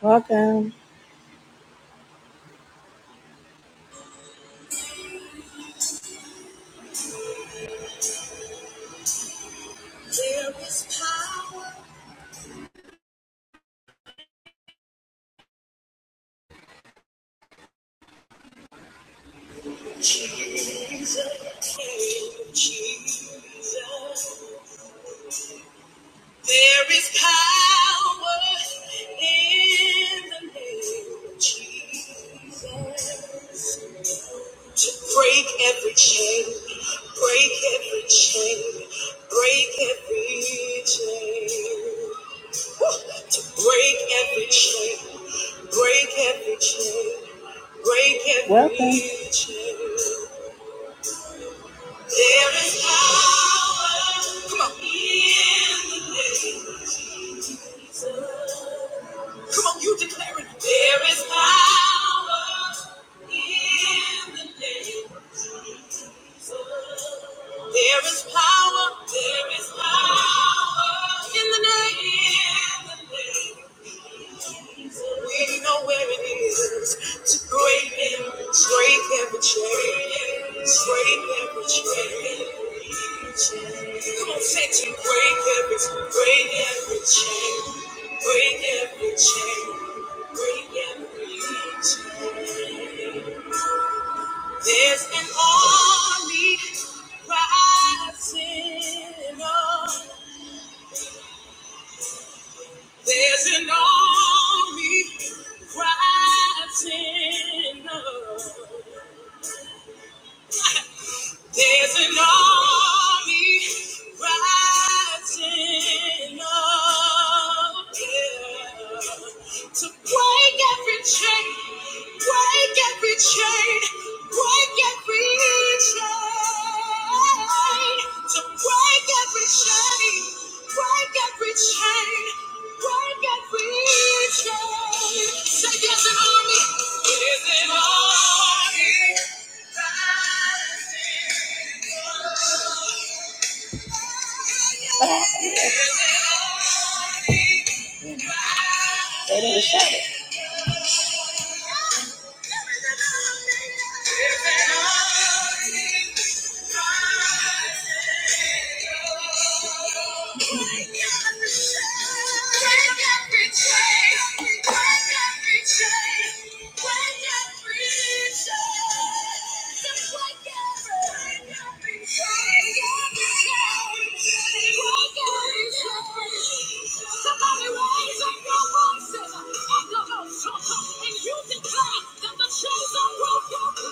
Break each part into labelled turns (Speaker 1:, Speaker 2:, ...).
Speaker 1: Welcome. There is power, Jesus. in Jesus. There is power in the name of Jesus to break every chain, break every chain, break every chain. Woo! To break every chain, break every chain, break every Welcome. chain. There is power. Come on. in the name of Jesus. Come on, you declare it. There is power in the name. There is power. There is power in the name. In the name. We know where it is to break every, break every chain, break every chain. Come on, say to break every, break every chain, break every chain, break every chain. There's an army rising up. There's an army rising up. There's an army rising up yeah, to break every chain, break every chain, break every chain, to break every chain, break every chain, break every chain. Say there's an army, there's an army. What happened here? They didn't shut it. Somebody raise up your voices and your voice and you declare that the chains are broken.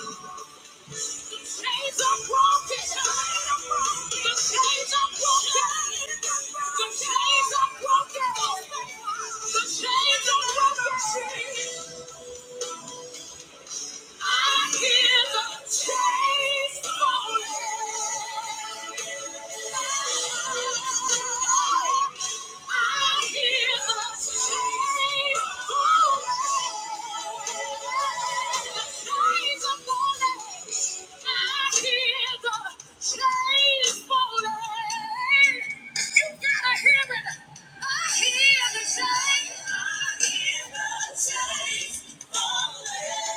Speaker 1: Chains are broken. The chains are broken. The chains are broken. The chains are broken falling.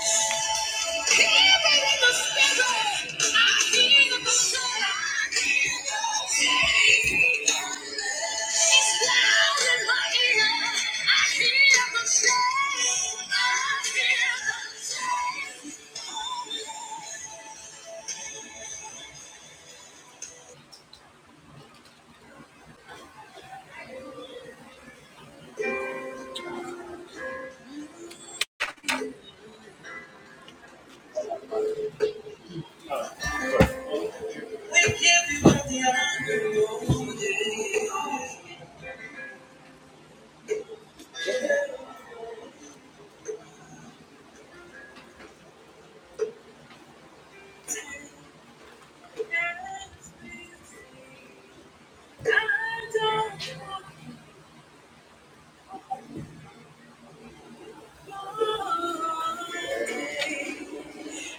Speaker 1: you. I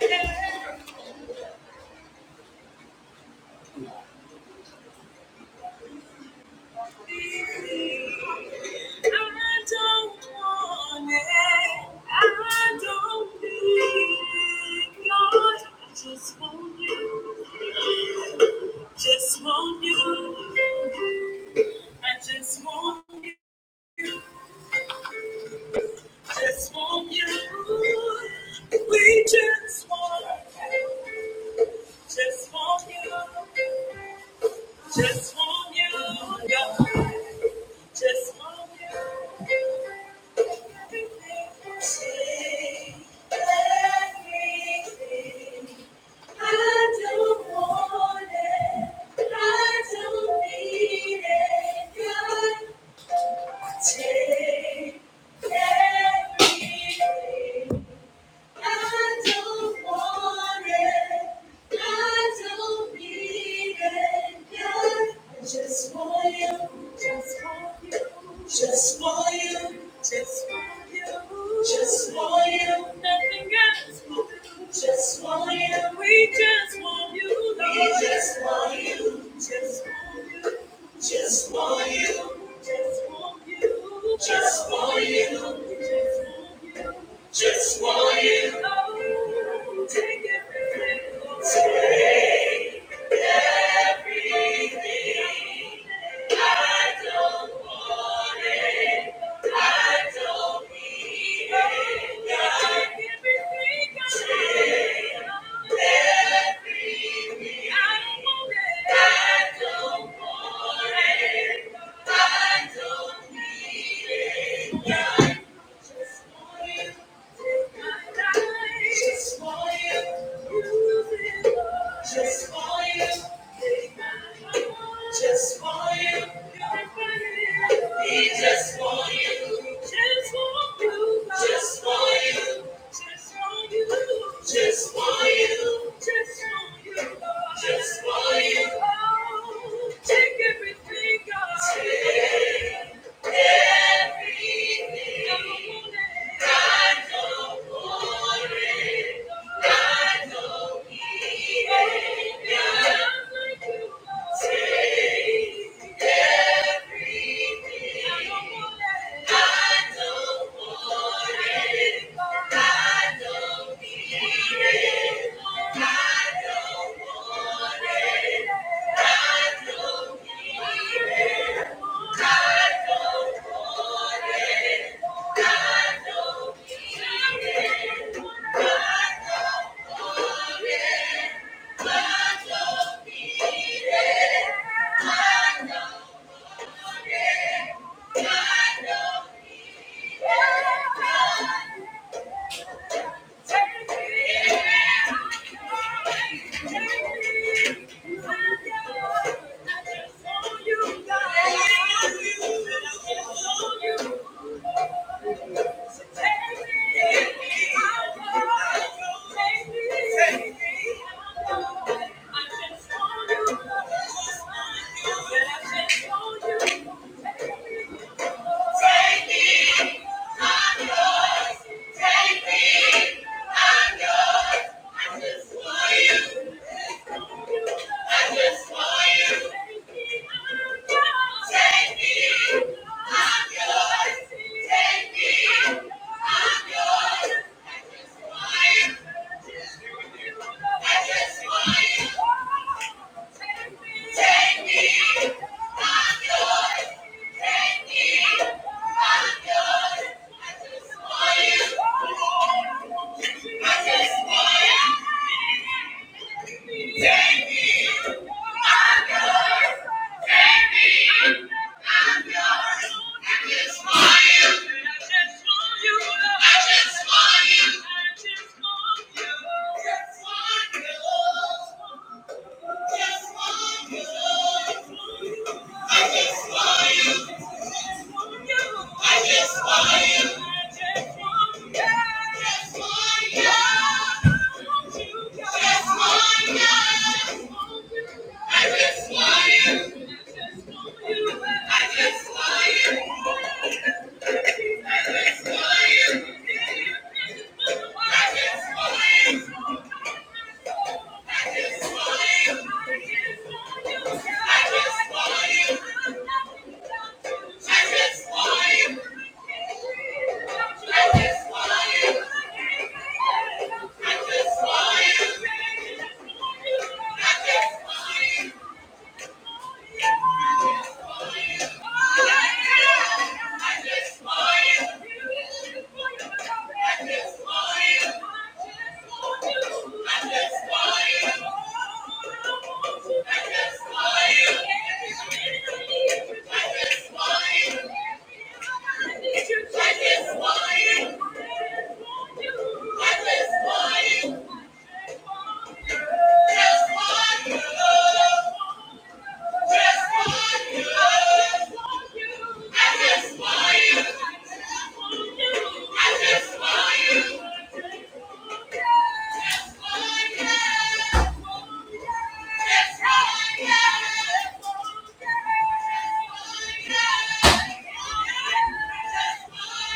Speaker 1: don't want I don't want it. I don't need it. I just want you. Just want you. I just want, just want you. We just want, just want you. Just want you, yeah. Just want you. Take everything. I don't want it. I don't need it. God, take everything. I don't want it. I don't need it. I just want you. Just want you. Just want you. Just want you. Just want you. Nothing else will do. Just want you. We just want you. We Just want you. Just want you. Just want you. Just want you. Just want you. Just want you. Oh, Take everything away. I don't want it. Just for you. He just want you. Just want you. Just want you. Just want you. Just want you. Just want you. Just want you. Oh, take everything, God. Take. I don't want I don't want it. I don't need it. Thank you. Take me, I'm yours. I just want you. Take me, I'm yours. Take me, I'm yours. I just want you. I just want you. I just want you. I just want you. Yes.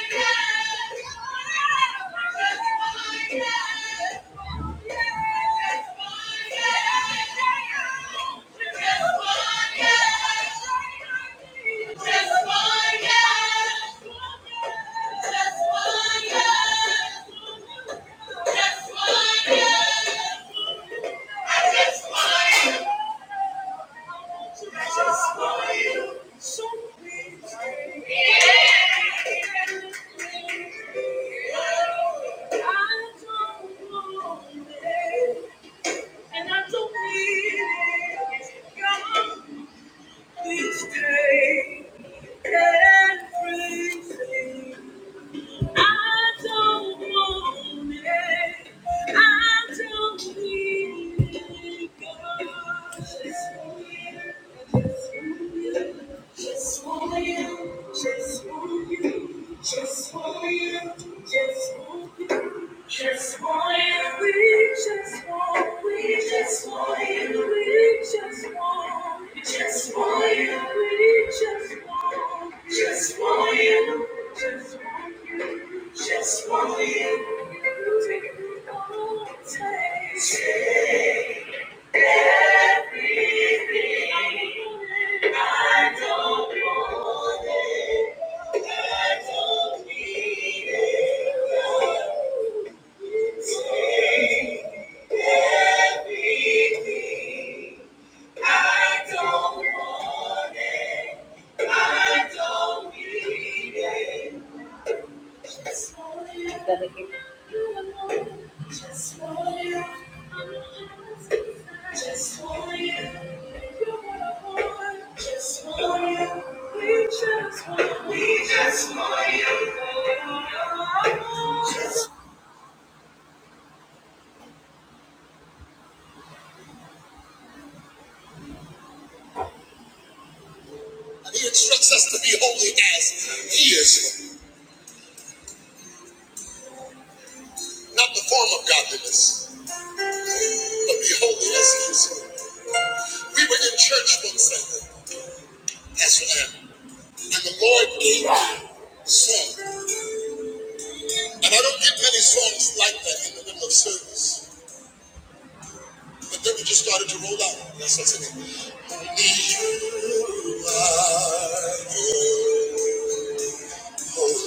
Speaker 1: Just one, yes. I just want you. I just want you. So please stay. I don't want it, and I don't need it. God, please take everything. I don't want it. I don't need it. God, just want you. Just want you. Just want you. Just want you. Just want you. Just want you. Just want you just want you, we just want, we just want you, we just want, we just want you, we just want, just want you, just want you, just want you. Take it all, take it. Take everything. I do He instructs us to be holy as he is, not the form of godliness. Behold the excellence. We were in church one Sunday, Pastor Aaron, and the Lord gave me a song. And I don't get many songs like that in the middle of service. But then we just started to roll out. That's what's in it. Only you are enough.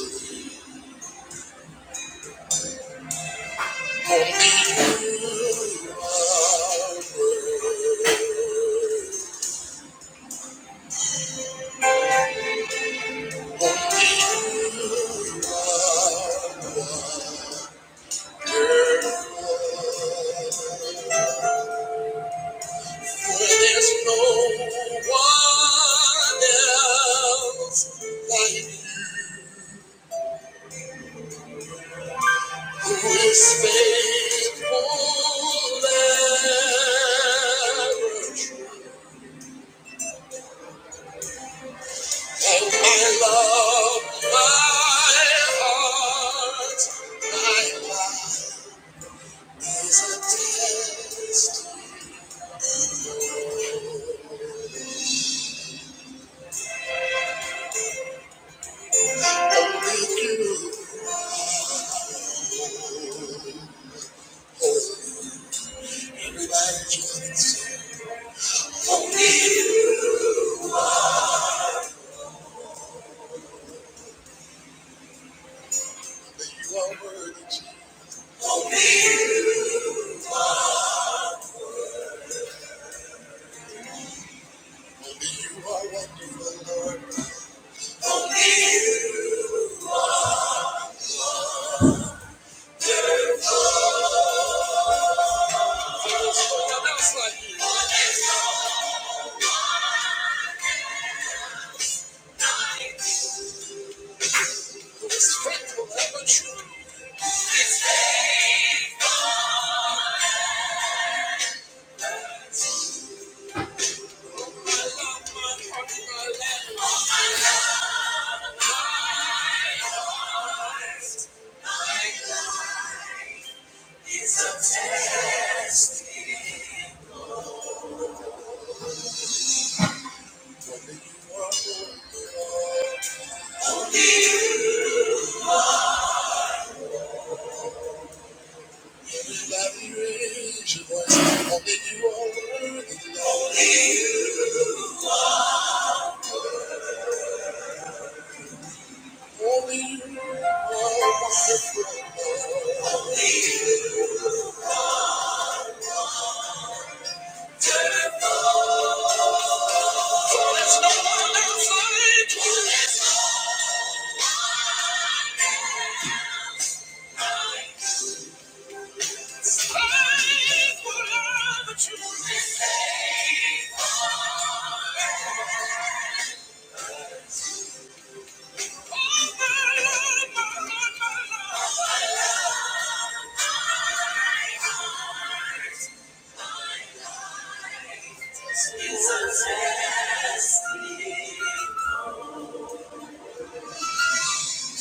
Speaker 1: Where there's no one else like you. Who is faithful? ever. Take my love my heart, my life is a test. Everybody, you gon' need it. You are worthy. You gon' need it. There's no one else like you. Who is faithful, ever true. My love, my heart, my life. Life is a test. Everybody, raise your voice. Only you are worthy. Lord. Only you. Only you are wonderful. Lord.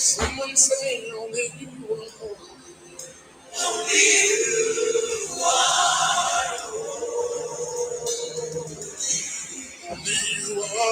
Speaker 1: Someone say only you are holy. Hallelujah.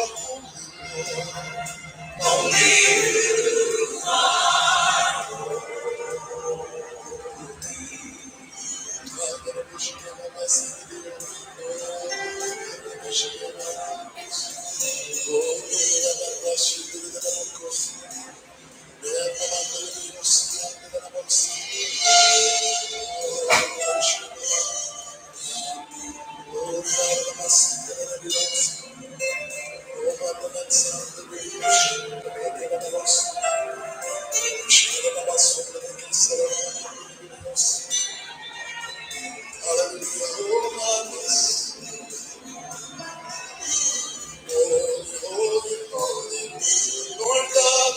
Speaker 1: Oh, my goodness. Lord God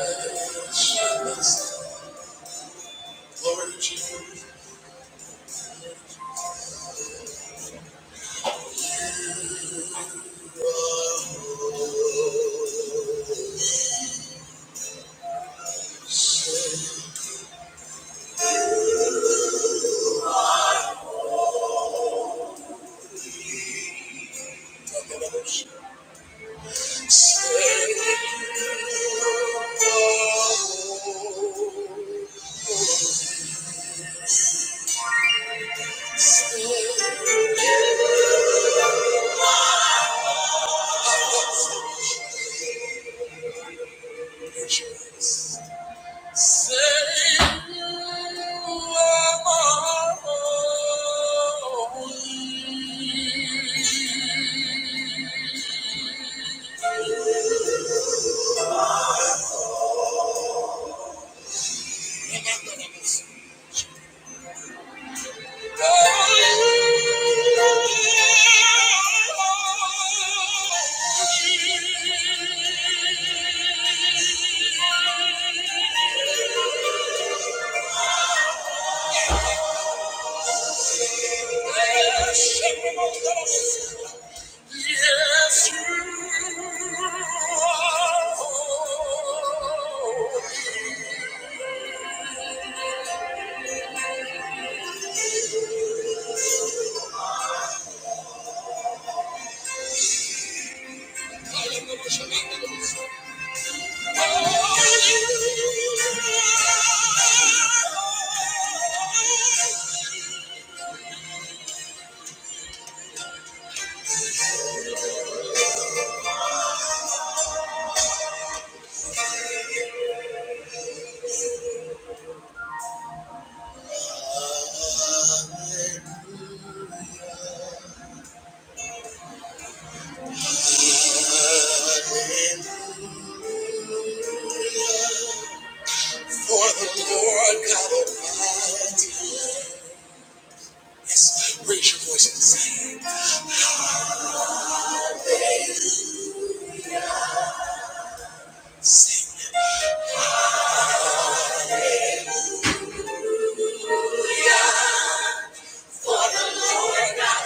Speaker 1: Almighty, glory to you and the Lord's. Thank you. Yes, you are For the Lord God Almighty. Raise your voice and sing. For the Lord God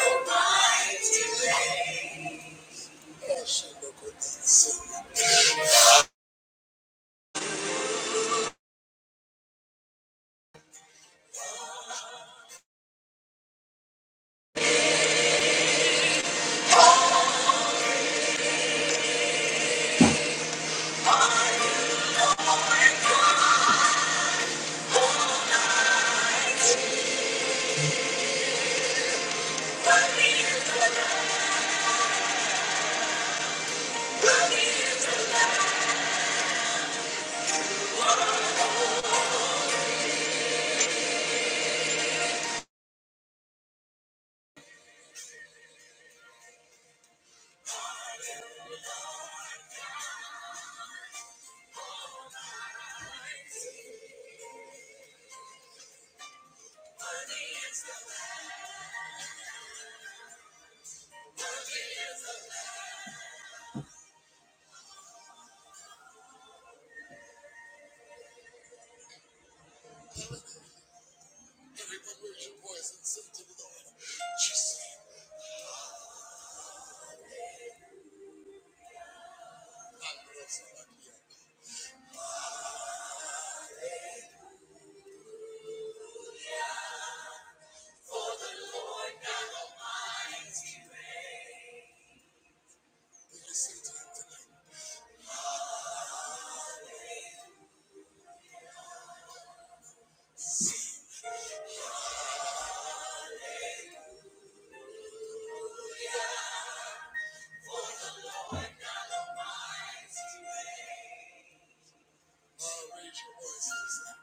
Speaker 1: Almighty. Raise your voice and sing to the Lord. Just say, I love Slovakia. Then you sing to him tonight. Oh, raise your voice and sing.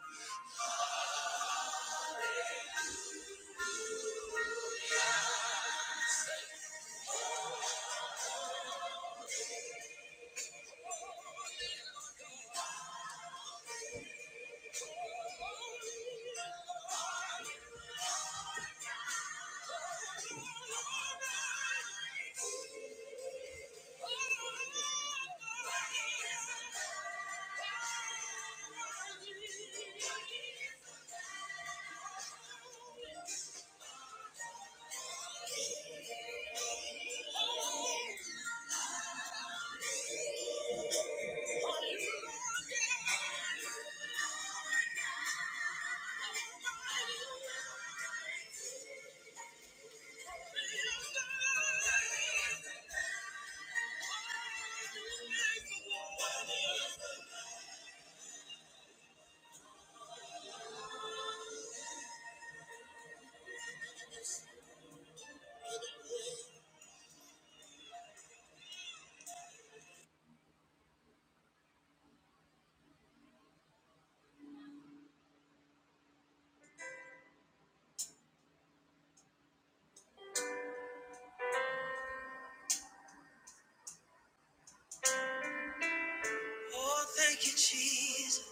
Speaker 1: Oh, thank you, Jesus.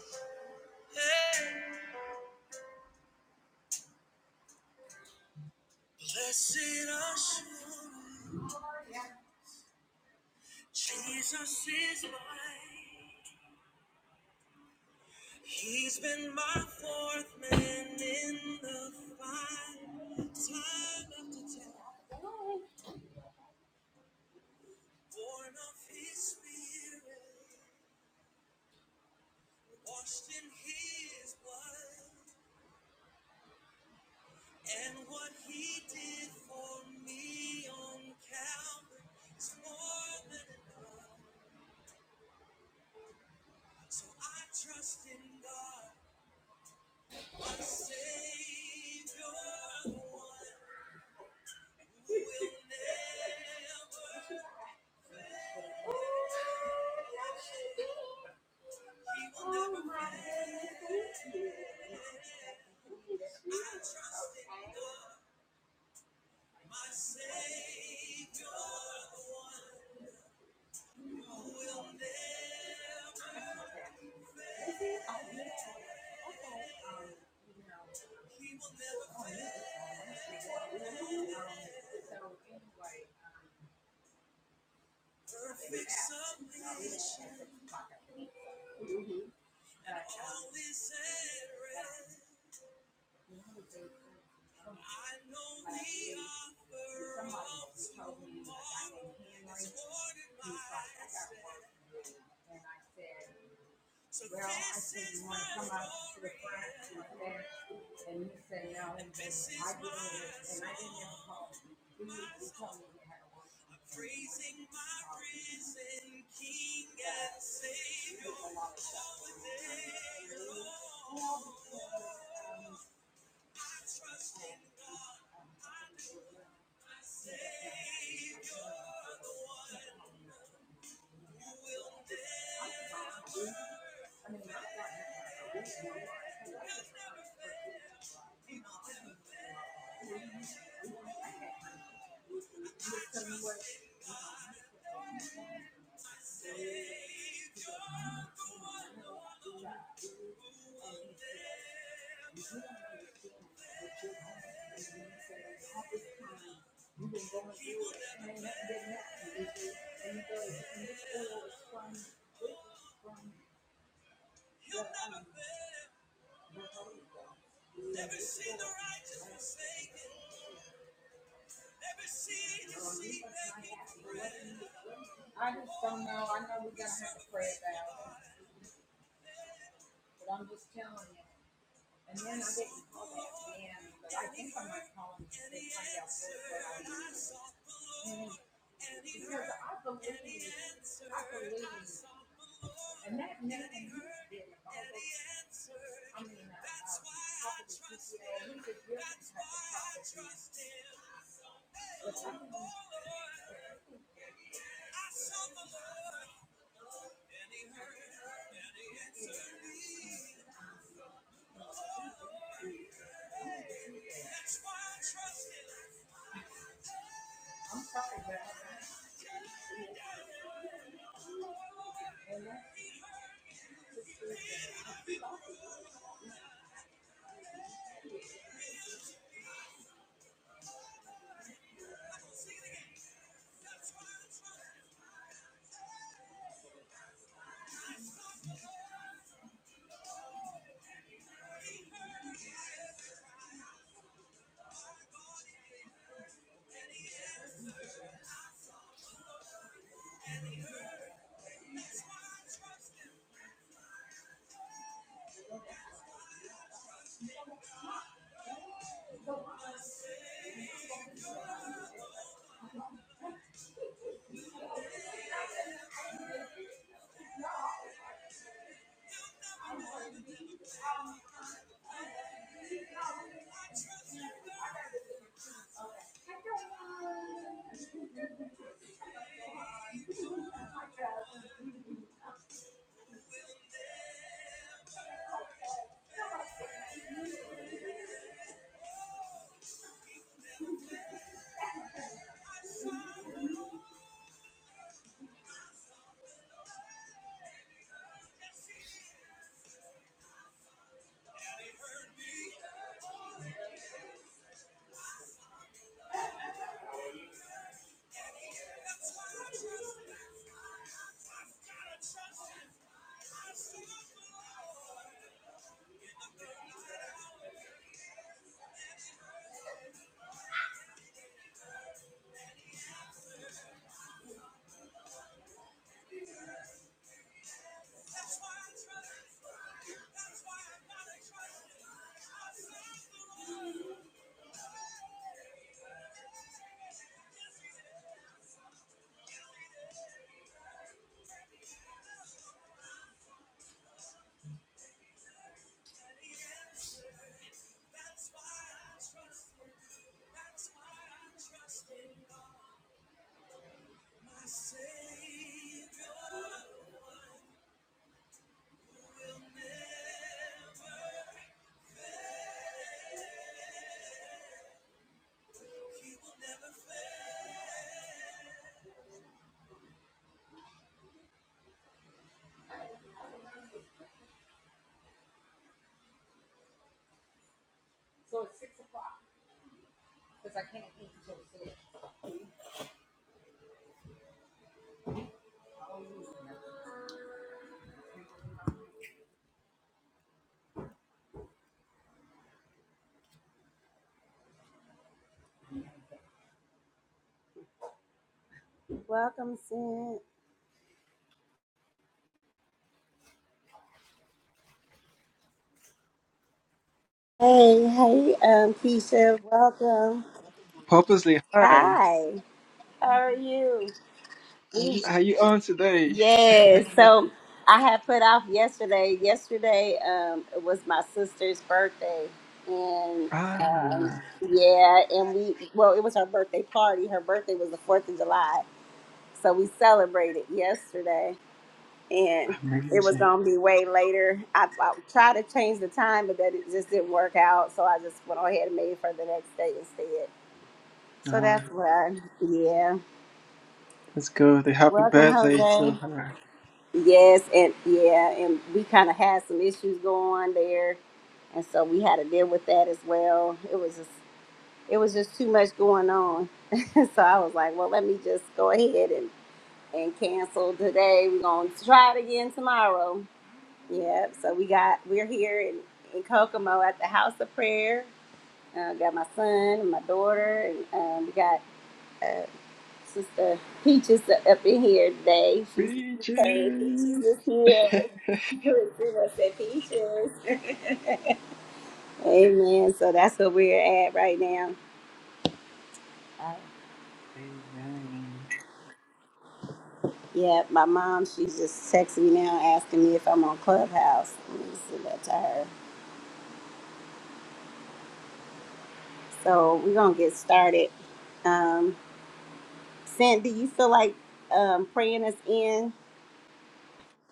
Speaker 1: Hey. Blessed assurance, Jesus is mine. He's been my fourth man in the fight, time after time. Born of His Spirit, washed in His blood, and what He did for me on Calvary is more than enough. So I trust in God. Somebody told me like I didn't hear my So well, I said you want to come out to the front and there, and you said no. And I didn't, have a call. You, told me you had a work. I'm praising my risen King. You the righteous forsaken, you see begging bread. I just don't know. I know we're gonna have to pray about it, but I'm just telling you. And then I didn't call that again, but I think I might call him to find out what's going on. Because I believe, I believe And that made me feel I thing he That's why I was like, I mean, I uh, prophet is just, you know, he was really the type of prophet. I'm sorry, but I've got to trust you. I just, So it's six o'clock because I can't eat until six. Welcome, Sid. Hey, hey, um, Keisha. Welcome.
Speaker 2: Purposely, hi.
Speaker 1: Hi. How are you? We
Speaker 2: How you on today?
Speaker 1: Yes. So I had put off yesterday. Yesterday um, it was my sister's birthday, and um,
Speaker 2: Ah,
Speaker 1: yeah, and we well, it was her birthday party. Her birthday was the Fourth of July, so we celebrated yesterday, and it was
Speaker 2: amazing.
Speaker 1: gonna be way later. I, I tried to change the time, but that it just didn't work out. So I just went ahead and made it for the next day instead. So
Speaker 2: Ah,
Speaker 1: that's why, yeah.
Speaker 2: let's go. The happy
Speaker 1: Welcome,
Speaker 2: birthday to
Speaker 1: Jose.
Speaker 2: her.
Speaker 1: Yes, and yeah, and we kind of had some issues going on there, and so we had to deal with that as well. It was just, it was just too much going on, so I was like, well, let me just go ahead and and cancel today. We're gonna try it again tomorrow. Yeah, so we got we're here in, in Kokomo at the House of Prayer. Uh, got my son and my daughter, and um, we got uh, Sister Peaches up in here today. She's
Speaker 2: Beaches.
Speaker 1: okay. Peaches is here. Everyone said Peaches. Amen. So that's where we're at right now. Uh,
Speaker 2: Amen.
Speaker 1: yeah, my mom, she's just texting me now asking me if I'm on Clubhouse. Let me send that to her. So we're going to get started. Um, Sandy, do you feel like um, praying us in?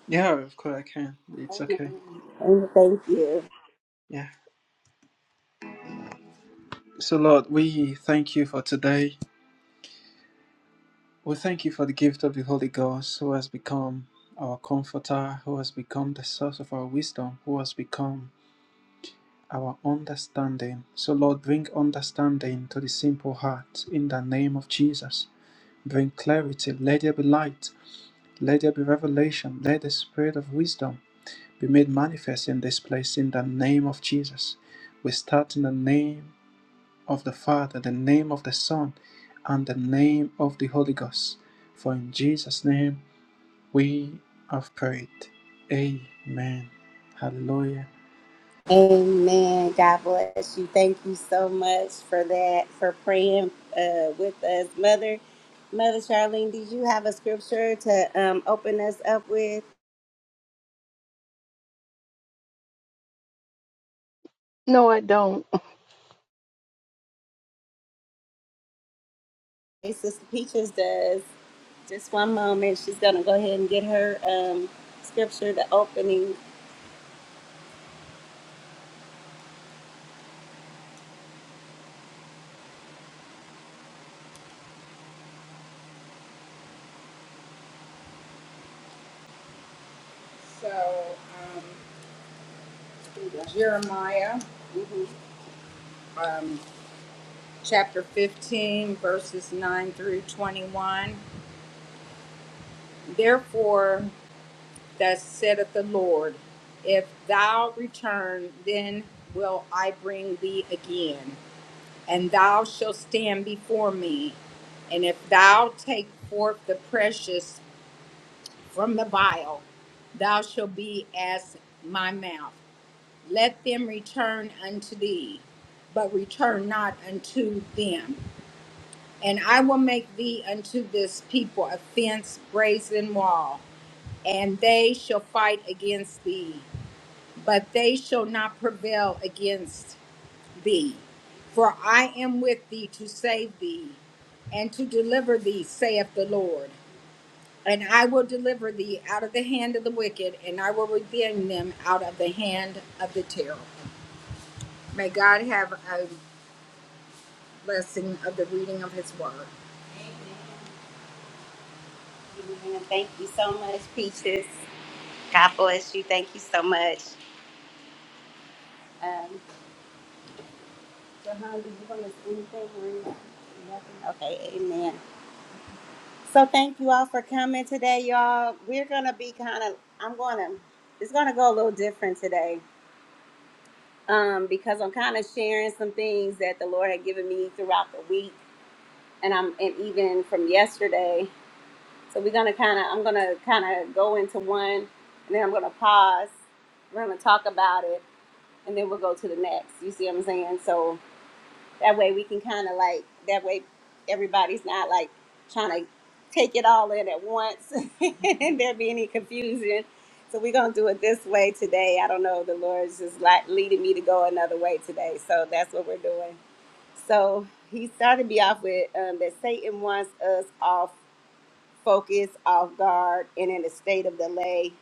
Speaker 2: Yeah, of course I can. It's
Speaker 1: Amen.
Speaker 2: okay.
Speaker 1: Amen. Thank you.
Speaker 2: Yeah. So Lord, we thank you for today. We thank you for the gift of the Holy Ghost who has become our comforter, who has become the source of our wisdom, who has become our understanding. So, Lord, bring understanding to the simple heart in the name of Jesus. Bring clarity. Let there be light. Let there be revelation. Let the spirit of wisdom be made manifest in this place in the name of Jesus. We start in the name of the Father, the name of the Son, and the name of the Holy Ghost. For in Jesus' name we have prayed. Amen. Hallelujah.
Speaker 1: Amen. God bless you. Thank you so much for that, for praying uh, with us. Mother, Mother Charlene, did you have a scripture to um, open us up with?
Speaker 3: No, I don't.
Speaker 1: Hey, Sister Peaches does. Just one moment. She's going to go ahead and get her um, scripture, the opening. So, um, Jeremiah um, chapter 15, verses 9 through 21. Therefore, Thus saith the Lord, If thou return, then will I bring thee again, and thou shalt stand before me. And if thou take forth the precious from the vial, thou shalt be as my mouth. Let them return unto thee, but return not unto them. And I will make thee unto this people a fence, brazen wall, and they shall fight against thee. but they shall not prevail against thee. For I am with thee to save thee and to deliver thee, saith the Lord. And I will deliver thee out of the hand of the wicked, and I will redeem them out of the hand of the terrible. May God have a blessing of the reading of his word. Amen. Amen. Thank you so much, Peaches. God bless you. Thank you so much. Um, Jahan, did you want to say anything? or anything? Nothing? Okay, amen. So thank you all for coming today, y'all. We're gonna be kind of. I'm gonna. It's gonna go a little different today, um, because I'm kind of sharing some things that the Lord had given me throughout the week, and I'm and even from yesterday. So we're gonna kind of. I'm gonna kind of go into one, and then I'm gonna pause. We're gonna talk about it, and then we'll go to the next. You see what I'm saying? So That way we can kind of like, that way everybody's not like trying to take it all in at once and there be any confusion. So we're going to do it this way today. I don't know. The Lord's just like leading me to go another way today. So that's what we're doing. So he started me off with um, that Satan wants us off focus, off guard, and in a state of delay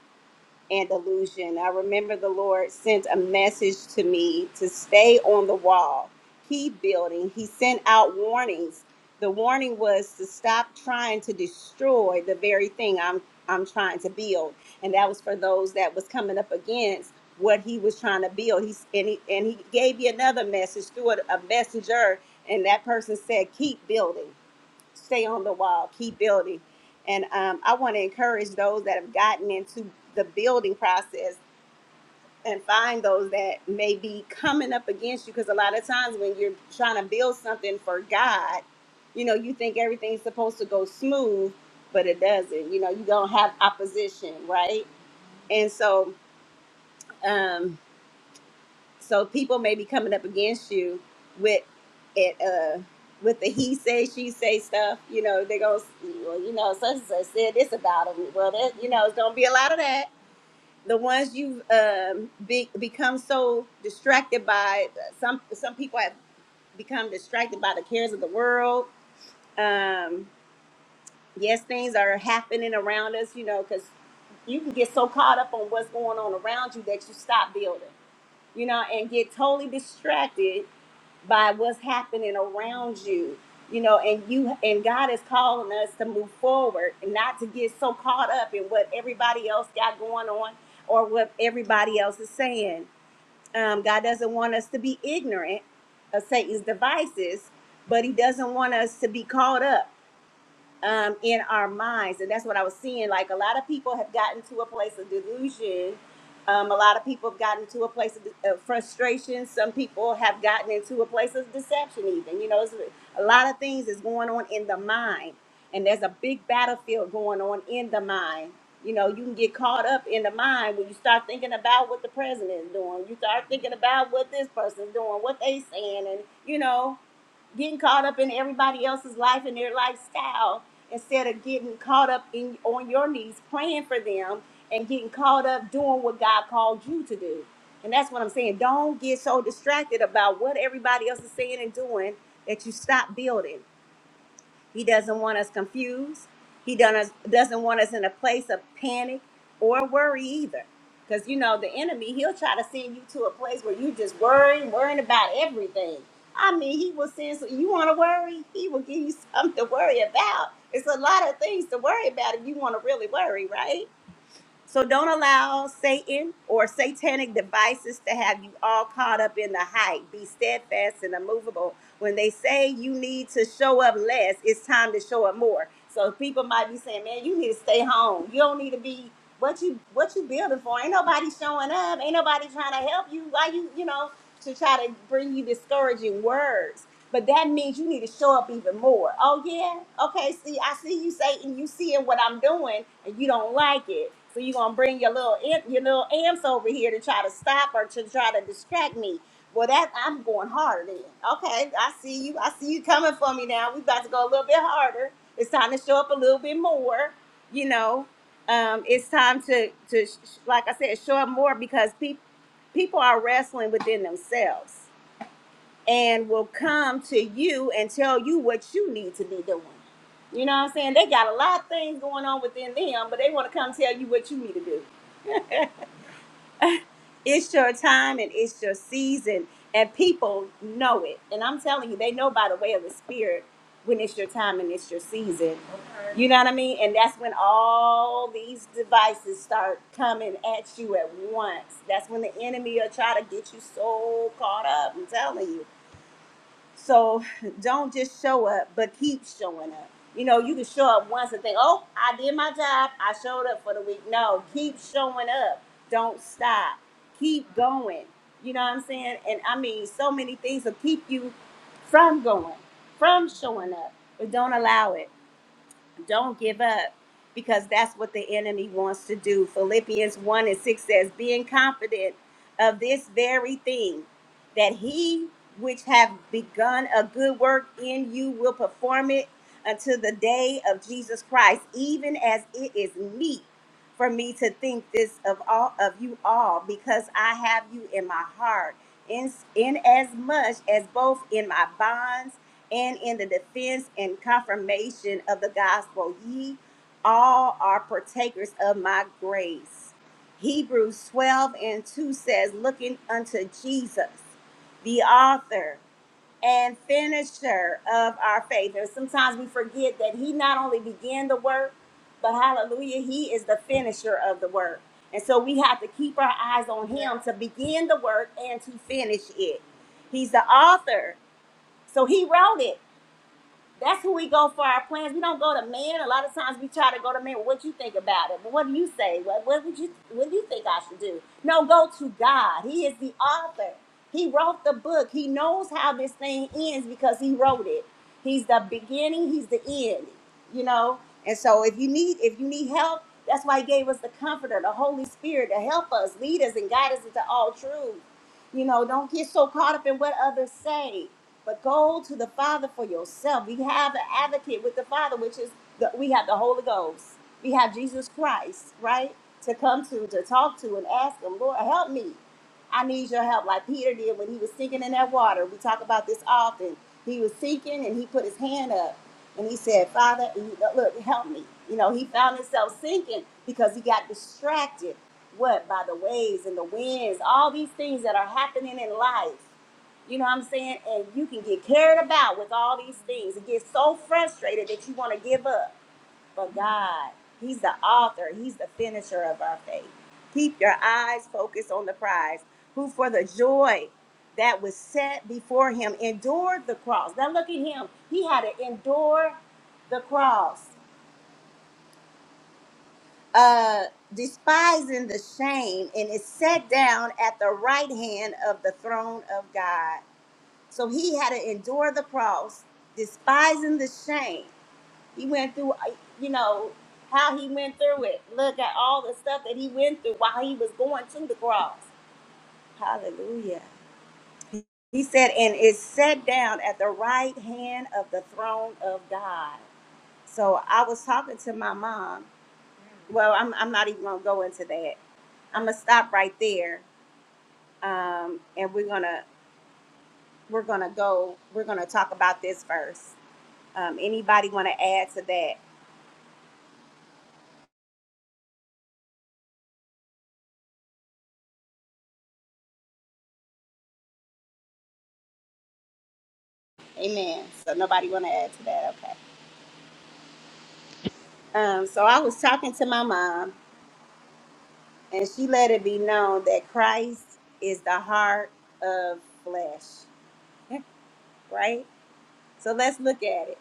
Speaker 1: and delusion. I remember the Lord sent a message to me to stay on the wall, keep building. He sent out warnings. The warning was to stop trying to destroy the very thing I'm I'm trying to build, and that was for those that was coming up against what he was trying to build. He's and he and he gave you another message through a, a messenger, and that person said, "Keep building." stay on the wall, keep building. And um, I want to encourage those that have gotten into the building process and find those that may be coming up against you. Because a lot of times when you're trying to build something for God, you know, you think everything's supposed to go smooth, but it doesn't. You know, you don't have opposition, right? And so, um, So people may be coming up against you with it, uh, with the he say she say stuff. You know, they go, well, you know, such and such said this about him. Well, that you know, it's gonna be a lot of that. The ones you've um, be, become so distracted by, some some people have become distracted by the cares of the world. Um, yes, things are happening around us. You know, because you can get so caught up on what's going on around you that you stop building you know, and get totally distracted by what's happening around you you know and you and god is calling us to move forward and not to get so caught up in what everybody else got going on or what everybody else is saying um, god doesn't want us to be ignorant of satan's devices but he doesn't want us to be caught up um, in our minds. And that's what I was seeing. Like a lot of people have gotten to a place of delusion. Um, a lot of people have gotten to a place of, de- of frustration. Some people have gotten into a place of deception, even. You know, it's a lot of things is going on in the mind. And there's a big battlefield going on in the mind. You know, you can get caught up in the mind when you start thinking about what the president is doing. You start thinking about what this person's doing, what they saying, and you know getting caught up in everybody else's life and their lifestyle instead of getting caught up in on your knees praying for them and getting caught up doing what God called you to do. And that's what I'm saying. Don't get so distracted about what everybody else is saying and doing that you stop building. He doesn't want us confused. He done us- doesn't want us in a place of panic or worry either. Because, you know, the enemy, he'll try to send you to a place where you just worrying, worrying about everything. I mean, he will send, so you want to worry? He will give you something to worry about. It's a lot of things to worry about if you want to really worry, right? So don't allow Satan or satanic devices to have you all caught up in the hype. Be steadfast and immovable. When they say you need to show up less, it's time to show up more. So people might be saying, "Man, you need to stay home. You don't need to be what you what you building for. Ain't nobody showing up. Ain't nobody trying to help you. Why you you know to try to bring you discouraging words." But that means you need to show up even more. Oh yeah, okay. See, I see you, Satan. You seeing what I'm doing, and you don't like it. So you're gonna bring your little imp- your little amps over here to try to stop or to try to distract me. Well, that I'm going harder then. Okay, I see you. I see you coming for me now. We about to go a little bit harder. It's time to show up a little bit more. You know, um, it's time to to sh- sh- like I said, show up more because people people are wrestling within themselves and will come to you and tell you what you need to be doing. You know what I'm saying? They got a lot of things going on within them, but they want to come tell you what you need to do. It's your time and it's your season, and people know it. And I'm telling you, they know by the way of the Spirit when it's your time and it's your season. You know what I mean? And that's when all these devices start coming at you at once. That's when the enemy will try to get you so caught up. I'm telling you. So don't just show up, but keep showing up. You know, you can show up once and think, oh, I did my job. I showed up for the week. No, keep showing up. Don't stop. Keep going. You know what I'm saying? And I mean, so many things will keep you from going, from showing up, but don't allow it. Don't give up because that's what the enemy wants to do. Philippians 1 and 6 says, Being confident of this very thing, that he which have begun a good work in you will perform it until the day of Jesus Christ, even as it is meet for me to think this of all of you all, because I have you in my heart, in, in as much as both in my bonds and in the defense and confirmation of the gospel. Ye all are partakers of my grace. Hebrews 12 and 2 says, Looking unto Jesus, the author and finisher of our faith. And sometimes we forget that He not only began the work, but hallelujah, He is the finisher of the work. And so we have to keep our eyes on Him to begin the work and to finish it. He's the author. So He wrote it. That's who we go for our plans. We don't go to men. A lot of times we try to go to men. What you think about it? But what do you say? What what would you what do you think I should do? No, go to God. He is the author. He wrote the book. He knows how this thing ends because he wrote it. He's the beginning. He's the end. You know. And so if you need if you need help, that's why he gave us the Comforter, the Holy Spirit, to help us, lead us, and guide us into all truth. You know, don't get so caught up in what others say but go to the Father for yourself. We have an advocate with the Father, which is the, we have the Holy Ghost. We have Jesus Christ, right? To come to, to talk to, and ask Him, Lord, help me. I need your help, like Peter did when he was sinking in that water. We talk about this often. He was sinking, and he put his hand up, and he said, "Father, you- look, help me." You know, he found himself sinking because he got distracted. What by the waves and the winds, all these things that are happening in life you know what I'm saying? And you can get carried about with all these things and get so frustrated that you want to give up. But God, He's the author, He's the finisher of our faith. Keep your eyes focused on the prize, who for the joy that was set before Him endured the cross. Now look at Him. He had to endure the cross, uh, despising the shame, and is set down at the right hand of the throne of God. So he had to endure the cross, despising the shame. He went through, uh, you know, how he went through it. Look at all the stuff that he went through while he was going to the cross. Hallelujah. He said, and is set down at the right hand of the throne of God. So I was talking to my mom. Well, I'm, I'm not even gonna go into that. I'm gonna stop right there. Um, and we're gonna we're gonna go, we're gonna talk about this verse. Um, anybody want to add to that? Amen. So nobody want to add to that. Okay. Um, so I was talking to my mom, and she let it be known that Christ is the heart of flesh, right? So let's look at it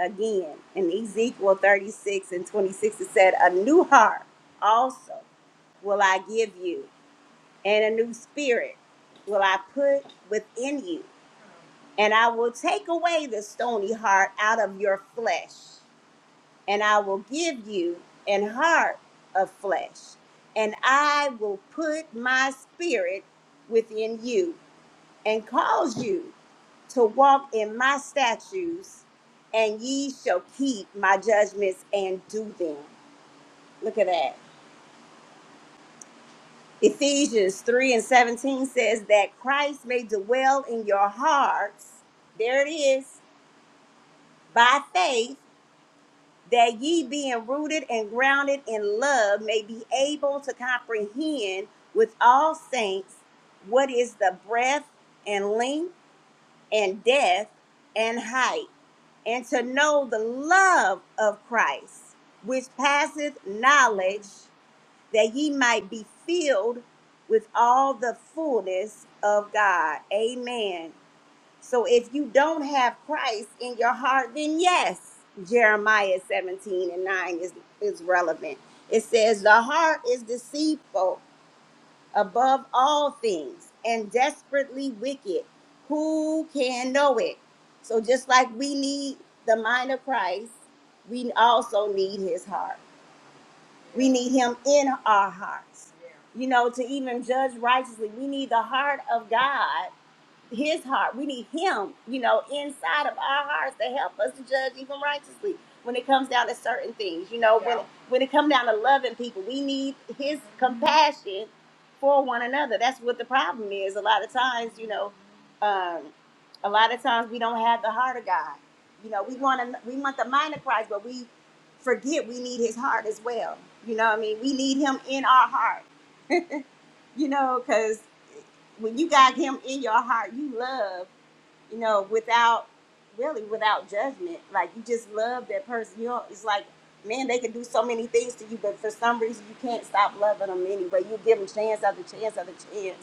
Speaker 1: again. In Ezekiel 36 and 26, it said, A new heart also will I give you, and a new spirit will I put within you, and I will take away the stony heart out of your flesh and I will give you an heart of flesh, and I will put my spirit within you, and cause you to walk in my statutes, and ye shall keep my judgments and do them. Look at that. Ephesians 3 and 17 says that Christ may dwell in your hearts. There it is, by faith that ye being rooted and grounded in love may be able to comprehend with all saints what is the breadth and length and depth and height, and to know the love of Christ, which passeth knowledge, that ye might be filled with all the fullness of God. Amen. So if you don't have Christ in your heart, then yes, Jeremiah 17 and 9 is, is relevant. It says, The heart is deceitful above all things and desperately wicked. Who can know it? So just like we need the mind of Christ, we also need his heart. We need him in our hearts. You know, to even judge righteously, we need the heart of God his heart. We need him, you know, inside of our hearts to help us to judge even righteously when it comes down to certain things. You know, when Yeah. when it comes down to loving people, we need his compassion for one another. That's what the problem is. A lot of times, you know, um, a lot of times we don't have the heart of God. You know, we want to we want the mind of Christ, but we forget we need his heart as well. You know what I mean? We need him in our heart, you know, because when you got him in your heart, you love you know, without really without judgment. Like you just love that person. You know, it's like, man, they can do so many things to you, but for some reason you can't stop loving them anyway. You give them chance after chance after chance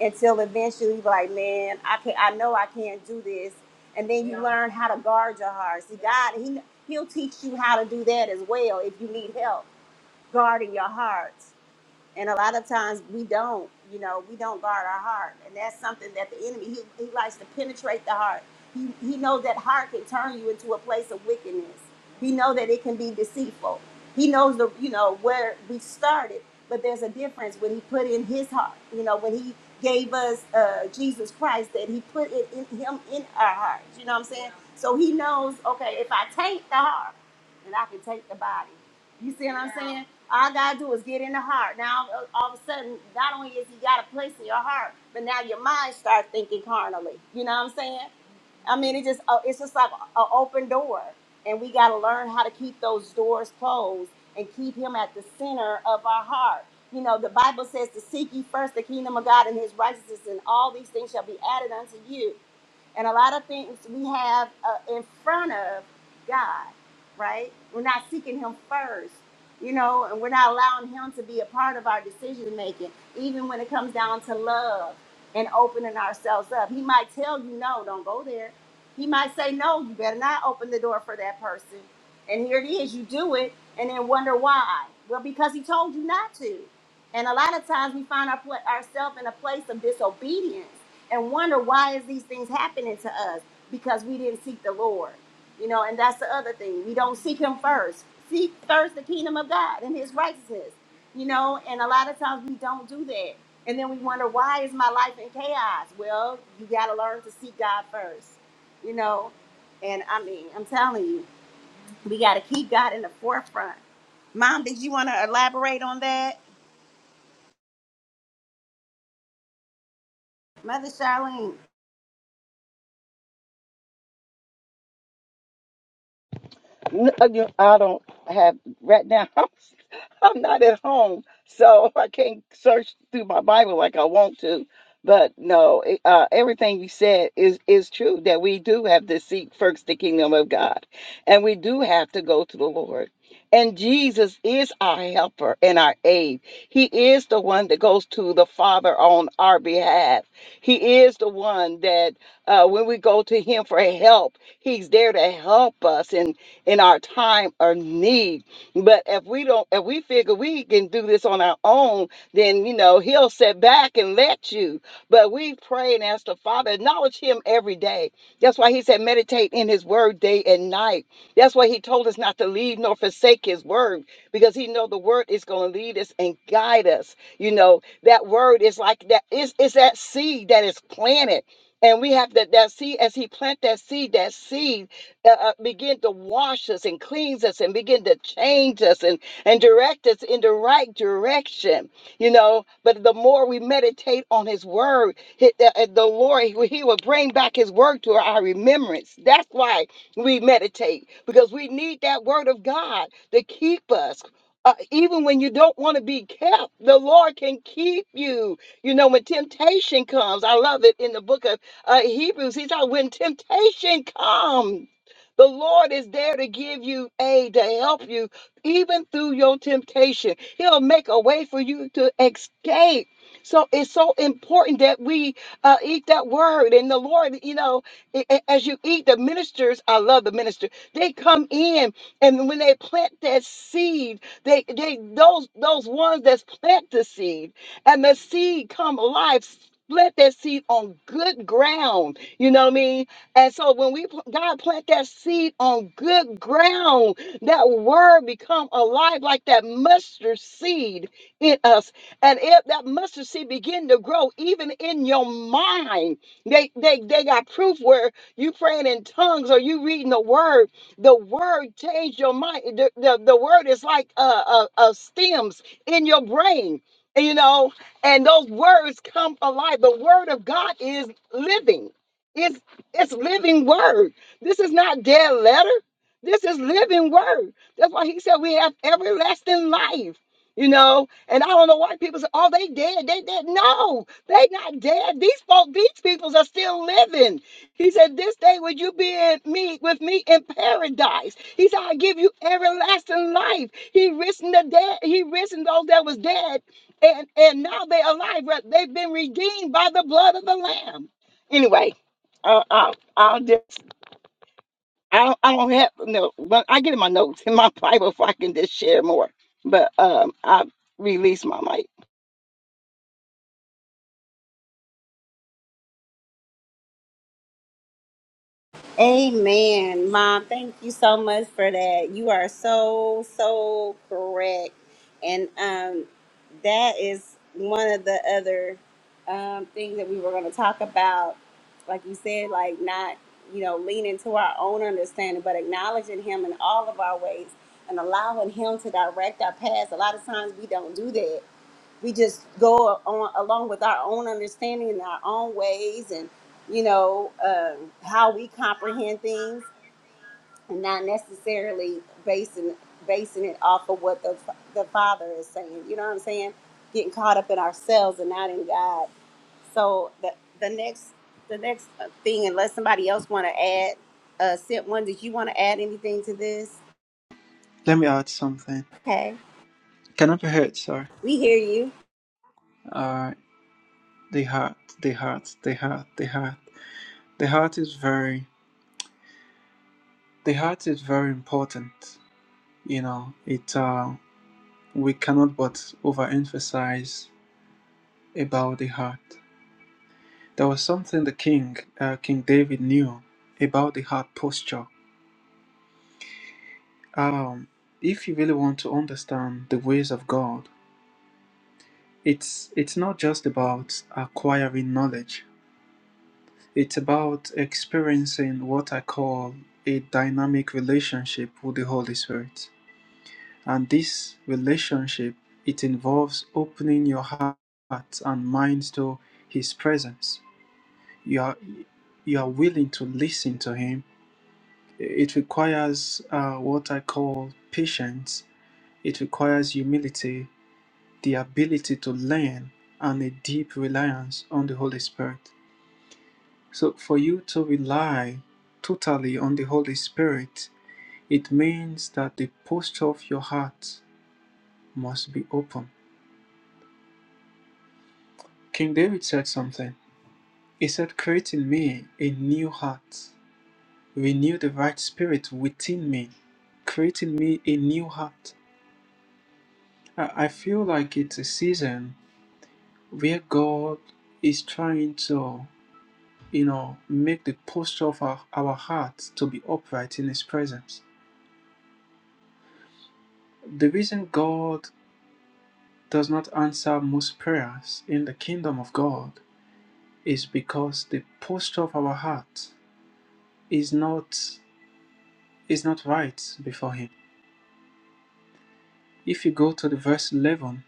Speaker 1: until eventually you be like, man, I can not I know I can't do this. And then you Yeah. learn how to guard your heart. See, God, he He'll teach you how to do that as well if you need help guarding your heart and a lot of times we don't you know we don't guard our heart and that's something that the enemy he, he likes to penetrate the heart he, he knows that heart can turn you into a place of wickedness he knows that it can be deceitful he knows the you know where we started but there's a difference when he put in his heart you know when he gave us uh, jesus christ that he put it in him in our hearts you know what i'm saying so he knows okay if i take the heart then i can take the body you see what I'm saying? All I gotta do is get in the heart. Now uh, all of a sudden, not only is He got a place in your heart, but now your mind starts thinking carnally. You know what I'm saying? I mean, it just uh, it's just like an open door, and we got to learn how to keep those doors closed and keep Him at the center of our heart. You know, the Bible says to seek ye first the kingdom of God and His righteousness, and all these things shall be added unto you. And a lot of things we have uh, in front of God, right? We're not seeking Him first, you know, and we're not allowing Him to be a part of our decision making, even when it comes down to love and opening ourselves up. He might tell you, no, don't go there. He might say, no, you better not open the door for that person. And here it is, you do it and then wonder why. Well, because He told you not to. And a lot of times we find our, ourselves in a place of disobedience and wonder why is these things happening to us because we didn't seek the lord you know and that's the other thing we don't seek him first seek first the kingdom of god and his righteousness you know and a lot of times we don't do that and then we wonder why is my life in chaos well you got to learn to seek god first you know and i mean i'm telling you we got to keep god in the forefront mom did you want to elaborate on that mother charlene
Speaker 3: No, you- I don't have right now. I'm not at home, so I can't search through my Bible like I want to. But no, it- uh, everything you said is is true that we do have to seek first the kingdom of God, and we do have to go to the Lord. And Jesus is our helper and our aid. He is the one that goes to the Father on our behalf. He is the one that uh, when we go to Him for help, He's there to help us and in our time of need. But if we don't, if we figure we can do this on our own, then you know He'll sit back and let you. But we pray and ask the Father, acknowledge Him every day. That's why He said, meditate in His Word day and night. That's why He told us not to leave nor forsake His Word because He know the Word is going to lead us and guide us. You know that Word is like that is is that seed that is planted. And we have that, that seed, as he plant that seed, that seed uh, uh, begin to wash us and cleanse us and begin to change us and, and direct us in the right direction, you know. But the more we meditate on His Word, hi- the, uh, the Lord, He he will bring back His Word to our remembrance. That's why we meditate, because we need that Word of God to keep us. Uh, even when you don't want to be kept, the Lord can keep you. You know, when temptation comes, I love it in the book of uh, Hebrews. He said, when temptation comes, the Lord is there to give you aid, to help you, even through your temptation. He'll make a way for you to escape. So it's so important that we uh, eat that word. And the Lord, you know, a- a- as you eat, the ministers, I love the minister. They come in, and when they plant that seed, they they those those ones that plant the seed, and the seed come alive. Plant that seed on good ground. You know what I mean? And so when we pl- God plant that seed on good ground, that word become alive like that mustard seed in us. And if that mustard seed begin to grow even in your mind, they they they got proof where you praying in tongues or you reading the word, the word changed your mind. The, the, the word is like uh, uh, uh stems in your brain. You know, and those words come alive. The word of God is living. It's it's living word. This is not dead letter. This is living word. That's why he said we have everlasting life. You know, and I don't know why people say, "Oh, they dead, they dead." No, they not dead. These folk, these peoples are still living. He said, "This day would you be in me with me in paradise?" He said, "I give you everlasting life." He risen the dead. He risen those that was dead, and and now they alive. right? They've been redeemed by the blood of the Lamb. Anyway, uh, I'll, I'll just, I don't, I don't have no, but I get in my notes in my Bible if I can just share more. But um, I release my mic.
Speaker 1: Amen, Mom. Thank you so much for that. You are so so correct, and um, that is one of the other um, things that we were going to talk about. Like you said, like not you know leaning to our own understanding, but acknowledging Him in all of our ways and allowing Him to direct our paths. A lot of times we don't do that we just go on along with our own understanding and our own ways and you know um, how we comprehend things and not necessarily basing basing it off of what the the father is saying you know what i'm saying getting caught up in ourselves and not in god so the the next the next uh, thing unless somebody else want to add uh sent one did you want to add anything to this
Speaker 2: Let me add something.
Speaker 1: okay
Speaker 2: Can I be heard? Sorry.
Speaker 1: we hear
Speaker 2: Uh, the heart, the heart, the heart, the heart. The heart is very, the heart is very important. You know, it. Uh, we cannot but overemphasize about the heart. There was something the king, uh, King David, knew about the heart posture. Um, if you really want to understand the ways of God, it's it's not just about acquiring knowledge. It's about experiencing what I call a dynamic relationship with the Holy Spirit. And this relationship, it involves opening your heart and mind to his presence. You are you are willing to listen to him. It requires uh, what I call patience. It requires humility, the ability to learn, and a deep reliance on the Holy Spirit. So, for you to rely totally on the Holy Spirit, it means that the posture of your heart must be open. King David said something. He said, Create in me a new heart, renew the right spirit within me, create in me a new heart. I I feel like it's a season where God is trying to, you know, make the posture of our, our heart to be upright in His presence the reason God does not answer most prayers in the kingdom of God is because the posture of our heart is not is not right before him. If you go to the verse 11,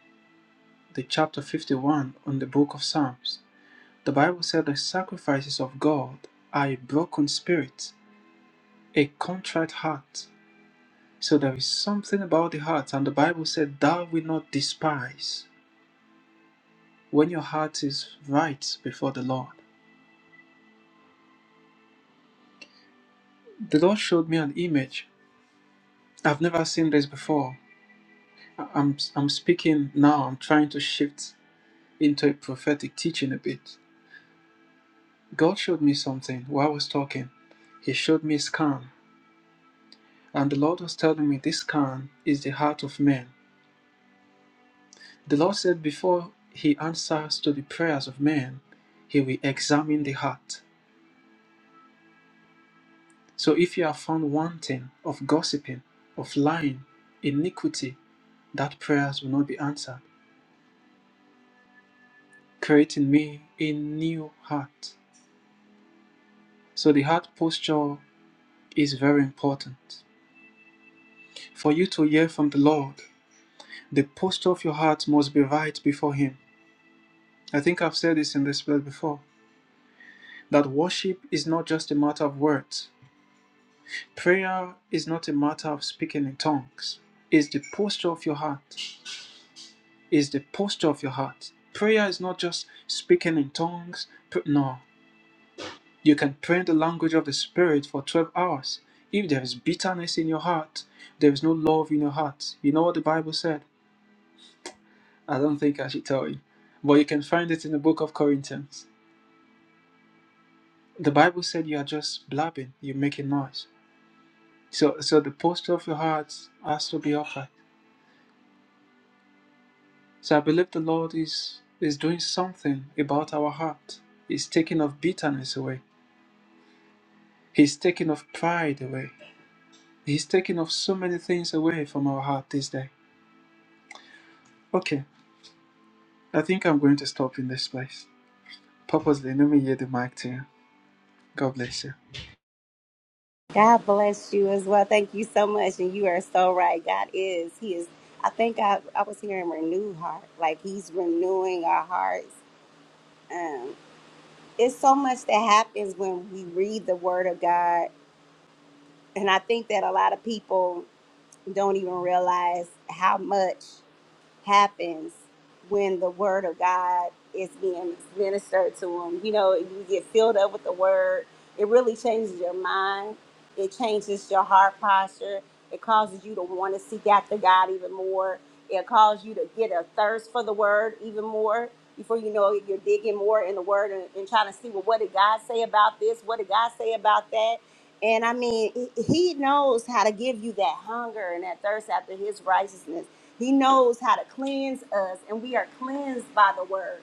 Speaker 2: the chapter 51 on the book of Psalms, the Bible said the sacrifices of God are a broken spirit, a contrite heart. So there is something about the heart and the Bible said thou wilt not despise when your heart is right before the Lord. The Lord showed me an image I've never seen this before. I- I'm I'm speaking now. I'm trying to shift into a prophetic teaching a bit. God showed me something while I was talking. He showed me a scan, and the Lord was telling me this scan is the heart of man. The Lord said before He answers to the prayers of man, He will examine the heart. So if you are found wanting of gossiping, of lying, iniquity, that prayers will not be answered. Create in me a new heart So the heart posture is very important. For you to hear from the Lord, the posture of your heart must be right before Him. I think I've said this in this place before that worship is not just a matter of words, prayer is not a matter of speaking in tongues. It's the posture of your heart. It's the posture of your heart. Prayer is not just speaking in tongues. No, You can pray in the language of the Spirit for 12 hours. If there is bitterness in your heart, there is no love in your heart. You know what the Bible said? I don't think I should tell you. But you can find it in the book of Corinthians. The Bible said you are just blabbing, you're making noise. So so the posture of your heart has to be upright. So I believe the Lord is is doing something about our heart. He's taking off bitterness away. He's taking off pride away. He's taking off so many things away from our heart this day. Okay, I think I'm going to stop in this place. Purposely, let me hear the mic to you. God bless you.
Speaker 1: God bless you as well. Thank you so much. And you are so right. God is. He is. I think I, I was hearing renewed heart. Like he's renewing our hearts. Um, it's so much that happens when we read the word of God. And I think that a lot of people don't even realize how much happens when the word of God is being ministered to them. You know, you get filled up with the word. It really changes your mind. It changes your heart posture. It causes you to want to seek after God even more. It causes you to get a thirst for the word even more. Before you know it, you're digging more in the word and, and trying to see, well, what did God say about this? What did God say about that? And I mean, he he knows how to give you that hunger and that thirst after his righteousness he knows how to cleanse us, and we are cleansed by the word.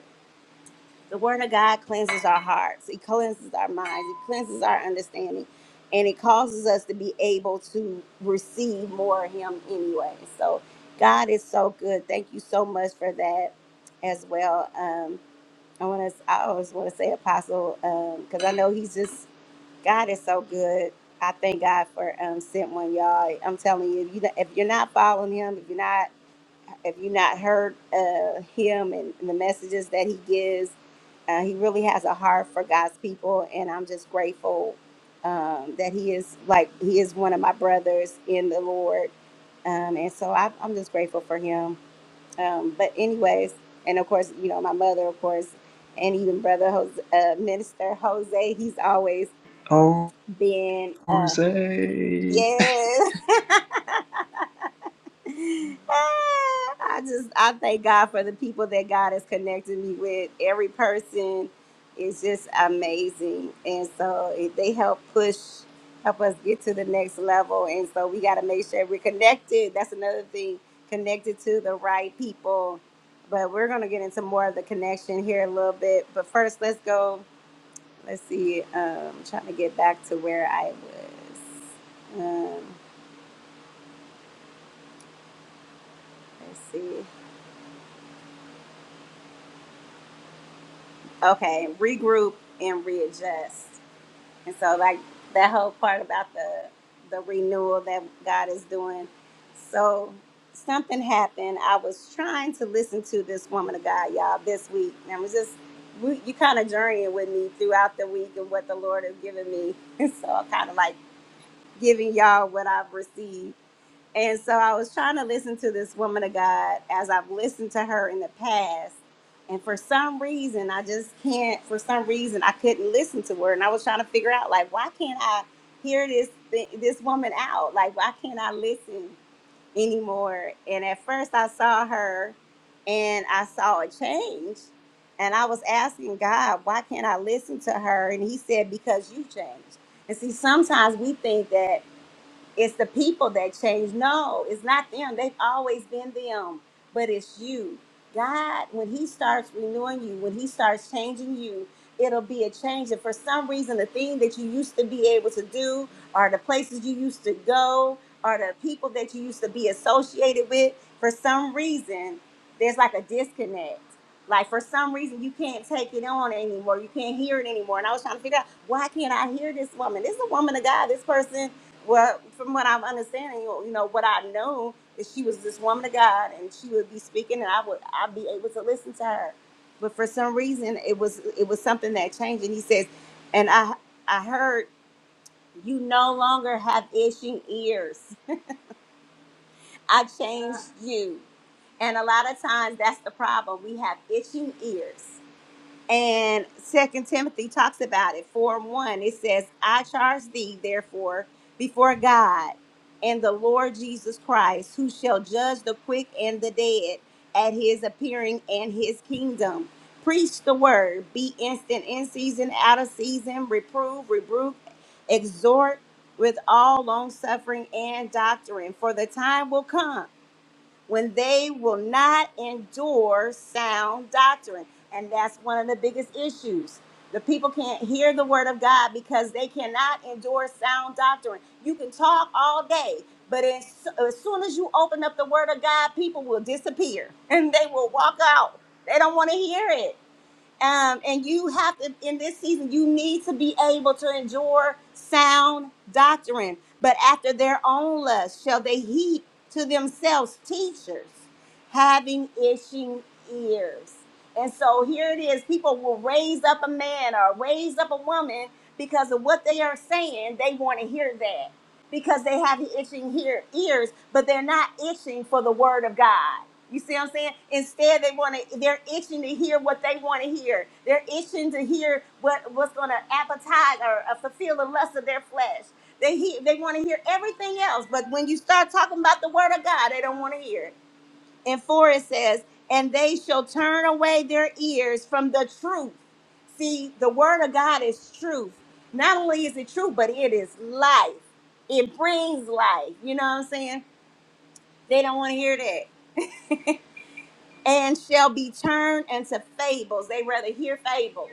Speaker 1: The word of God cleanses our hearts, it cleanses our minds, it cleanses our understanding, and it causes us to be able to receive more of Him anyway. So, God is so good. Thank you so much for that as well. Um, I want to, I always want to say Apostle, because I know He's just, God is so good. I thank God for um, sent one, y'all. I'm telling you, if, you, if you're not following Him, if you're not if you not heard uh, him and the messages that he gives, uh, he really has a heart for God's people, and I'm just grateful um, that he is like he is one of my brothers in the Lord, um, and so I, I'm just grateful for him. Um, but anyways, and of course, you know my mother, of course, and even brother Jose, uh, Minister Jose, he's always
Speaker 2: Oh,
Speaker 1: been uh,
Speaker 2: Jose.
Speaker 1: yes. Ah, I just I thank God for the people that God has connected me with. Every person is just amazing, and so it, they help push, help us get to the next level. And so we got to make sure we're connected. That's another thing, connected to the right people. But we're gonna get into more of the connection here in a little bit. But first, let's go. Let's see. Um, trying to get back to where I was. Um, let's see. okay, regroup and readjust. And so like that whole part about the the renewal that God is doing. So something happened. I was trying to listen to this woman of God, y'all, this week. And I was just we, you kind of journeying with me throughout the week and what the Lord has given me. And so I'm kind of like giving y'all what I've received. And so I was trying to listen to this woman of God as I've listened to her in the past. And for some reason, I just can't, for some reason, I couldn't listen to her. And I was trying to figure out, like, why can't I hear this thi- this woman out? Like, why can't I listen anymore? And at first, I saw her and I saw a change. And I was asking God, why can't I listen to her? And he said, because you changed. And see, sometimes we think that it's the people that change. No, it's not them. They've always been them, but it's you. God, when He starts renewing you, when He starts changing you, it'll be a change. And for some reason, the thing that you used to be able to do, or the places you used to go, or the people that you used to be associated with, for some reason, there's like a disconnect. Like for some reason, you can't take it on anymore. You can't hear it anymore. And I was trying to figure out why can't I hear this woman? This is a woman of God. This person well, from what I'm understanding, you you know, what I know is she was this woman of God, and she would be speaking, and I would I'd be able to listen to her. But for some reason, it was it was something that changed. And he says, and I I heard you no longer have itching ears. I changed you. And a lot of times, that's the problem. We have itching ears. And Second Timothy talks about it. Four and one, it says, "I charge thee, therefore, before God and the Lord Jesus Christ, who shall judge the quick and the dead at His appearing and His kingdom. Preach the word. Be instant in season, out of season. Reprove, rebuke, exhort with all long suffering and doctrine. For the time will come." when they will not endure sound doctrine. And that's one of the biggest issues. The people can't hear the word of God because they cannot endure sound doctrine. You can talk all day, but as, as soon as you open up the word of God, people will disappear and they will walk out. They don't want to hear it. Um, and you have to, in this season, you need to be able to endure sound doctrine. But after their own lust shall they heap to themselves teachers having itching ears. And so here it is people will raise up a man or raise up a woman because of what they are saying. They want to hear that because they have the itching here ears, but they're not itching for the word of God. You see what I'm saying? Instead, they want to. They're itching to hear what they want to hear. They're itching to hear what what's going to appetize or uh, fulfill the lust of their flesh. They hear, they want to hear everything else, but when you start talking about the word of God, they don't want to hear it and 4 it says, And they shall turn away their ears from the truth. See, the word of God is truth. Not only is it true, but it is life. It brings life. You know what I'm saying? They don't want to hear that. And shall be turned into fables. They rather hear fables.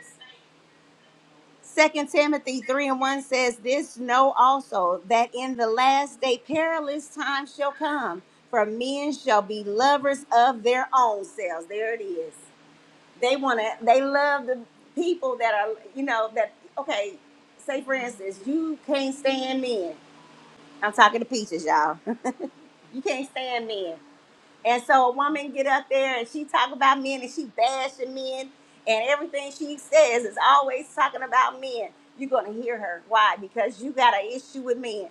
Speaker 1: Second Timothy 3 and 1 says, This know also that in the last day perilous times shall come, for men shall be lovers of their own selves. There it is they want to they love the people that are you know that okay say for instance you can't stand men i'm talking to peaches y'all you can't stand men and so a woman get up there and she talk about men and she bashing men and everything she says is always talking about men you're gonna hear her why because you got an issue with men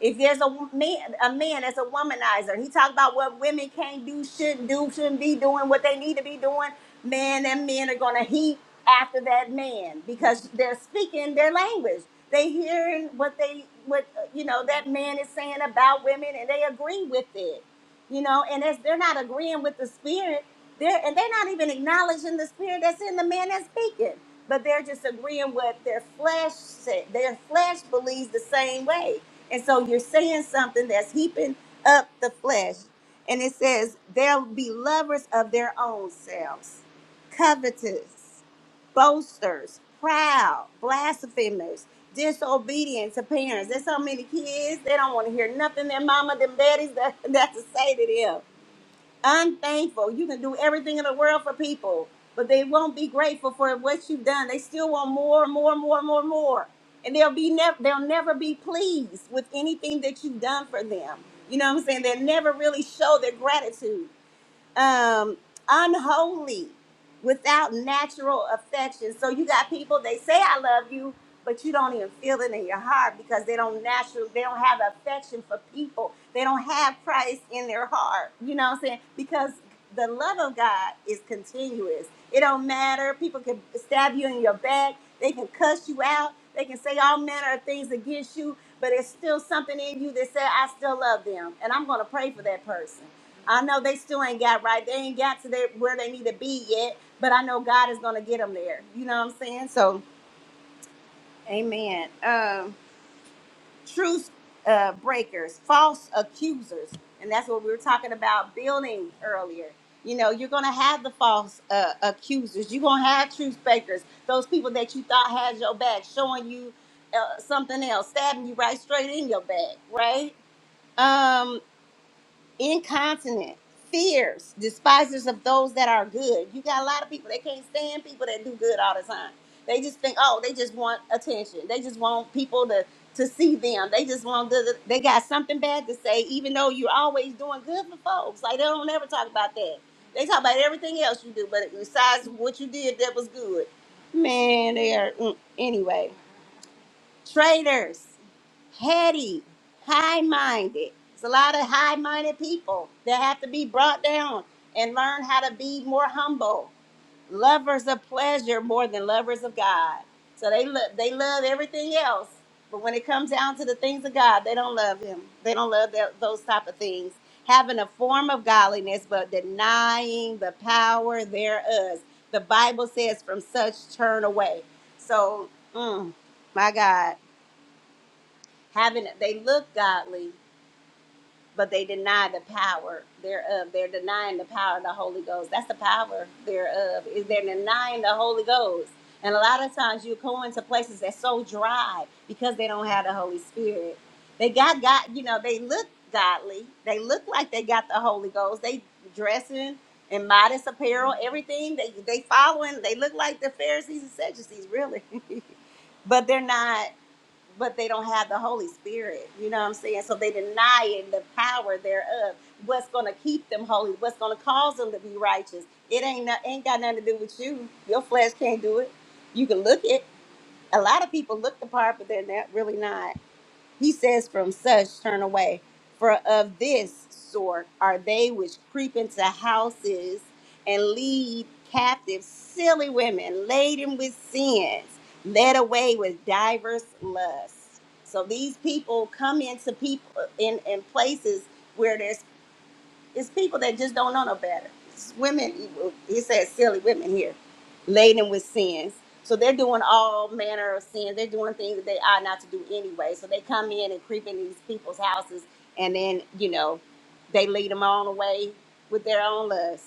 Speaker 1: if there's a wo- man, a man that's a womanizer, he talk about what women can't do, shouldn't do, shouldn't be doing, what they need to be doing. Man, and men are gonna heap after that man because they're speaking their language. They hearing what they what uh, you know that man is saying about women, and they agree with it you know, and as they're not agreeing with the spirit, they're and they're not even acknowledging the spirit that's in the man that's speaking, but they're just agreeing with their flesh. Said. Their flesh believes the same way, and so you're saying something that's heaping up the flesh. And it says they'll be lovers of their own selves, covetous boasters, proud, blasphemers, disobedient to parents. There's so many kids, they don't want to hear nothing their mama, them daddies that, that to say to them. Unthankful. You can do everything in the world for people, but they won't be grateful for what you've done. They still want more, more, more, more, more. And they'll be never they'll never be pleased with anything that you've done for them. You know what I'm saying? They'll never really show their gratitude um, unholy without natural affection. So you got people they say I love you, but you don't even feel it in your heart because they don't naturally they don't have affection for people. They don't have Christ in their heart. You know what I'm saying? Because the love of God is continuous. It don't matter. People can stab you in your back. They can cuss you out. They can say all manner of things against you, but it's still something in you that said, I still love them. And I'm going to pray for that person. I know they still ain't got right. They ain't got to their, where they need to be yet, but I know God is going to get them there. You know what I'm saying? So, amen. Um, truth uh, breakers, false accusers. And that's what we were talking about building earlier. You know, you're going to have the false uh, accusers. You're going to have truth breakers, those people that you thought had your back, showing you uh, something else, stabbing you right straight in your back, right? Um, incontinent, fierce, despisers of those that are good. You got a lot of people they can't stand people that do good all the time. They just think, oh, they just want attention. They just want people to to see them. They just want good. They got something bad to say, even though you're always doing good for folks. Like they don't ever talk about that. They talk about everything else you do, but besides what you did that was good, man, they are mm, anyway traitors. Petty, high minded. It's a lot of high minded people that have to be brought down and learn how to be more humble. Lovers of pleasure more than lovers of God. So they lo- they love everything else, but when it comes down to the things of God, they don't love Him. They don't love that, those type of things. Having a form of godliness, but denying the power thereof. The Bible says, "From such turn away." So, mm, my God having they look godly but they deny the power thereof they're denying the power of the holy ghost that's the power thereof is they're denying the holy ghost and a lot of times you go into places that's so dry because they don't have the holy spirit they got god you know they look godly they look like they got the holy ghost they dressing in modest apparel everything they they following they look like the pharisees and sadducees really but they're not but they don't have the Holy Spirit. You know what I'm saying? So they denying the power thereof. What's gonna keep them holy? What's gonna cause them to be righteous? It ain't no- ain't got nothing to do with you. Your flesh can't do it. You can look it. A lot of people look the part, but they're not really not. He says, From such turn away. For of this sort are they which creep into houses and lead captive silly women laden with sins, led away with divers lusts. So these people come into people in, in places it's people that just don't know no better. It's women. He said silly women here, laden with sins. So they're doing all manner of sins. They're doing things that they ought not to do anyway. So they come in and creep in these people's houses, and then you know, they lead them on away with their own lusts.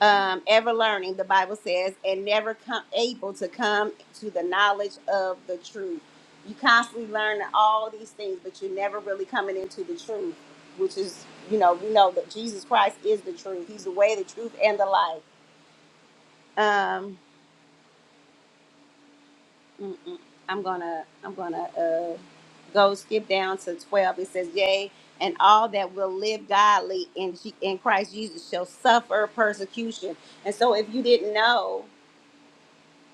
Speaker 1: Um, ever learning, the Bible says, and never come able to come to the knowledge of the truth. You constantly learn all these things, but you're never really coming into the truth which is you know we know that jesus christ is the truth he's the way the truth and the life um mm-mm. i'm gonna i'm gonna uh go skip down to 12 it says yea and all that will live godly in G- in christ jesus shall suffer persecution and so if you didn't know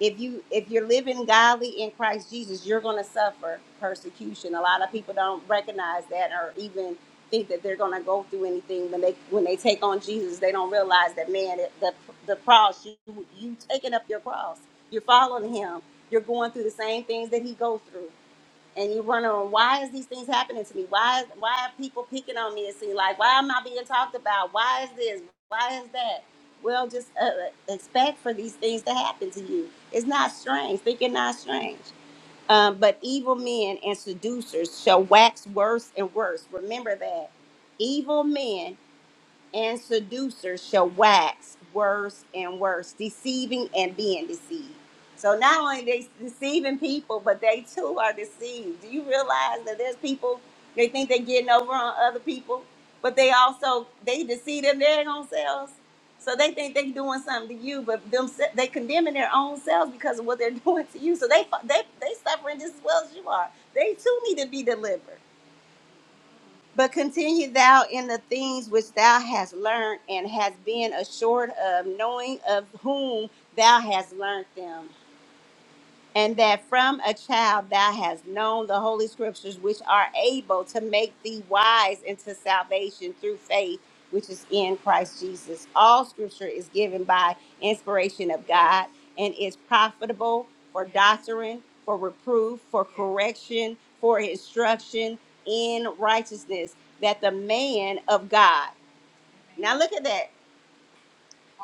Speaker 1: if you if you're living godly in Christ Jesus, you're going to suffer persecution. A lot of people don't recognize that or even think that they're going to go through anything when they when they take on Jesus. They don't realize that man, it- the the cross, you you taking up your cross, you're following Him, you're going through the same things that He goes through and you wondering why is these things happening to me? Why why are people picking on me? It seems like why am I being talked about? Why is this? Why is that? Well, just uh, uh, expect for these things to happen to you. It's not strange. Thinking not strange. Um, but evil men and seducers shall wax worse and worse. Remember that evil men and seducers shall wax worse and worse, deceiving and being deceived. So not only they deceiving people, but they too are deceived. Do you realize that there's people they think they're getting over on other people, but they also they deceive them their own selves. So they think they're doing something to you, but them they condemning their own selves because of what they're doing to you. So they they they suffering just as well as you are. They too need to be delivered. But continue thou in the things which thou hast learned and hast been assured of, knowing of whom thou hast learned them and that from a child thou hast known the holy scriptures which are able to make thee wise into salvation through faith which is in Christ Jesus. All scripture is given by inspiration of God and is profitable for doctrine, for reproof, for correction, for instruction in righteousness, that the man of God. Now look at that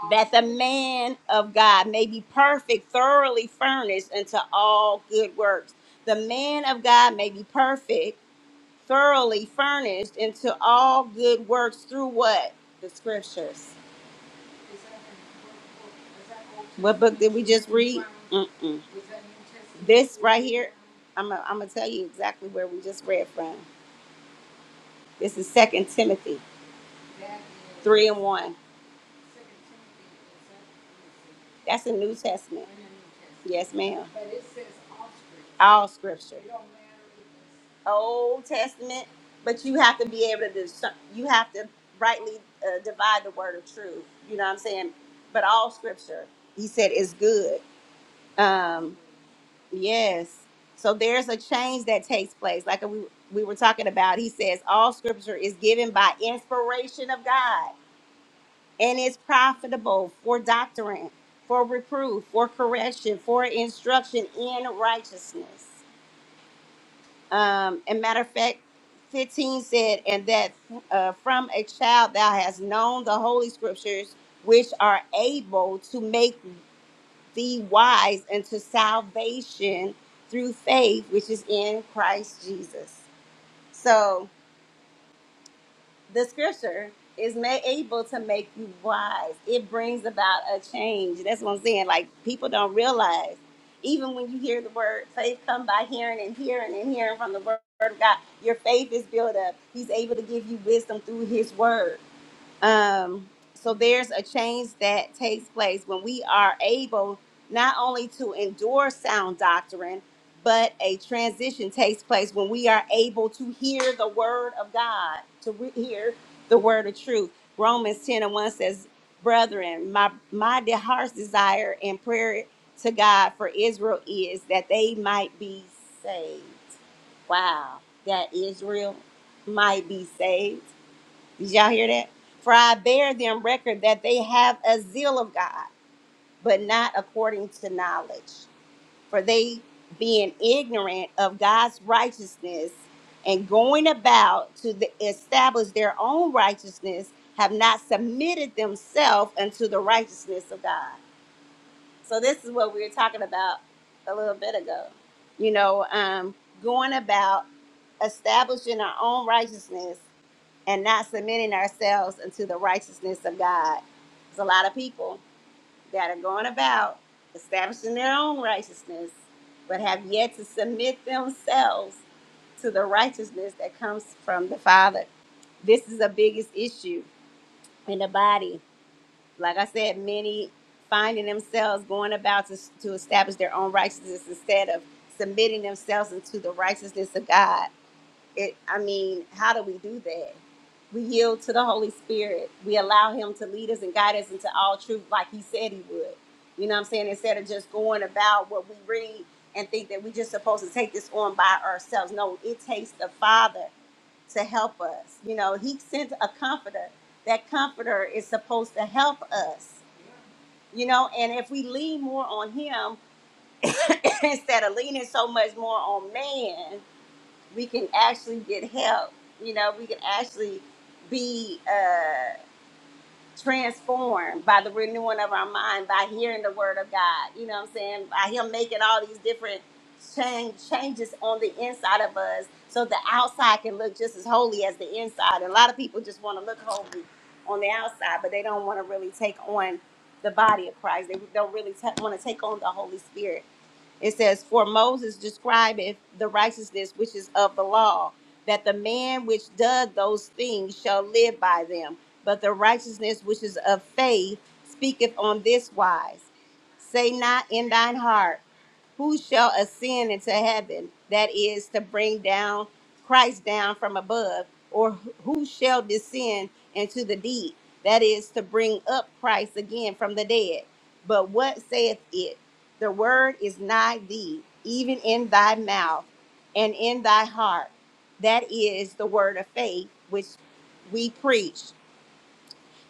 Speaker 1: that the man of God may be perfect, thoroughly furnished unto all good works. The man of God may be perfect, thoroughly furnished into all good works through what? The scriptures. What book did we just read? Mm-mm. This right here, I'm going I'm to tell you exactly where we just read from. This is Second Timothy 3 and 1. That's the New Testament. in the New Testament. Yes, ma'am. But it says all scripture. All scripture. It don't matter if it's Old Testament, but you have to be able to discern. You have to rightly uh, divide the word of truth. You know what I'm saying? But all scripture, he said, is good. Um, yes. So there's a change that takes place, like we we were talking about. He says all scripture is given by inspiration of God and is profitable for doctrine, for reproof, for correction, for instruction in righteousness. Um, and matter of fact, 15 said, and that uh, from a child thou hast known the holy scriptures, which are able to make thee wise unto salvation through faith, which is in Christ Jesus. So, the scripture is made able to make you wise. It brings about a change. That's what I'm saying. Like people don't realize, even when you hear the word, faith come by hearing and hearing and hearing from the word of God. Your faith is built up. He's able to give you wisdom through His word. Um, so there's a change that takes place when we are able not only to endure sound doctrine, but a transition takes place when we are able to hear the word of God, to re- hear the word of truth. Romans 10 and 1 says, Brethren, my, my de- heart's desire and prayer to God for Israel is that they might be saved. Wow, that Israel might be saved. Did y'all hear that? For I bear them record that they have a zeal of God, but not according to knowledge. For they, being ignorant of God's righteousness and going about to the, establish their own righteousness, have not submitted themselves unto the righteousness of God. So, this is what we were talking about a little bit ago. You know, um, going about establishing our own righteousness and not submitting ourselves unto the righteousness of God. There's a lot of people that are going about establishing their own righteousness, but have yet to submit themselves to the righteousness that comes from the Father. This is the biggest issue in the body. Like I said, many finding themselves going about to, to establish their own righteousness instead of submitting themselves into the righteousness of God it i mean how do we do that we yield to the holy spirit we allow him to lead us and guide us into all truth like he said he would you know what i'm saying instead of just going about what we read and think that we're just supposed to take this on by ourselves no it takes the father to help us you know he sent a comforter that comforter is supposed to help us you know and if we lean more on him instead of leaning so much more on man we can actually get help. You know, we can actually be uh, transformed by the renewing of our mind, by hearing the word of God. You know what I'm saying? By Him making all these different change, changes on the inside of us so the outside can look just as holy as the inside. And a lot of people just want to look holy on the outside, but they don't want to really take on the body of Christ. They don't really t- want to take on the Holy Spirit. It says, For Moses describeth the righteousness which is of the law, that the man which doeth those things shall live by them. But the righteousness which is of faith speaketh on this wise Say not in thine heart, Who shall ascend into heaven? That is to bring down Christ down from above, or who shall descend into the deep? That is to bring up Christ again from the dead. But what saith it? The word is nigh thee, even in thy mouth and in thy heart. That is the word of faith which we preach.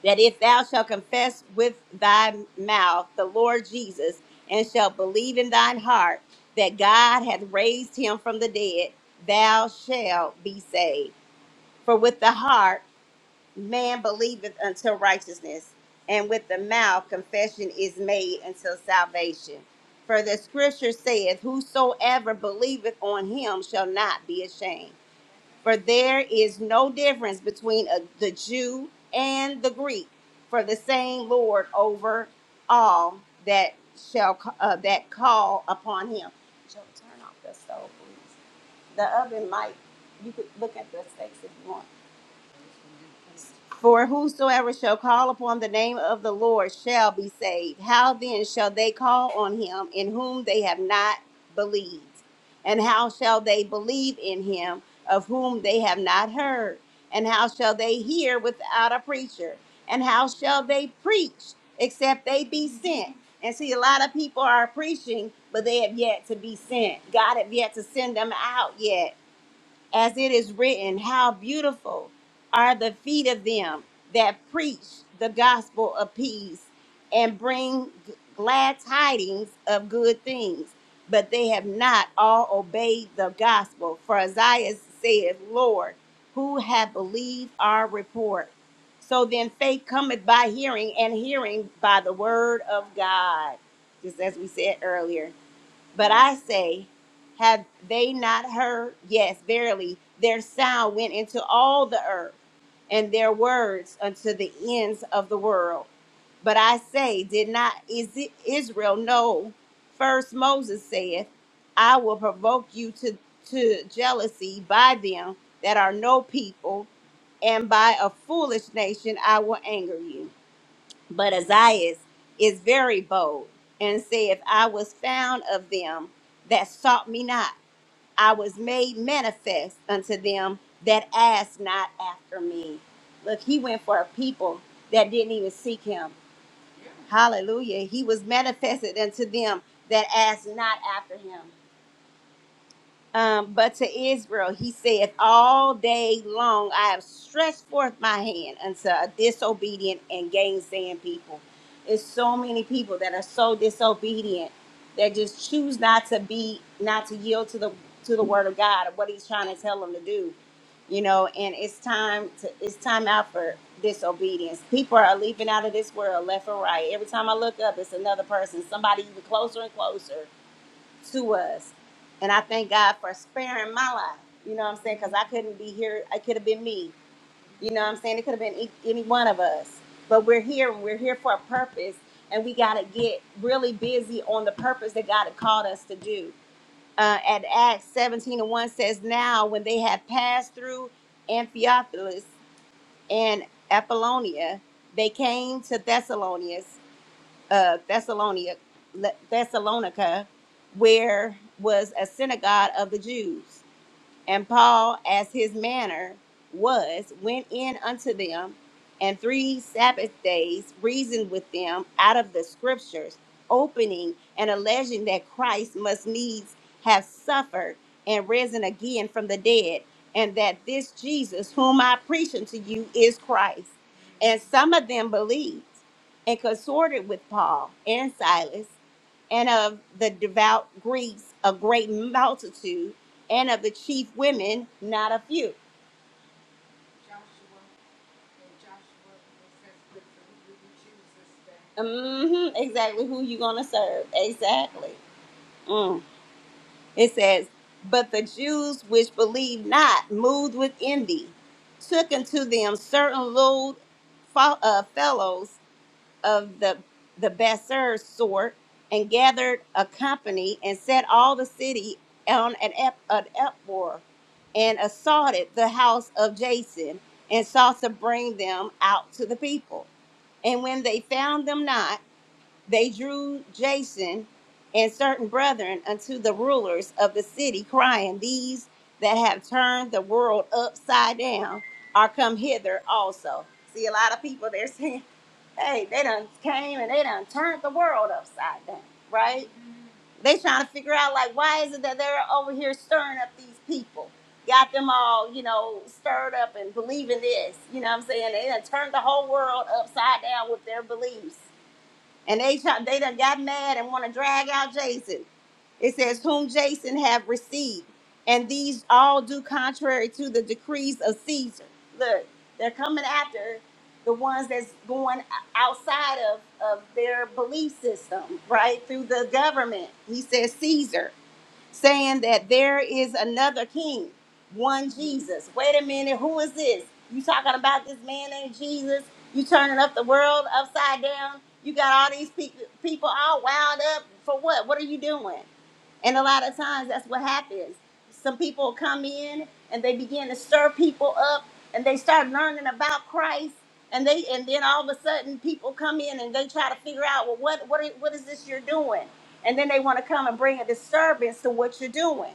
Speaker 1: That if thou shalt confess with thy mouth the Lord Jesus and shalt believe in thine heart that God hath raised him from the dead, thou shalt be saved. For with the heart man believeth until righteousness, and with the mouth confession is made until salvation. For the scripture saith, Whosoever believeth on him shall not be ashamed. For there is no difference between a, the Jew and the Greek, for the same Lord over all that shall ca- uh, that call upon him. Joe, turn off the stove, please. The oven might. You could look at the steaks if you want. For whosoever shall call upon the name of the Lord shall be saved. How then shall they call on him in whom they have not believed? And how shall they believe in him of whom they have not heard? And how shall they hear without a preacher? And how shall they preach except they be sent? And see, a lot of people are preaching, but they have yet to be sent. God have yet to send them out yet as it is written, how beautiful are the feet of them that preach the gospel of peace and bring g- glad tidings of good things. But they have not all obeyed the gospel. For Isaiah saith, Lord, who have believed our report? So then faith cometh by hearing, and hearing by the word of God, just as we said earlier. But I say, have they not heard? Yes, verily, their sound went into all the earth, and their words unto the ends of the world. But I say, did not Is Israel know? First Moses saith, I will provoke you to, to jealousy by them that are no people, and by a foolish nation I will anger you. But Isaiah is very bold and said, I was found of them that sought me not. I was made manifest unto them that asked not after me. Look, he went for a people that didn't even seek him. Hallelujah. He was manifested unto them that asked not after him um, but to Israel he saith, All day long I have stretched forth my hand unto a disobedient and gainsaying people. There's so many people that are so disobedient that just choose not to be, not to yield to the to the word of God or what He's trying to tell them to do. You know, and it's time to it's time out for disobedience. People are leaping out of this world left and right. Every time I look up, it's another person, somebody even closer and closer to us. And I thank God for sparing my life. You know what I'm saying? Because I couldn't be here. It could have been me. You know what I'm saying? It could have been e- any one of us. But we're here and we're here for a purpose. And we got to get really busy on the purpose that God had called us to do. Uh, at Acts 17 and 1 says, Now when they had passed through Amphipolis and Apollonia, they came to Thessalonica uh, Thessalonica, Thessalonica, where was a synagogue of the Jews. And Paul, as his manner was, went in unto them, and three Sabbath days reasoned with them out of the scriptures, opening and alleging that Christ must needs have suffered and risen again from the dead, and that this Jesus, whom I preach unto you, is Christ. And some of them believed and consorted with Paul and Silas and of the devout Greeks a great multitude, and of the chief women not a few. Mm-hmm, exactly who you gonna serve. Exactly. Mm. It says, But the Jews which believed not, moved with envy, took unto them certain low fo- uh, fellows of the the Besser sort and gathered a company and set all the city on an, up, an uproar and assaulted the house of Jason and sought to bring them out to the people. And when they found them not, they drew Jason and certain brethren unto the rulers of the city, crying, These that have turned the world upside down are come hither also. See, a lot of people there saying hey, they done came and they done turned the world upside down, right? They trying to figure out like why is it that they're over here stirring up these people, got them all, you know, stirred up and believing this. You know what I'm saying? They done turned the whole world upside down with their beliefs. And they try, they done got mad and want to drag out Jason. It says, whom Jason have received. And these all do contrary to the decrees of Caesar. Look, they're coming after the ones that's going outside of, of their belief system, right? Through the government. He says Caesar saying that there is another king, one Jesus. Wait a minute, who is this? You talking about this man named Jesus? You turning up the world upside down? You got all these people people all wound up for what? What are you doing? And a lot of times that's what happens. Some people come in and they begin to stir people up and they start learning about Christ and they and then all of a sudden people come in and they try to figure out well what what i- what is this you're doing? And then they want to come and bring a disturbance to what you're doing.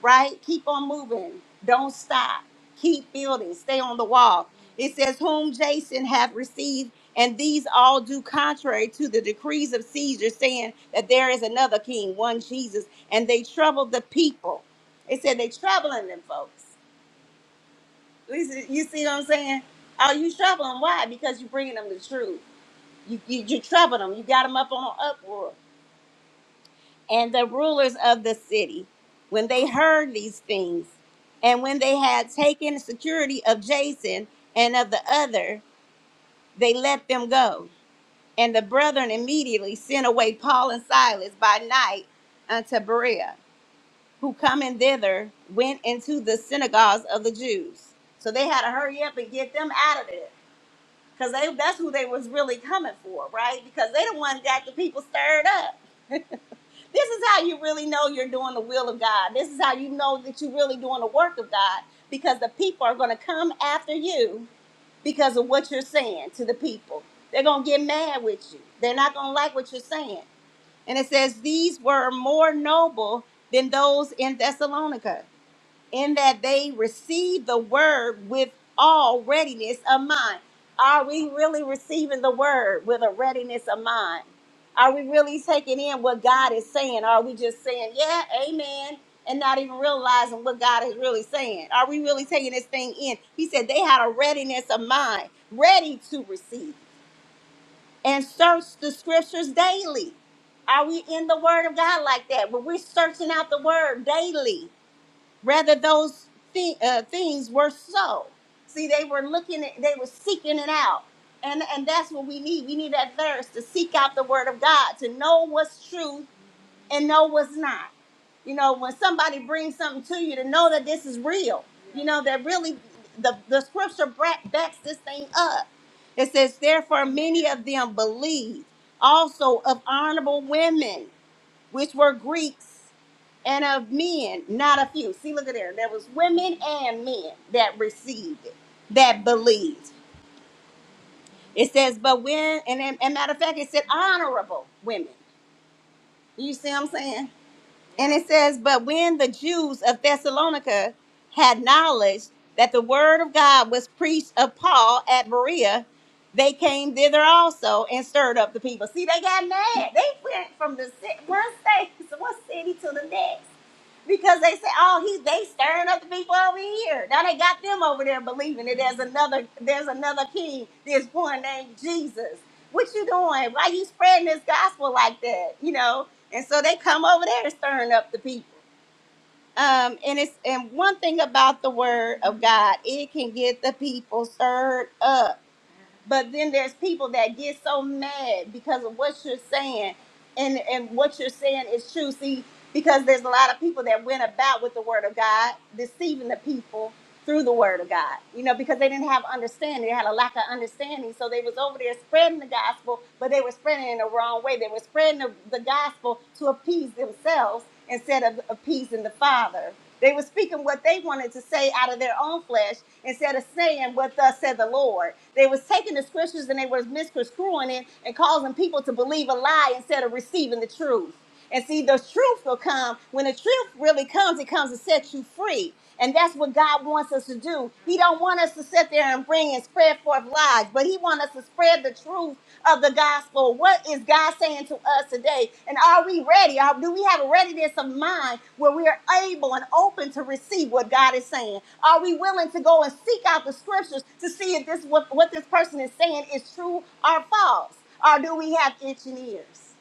Speaker 1: Right? Keep on moving. Don't stop. Keep building. Stay on the wall. It says whom Jason hath received and these all do contrary to the decrees of Caesar, saying that there is another king, one Jesus and they troubled the people. They said they troubling them folks. You see you see what I'm saying? Oh, you troubling 'em. Why? Because you bringing them the truth. You, you, you troubled them. You got them up on uproar. And the rulers of the city, when they heard these things, and when they had taken security of Jason and of the other, they let them go. And the brethren immediately sent away Paul and Silas by night unto Berea who coming thither went into the synagogues of the Jews. So they had to hurry up and get them out of there. Because they that's who they was really coming for, right? Because they the one got the people stirred up. this is how you really know you're doing the will of God. This is how you know that you're really doing the work of God. Because the people are gonna come after you because of what you're saying to the people. They're gonna get mad with you. They're not gonna like what you're saying. And it says, These were more noble than those in Thessalonica in that they receive the word with all readiness of mind. Are we really receiving the word with a readiness of mind? Are we really taking in what God is saying? Are we just saying, yeah, amen, and not even realizing what God is really saying? Are we really taking this thing in? He said they had a readiness of mind, ready to receive and search the scriptures daily. Are we in the word of God like that? When we're searching out the word daily rather those thi- uh, things were so see they were looking at, they were seeking it out and and that's what we need we need that thirst to seek out the word of god to know what's true and know what's not you know when somebody brings something to you to know that this is real you know that really the, the scripture bra- backs this thing up it says therefore many of them believed also of honorable women which were greeks and of men, not a few. See, look at there. There was women and men that received it, that believed. It says, but when, and, then- and matter of fact, it said honorable women. You see what I'm saying? And it says, but when the Jews of Thessalonica had knowledge that the word of God was preached of Paul at Berea, they came thither also and stirred up the people. See, they got mad. They went from the ci- one state, one city to the next Because they say, oh, he they stirring up the people over here. Now they got them over there believing that there's another there's another king. There's one named Jesus. What you doing? Why you spreading this gospel like that? You know? And so they come over there and stirring up the people. Um, and it's and one thing about the word of God, it can get the people stirred up but then there's people that get so mad because of what you're saying, and and what you're saying is true. See, because there's a lot of people that went about with the word of God, deceiving the people through the word of God. You know, because they didn't have understanding, they had a lack of understanding, so they was over there spreading the gospel, but they were spreading it in the wrong way. They were spreading the, the gospel to appease themselves instead of appeasing the Father. They were speaking what they wanted to say out of their own flesh instead of saying what thus said the Lord. They was taking the scriptures and they was misconstruing it and causing people to believe a lie instead of receiving the truth. And see, the truth will come. When the truth really comes, it comes to set you free. And that's what God wants us to do. He don't want us to sit there and bring and spread forth lies, but he wants us to spread the truth of the gospel. What is God saying to us today? And are we ready? Are, do we have a readiness of mind where we are able and open to receive what God is saying? Are we willing to go and seek out the scriptures to see if this what, what this person is saying is true or false? Or do we have itching ears?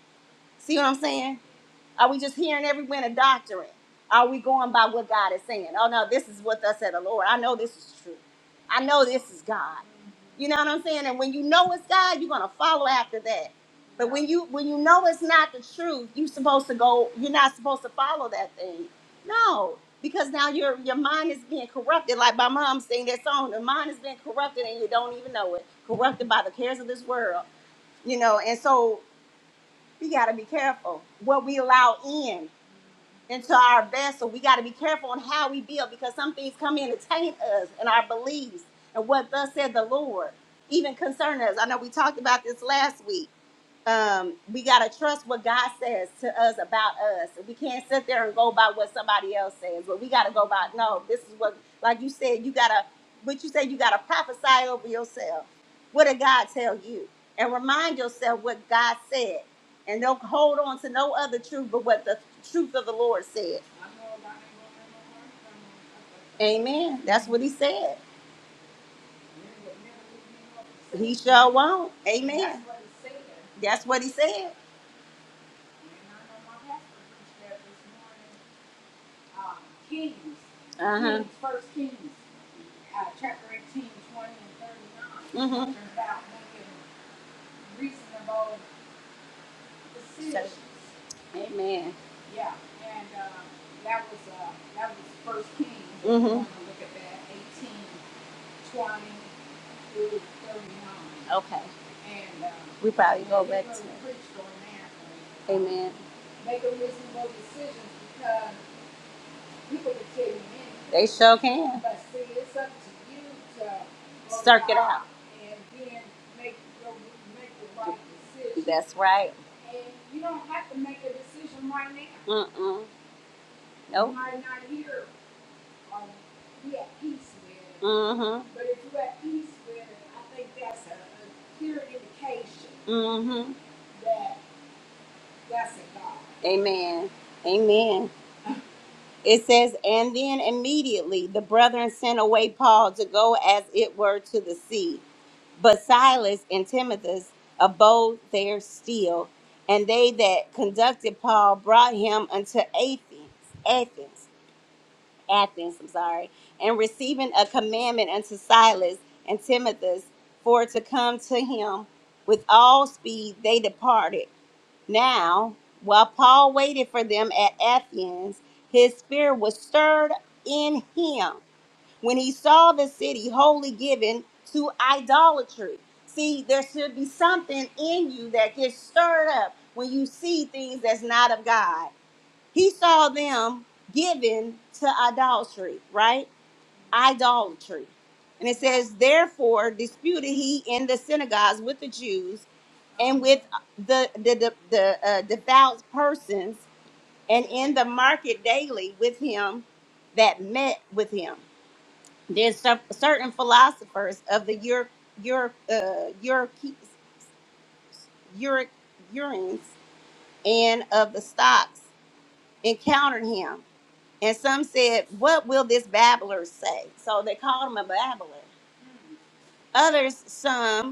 Speaker 1: See what I'm saying? Are we just hearing every wind a doctrine? Are we going by what God is saying? Oh no, this is what thus said the Lord. I know this is true. I know this is God. You know what I'm saying? And when you know it's God, you're gonna follow after that. But when you when you know it's not the truth, you're supposed to go, you're not supposed to follow that thing. No, because now your your mind is being corrupted. Like my mom sang that song, the mind is being corrupted and you don't even know it. Corrupted by the cares of this world. You know, and so we gotta be careful what we allow in into our vessel. We got to be careful on how we build because some things come in to taint us and our beliefs and what thus said the Lord, even concerning us. I know we talked about this last week um, we got to trust what God says to us about us. We can't sit there and go by what somebody else says, but we got to go by, no, this is what, like you said, you got to, what you said, you got to prophesy over yourself. What did God tell you? And remind yourself what God said. And don't hold on to no other truth but what the truth of the Lord said. Amen. That's what he said. He shall won't. Amen. That's what he said. That's what he said. um, Kings, Uh-huh. Kings, First Kings, uh, chapter 18, 20, and 39, Mm-hmm. talking about making reasonable decisions. So, Amen. Yeah, and uh, that was uh, that was First Kings. If you Mm-hmm. want to look at that, 18, twenty through 39 Okay. and um, We probably go back to really preached on that. Um, Amen. making reasonable decision because People can tell you anything. They sure can. But see, it's up to you to Circ it out. and then make your, make the right decision. That's right. And you don't have to make a decision right now. Mm-mm. You Nope. You might not hear or be at peace with it. Mm-hmm. But if you're at peace with it, I think that's a, a clear indication Mm-hmm. that that's a God. Amen. Amen. It says, And then immediately the brethren sent away Paul to go as it were to the sea. But Silas and Timothy abode there still, and they that conducted Paul brought him unto Athens, Athens, Athens, I'm sorry, and receiving a commandment unto Silas and Timothy for to come to him with all speed, they departed now, while Paul waited for them at Athens, his spirit was stirred in him when he saw the city wholly given to idolatry. See, there should be something in you that gets stirred up when you see things that's not of God. He saw them given to idolatry, right? Idolatry. And it says, Therefore, disputed he in the synagogues with the Jews and with the the the, the uh, devout persons and in the market daily with him that met with him there's cer- certain philosophers of the your your uh your your urines and of the stocks encountered him and some said what will this babbler say so they called him a babbler others some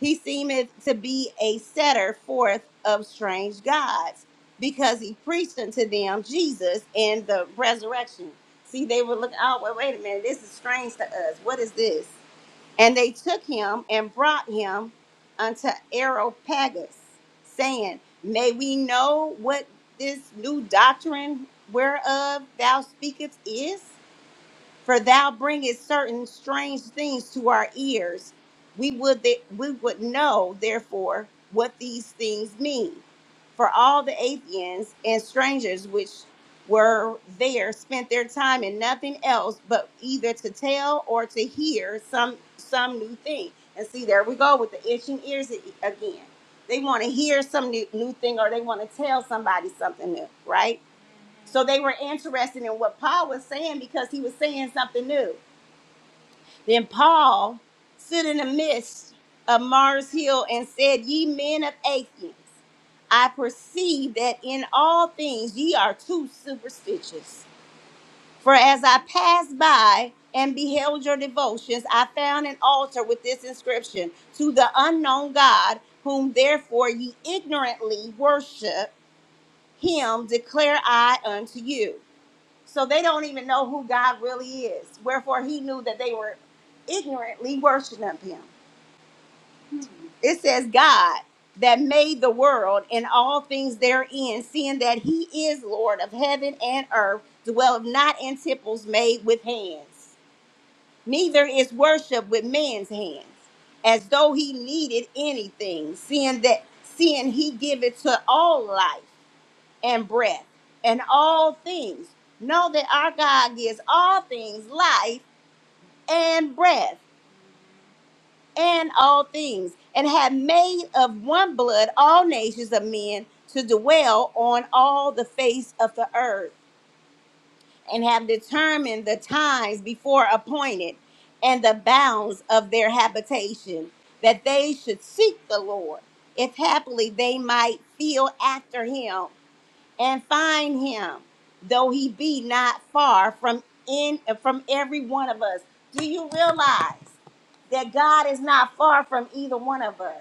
Speaker 1: He seemeth to be a setter forth of strange gods, because he preached unto them Jesus and the resurrection. See, they were looking, oh, wait, wait a minute, this is strange to us. What is this? And they took him and brought him unto Areopagus, saying, May we know what this new doctrine whereof thou speakest is? For thou bringest certain strange things to our ears. We would that we would know, therefore, what these things mean. For all the Athenians and strangers which were there spent their time in nothing else but either to tell or to hear some some new thing. And see, there we go with the itching ears a- again. They want to hear some new, new thing or they want to tell somebody something new, right? So they were interested in what Paul was saying because he was saying something new. Then Paul stood in the midst of Mars Hill and said, Ye men of Athens, I perceive that in all things ye are too superstitious. For as I passed by and beheld your devotions, I found an altar with this inscription To the unknown God, whom therefore ye ignorantly worship, him declare I unto you. So they don't even know who God really is. Wherefore he knew that they were ignorantly worshiping him. It says, God that made the world and all things therein, seeing that he is Lord of heaven and earth, dwelleth not in temples made with hands, neither is worship with man's hands, as though he needed anything, seeing that seeing he giveth to all life and breath and all things. Know that our God gives all things life and breath and all things, and have made of one blood all nations of men to dwell on all the face of the earth, and have determined the times before appointed and the bounds of their habitation, that they should seek the Lord, if happily they might feel after him and find him, though he be not far from in from every one of us. Do you realize that God is not far from either one of us?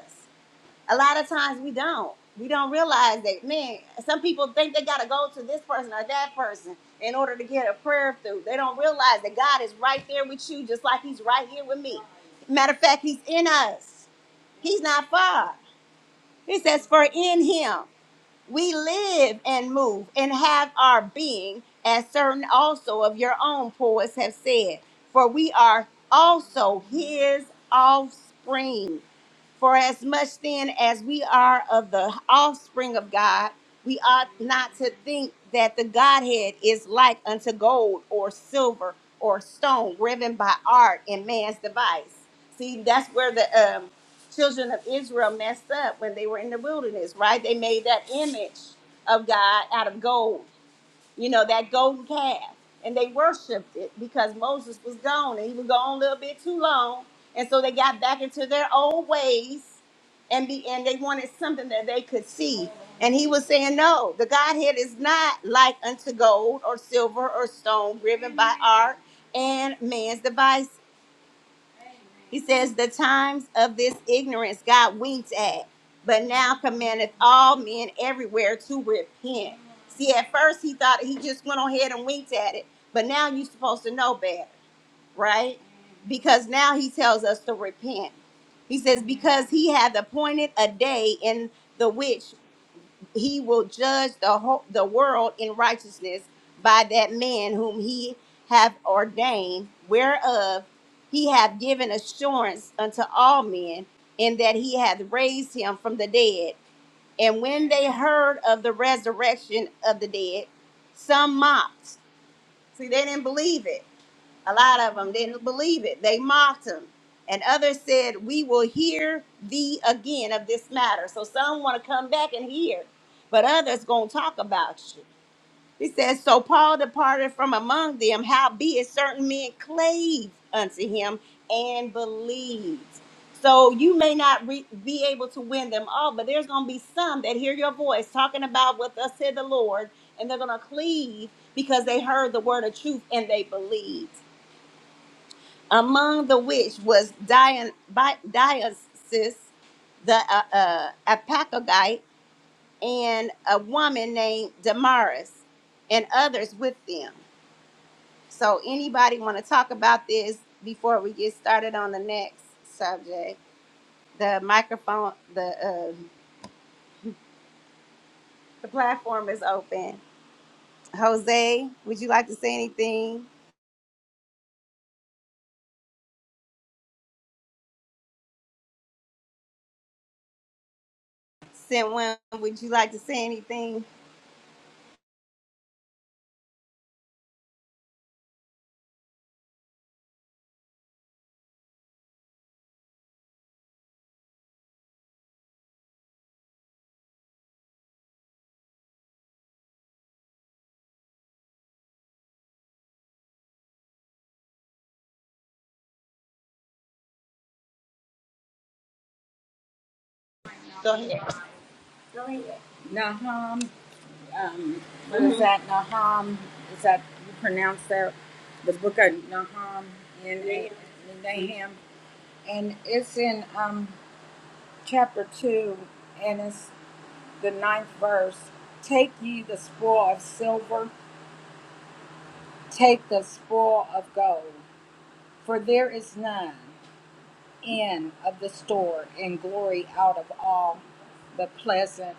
Speaker 1: A lot of times we don't. We don't realize that, man, some people think they gotta go to this person or that person in order to get a prayer through. They don't realize that God is right there with you, just like he's right here with me. Matter of fact, he's in us. He's not far. He says, for in him. We live and move and have our being, as certain also of your own poets have said, for we are also his offspring. For as much then as we are of the offspring of God, we ought not to think that the Godhead is like unto gold or silver or stone, riven by art and man's device. See, that's where the um, children of Israel messed up when they were in the wilderness, right? They made that image of God out of gold you know, that golden calf. And they worshiped it because Moses was gone and he was gone a little bit too long. And so they got back into their old ways and be and they wanted something that they could see. And he was saying, No, the Godhead is not like unto gold or silver or stone driven by art and man's devices. He says, The times of this ignorance God winked at, but now commandeth all men everywhere to repent. See, at first he thought he just went on ahead and winked at it, but now you're supposed to know better, right? Because now he tells us to repent. He says, Because he hath appointed a day in the which he will judge the whole the world in righteousness by that man whom he hath ordained whereof he hath given assurance unto all men in that he hath raised him from the dead and when they heard of the resurrection of the dead some mocked see they didn't believe it a lot of them didn't believe it. They mocked him. And others said, We will hear thee again of this matter. So some want to come back and hear, but others going to talk about you. He says, So Paul departed from among them, howbeit certain men clave unto him and believed. So you may not re- be able to win them all, but there's going to be some that hear your voice talking about what thus said the Lord, and they're going to cleave because they heard the word of truth and they believed among the which was Dion, Bi- Dionysus the uh, uh, Apacogite and a woman named Damaris and others with them. So, anybody want to talk about this before we get started on the next subject? The microphone, the uh, the platform is open. Jose, would you like to say anything? Sinwin, would you like to say anything? Go ahead. um, what mm-hmm. is that Nahum? Is that you pronounce that? The book of Nahum in Nahum, Nahum. and it's in um, chapter two, and it's the ninth verse. Take ye the spoil of silver, take the spoil of gold, for there is none in of the store, and glory out of all the pleasant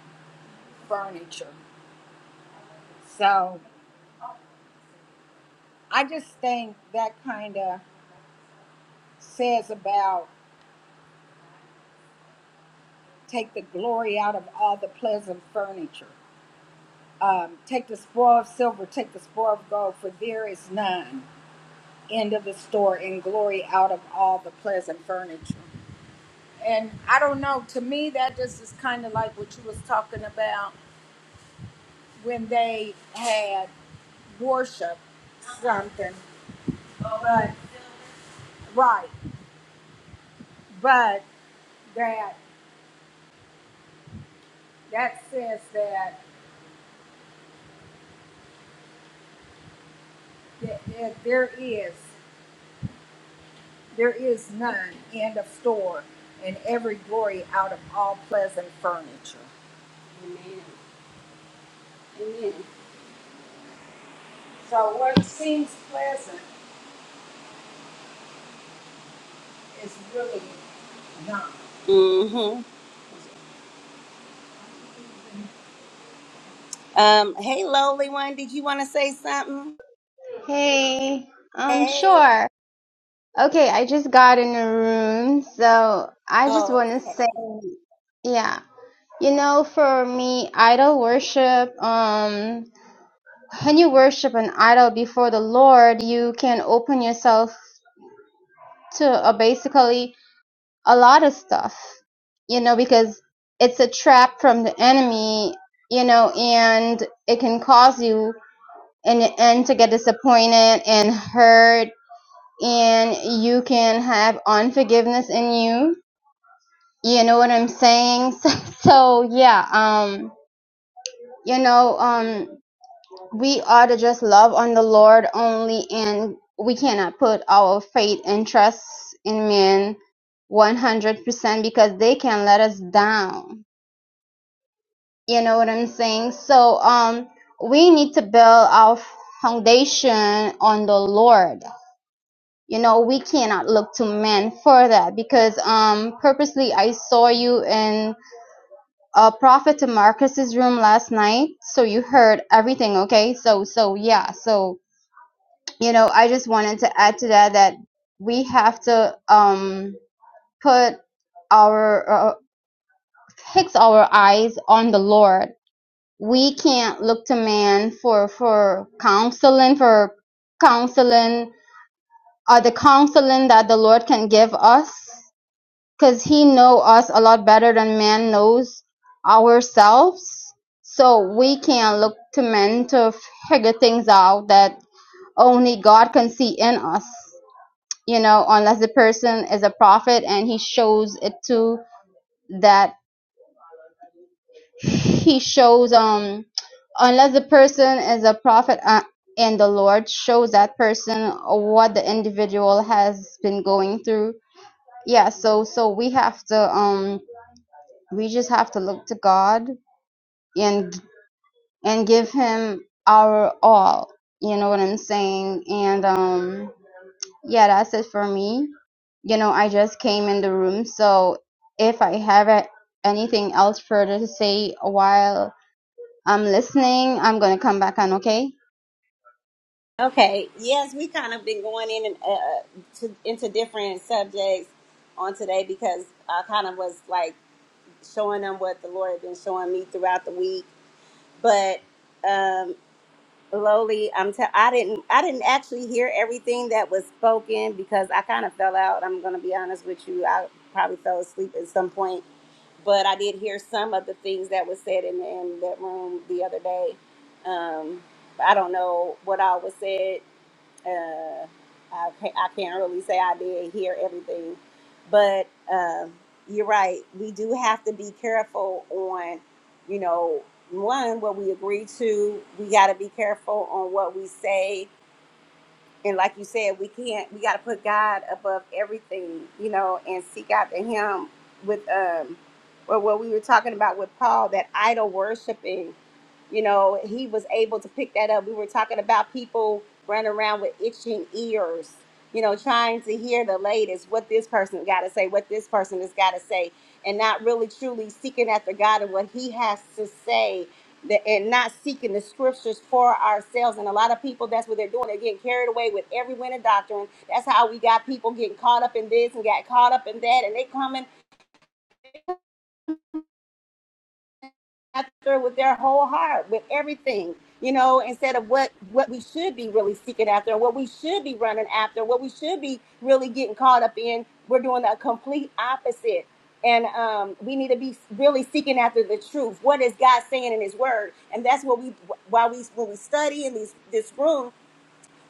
Speaker 1: furniture. So I just think that kind of says about take the glory out of all the pleasant furniture. Um, take the spoil of silver, take the spoil of gold, for there is none. End of the store, and glory out of all the pleasant furniture. And I don't know. To me, that just is kind of like what you was talking about when they had worship something, but right, but that that says that, that there is. There is none end of store, and every glory out of all pleasant furniture. So what seems pleasant is really Mm-hmm. Um, hey, lowly one, did you want to say something?
Speaker 4: Hey, um,
Speaker 1: Hey.
Speaker 4: sure. Okay, I just got in the room, so I just
Speaker 1: Oh,
Speaker 4: want to say,
Speaker 1: okay.
Speaker 4: yeah, you know, for me, idol worship, um, when you worship an idol before the Lord, you can open yourself to uh, basically a lot of stuff, you know, because it's a trap from the enemy, you know, and it can cause you in the end to get disappointed and hurt and you can have unforgiveness in you. You know what I'm saying? So, so yeah, um, you know, um, we ought to just love on the Lord only, and we cannot put our faith and trust in men 100% because they can let us down. You know what I'm saying? So, um, we need to build our foundation on the Lord you know we cannot look to men for that because um purposely i saw you in uh prophet marcus's room last night so you heard everything okay so so yeah so you know i just wanted to add to that that we have to um put our uh, fix our eyes on the lord we can't look to man for for counseling for counseling uh, the counseling that the lord can give us 'Cause he know us a lot better than man knows ourselves, so we can look to men to figure things out that only God can see in us. You know, unless the person is a prophet and he shows it to that he shows um unless the person is a prophet uh, and the Lord shows that person what the individual has been going through. Yeah, so so we have to um We just have to look to God and and give him our all. You know what I'm saying? And um yeah, that's it for me. You know, I just came in the room, so if I have a- anything else further to say while I'm listening, I'm going to come back on, okay?
Speaker 1: Okay. Yes, we kind of been going in and uh, to, into different subjects on today because I kind of was like showing them what the Lord had been showing me throughout the week. But um, Lowly, I'm t- I didn't I didn't actually hear everything that was spoken because I kind of fell out. I'm gonna be honest with you. I probably fell asleep at some point, but I did hear some of the things that was said in, in that room the other day. Um, I don't know what all was said uh, I, I can't really say I did hear everything, but um, you're right. We do have to be careful on, you know, one what we agree to. We got to be careful on what we say, and like you said, we can't. We got to put God above everything, you know, and seek after Him with um, Or what we were talking about with Paul, that idol worshiping you know, he was able to pick that up. We were talking about people running around with itching ears, you know, trying to hear the latest, what this person got to say, what this person has got to say, and not really truly seeking after God and what He has to say. That, and not seeking the scriptures for ourselves. And a lot of people, that's what they're doing. They're getting carried away with every wind of doctrine. That's how we got people getting caught up in this and got caught up in that. And they coming. after with their whole heart, with everything, you know, instead of what what we should be really seeking after, what we should be running after, what we should be really getting caught up in. We're doing the complete opposite. And um, we need to be really seeking after the truth. What is God saying in His Word? And that's what we, while we, when we study in these, this room,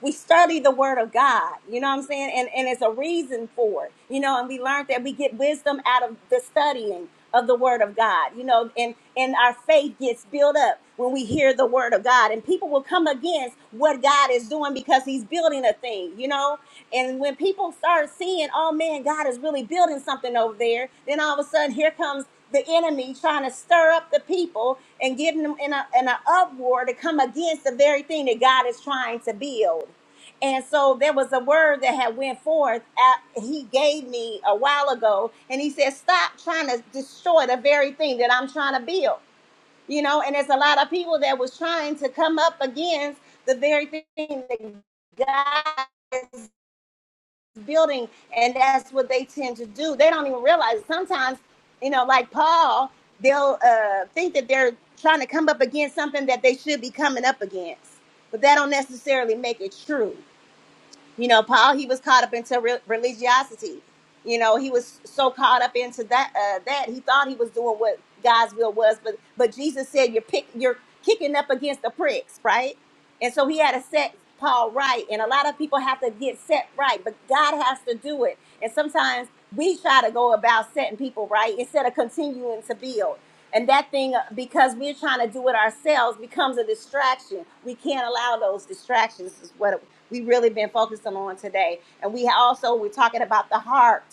Speaker 1: we study the word of God. You know what I'm saying? And and it's a reason for it. You know, and we learned that we get wisdom out of the studying of the word of God. You know, and and our faith gets built up when we hear the word of God. And people will come against what God is doing because he's building a thing, you know? And when people start seeing, oh man, God is really building something over there, then all of a sudden here comes the enemy trying to stir up the people and getting them in a in an uproar to come against the very thing that God is trying to build. And so there was a word that had went forth at, he gave me a while ago, and he said, "Stop trying to destroy the very thing that I'm trying to build." You know, and there's a lot of people that was trying to come up against the very thing that God building and that's what they tend to do they don't even realize it. sometimes you know like paul they'll uh, think that they're trying to come up against something that they should be coming up against but that don't necessarily make it true you know, Paul, he was caught up into re- religiosity. You know, he was so caught up into that uh, that he thought he was doing what God's will was, but but Jesus said you're pick you're kicking up against the pricks, right? And so he had to set Paul right, and a lot of people have to get set right, but God has to do it. And sometimes we try to go about setting people right instead of continuing to build. And that thing, uh, because we're trying to do it ourselves, becomes a distraction. We can't allow those distractions. Is what we really been focusing on today. And we also we're talking about the heart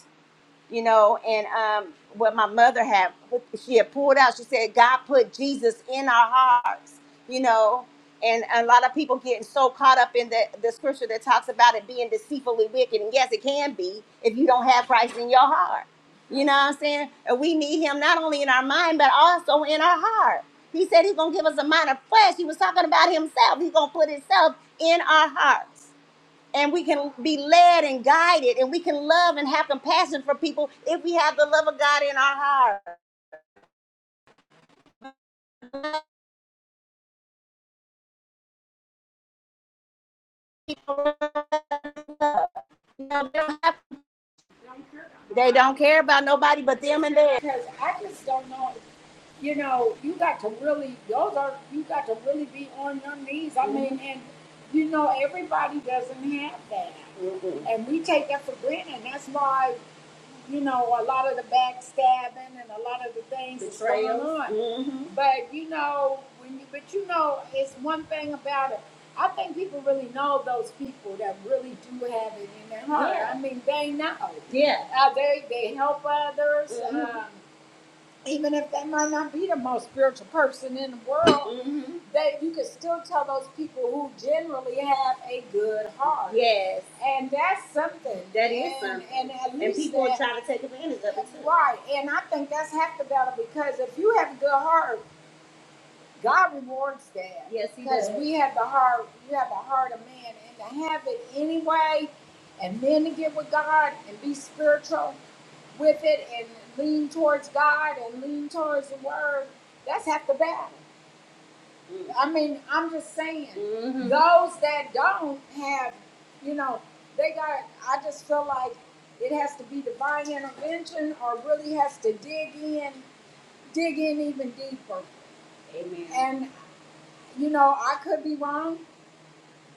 Speaker 1: you know, and um, what my mother had, she had pulled out. She said, God put Jesus in our hearts, you know, and a lot of people getting so caught up in the, the scripture that talks about it being deceitfully wicked. And yes, it can be if you don't have Christ in your heart. You know what I'm saying? And we need him not only in our mind, but also in our heart. He said he's going to give us a mind of flesh. He was talking about himself. He's going to put himself in our hearts and we can be led and guided and we can love and have compassion for people if we have the love of God in our heart. You know, they, don't have, they don't care about nobody but them and theirs. Because I just don't know. You know, you got to really, those are, you got to really be on your knees. I mean, and you know, everybody doesn't have that. Mm-mm. And we take that for granted. That's why you know, a lot of the backstabbing and a lot of the things that's going on. Mm-hmm. But you know, when you but you know, it's one thing about it. I think people really know those people that really do have it in their heart. Yeah. I mean, they know. Yeah. Uh, they they help others. Mhm even if they might not be the most spiritual person in the world, hmm that you can still tell those people who generally have a good heart, Yes, and that's something. that is And something. and at least And people that try to take advantage of it too. right. And I think that's half the battle because if you have a good heart, God rewards that. Yes, he does. Because we have the heart, you have the heart of man, and to have it anyway, and then to get with God and be spiritual with it and lean towards God and lean towards the Word, that's half the battle. I mean, I'm just saying, Mhm. those that don't have, you know, they got, I just feel like it has to be divine intervention or really has to dig in, dig in even deeper. Amen. And, you know, I could be wrong.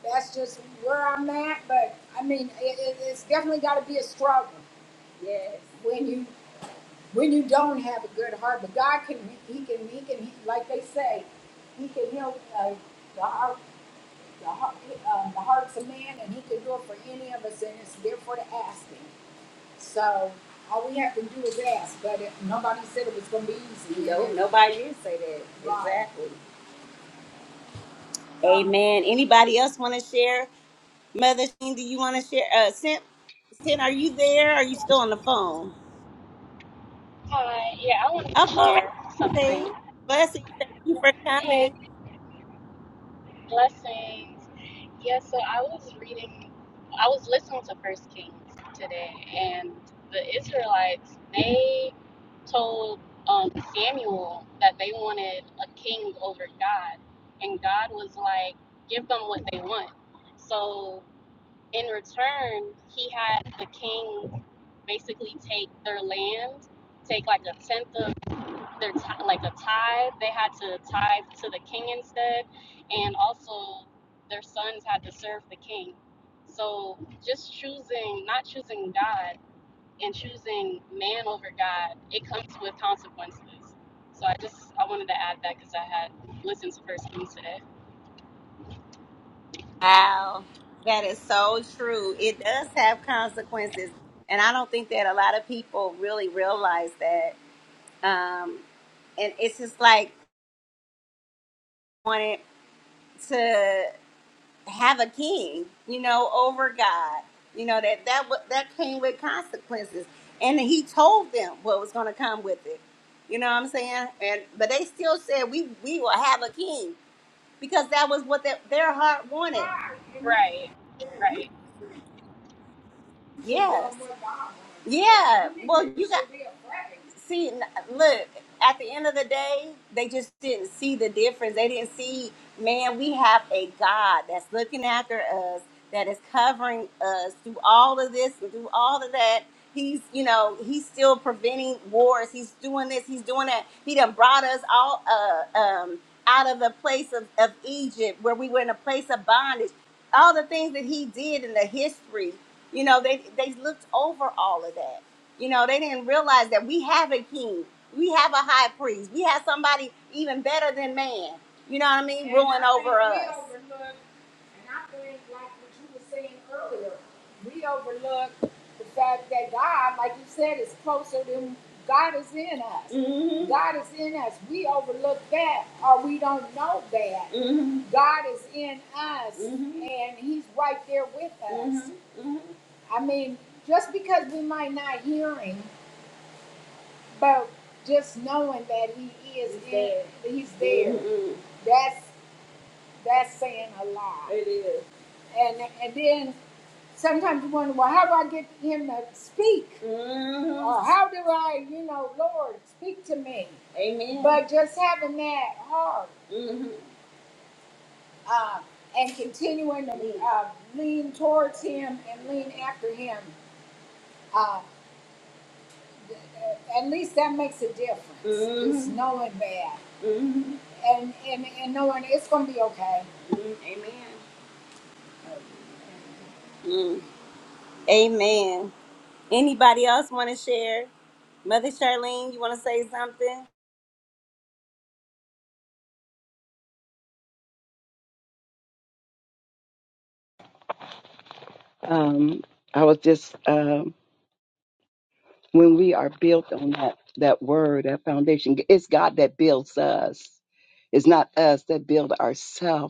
Speaker 1: That's just where I'm at. But, I mean, it, it, it's definitely got to be a struggle. Yes. When you when you don't have a good heart, but God can, He can, He can, he, like they say, He can heal uh, the heart, the heart, uh, the hearts of man, and He can do it for any of us, and it's there for the asking. So all we have to do is ask. But it, nobody said it was going to be easy. No, nobody did say that. Right. Exactly. Amen. Anybody else want to share? Mother Sheen, Do you want to share? Uh, Sin, Sin, are you there? Are you still on the phone?
Speaker 5: Hi, yeah, I wanted to
Speaker 1: Up all right.
Speaker 5: share
Speaker 1: Say
Speaker 5: something.
Speaker 1: blessings. Thank you for coming.
Speaker 5: Hey, blessings. Yeah, so I was reading, I was listening to First Kings today, and the Israelites, they told um, Samuel that they wanted a king over God, and God was like, give them what they want. So in return, he had the king basically take their land, take like a tenth of their ti- like a tithe. They had to tithe to the king instead, and also their sons had to serve the king. So just choosing, not choosing God and choosing man over God, it comes with consequences. So I just I wanted to add that because I had listened to First Kings today.
Speaker 1: Wow, that is so true. It does have consequences, and I don't think that a lot of people really realize that. Um, and it's just like wanting to have a king, you know, over God. You know that that wa- that came with consequences, and He told them what was going to come with it. You know what I'm saying? And but they still said we we will have a king because that was what their their heart wanted.
Speaker 5: Right, right.
Speaker 1: Yes. Yeah. Well, you got. see, look, at the end of the day, they just didn't see the difference. They didn't see, man, we have a God that's looking after us, that is covering us through all of this and through all of that. He's, you know, he's still preventing wars. He's doing this. He's doing that. He done brought us all uh, um, out of the place of, of Egypt where we were in a place of bondage. All the things that he did in the history, you know, they they looked over all of that you know, they didn't realize that we have a king, we have a high priest, we have somebody even better than man. You know what I mean? And Ruling I think over we us. overlook- And I think, like what you were saying earlier, we overlook the fact that God, like you said, is closer than God is in us. Mhm. God is in us. We overlook that or we don't know that. Mhm. God is in us Mhm. and He's right there with us. Mhm. I mean, just because we might not hear him, but just knowing that he is he's there, in, he's there. Mhm. That's that's saying a lot. It is. And and then sometimes you wonder, well, how do I get him to speak? Mhm. Or how do I, you know, Lord, speak to me? Amen. But just having that heart mm. uh, and continuing to uh, lean towards Him and lean after Him. Uh, At least that makes a difference. Mm-hmm. It's knowing that. Mm-hmm. And, and, and knowing it's going to be okay. Mm, Amen. Mm, Amen. Anybody else want to share? Mother Charlene, you want to say something?
Speaker 3: Um, I was just um, when we are built on that that word, that foundation. It's God that builds us. It's not us that build ourselves.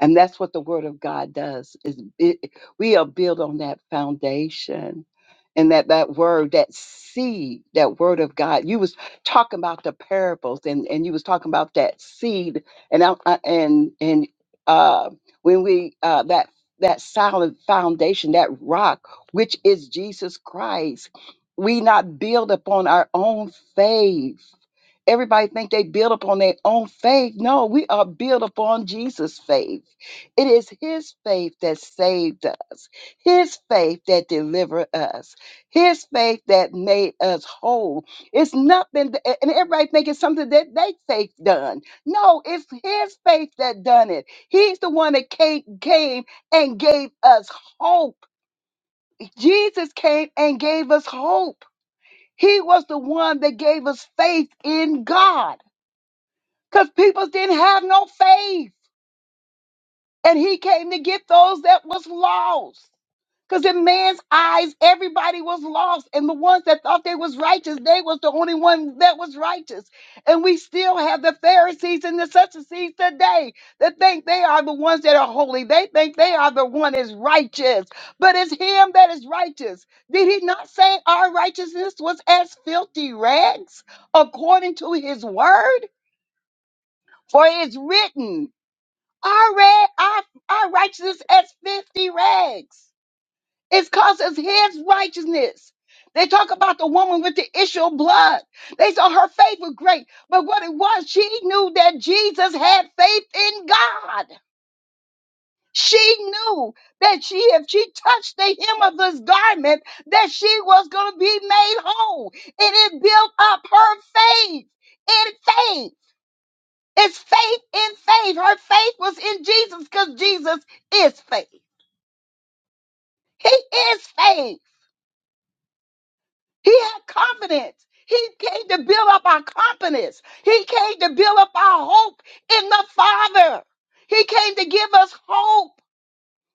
Speaker 3: and that's what the word of god does is it, we are built on that foundation and that that word that seed that word of god you was talking about the parables and and you was talking about that seed and I, I- and and uh when we uh that that solid foundation that rock which is jesus christ we not build upon our own faith everybody think they build upon their own faith no we are built upon jesus faith it is his faith that saved us his faith that delivered us his faith that made us whole it's nothing th- and everybody think it's something that they faith done no it's his faith that done it he's the one that came, came and gave us hope jesus came and gave us hope he was the one that gave us faith in god because people didn't have no faith. And he came to get those that was lost. Because in man's eyes, everybody was lost. And the ones that thought they was righteous, they was the only one that was righteous. And we still have the Pharisees and the Sadducees today that think they are the ones that are holy. They think they are the one that's righteous. But it's him that is righteous. Did he not say our righteousness was as filthy rags according to his word? For it's written. Our rag, our, our righteousness as 50 rags. It's cause us his righteousness. They talk about the woman with the issue of blood. They saw her faith was great, but what it was, she knew that Jesus had faith in God. She knew that she, if she touched the hem of his garment, that she was going to be made whole. And it built up her faith in faith. It's faith in faith. Her faith was in Jesus because Jesus is faith. He is faith. He had confidence. He came to build up our confidence. He came to build up our hope in the Father. He came to give us hope.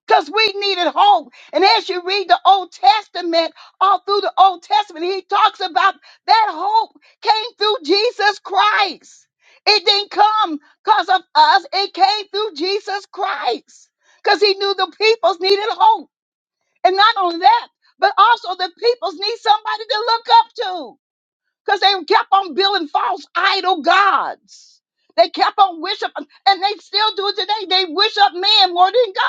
Speaker 3: because we needed hope. And as you read the Old Testament, all through the Old Testament, he talks about that hope came through Jesus Christ. It didn't come because of us, it came through Jesus Christ because he knew the peoples needed hope. And not only that, but also the peoples need somebody to look up to because they kept on building false idol gods. They kept on worshiping, and they still do it today. They worship man more than God.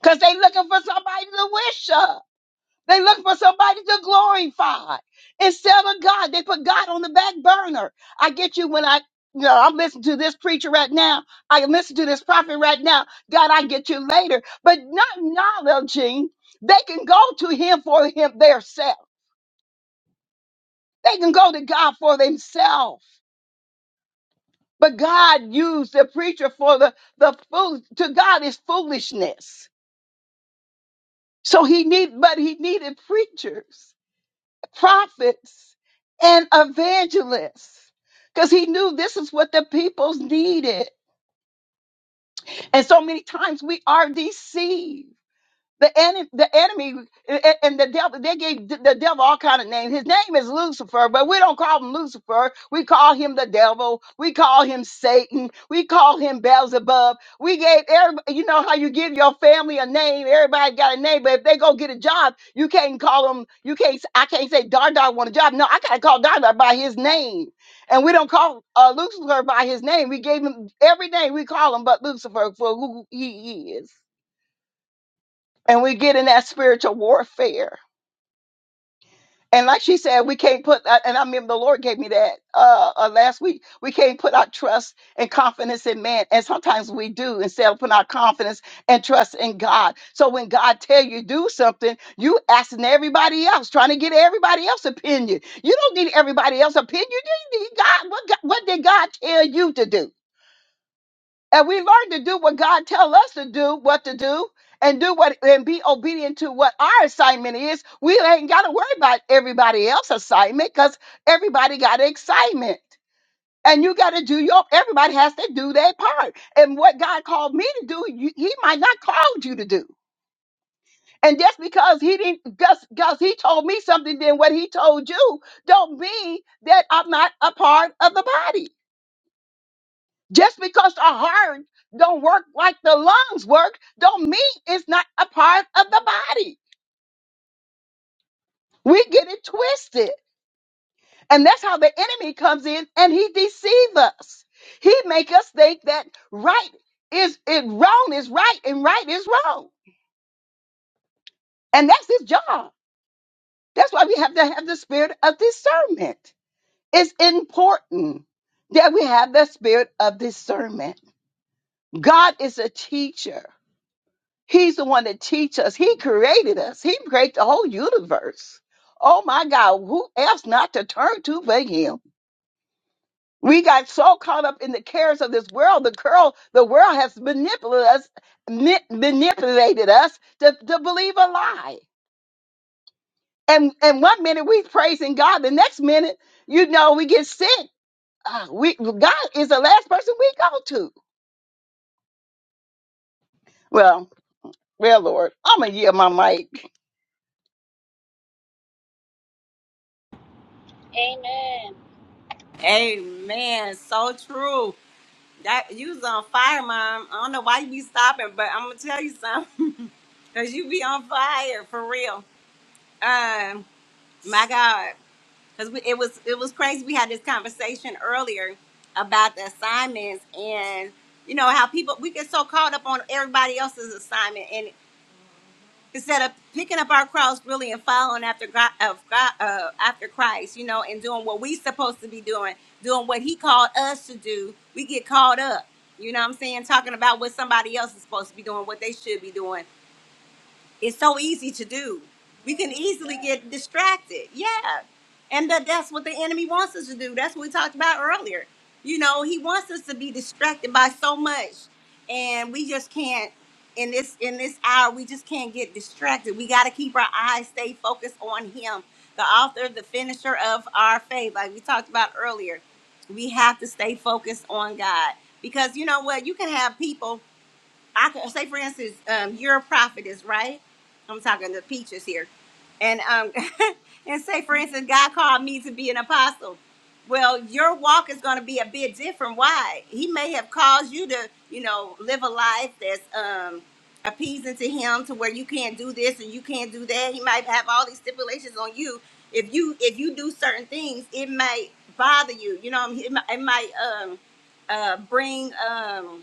Speaker 3: Because they looking for somebody to wish up. They looking for somebody to glorify instead of God. They put God on the back burner. I get you when I, you know, I'm listening to this preacher right now. I can listen to this prophet right now. God, I get you later. But not acknowledging they can go to him for him theirself. They can go to God for themselves. But God used the preacher for the, the fool. To God is foolishness. So he need, but he needed preachers prophets and evangelists because he knew this is what the peoples needed. And so many times we are deceived the, ene- the enemy a- a- and the devil, they gave the the devil all kind of names. His name is Lucifer, but we don't call him Lucifer. We call him the devil. We call him Satan. We call him Beelzebub. We gave everybody, you know how you give your family a name. Everybody got a name, but if they go get a job, you can't call them, you can't, s- I can't say Dar Dar want a job. No, I got to call Dar Dar by his name. And we don't call uh, Lucifer by his name. We gave him every name we call him but Lucifer for who he is and we get in that spiritual warfare. And like she said, we can't put And I mean, the Lord gave me that uh, uh, last week. We can't put our trust and confidence in man, and sometimes we do instead of putting our confidence and trust in God. So when God tell you do something, you asking everybody else, trying to get everybody else's opinion. You don't need everybody else's opinion. You need God. What God, what did God tell you to do? and we learn to do what God tell us to do, what to do, and do what and be obedient to what our assignment is. We ain't got to worry about everybody else's assignment because everybody got excitement. And you got to do your. Everybody has to do their part. And what God called me to do, you, He might not called you to do. And just because He didn't, just because He told me something than what He told you, don't mean that I'm not a part of the body. Just because the heart don't work like the lungs work, don't mean it's not a part of the body. We get it twisted. And that's how the enemy comes in and he deceive us. He make us think that right is it wrong is right and right is wrong. And that's his job. That's why we have to have the spirit of discernment. It's important that we have the spirit of discernment. God is a teacher. He's the one that teach us. He created us. He created the whole universe. Oh my God, who else not to turn to but him? We got so caught up in the cares of this world. The girl, the world has manipulated us, ma- manipulated us to, to believe a lie. And and one minute we praising God, the next minute, you know, we get sick. Ah, we God is the last person we go to. Well, well, Lord, I'm gonna yield my mic.
Speaker 5: Amen.
Speaker 1: Amen. So true. That you was on fire, mom. I don't know why you be stopping, but I'm gonna tell you something. Cause you be on fire for real. Um, my God. because it was it was crazy. We had this conversation earlier about the assignments and you know how people we get so caught up on everybody else's assignment and instead of picking up our cross really and following after God, of God uh, after Christ, you know, and doing what we supposed to be doing, doing what He called us to do, we get caught up. You know what I'm saying? Talking about what somebody else is supposed to be doing, what they should be doing, it's so easy to do. We can easily get distracted. Yeah. And that, that's what the enemy wants us to do. That's what we talked about earlier. You know, he wants us to be distracted by so much. And we just can't in this in this hour, we just can't get distracted. We gotta keep our eyes stay focused on him, the author, the finisher of our faith, like we talked about earlier. We have to stay focused on God. Because you know what? You can have people I could say, for instance, um, you're a prophetess, right? I'm talking to peaches here, and um, and say, for instance, God called me to be an apostle. Well, your walk is going to be a bit different. Why? He may have caused you to, you know, live a life that's um, appeasing to Him, to where you can't do this and you can't do that. He might have all these stipulations on you. If you if you do certain things, it might bother you. You know, it might, it might um, uh, bring. Um,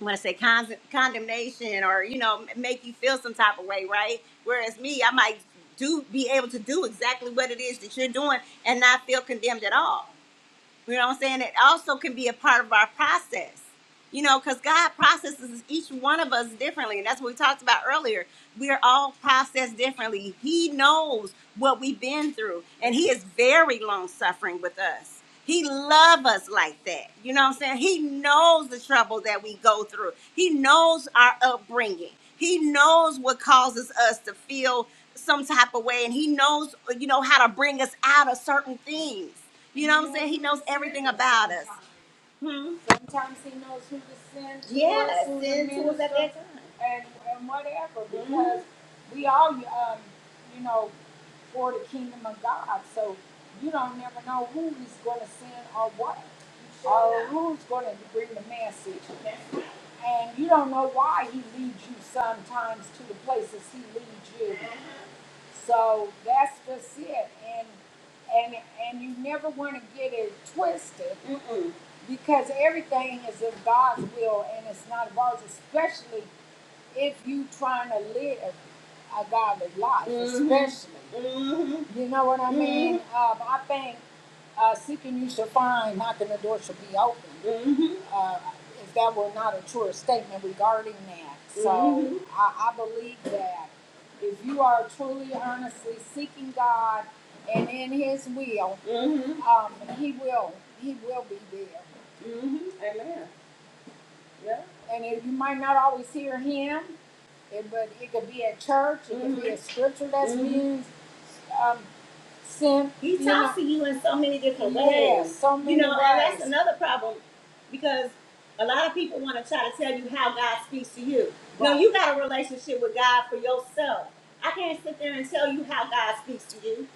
Speaker 1: want to say con- condemnation or you know make you feel some type of way right whereas me i might do be able to do exactly what it is that you're doing and not feel condemned at all you know what I'm saying? It also can be a part of our process. You know, because God processes each one of us differently. And that's what we talked about earlier. We are all processed differently. He knows what we've been through, and He is very long suffering with us. He loves us like that. You know what I'm saying? He knows the trouble that we go through, He knows our upbringing, He knows what causes us to feel some type of way, and He knows, you know, how to bring us out of certain things. You know what I'm saying? He knows everything about us. Hmm? Sometimes he knows who to send to us, Yes, us, who to to us at that time. and, and whatever, hmm because mm-hmm. we all, um, you know, for the kingdom of God. So you don't never know who he's going to send or what, or who's going to bring the message. And you don't know why he leads you sometimes to the places he leads you. So that's just it, and and and you never want to get it twisted Mm-mm. because everything is of God's will and it's not of ours, especially if you trying to live a godly life, Mhm. especially. Mhm. You know what I mean? Mhm. Um, I think uh, seeking you shall find, knocking the door shall be open. hmm Uh, if that were not a true statement regarding that, so Mhm. I, I believe that if you are truly earnestly seeking God and in His will, Mm-hmm. um, He will He will be there. Mm-hmm. Amen. Yeah. And if you might not always hear Him, it, but it could be at church, it mm-hmm. could be a scripture that's Mhm. used. Um, Sim, He you know, talks to you in so many different yeah, ways. Yeah, so You many you know, ways. and that's another problem because a lot of people want to try to tell you how God speaks to you. Right. No, Right. you got a relationship with God for yourself. I can't sit there and tell you how God speaks to you.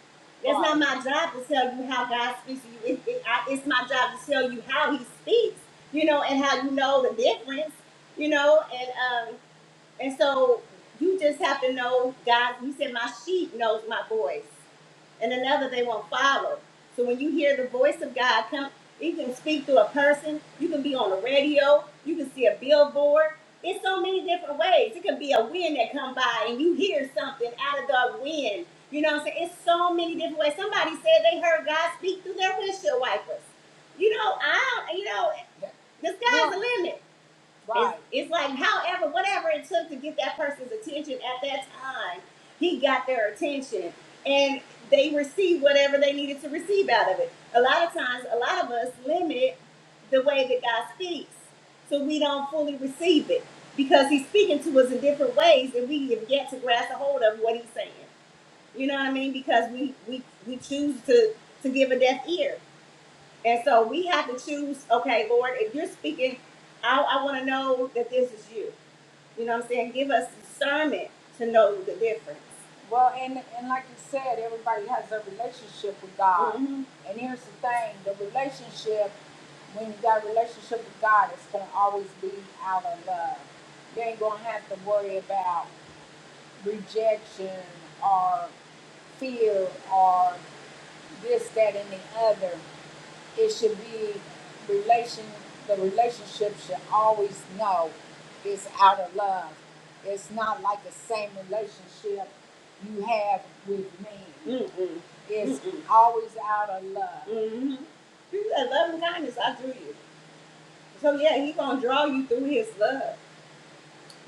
Speaker 1: It's right. not Right. my job to tell you how God speaks to you. It, it, I, it's my job to tell you how He speaks, you know, and how you know the difference, you know, and um, and so you just have to know God. He said, "My sheep knows my voice." and another they won't follow. So when you hear the voice of God come, you can speak through a person, you can be on the radio, you can see a billboard. It's so many different ways. It could be a wind that come by and you hear something out of the wind. You know what I'm saying? It's so many different ways. Somebody said they heard God speak through their windshield wipers. You know, I don't, you know, the sky's Well, the limit. Right. It's, it's like, however, whatever it took to get that person's attention at that time, he got their attention and they received whatever they needed to receive out of it. A lot of times, a lot of us limit the way that God speaks so we don't fully receive it because he's speaking to us in different ways and we have yet to grasp a hold of what he's saying. You know what I mean? Because we, we, we choose to, to give a deaf ear. And so we have to choose, okay, Lord, if you're speaking, I, I want to know that this is you. You know what I'm saying? Give us discernment to know the difference. Well, and and like you said, everybody has a relationship with God. hmm And here's the thing: the relationship, when you got a relationship with God, it's gonna always be out of love. You ain't gonna have to worry about rejection or fear or this, that, and the other it should be relation the relationship should always know it's out of love. It's not like the same relationship you have with men. Mm-mm. It's Mm-mm. always out of love. hmm Through that love and kindness, I drew you. So yeah, he gonna draw you through his love,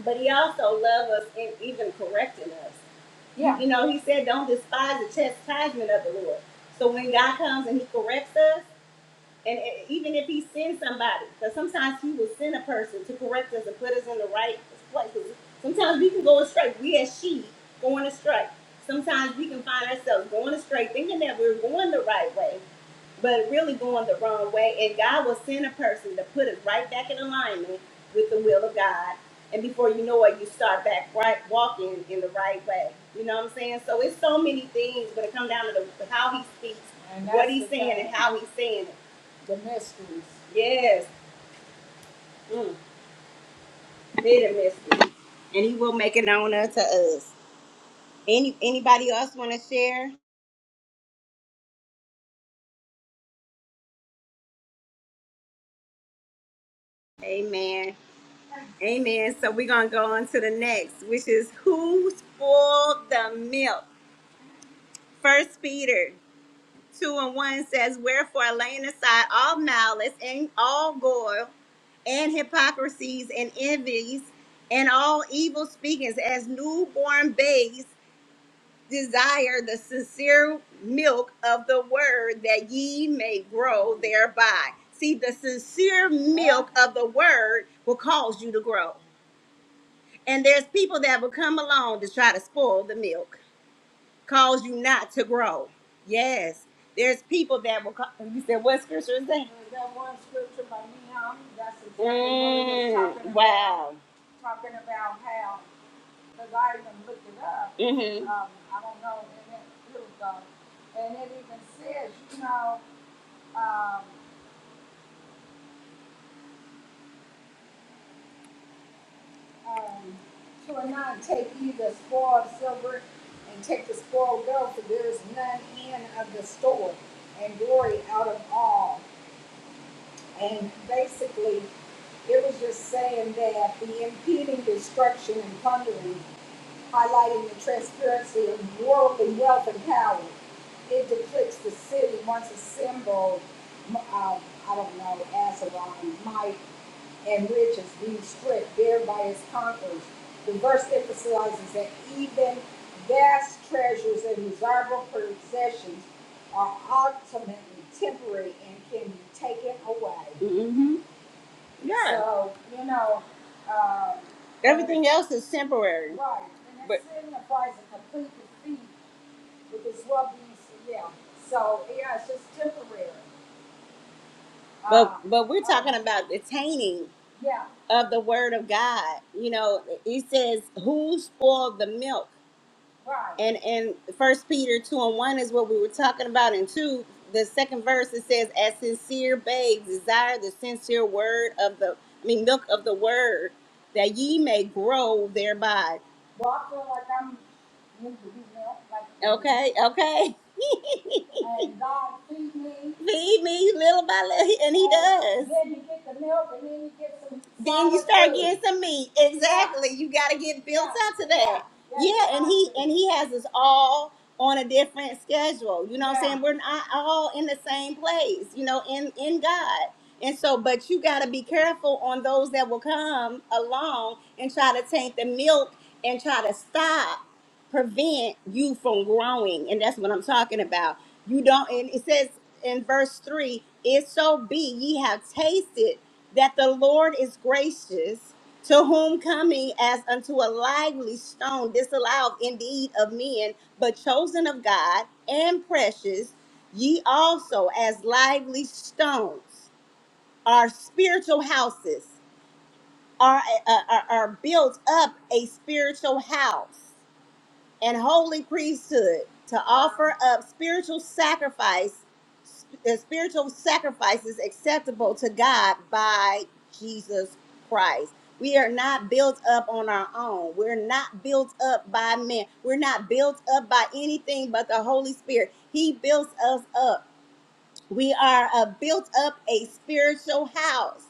Speaker 1: but he also loves us and even correcting us. Yeah. You know, he said, "Don't despise the chastisement of the Lord." So when God comes and He corrects us and even if he sends somebody, because sometimes he will send a person to correct us and put us in the right place. 'Cause Sometimes we can go astray. We as sheep going astray. Sometimes we can find ourselves going astray, thinking that we're going the right way, but really going the wrong way. And God will send a person to put us right back in alignment with the will of God. And before you know it, you start back right walking in the right way. You know what I'm saying? So it's so many things when it comes down to the, how he speaks, And what that's he's the saying, thing. and how he's saying it. The mysteries. Yes. Mm. Made a mystery. And he will make it on unto us. Any anybody else want to share? Amen. Amen. So we're gonna go on to the next, which is who spoiled the milk? First Peter two and one says, Wherefore laying aside all malice and all guile and hypocrisies and envies and all evil speakings as newborn babes desire the sincere milk of the word that ye may grow thereby. See, the sincere milk of the word will cause you to grow. And there's people that will come along to try to spoil the milk, cause you not to grow. Yes. There's people that will come. You said, what scripture is that? That one scripture by Nehemiah, that's exactly what it was Mm, talking Mm, about. wow. Talking about how because I even looked it up. Mm-hmm. Um, I don't know, and it was, goes. And it even says, you know, um, um, to a nun, take either spoil of silver and take the spoil of gold, for there is none end of the store, and glory out of all. And basically, it was just saying that the impeding destruction and plundering, highlighting the transparency of worldly wealth and power it depicts the city once assembled. um, I don't know, Asaron, might, and riches being stripped there by its conquerors. The verse emphasizes that even vast treasures and desirable possessions are ultimately temporary and can be taken away. mm hmm Yeah. So, you know, um, Everything else is temporary. Right, and that But signifies a complete defeat with this rubbings, yeah. So yeah, it's just temporary. But Uh, but we're uh, talking about the tainting yeah, of the word of God. You know, he says, Who spoiled the milk? right. And and first Peter two and one is what we were talking about, and two, the second verse it says, As sincere babes desire the sincere word of the I mean milk of the word, that ye may grow thereby. Well, I feel like I'm need to be helped, like Okay, okay. And God feed me. Feed me little by little, and he does. then you get the milk and then you get some Then you start getting some meat. Yeah, Exactly. You got to get built yeah, up to yeah. that. Yeah, and right. he and he has us all on a different schedule. You know what I'm Yeah, saying? We're not all in the same place. You know, in in God. And so, but you got to be careful on those that will come along and try to take the milk and try to stop prevent you from growing and that's what i'm talking about you don't, and it says in verse 3 "If so be ye have tasted that the Lord is gracious, to whom coming as unto a lively stone, disallowed indeed of men, but chosen of God and precious, ye also as lively stones are spiritual houses, are, uh, are are built up a spiritual house and holy priesthood to offer up spiritual sacrifice the spiritual sacrifices acceptable to God by Jesus Christ. We are not built up on our own. We're not built up by men. We're not built up by anything but the Holy Spirit. He builds us up. We are a built up a spiritual house.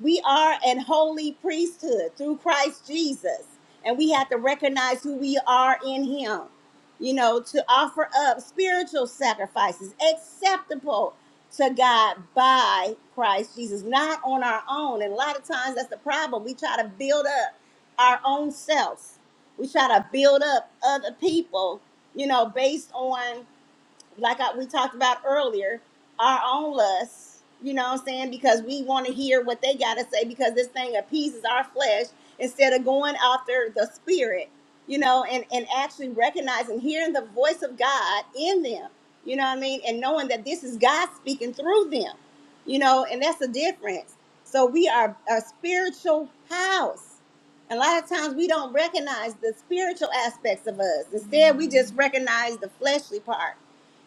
Speaker 1: We are an holy priesthood through Christ Jesus. And we have to recognize who we are in him. You know, to offer up spiritual sacrifices acceptable to God by Christ Jesus, not on our own. And a lot of times that's the problem. We try to build up our own selves. We try to build up other people, you know, based on like I, we talked about earlier, our own lusts, you know what I'm saying? Because we want to hear what they got to say because this thing appeases our flesh instead of going after the spirit, you know, and, and actually recognizing, hearing the voice of God in them, you know what I mean? And knowing that this is God speaking through them, you know, and that's the difference. So we are a spiritual house. A lot of times we don't recognize the spiritual aspects of us. Instead, we just recognize the fleshly part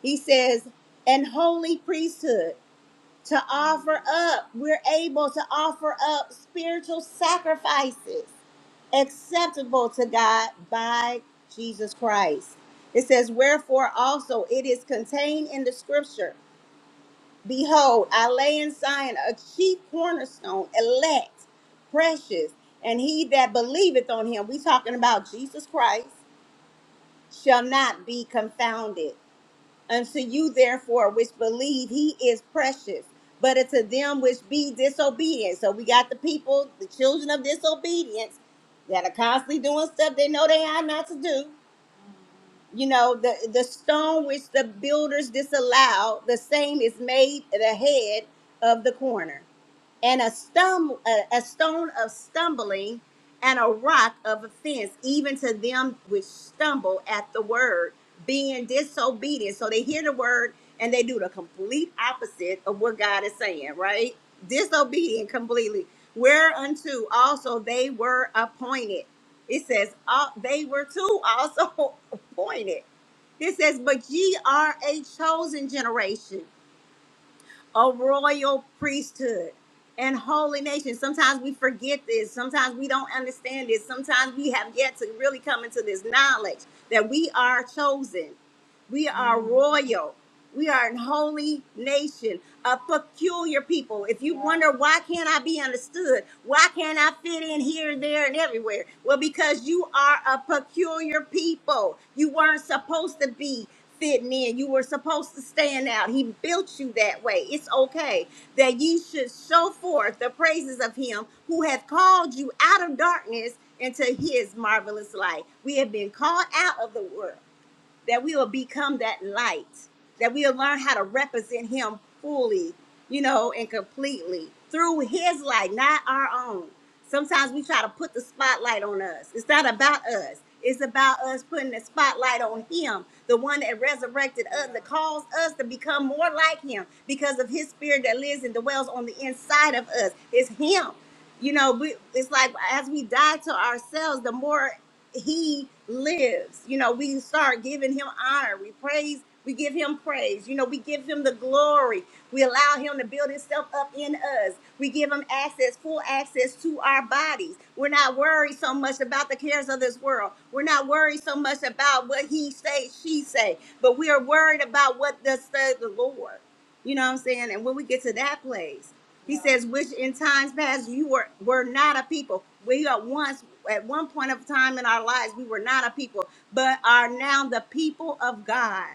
Speaker 1: he says, and holy priesthood to offer up. We're able to offer up spiritual sacrifices acceptable to God by Jesus Christ. It says, wherefore also it is contained in the scripture Behold, I lay in Zion a chief cornerstone, elect, precious, and he that believeth on him, we talking about Jesus Christ, shall not be confounded. Unto you, therefore, which believe, he is precious. But unto them which be disobedient. So we got the people, the children of disobedience, that are constantly doing stuff they know they are not to do. You know, the, the stone which the builders disallowed, the same is made the head of the corner and a, stum- a, a stone of stumbling and a rock of offense, even to them which stumble at the word, being disobedient. So they hear the word and they do the complete opposite of what God is saying, right? Disobedient completely. Whereunto also they were appointed. It says, uh, they were too also appointed. It says, but ye are a chosen generation a royal priesthood and holy nation. Sometimes we forget this. Sometimes we don't understand this. Sometimes we have yet to really come into this knowledge that we are chosen. We are royal. We are an holy nation, a peculiar people. If you wonder why can't I be understood, why can't I fit in here, there, and everywhere? Well, because you are a peculiar people. You weren't supposed to be fitting in. You were supposed to stand out. He built you that way. It's okay that ye should show forth the praises of him who hath called you out of darkness into his marvelous light. We have been called out of the world that we will become that light, that we'll learn how to represent Him fully, you know, and completely through His light, not our own. Sometimes we try to put the spotlight on us. It's not about us, it's about us putting the spotlight on Him, the one that resurrected us, that caused us to become more like Him because of His Spirit that lives and dwells on the inside of us. It's Him. You know, we, it's like as we die to ourselves, the more he lives. You know, we start giving him honor. We praise, we give him praise. You know, we give him the glory. We allow him to build himself up in us. We give him access, full access to our bodies. We're not worried so much about the cares of this world. We're not worried so much about what he say, she say, but we are worried about what thus says the Lord. You know what I'm saying? And when we get to that place, he says, which in times past you were were not a people. We are once at one point of time in our lives we were not a people, but are now the people of God,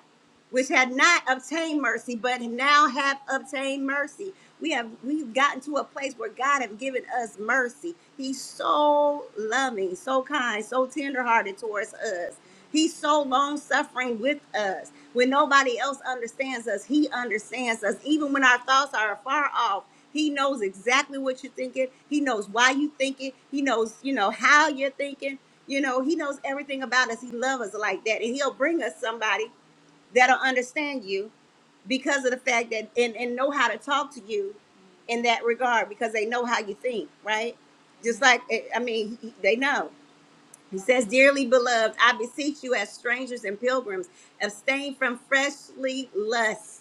Speaker 1: which had not obtained mercy, but now have obtained mercy. We have we've gotten to a place where God have given us mercy. He's so loving, so kind, so tenderhearted towards us. He's so long suffering with us. When nobody else understands us, he understands us. Even when our thoughts are far off, he knows exactly what you're thinking. He knows why you think it. He knows, you know, how you're thinking. You know, he knows everything about us. He loves us like that. And he'll bring us somebody that'll understand you because of the fact that and, and know how to talk to you in that regard because they know how you think, right? Just like eh, I mean, he- they know. He says, Dearly beloved, I beseech you as strangers and pilgrims, abstain from fleshly lusts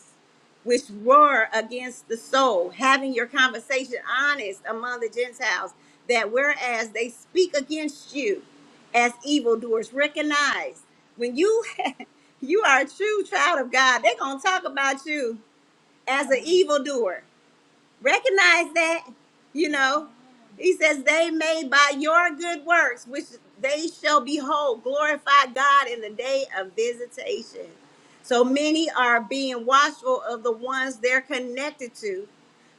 Speaker 1: which roar against the soul, having your conversation honest among the Gentiles, that whereas they speak against you as evildoers, recognize when you you are a true child of God, they're gonna talk about you as an evildoer recognize that you know he says they may by your good works which they shall behold glorify god in the day of visitation so many are being watchful of the ones they're connected to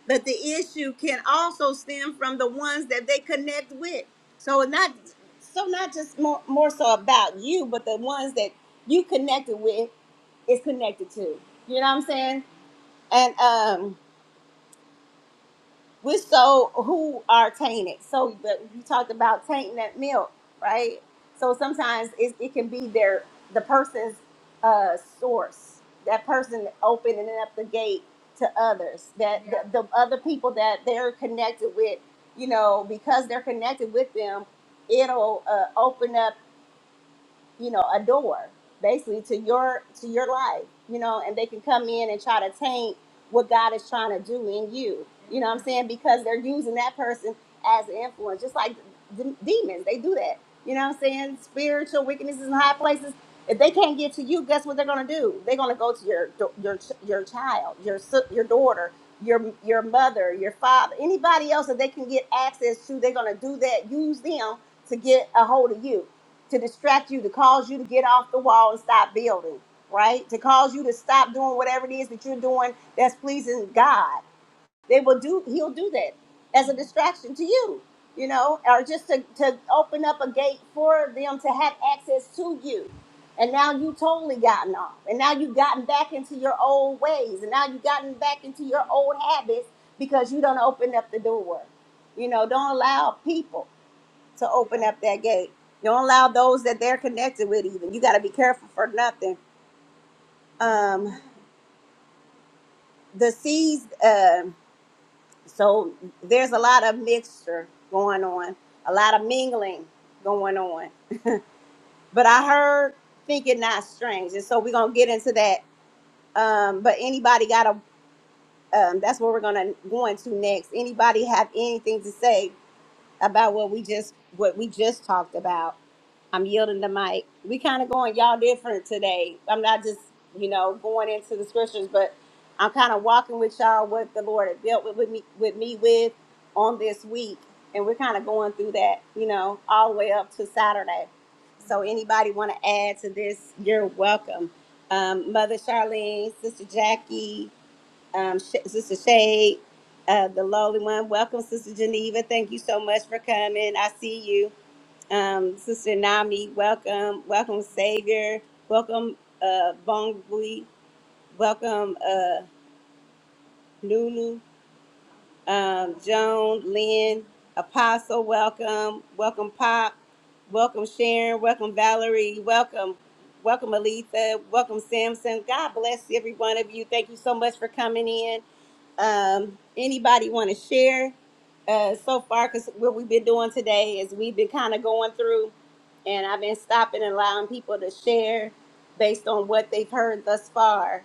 Speaker 1: but the issue can also stem from the ones that they connect with so not so not just more, more so about you but the ones that you connected with is connected to you know what i'm saying and um with so who are tainted. So but you talked about tainting that milk, right? So sometimes it, it can be their the person's uh, source, that person opening up the gate to others, that the, the other people that they're connected with, you know, because they're connected with them, it'll uh, open up you know a door basically to your to your life you know and they can come in and try to taint what god is trying to do in you you know what i'm saying because they're using that person as an influence just like d- demons they do that you know what i'm saying spiritual wickednesses in high places if they can't get to you guess what they're going to do they're going to go to your your your child your si- your daughter your your mother your father anybody else that they can get access to they're going to do that use them to get a hold of you to distract you, to cause you to get off the wall and stop building, right? To cause you to stop doing whatever it is that you're doing that's pleasing God. They will do, he'll do that as a distraction to you, you know, or just to, to open up a gate for them to have access to you. And now you totally gotten off. And now you've gotten back into your old ways. And now you've gotten back into your old habits because you don't open up the door. You know, don't allow people to open up that gate. Don't allow those that they're connected with even. You got to be careful for nothing. Um, the seeds, um so there's a lot of mixture going on, a lot of mingling going on. But I heard thinking not strange. And so we're going to get into that. Um, but anybody got a, um, that's where we're going to go into next. Anybody have anything to say about what we just, what we just talked about? I'm yielding the mic. We kind of going y'all different today. I'm not just, you know, going into the scriptures, but I'm kind of walking with y'all what the Lord had dealt with, with me with me with on this week. And we're kind of going through that, you know, all the way up to Saturday. So anybody want to add to this, you're welcome. Um, Mother Charlene, Sister Jackie, um, Sh- Sister Shade, uh, the lowly one. Welcome, Sister Geneva. Thank you so much for coming. I see you um, Sister Nami, welcome, welcome Savior, welcome uh, Bongbui, welcome uh, Nunu, um, Joan, Lynn, Apostle, welcome, welcome Pop, welcome Sharon, welcome Valerie, welcome, welcome Aletha, welcome Samson. God bless every one of you. Thank you so much for coming in um, anybody want to share uh, so far? Because what we've been doing today is we've been kind of going through, and I've been stopping and allowing people to share based on what they've heard thus far.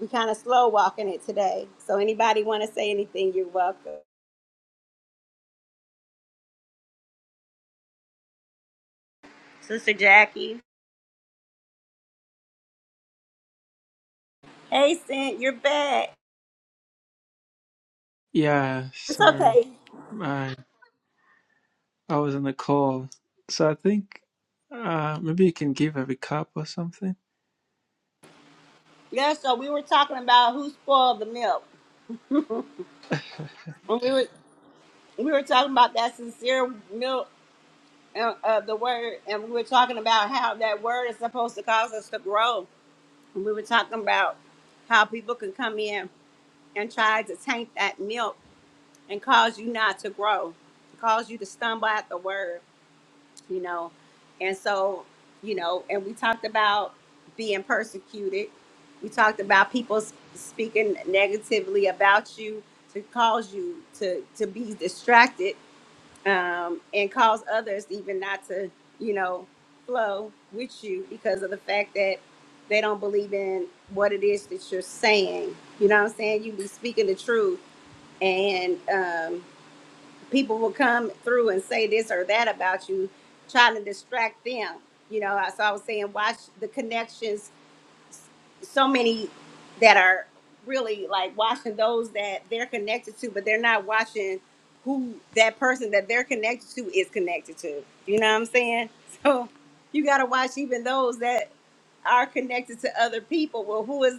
Speaker 1: We kind of slow walking it today. So anybody want to say anything? You're welcome, Sister Jackie. Hey, Cent, you're back.
Speaker 2: Yeah,
Speaker 1: It's
Speaker 2: sorry.
Speaker 1: okay.
Speaker 2: I, I was on a call. So I think uh, maybe you can give a recap or something.
Speaker 1: Yeah. So we were talking about who spoiled the milk. When we were we were talking about that sincere milk uh, uh, the word, and we were talking about how that word is supposed to cause us to grow. And we were talking about how people can come in and try to taint that milk and cause you not to grow, cause you to stumble at the word, you know. And so, you know, and we talked about being persecuted. We talked about people sp- speaking negatively about you to cause you to to be distracted um, and cause others even not to, you know, flow with you because of the fact that they don't believe in what it is that you're saying. You know what I'm saying? You be speaking the truth, and um, people will come through and say this or that about you, trying to distract them. You know, I- so I was saying, watch the connections so many that are really like watching those that they're connected to, but they're not watching who that person that they're connected to is connected to. You know what I'm saying? So you got to watch even those that are connected to other people. Well, who is,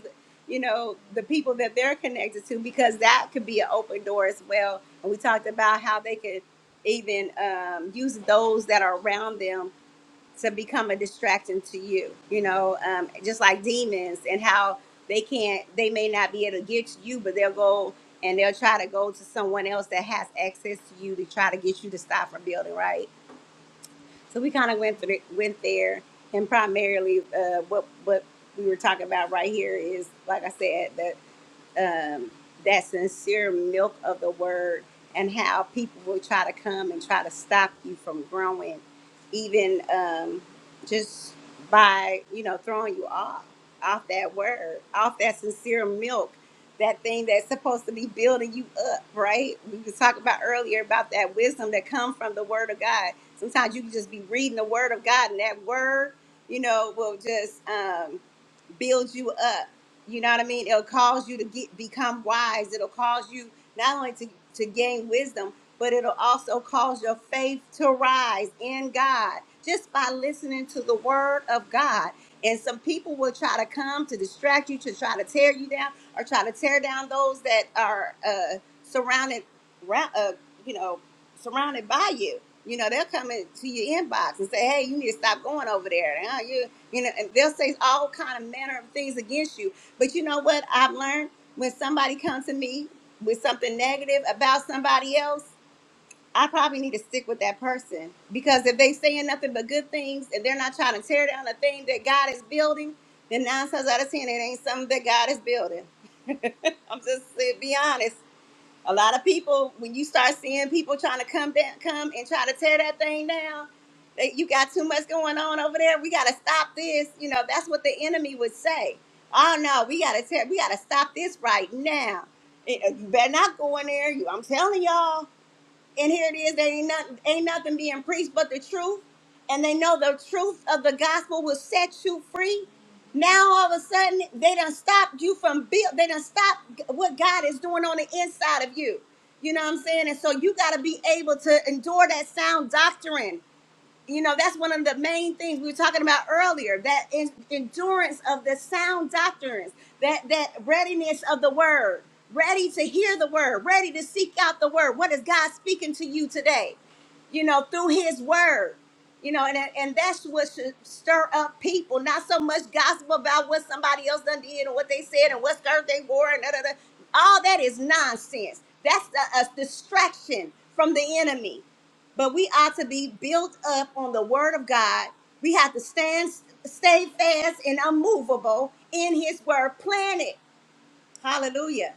Speaker 1: you know, the people that they're connected to, because that could be an open door as well. And we talked about how they could even um, use those that are around them to become a distraction to you you know um, just like demons and how they can't they may not be able to get to you but they'll go and they'll try to go to someone else that has access to you to try to get you to stop from building right so we kind of went through went there and primarily uh, what what we were talking about right here is like i said the um, that sincere milk of the word and how people will try to come and try to stop you from growing, even um, just by, you know, throwing you off, off that word, off that sincere milk, that thing that's supposed to be building you up, right? We was talking about earlier about that wisdom that comes from the word of God. Sometimes you can just be reading the word of God and that word, you know, will just, um, build you up. You know what I mean? It'll cause you to get become wise. It'll cause you not only to, to gain wisdom, but it'll also cause your faith to rise in God just by listening to the word of God. And some people will try to come to distract you, to try to tear you down, or try to tear down those that are uh, surrounded, ra- uh, you know, surrounded by you. You know, they'll come into your inbox and say, "Hey, you need to stop going over there. Huh? You know, and they'll say all kind of manner of things against you. But you know what I've learned? When somebody comes to me with something negative about somebody else, I probably need to stick with that person because if they saying nothing but good things and they're not trying to tear down the thing that God is building, then nine times out of ten, it ain't something that God is building. I'm just saying, be honest. A lot of people, when you start seeing people trying to come down, come and try to tear that thing down, that you got too much going on over there. We got to stop this. You know, that's what the enemy would say. Oh no, we got to tear. We got to stop this right now. Eh, eh, You better not go in there. You, I'm telling y'all and here it is there ain't nothing ain't nothing being preached but the truth and they know the truth of the gospel will set you free now all of a sudden they done stopped you from build they done stopped what god is doing on the inside of you you know what i'm saying and so you got to be able to endure that sound doctrine you know that's one of the main things we were talking about earlier that in, endurance of the sound doctrines that that readiness of the word ready to hear the word ready to seek out the word what is god speaking to you today you know through his word you know and and that's what should stir up people not so much gossip about what somebody else done did and what they said and what skirt they wore and da, da, da. all that is nonsense that's a, a distraction from the enemy but we ought to be built up on the word of God. We have to stand, stay fast and unmovable in his word, planted. Hallelujah.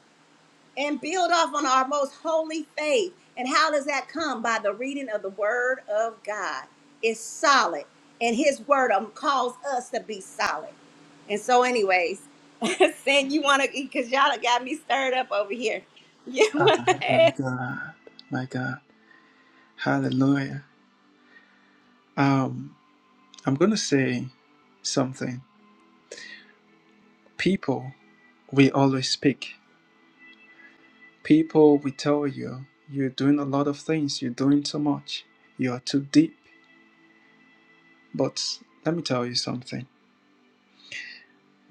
Speaker 1: And build off on our most holy faith. And how does that come? By the reading of the word of God. It's solid. And his word um, calls us to be solid. And so, anyways, saying you want to, because y'all done got me stirred up over here. You
Speaker 2: Ah,
Speaker 1: want to
Speaker 2: my
Speaker 1: add?
Speaker 2: God. My God. Hallelujah. Um, I'm going to say something. People, we always speak. People, we tell you, you're doing a lot of things. You're doing too much. You are too deep. But let me tell you something.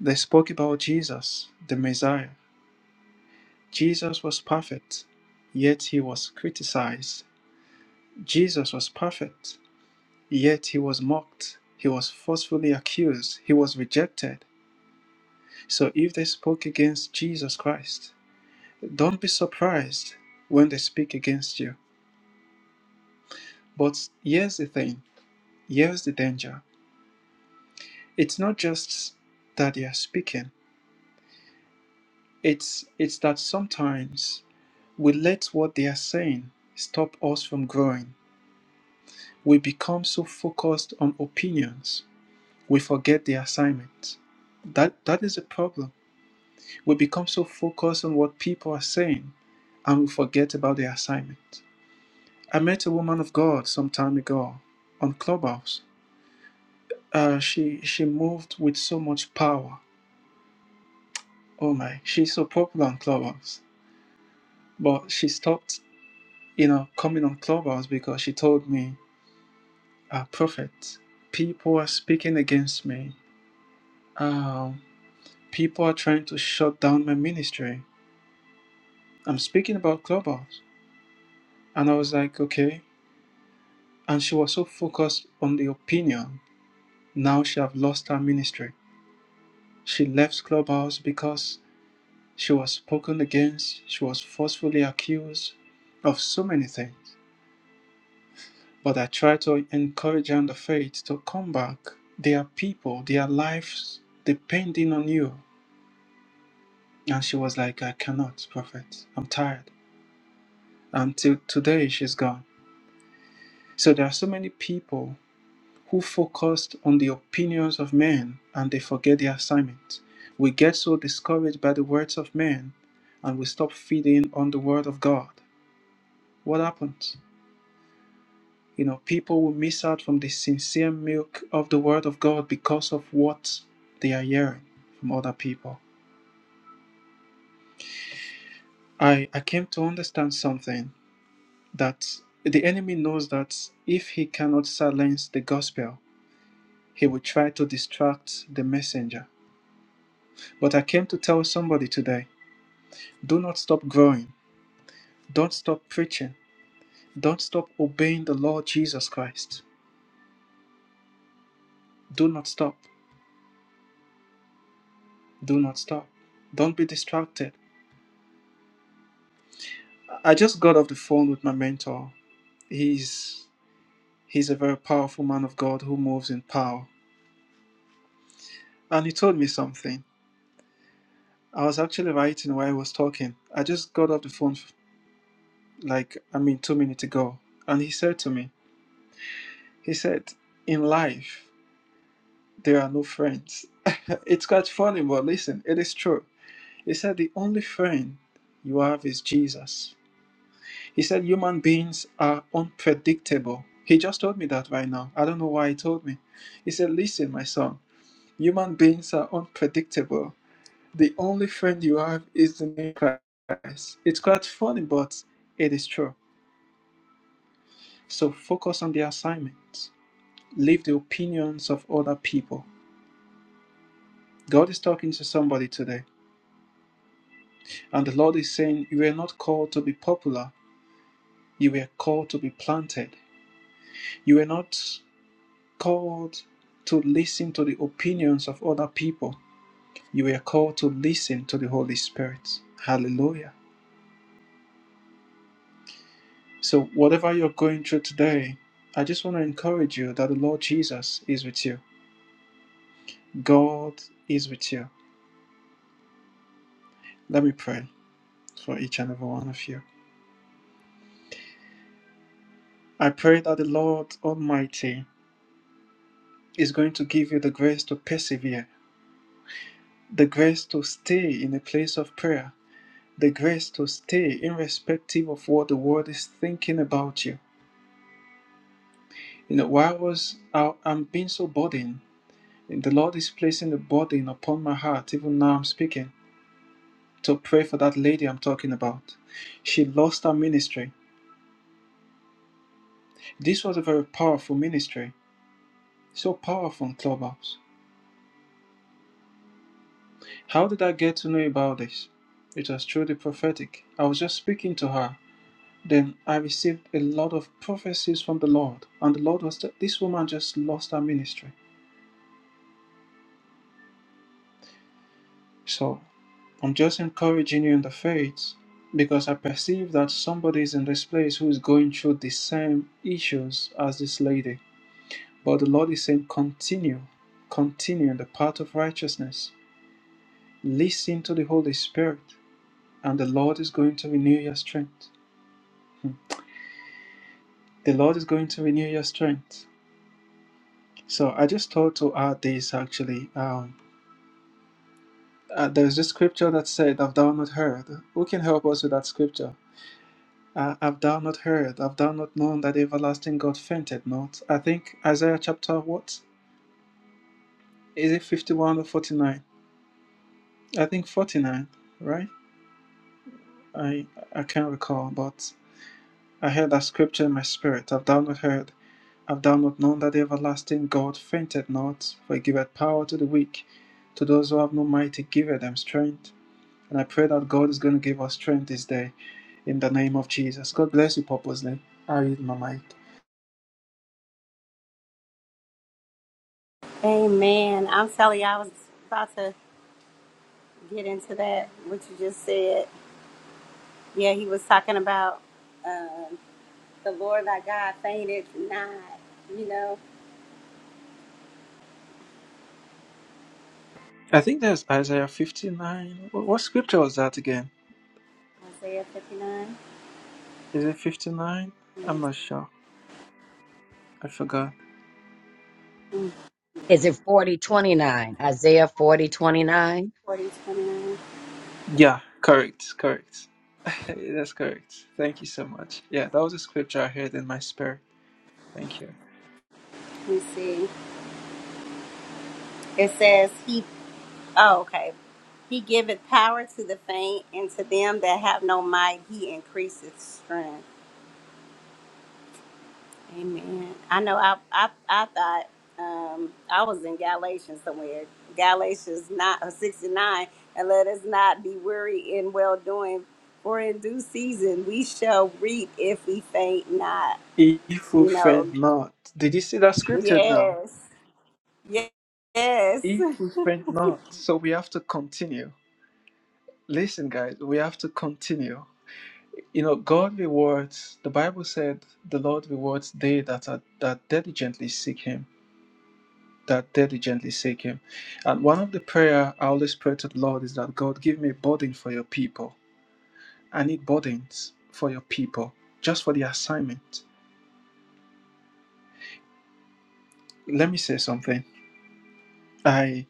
Speaker 2: They spoke about Jesus, the Messiah. Jesus was perfect, yet he was criticized. Jesus was perfect, yet he was mocked. He was forcefully accused. He was rejected. So if they spoke against Jesus Christ, don't be surprised when they speak against you. But here's the thing, here's the danger. It's not just that they are speaking. It's it's that sometimes we let what they are saying stop us from growing. We become so focused on opinions, we forget the assignment. That that is a problem. We become so focused on what people are saying and we forget about the assignment. I met a woman of God some time ago on Clubhouse. Uh, she she moved with so much power. Oh my, she's so popular on Clubhouse. But she stopped you know, coming on Clubhouse because she told me, uh, Prophet, people are speaking against me. Um, people are trying to shut down my ministry. I'm speaking about Clubhouse. And I was like, okay. And she was so focused on the opinion. Now she have lost her ministry. She left Clubhouse because she was spoken against. She was forcefully accused of so many things. But I try to encourage them the faith to come back. Their people, their lives depending on you. And she was like, I cannot, Prophet. I'm tired. Until today, she's gone. So there are so many people who focused on the opinions of men and they forget the assignment. We get so discouraged by the words of men and we stop feeding on the word of God. What happens? You know, people will miss out from the sincere milk of the Word of God because of what they are hearing from other people. I, I came to understand something that the enemy knows that if he cannot silence the gospel, he will try to distract the messenger. But I came to tell somebody today do not stop growing, don't stop preaching, don't stop obeying the Lord Jesus Christ. Do not stop, do not stop. Don't be distracted. I just got off the phone with my mentor. He's he's a very powerful man of God who moves in power. And he told me something. I was actually writing while I was talking. I just got off the phone f- like I mean 2 minutes ago and he said to me, he said, "In life, there are no friends." it's quite funny, but listen, it is true. He said the only friend you have is Jesus. He said human beings are unpredictable. He just told me that right now. I don't know why he told me. He said, Listen, my son, human beings are unpredictable. The only friend you have is the name Christ. It's quite funny, but it is true. So focus on the assignment. Leave the opinions of other people. God is talking to somebody today, and the Lord is saying, You were not called to be popular, you were called to be planted. You were not. called to listen to the opinions of other people. You were called to listen to the Holy Spirit. Hallelujah. So, whatever you're going through today, I just want to encourage you that the Lord Jesus is with you. God is with you. Let me pray for each and every one of you. I pray that the Lord Almighty is going to give you the grace to persevere, the grace to stay in a place of prayer, the grace to stay irrespective of what the world is thinking about you You know, why was I, I'm being so burdened? And the Lord is placing a burden upon my heart, even now I'm speaking, to pray for that lady I'm talking about. She lost her ministry. This was a very powerful ministry, so powerful in Clubhouse. How did I get to know about this? It was through the prophetic. I was just speaking to her. Then I received a lot of prophecies from the Lord, and the Lord was that this woman just lost her ministry. So I'm just encouraging you in the faith because I perceive that somebody is in this place who is going through the same issues as this lady. But the Lord is saying, continue, continue in the path of righteousness. Listen to the Holy Spirit, and the Lord is going to renew your strength. Hmm. The Lord is going to renew your strength. So I just thought to add this actually. Um, uh, there's this scripture that said, Have thou not heard? Who can help us with that scripture? Uh, have thou not heard? Have thou not known that the everlasting God fainted not? I think Isaiah chapter what? Is it 51 or 49? I think 49, right? I I can't recall, but I heard that scripture in my spirit. Have thou not heard? Have thou not known that the everlasting God fainted not? For he giveth power to the weak. To those who have no might, he giveth them strength. And I pray that God is going to give us strength this day in the name of Jesus. God bless you purposely. I yield my mic.
Speaker 1: Amen. I'm telling you, I was about to. get into that what you just said. Yeah, he was talking about um, the Lord thy God fainted not. You know,
Speaker 2: I think that's Isaiah 59. Wh- What scripture was that again?
Speaker 1: Isaiah 59
Speaker 2: Is it 59?
Speaker 1: let me
Speaker 2: I'm not sure. I forgot.
Speaker 1: Mm,
Speaker 6: Is it 4029? Isaiah 4029?
Speaker 2: Yeah, correct, correct. That's correct. Thank you so much. Yeah, that was a scripture I heard in my spirit. Thank you.
Speaker 1: Let me see. It says he. Oh, okay. He giveth power to the faint, and to them that have no might, he increaseth strength. Amen. I know I I, I thought um, I was in Galatians somewhere. Galatians not or sixty nine, and let us not be weary in well doing, for in due season we shall reap if we faint not.
Speaker 2: If we
Speaker 1: You know.
Speaker 2: faint not. Did you see that scripture now?
Speaker 1: Yes. Yes. Yes.
Speaker 2: If we faint not. So we have to continue. Listen, guys, we have to continue. You know, God rewards, the Bible said, the Lord rewards they that are that diligently seek Him. that diligently seek him. And one of the prayer I always pray to the Lord is that God give me a burden for your people. I need burdens for your people, just for the assignment. Let me say something. I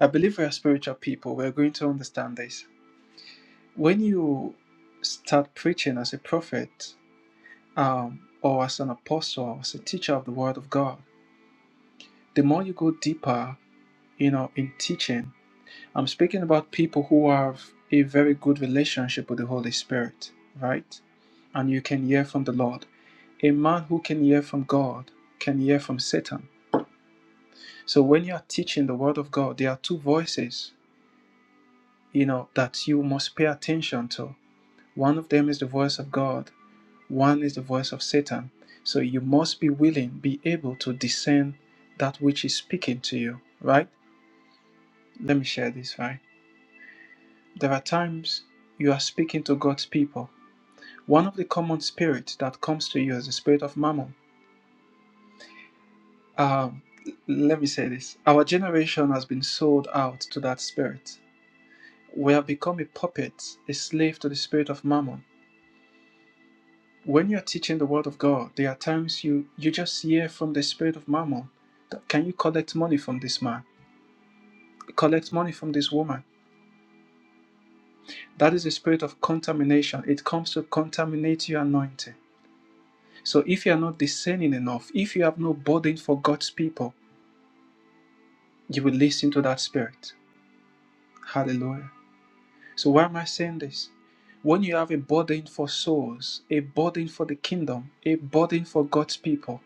Speaker 2: I believe we are spiritual people. We're going to understand this. When you start preaching as a prophet, um, or as an apostle, as a teacher of the word of God, the more you go deeper, you know, in teaching, I'm speaking about people who have a very good relationship with the Holy Spirit, right? And you can hear from the Lord. A man who can hear from God can hear from Satan. So when you are teaching the Word of God, there are two voices, you know, that you must pay attention to. One of them is the voice of God, one is the voice of Satan. So you must be willing, be able to discern that which is speaking to you, right? Let me share this, right? There are times you are speaking to God's people. One of the common spirits that comes to you is the spirit of mammon. Um, let me say this our generation has been sold out to that spirit. We have become a puppet, a slave to the spirit of mammon. When you're teaching the word of God, there are times you, you just hear from the spirit of mammon that can you collect money from this man? Collect money from this woman. That is the spirit of contamination. It comes to contaminate your anointing. So if you are not discerning enough, if you have no burden for God's people, you will listen to that spirit. Hallelujah. So why am I saying this? When you have a burden for souls, a burden for the kingdom, a burden for God's people,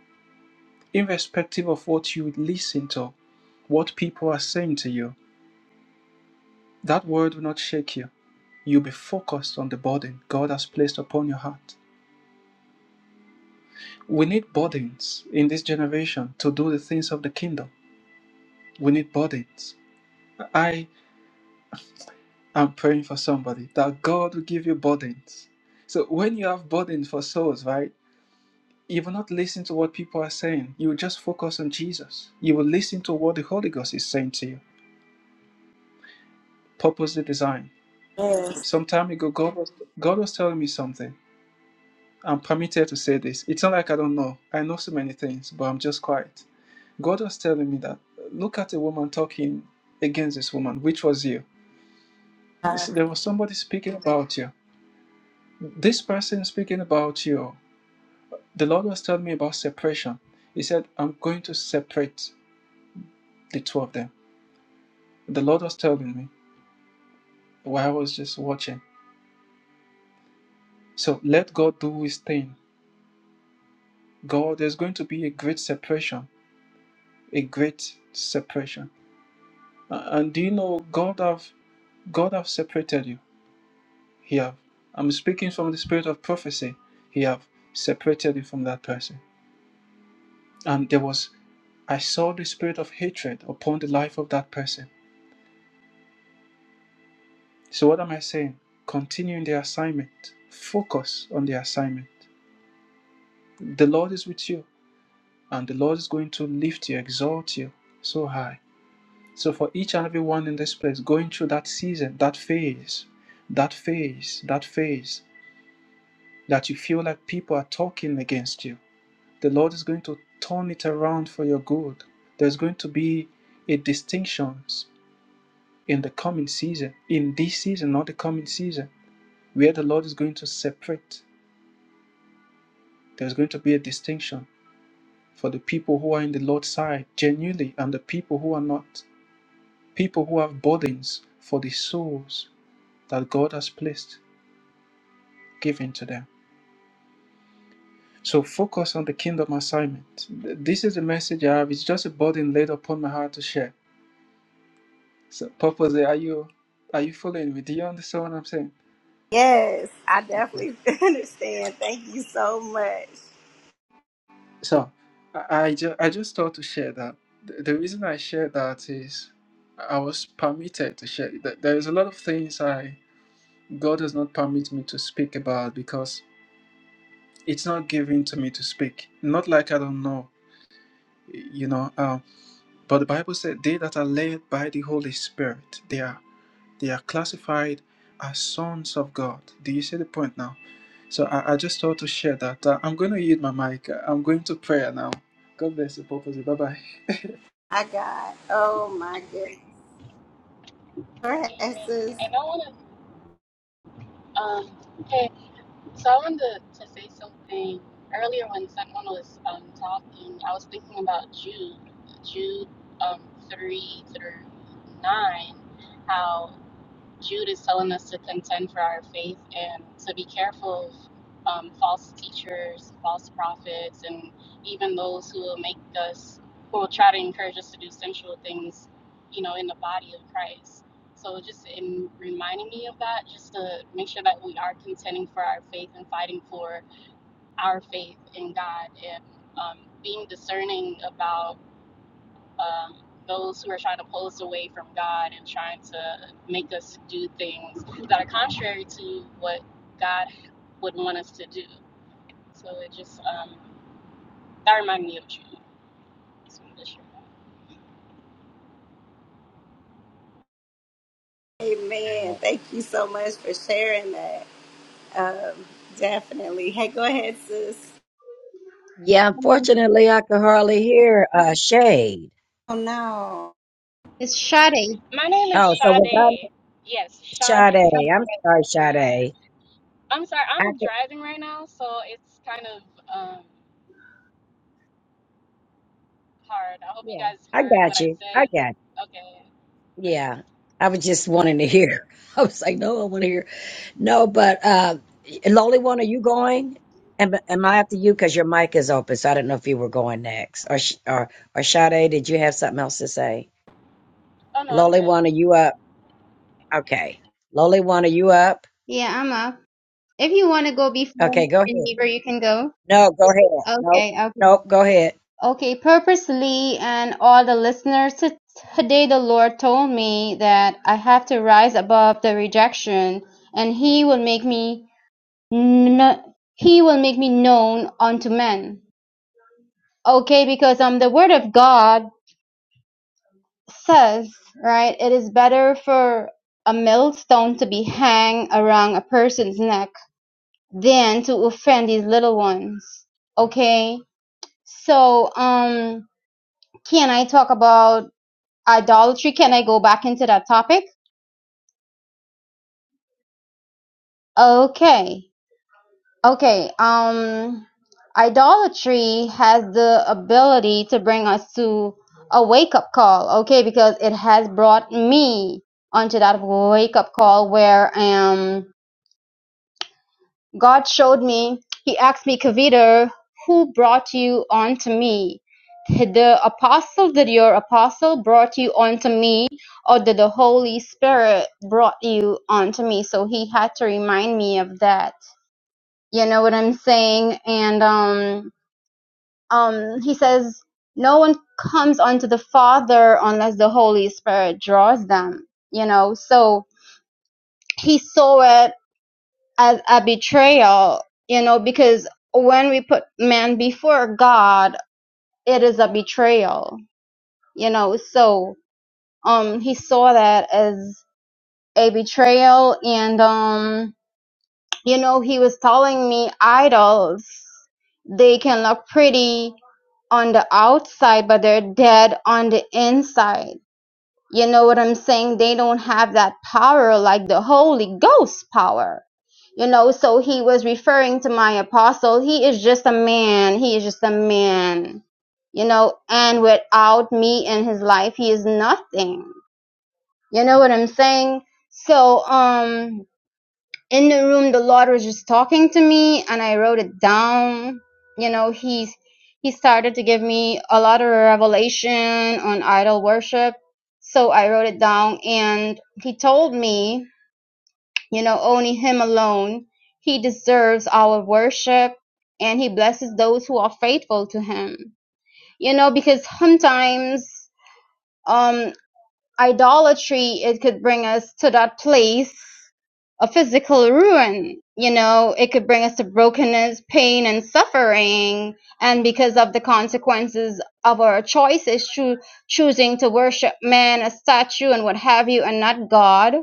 Speaker 2: irrespective of what you listen to, what people are saying to you, that word will not shake you. You'll be focused on the burden God has placed upon your heart. We need burdens in this generation to do the things of the kingdom. We need burdens. I. I'm praying for somebody that God will give you burdens. So when you have burdens for souls, right? You will not listen to what people are saying. You will just focus on Jesus. You will listen to what the Holy Ghost is saying to you. Purposely designed.
Speaker 1: Yes.
Speaker 2: Some time ago, God was God was telling me something. I'm permitted to say this. It's not like I don't know. I know so many things, but I'm just quiet. God was telling me that look at a woman talking against this woman, which was you. So There was somebody speaking about you. This person speaking about you. The Lord was telling me about separation. He said, I'm going to separate the two of them. The Lord was telling me while I was just watching. So let God do his thing. God, there's going to be a great separation. A great separation. Uh, And do you know God have God have separated you. He have. I'm speaking from the spirit of prophecy. He have separated you from that person. And there was I saw the spirit of hatred upon the life of that person. So, what am I saying? Continue in the assignment, focus on the assignment. The Lord is with you, and the Lord is going to lift you, exalt you so high. So, for each and every one in this place, going through that season, that phase, that phase, that phase, that you feel like people are talking against you, the Lord is going to turn it around for your good. There's going to be a distinctions in the coming season, in this season, not the coming season, where the Lord is going to separate There's going to be a distinction for the people who are in the Lord's side genuinely and the people who are not. People who have burdens for the souls that God has placed given to them. So focus on the kingdom assignment. Th- This is the message I have. It's just a burden laid upon my heart to share. So purposely, are you are you following me? Do you understand what I'm saying?
Speaker 1: Yes. I definitely understand. Thank you so much.
Speaker 2: So I, I, ju- I just thought to share that. The, the reason I share that is I was permitted to share. Th- There is a lot of things I God does not permit me to speak about because it's not given to me to speak. Not like I don't know, you know. Um, but the Bible said, "They that are led by the Holy Spirit, they are they are classified as sons of God." Do you see the point now? So I, I just thought to share that. Uh, I'm going to yield my mic. I'm going to prayer now. God bless you, purpose. Bye bye.
Speaker 1: I got. Oh my goodness. All right,
Speaker 5: Amen. And I want to. Um, pay So I wanted to, say something earlier when someone was um, talking. I was thinking about Jude, Jude um, three through nine, how Jude is telling us to contend for our faith and to be careful of um, false teachers, false prophets, and even those who will make us, who will try to encourage us to do sensual things, you know, in the body of Christ. So just in reminding me of that, just to make sure that we are contending for our faith and fighting for our faith in God and um, being discerning about um, those who are trying to pull us away from God and trying to make us do things that are contrary to what God would want us to do. So it just, um, that reminded me of you.
Speaker 1: Amen. Thank you so much for sharing that. Um, definitely. Hey, go ahead, sis.
Speaker 6: Yeah, unfortunately, I could hardly hear uh, Shade.
Speaker 1: Oh no.
Speaker 4: It's Sade.
Speaker 5: My name is
Speaker 6: Oh, so was that
Speaker 5: Sade. Yes, Sade.
Speaker 6: Sade? I'm sorry,
Speaker 5: Yeah.
Speaker 6: Sade.
Speaker 5: I'm sorry,
Speaker 6: I
Speaker 5: I'm
Speaker 6: could,
Speaker 5: driving right now, so it's kind of um, hard. I hope you
Speaker 6: yeah,
Speaker 5: guys
Speaker 6: I
Speaker 5: heard what
Speaker 6: got
Speaker 5: I
Speaker 6: you. I
Speaker 5: said.
Speaker 6: got
Speaker 5: Okay.
Speaker 6: you. Yeah, I was just
Speaker 5: okay.
Speaker 6: wanting to hear. I was like, no, I want to hear. No, but uh, Lonely One, are you going? Am, am I after you? Because your mic is open, so I didn't know if you were going next. Or, Sh- or, or Sade, did you have something else to say?
Speaker 5: Oh, no, I'm
Speaker 6: Lonely
Speaker 5: good.
Speaker 6: One, are you up? Okay. Lonely One, are you up?
Speaker 4: Yeah, I'm up. If you want to go before
Speaker 6: Okay, go ahead.
Speaker 4: Geneva, you can go.
Speaker 6: No, go ahead. Nope,
Speaker 4: Okay, okay.
Speaker 6: nope, go ahead.
Speaker 4: Okay, purposely and all the listeners t- today the Lord told me that I have to rise above the rejection and he will make me kn- he will make me known unto men. Okay, because um the word of God says, right, it is better for a millstone to be hang around a person's neck than to offend these little ones. Okay? So, um can I talk about idolatry can i go back into that topic okay okay um idolatry has the ability to bring us to a wake up call okay because it has brought me onto that wake up call where um. God showed me. He asked me, Kavita, who brought you onto me? The apostle, did your apostle brought you onto me, or did the Holy Spirit brought you onto me? So he had to remind me of that. You know what I'm saying? And um, um, he says, no one comes onto the Father unless the Holy Spirit draws them. You know, so he saw it as a betrayal, you know, because when we put man before God, it is a betrayal, you know. So, um, he saw that as a betrayal, and um, you know, he was telling me idols they can look pretty on the outside, but they're dead on the inside. You know what I'm saying? They don't have that power like the Holy Ghost power. You know, so he was referring to my apostle. He is just a man. He is just a man. You know, and without me in his life, he is nothing. You know what I'm saying? So, um, in the room the lord was just talking to me and i wrote it down you know he's he started to give me a lot of revelation on idol worship so i wrote it down and he told me you know only him alone he deserves our worship and he blesses those who are faithful to him you know because sometimes um idolatry it could bring us to that place of physical ruin you know it could bring us to brokenness pain and suffering and because of the consequences of our choices choo- choosing to worship man a statue and what have you and not god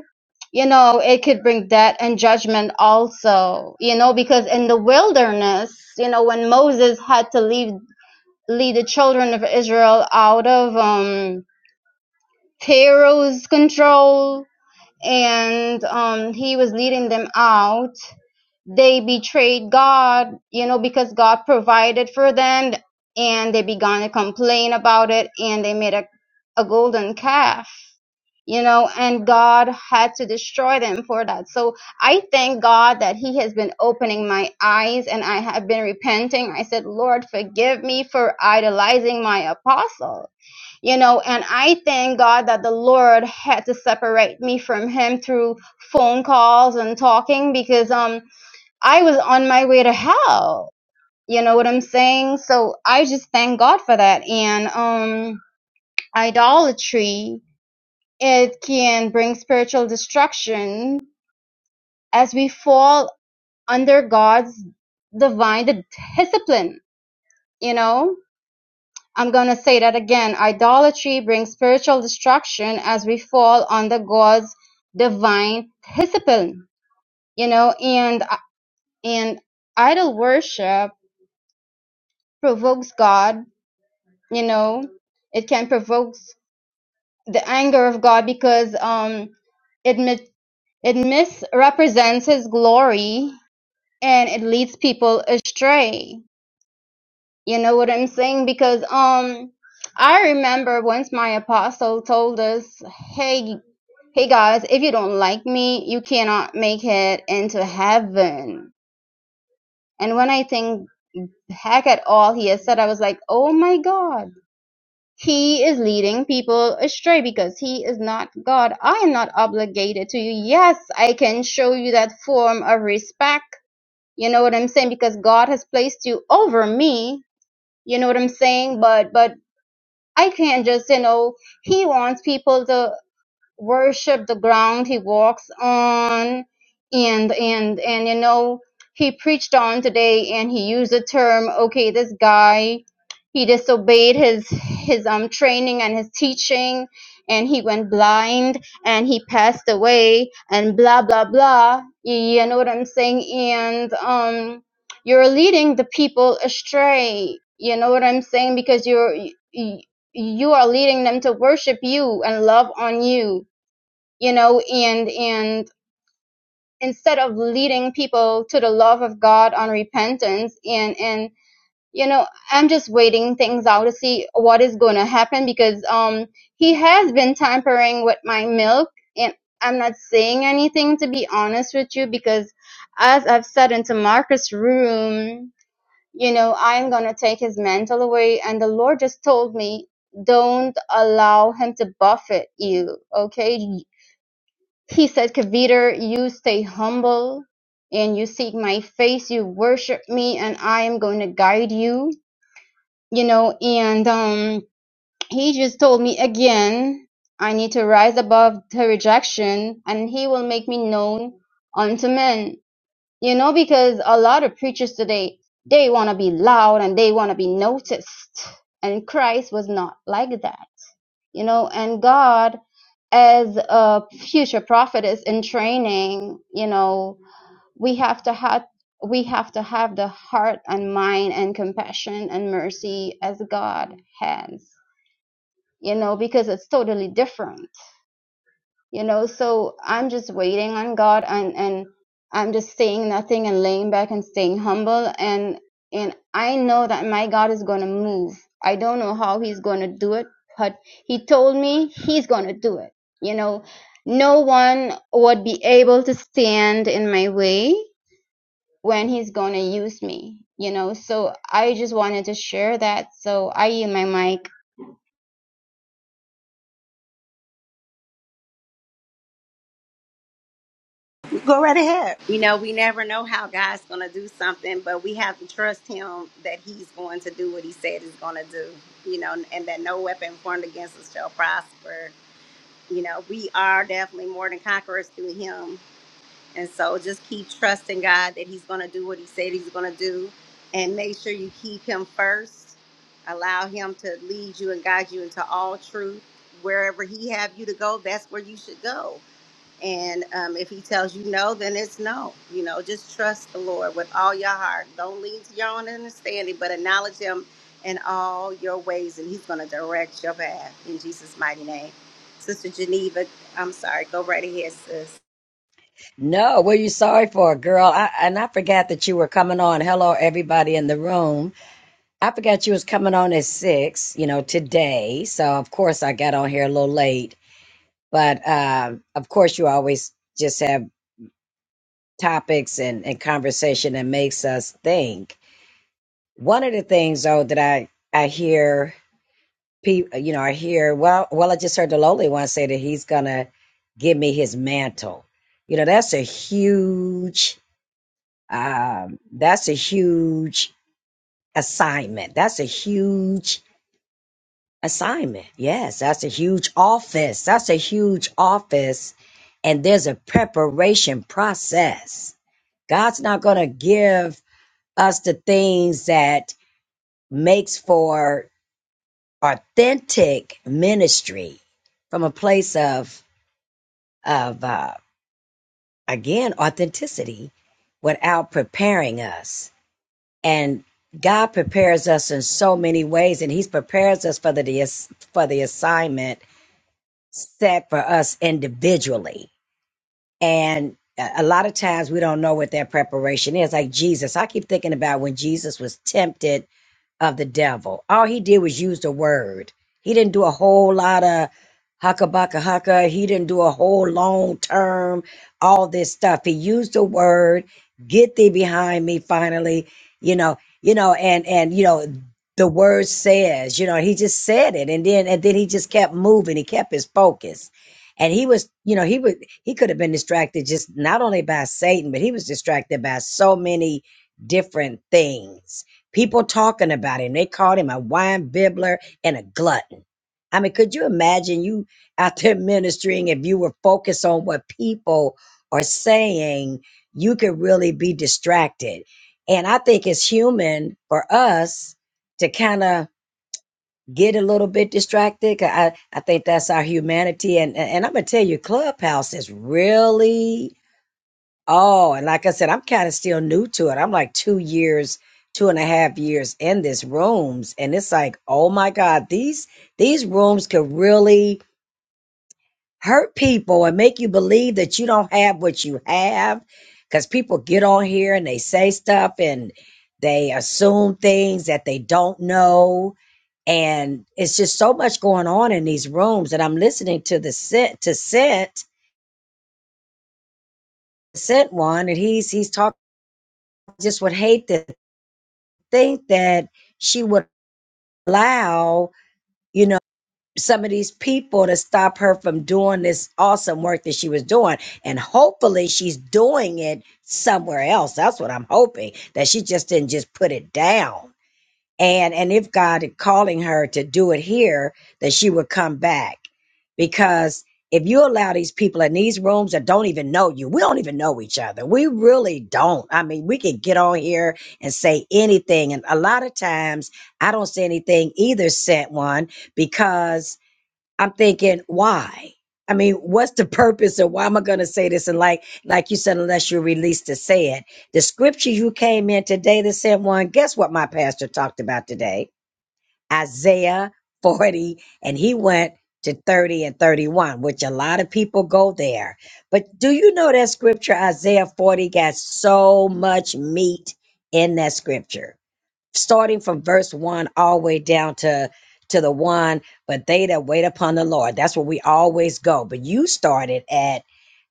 Speaker 4: you know it could bring death and judgment also you know because in the wilderness you know when moses had to leave lead the children of israel out of um Pharaoh's control and um, he was leading them out. They betrayed God, you know, because God provided for them and they began to complain about it and they made a, a golden calf you know, and God had to destroy them for that. So I thank God that He has been opening my eyes and I have been repenting. I said, Lord, forgive me for idolizing my apostle, you know, and I thank God that the Lord had to separate me from Him through phone calls and talking because, um, I was on my way to hell. You know what I'm saying? So I just thank God for that. And, um, idolatry it can bring spiritual destruction as we fall under God's divine discipline. You know, I'm going to say that again. Idolatry brings spiritual destruction as we fall under God's divine discipline. You know, and and idol worship provokes God. You know, it can provoke the anger of God because um it mi- it misrepresents His glory and it leads people astray. You know what I'm saying? Because um I remember once my apostle told us, "Hey, hey guys, if you don't like me, you cannot make it into heaven." And when I think back at all he has said, I was like, "Oh my god." He is leading people astray because he is not God. I am not obligated to you. Yes, I can show you that form of respect. You know what I'm saying? Because God has placed you over me you know what i'm saying but but i can't just you know he wants people to worship the ground he walks on and and and you know he preached on today and he used the term okay this guy he disobeyed his his um training and his teaching and he went blind and he passed away and blah blah blah you, you know what i'm saying and um you're leading the people astray you know what i'm saying because you're you, you are leading them to worship you and love on you you know and and instead of leading people to the love of god on repentance and and you know i'm just waiting things out to see what is going to happen because um he has been tampering with my milk and i'm not saying anything to be honest with you because as i've said into marcus room you know i'm going to take his mantle away and the lord just told me don't allow him to buffet you okay he said, Kaviter, you stay humble and you seek my face, you worship me, and I am going to guide you. You know, and um, he just told me again, I need to rise above the rejection and he will make me known unto men. You know, because a lot of preachers today, they want to be loud and they want to be noticed. And Christ was not like that you know and god as a future prophet is in training you know we have to have we have to have the heart and mind and compassion and mercy as god has you know because it's totally different you know so i'm just waiting on god and and i'm just saying nothing and laying back and staying humble and and i know that my god is going to move i don't know how he's going to do it but he told me he's going to do it you know no one would be able to stand in my way when he's going to use me you know so i just wanted to share that so i use my mic
Speaker 1: Go right ahead. You know, we never know how God's gonna do something, but we have to trust him that he's going to do what he said he's gonna do, you know, and that no weapon formed against us shall prosper. You know, we are definitely more than conquerors through him And so just keep trusting God that He's going to do what He said He's going to do. And make sure you keep Him first. Allow Him to lead you and guide you into all truth. Wherever He have you to go, that's where you should go. And um, if He tells you no, then it's no. You know, just trust the Lord with all your heart. Don't lean to your own understanding, but acknowledge Him in all your ways, and He's going to direct your path in Jesus' mighty name. Sister Geneva, I'm sorry, go right ahead, sis.
Speaker 6: No, what are you sorry for, girl? I, and I forgot that you were coming on. Hello, everybody in the room. I forgot you was coming on at six, you know, today. So of course I got on here a little late, but um, of course you always just have topics and, and conversation that makes us think. One of the things though that I I hear people, you know, are here. Well, well, I just heard the lowly one say that he's gonna give me his mantle. You know, that's a huge, um, that's a huge assignment. That's a huge assignment. Yes, that's a huge office. That's a huge office, and there's a preparation process. God's not gonna give us the things that makes for authentic ministry from a place of of uh, again authenticity without preparing us and god prepares us in so many ways and He prepares us for the for the assignment set for us individually and a a lot of times we don't know what that preparation is like jesus i keep thinking about when jesus was tempted of the devil. All he did was use the word. He didn't do a whole lot of haka baka haka. He didn't do a whole long term, all this stuff. He used the word, get thee behind me finally, you know, you know, and and you know, the word says, you know, he just said it and then and then he just kept moving. He kept his focus. And he was, you know, he would he could have been distracted just not only by Satan, but he was distracted by so many different things People talking about him. They called him a wine bibbler and a glutton. I mean, could you imagine you out there ministering if you were focused on what people are saying? You could really be distracted. And I think it's human for us to kind of get a little bit distracted. 'cause I, I think that's our humanity. And, and I'm going to tell you, Clubhouse is really Oh, and like I said, I'm kind of still new to it. I'm like two years, two and a half years in this rooms, and it's like, oh my God, these these rooms could really hurt people and make you believe that you don't have what you have, because people get on here and they say stuff and they assume things that they don't know, and it's just so much going on in these rooms. And I'm listening to the sent to sent sent one, and he's he's talking just would hate this. think that she would allow, you know, some of these people to stop her from doing this awesome work that she was doing. And hopefully she's doing it somewhere else. That's what I'm hoping, that she just didn't just put it down and and if God is calling her to do it here, that she would come back. Because if you allow these people in these rooms that don't even know you, we don't even know each other. We really don't. I mean, we can get on here and say anything, and a lot of times I don't say anything either. Sent one because I'm thinking, why? I mean, what's the purpose or why am I going to say this? And like, like you said, unless you're released to say it, the scripture you came in today that said one, guess what my pastor talked about today? Isaiah 40 and he went to 30 and 31, which a lot of people go there. But do you know that scripture, Isaiah 40 got so much meat in that scripture? starting from verse one all the way down to to the one but they that wait upon the lord that's where we always go but you started at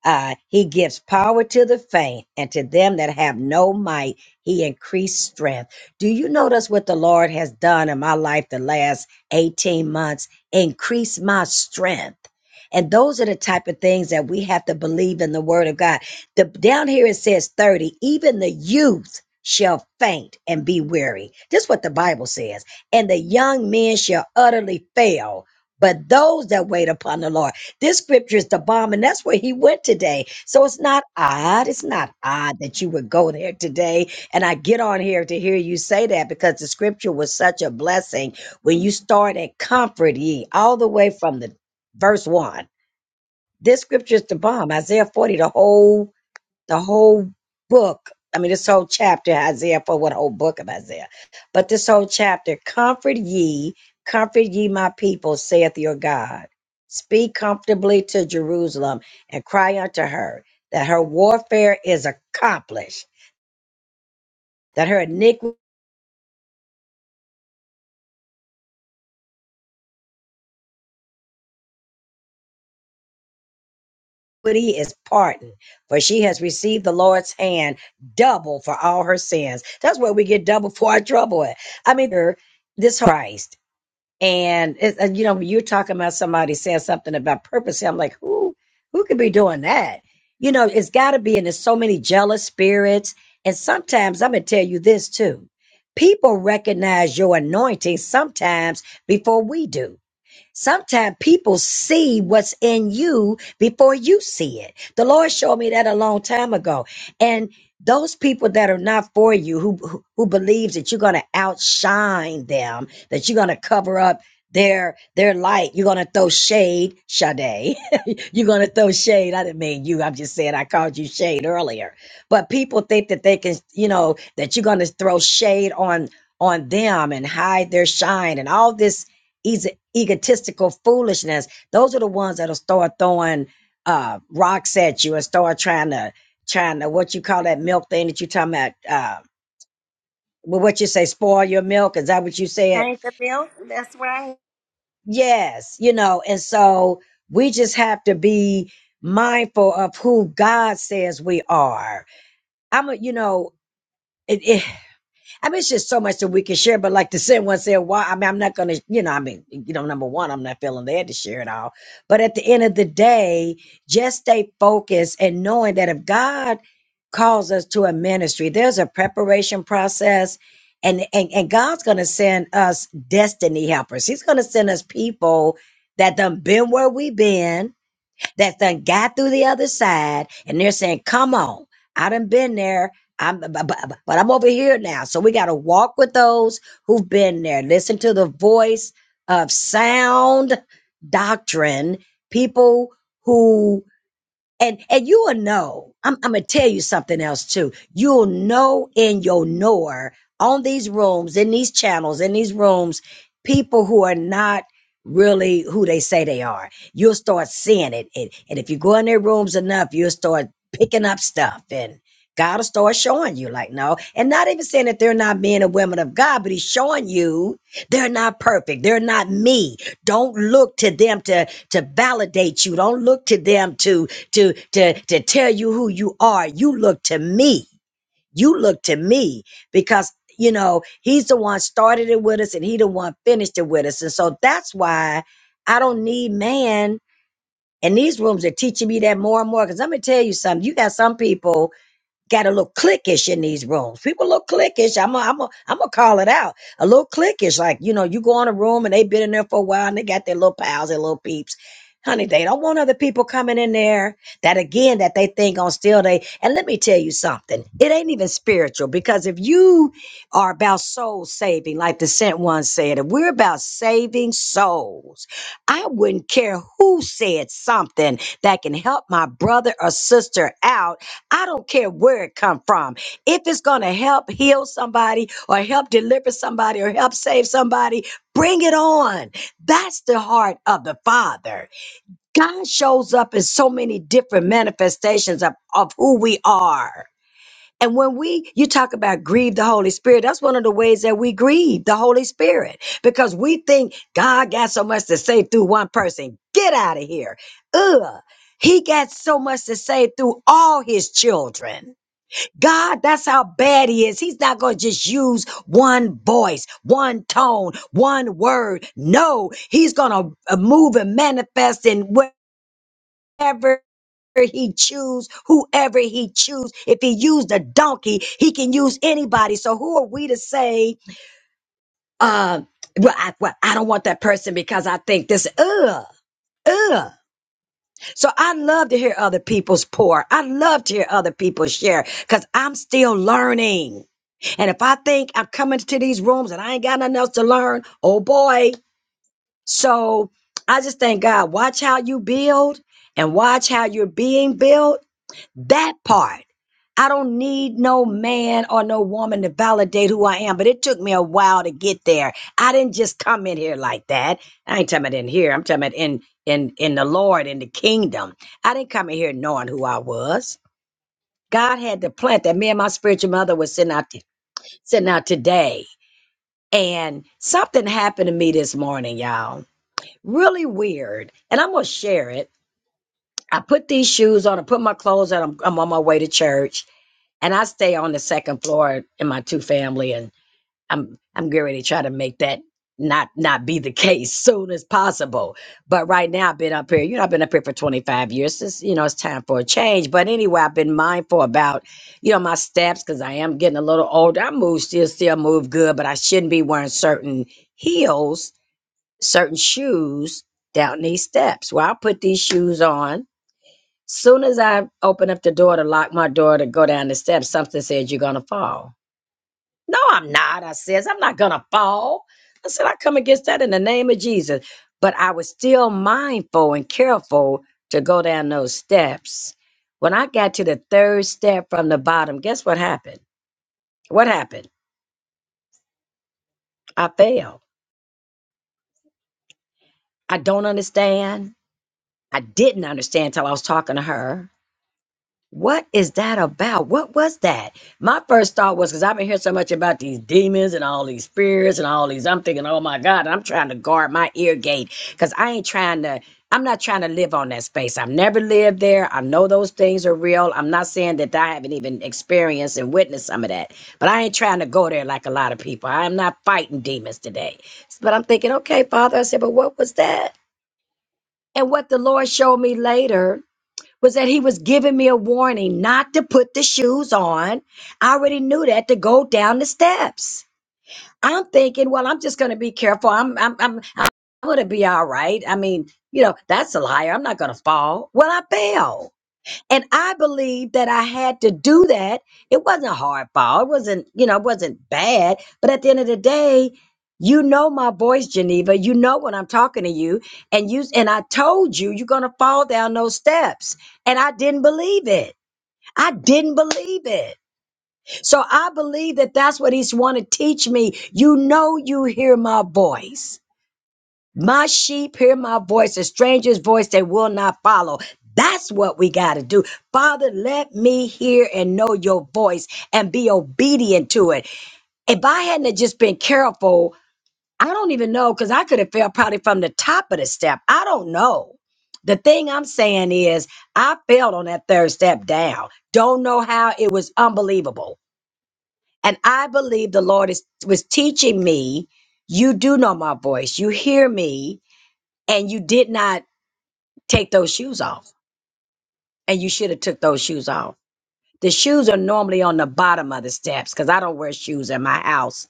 Speaker 6: uh he gives power to the faint and to them that have no might he increased strength do you notice what the lord has done in my life the last 18 months increase my strength and those are the type of things that we have to believe in the word of god the down here it says 30 even the youth shall faint and be weary. This is what the Bible says. And the young men shall utterly fail. But those that wait upon the Lord, this scripture is the bomb, and that's where he went today. So it's not odd. It's not odd that you would go there today. And I get on here to hear you say that because the scripture was such a blessing when you start at comfort ye all the way from the verse one. This scripture is the bomb, Isaiah 40, the whole the whole book. I mean, this whole chapter, Isaiah, for what whole book of Isaiah, but this whole chapter, comfort ye, comfort ye my people, saith your God. Speak comfortably to Jerusalem and cry unto her that her warfare is accomplished, that her iniquity is pardoned, for she has received the Lord's hand double for all her sins. That's where we get double for our trouble. At. I mean, er, this Christ. And it's, uh, you know, you're talking about somebody saying something about purpose. I'm like, who, who could be doing that? You know, it's got to be, and there's so many jealous spirits. And sometimes I'm gonna tell you this too: people recognize your anointing sometimes before we do. Sometimes people see what's in you before you see it. The Lord showed me that a long time ago. And those people that are not for you, who who, who believes that you're going to outshine them, that you're going to cover up their their light, you're going to throw shade, Sade. you're going to throw shade. I didn't mean you. I'm just saying I called you shade earlier. But people think that they can, you know, that you're going to throw shade on on them and hide their shine and all this egotistical foolishness. Those are the ones that'll start throwing uh, rocks at you and start trying to trying to what you call that milk thing that you talking about. Uh, well, what you say, spoil your milk? Is that what you said?
Speaker 1: Thank the bill. That's right.
Speaker 6: Yes, you know. And so we just have to be mindful of who God says we are. I'm a, you know, it. it, I mean, it's just so much that we can share. But like the said one said, why? I mean, I'm not gonna, you know, I mean, you know, number one, I'm not feeling they had to share it all. But at the end of the day, just stay focused and knowing that if God calls us to a ministry, there's a preparation process. And, and, and God's going to send us destiny helpers. He's going to send us people that done been where we been, that then got through the other side and they're saying, come on, I done been there. I'm, but, but, but I'm over here now. So we got to walk with those who've been there. Listen to the voice of sound doctrine, people who and and you will know. I'm I'm gonna tell you something else too. You'll know in your knower on these rooms, in these channels, in these rooms, people who are not really who they say they are. You'll start seeing it. And, and if you go in their rooms enough, you'll start picking up stuff and God will start showing you like no. And not even saying that they're not men and women of God, but he's showing you they're not perfect. They're not me. Don't look to them to to validate you. Don't look to them to to to to tell you who you are you look to me you look to me because you know he's the one started it with us and he the one finished it with us and so that's why i don't need man and these rooms are teaching me that more and more because i'm gonna tell you something you got some people got a little cliquish in these rooms. People look cliquish. I'm a, I'm a, I'm gonna call it out. A little cliquish, like you know, you go in a room and they've been in there for a while and they got their little pals, their little peeps. Honey, they don't want other people coming in there that again that they think on still they. And let me tell you something, it ain't even spiritual because if you are about soul saving, like the sent one said, if we're about saving souls, I wouldn't care who said something that can help my brother or sister out I don't care where it come from. If it's going to help heal somebody or help deliver somebody or help save somebody, bring it on. That's the heart of the Father. God shows up in so many different manifestations of, of who we are. And when we, you talk about grieve the Holy Spirit, that's one of the ways that we grieve the Holy Spirit because we think God got so much to say through one person. Get out of here. Ugh. He got so much to say through all his children. God, that's how bad he is. He's not going to just use one voice, one tone, one word. No, he's going to move and manifest in whatever he choose, whoever he choose. If he used a donkey, he can use anybody. So who are we to say, uh, well, I, well, I don't want that person because I think this, ugh, ugh. So I love to hear other people's pour. I love to hear other people share because I'm still learning. And if I think I'm coming to these rooms and I ain't got nothing else to learn, oh boy. So I just thank God. Watch how you build and watch how you're being built. That part. I don't need no man or no woman to validate who I am, but it took me a while to get there. I didn't just come in here like that. I ain't talking about in here. I'm talking about in in in the Lord in the kingdom. I didn't come in here knowing who I was. God had to plant that. Me and my spiritual mother was sitting out t- sitting out today, and something happened to me this morning, y'all. Really weird, and I'm gonna share it. I put these shoes on. I put my clothes on. I'm, I'm on my way to church and I stay on the second floor in my two family, and I'm I'm getting ready to try to make that not not be the case soon as possible. But right now, I've been up here. You know, I've been up here for 25 years. It's you know, it's time for a change. But anyway, I've been mindful about you know my steps because I am getting a little older. I move still still move good, but I shouldn't be wearing certain heels, certain shoes down these steps. Well, I'll put these shoes on Soon as I opened up the door to lock my door to go down the steps, something said, You're gonna fall. No, I'm not. I says, I'm not gonna fall. I said, I come against that in the name of Jesus. But I was still mindful and careful to go down those steps. When I got to the third step from the bottom, guess what happened? What happened? I fell. I don't understand. I didn't understand till I was talking to her. What is that about? What was that? My first thought was because I've been hearing so much about these demons and all these spirits and all these. I'm thinking, oh my God, I'm trying to guard my ear gate because I ain't trying to, I'm not trying to live on that space. I've never lived there. I know those things are real. I'm not saying that I haven't even experienced and witnessed some of that, but I ain't trying to go there like a lot of people. I'm not fighting demons today. But I'm thinking, okay, Father, I said, but what was that? And what the Lord showed me later was that he was giving me a warning not to put the shoes on. I already knew that to go down the steps. I'm thinking, well, I'm just going to be careful. I'm, I'm, I'm, I'm going to be all right. I mean, you know, that's a liar. I'm not going to fall. Well, I fell. And I believe that I had to do that. It wasn't hard fall. It wasn't, you know, it wasn't bad. But at the end of the day, you know my voice, Geneva. You know when I'm talking to you. And you and I told you you're gonna fall down those steps. And I didn't believe it. I didn't believe it. So I believe that that's what he's want to teach me. You know you hear my voice. My sheep hear my voice, a stranger's voice they will not follow. That's what we got to do. Father, let me hear and know your voice and be obedient to it. If I hadn't have just been careful, I don't even know because I could have fell probably from the top of the step. I don't know. The thing I'm saying is, I failed on that third step down. Don't know how it was unbelievable. And I believe the Lord is, was teaching me, you do know my voice, you hear me and you did not take those shoes off and you should have took those shoes off the shoes are normally on the bottom of the steps because i don't wear shoes in my house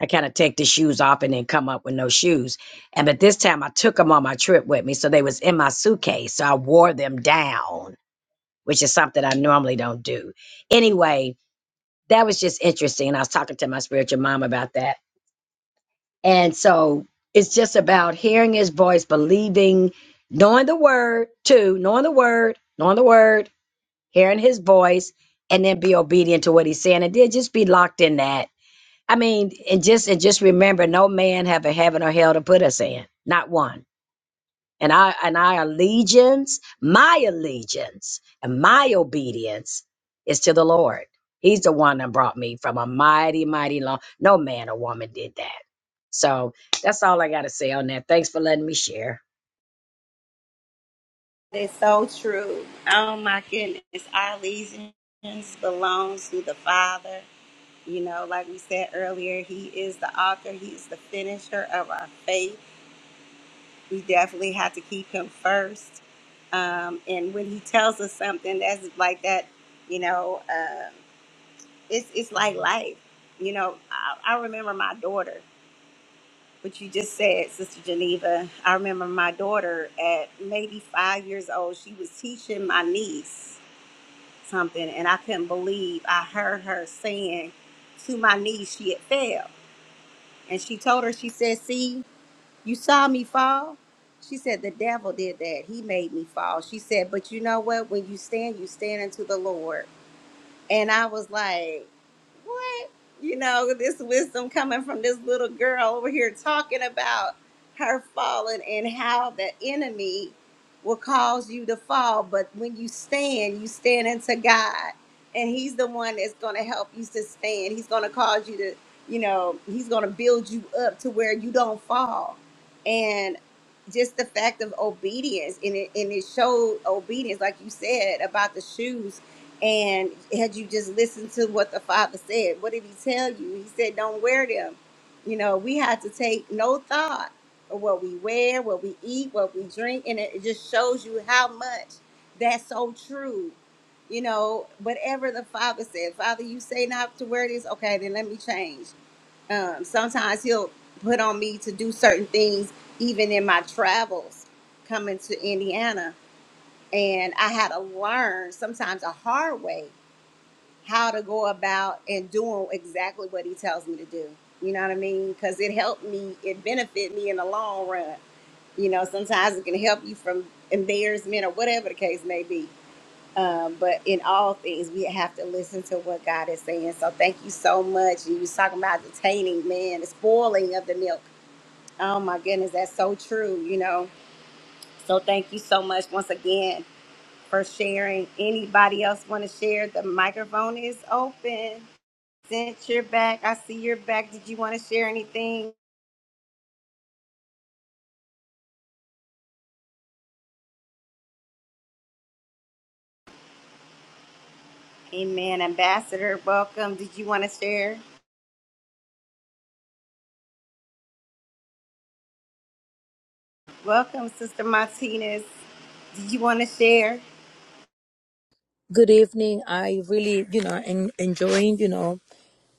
Speaker 6: i kind of take the shoes off and then come up with no shoes and but this time i took them on my trip with me so they was in my suitcase so i wore them down which is something i normally don't do anyway that was just interesting and i was talking to my spiritual mom about that And so it's just about hearing his voice, believing, knowing the word too, knowing the word, knowing the word, hearing his voice, and then be obedient to what he's saying. And then just be locked in that. I mean, and just and just remember no man have a heaven or hell to put us in. Not one and I and our allegiance, my allegiance and my obedience is to the Lord. He's the one that brought me from a mighty, mighty long. No man or woman did that. So that's all I gotta say on that. Thanks for letting me share.
Speaker 1: It's so true. Oh my goodness. Our allegiance belongs to the Father. You know, like we said earlier, He is the author, He is the finisher of our faith. We definitely have to keep Him first. Um, and when He tells us something, that's like that, you know, uh, it's, it's like life. You know, I, I remember my daughter. what you just said, Sister Geneva. I remember my daughter at maybe five years old, she was teaching my niece something, and I couldn't believe I heard her saying to my niece she had fell. And she told her, she said, See, you saw me fall. She said, The devil did that. He made me fall. She said, But you know what? When you stand, you stand unto the Lord. And I was like, what? You know, this wisdom coming from this little girl over here talking about her falling and how the enemy will cause you to fall. But when you stand, you stand into God. And He's the one that's going to help you to stand. He's going to cause you to, you know, He's going to build you up to where you don't fall. And just the fact of obedience, and it, and it showed obedience, like you said, about the shoes and had you just listened to what the father said, what did he tell you? He said, Don't wear them. You know, we had to take no thought of what we wear, what we eat, what we drink. And it it just shows you how much that's so true. You know, whatever the father said, Father, you say not to wear this. Okay, then let me change. Um, sometimes he'll put on me to do certain things, even in my travels coming to Indiana. And I had to learn sometimes a hard way how to go about and doing exactly what he tells me to do. You know what I mean? Because it helped me, it benefit me in the long run. You know, sometimes it can help you from embarrassment or whatever the case may be. Um, but in all things, we have to listen to what God is saying. So thank you so much. You was talking about detaining, man, the spoiling of the milk. Oh my goodness, that's so true. You know. So thank you so much once again for sharing. Anybody else want to share? The microphone is open. Since you're back, I see you're back. Did you want to share anything? Amen. Ambassador, welcome. Did you want to share? Welcome, Sister Martinez. Did you want to share?
Speaker 7: Good evening. I really, you know, en- enjoying, you know,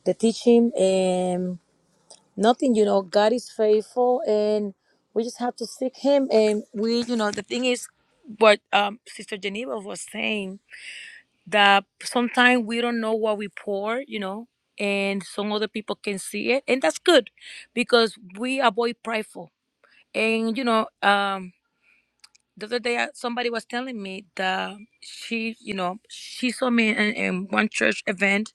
Speaker 7: the teaching and nothing, you know, God is faithful and we just have to seek him and we, you know, the thing is what um Sister Geneva was saying that sometimes we don't know what we pour, you know, and some other people can see it and that's good because we avoid prideful. And you know, um the other day uh, somebody was telling me that she, you know, she saw me in, in one church event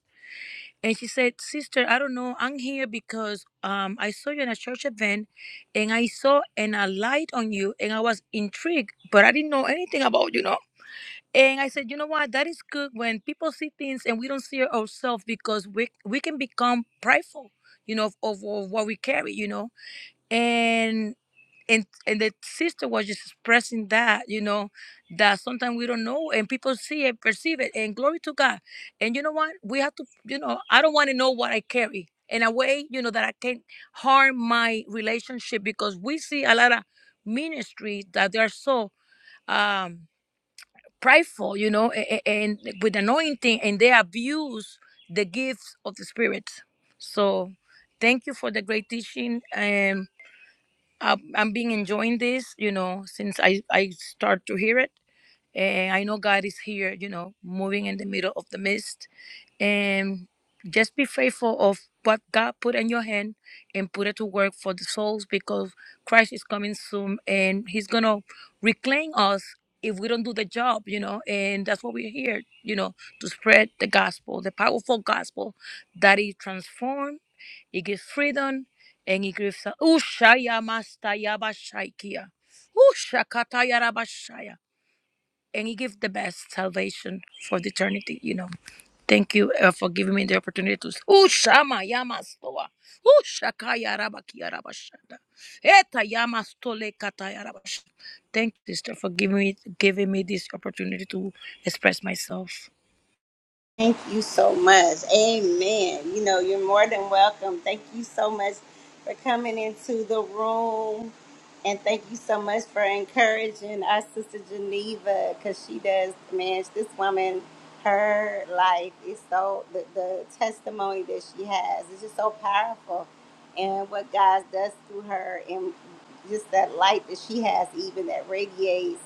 Speaker 7: And she said, Sister, I don't know. I'm here because um, I saw you in a church event and I saw and a light on you and I was intrigued, but I didn't know anything about you, know? And I said, you know what? That is good when people see things and we don't see it ourselves because we, we can become prideful, you know, of, of, of what we carry, you know? And." and and the sister was just expressing that you know that sometimes we don't know and people see it perceive it and glory to god and you know what we have to you know i don't want to know what i carry in a way you know that i can harm my relationship because we see a lot of ministries that they are so um prideful you know and, and with anointing and they abuse the gifts of the spirit so thank you for the great teaching and. I've, I'm being enjoying this, you know, since I, I start to hear it. And I know God is here, you know, moving in the middle of the mist and just be faithful of what God put in your hand and put it to work for the souls because Christ is coming soon and he's going to reclaim us if we don't do the job, you know, and that's what we're here, you know, to spread the gospel, the powerful gospel that it transforms, it gives freedom, and it gives Ushaya Mastaya Bashaikia. Ushakataya Rabashaya. And it gives the best salvation for the eternity, you know. Thank you uh, for giving me the opportunity to. Oh, Shama Yama Stoa. Oh, Shakaya Rabakia Rabashada. Eta Yama Stole Kataya Rabash. Thank you, sister, for giving me, giving me this opportunity to express myself.
Speaker 1: Thank you so much. Amen. You know, you're more than welcome. Thank you so much for coming into the room. And thank you so much for encouraging our sister Geneva because she does, man, this woman, her life is so, the, the testimony that she has is just so powerful. And what God does through her and just that light that she has, even that radiates.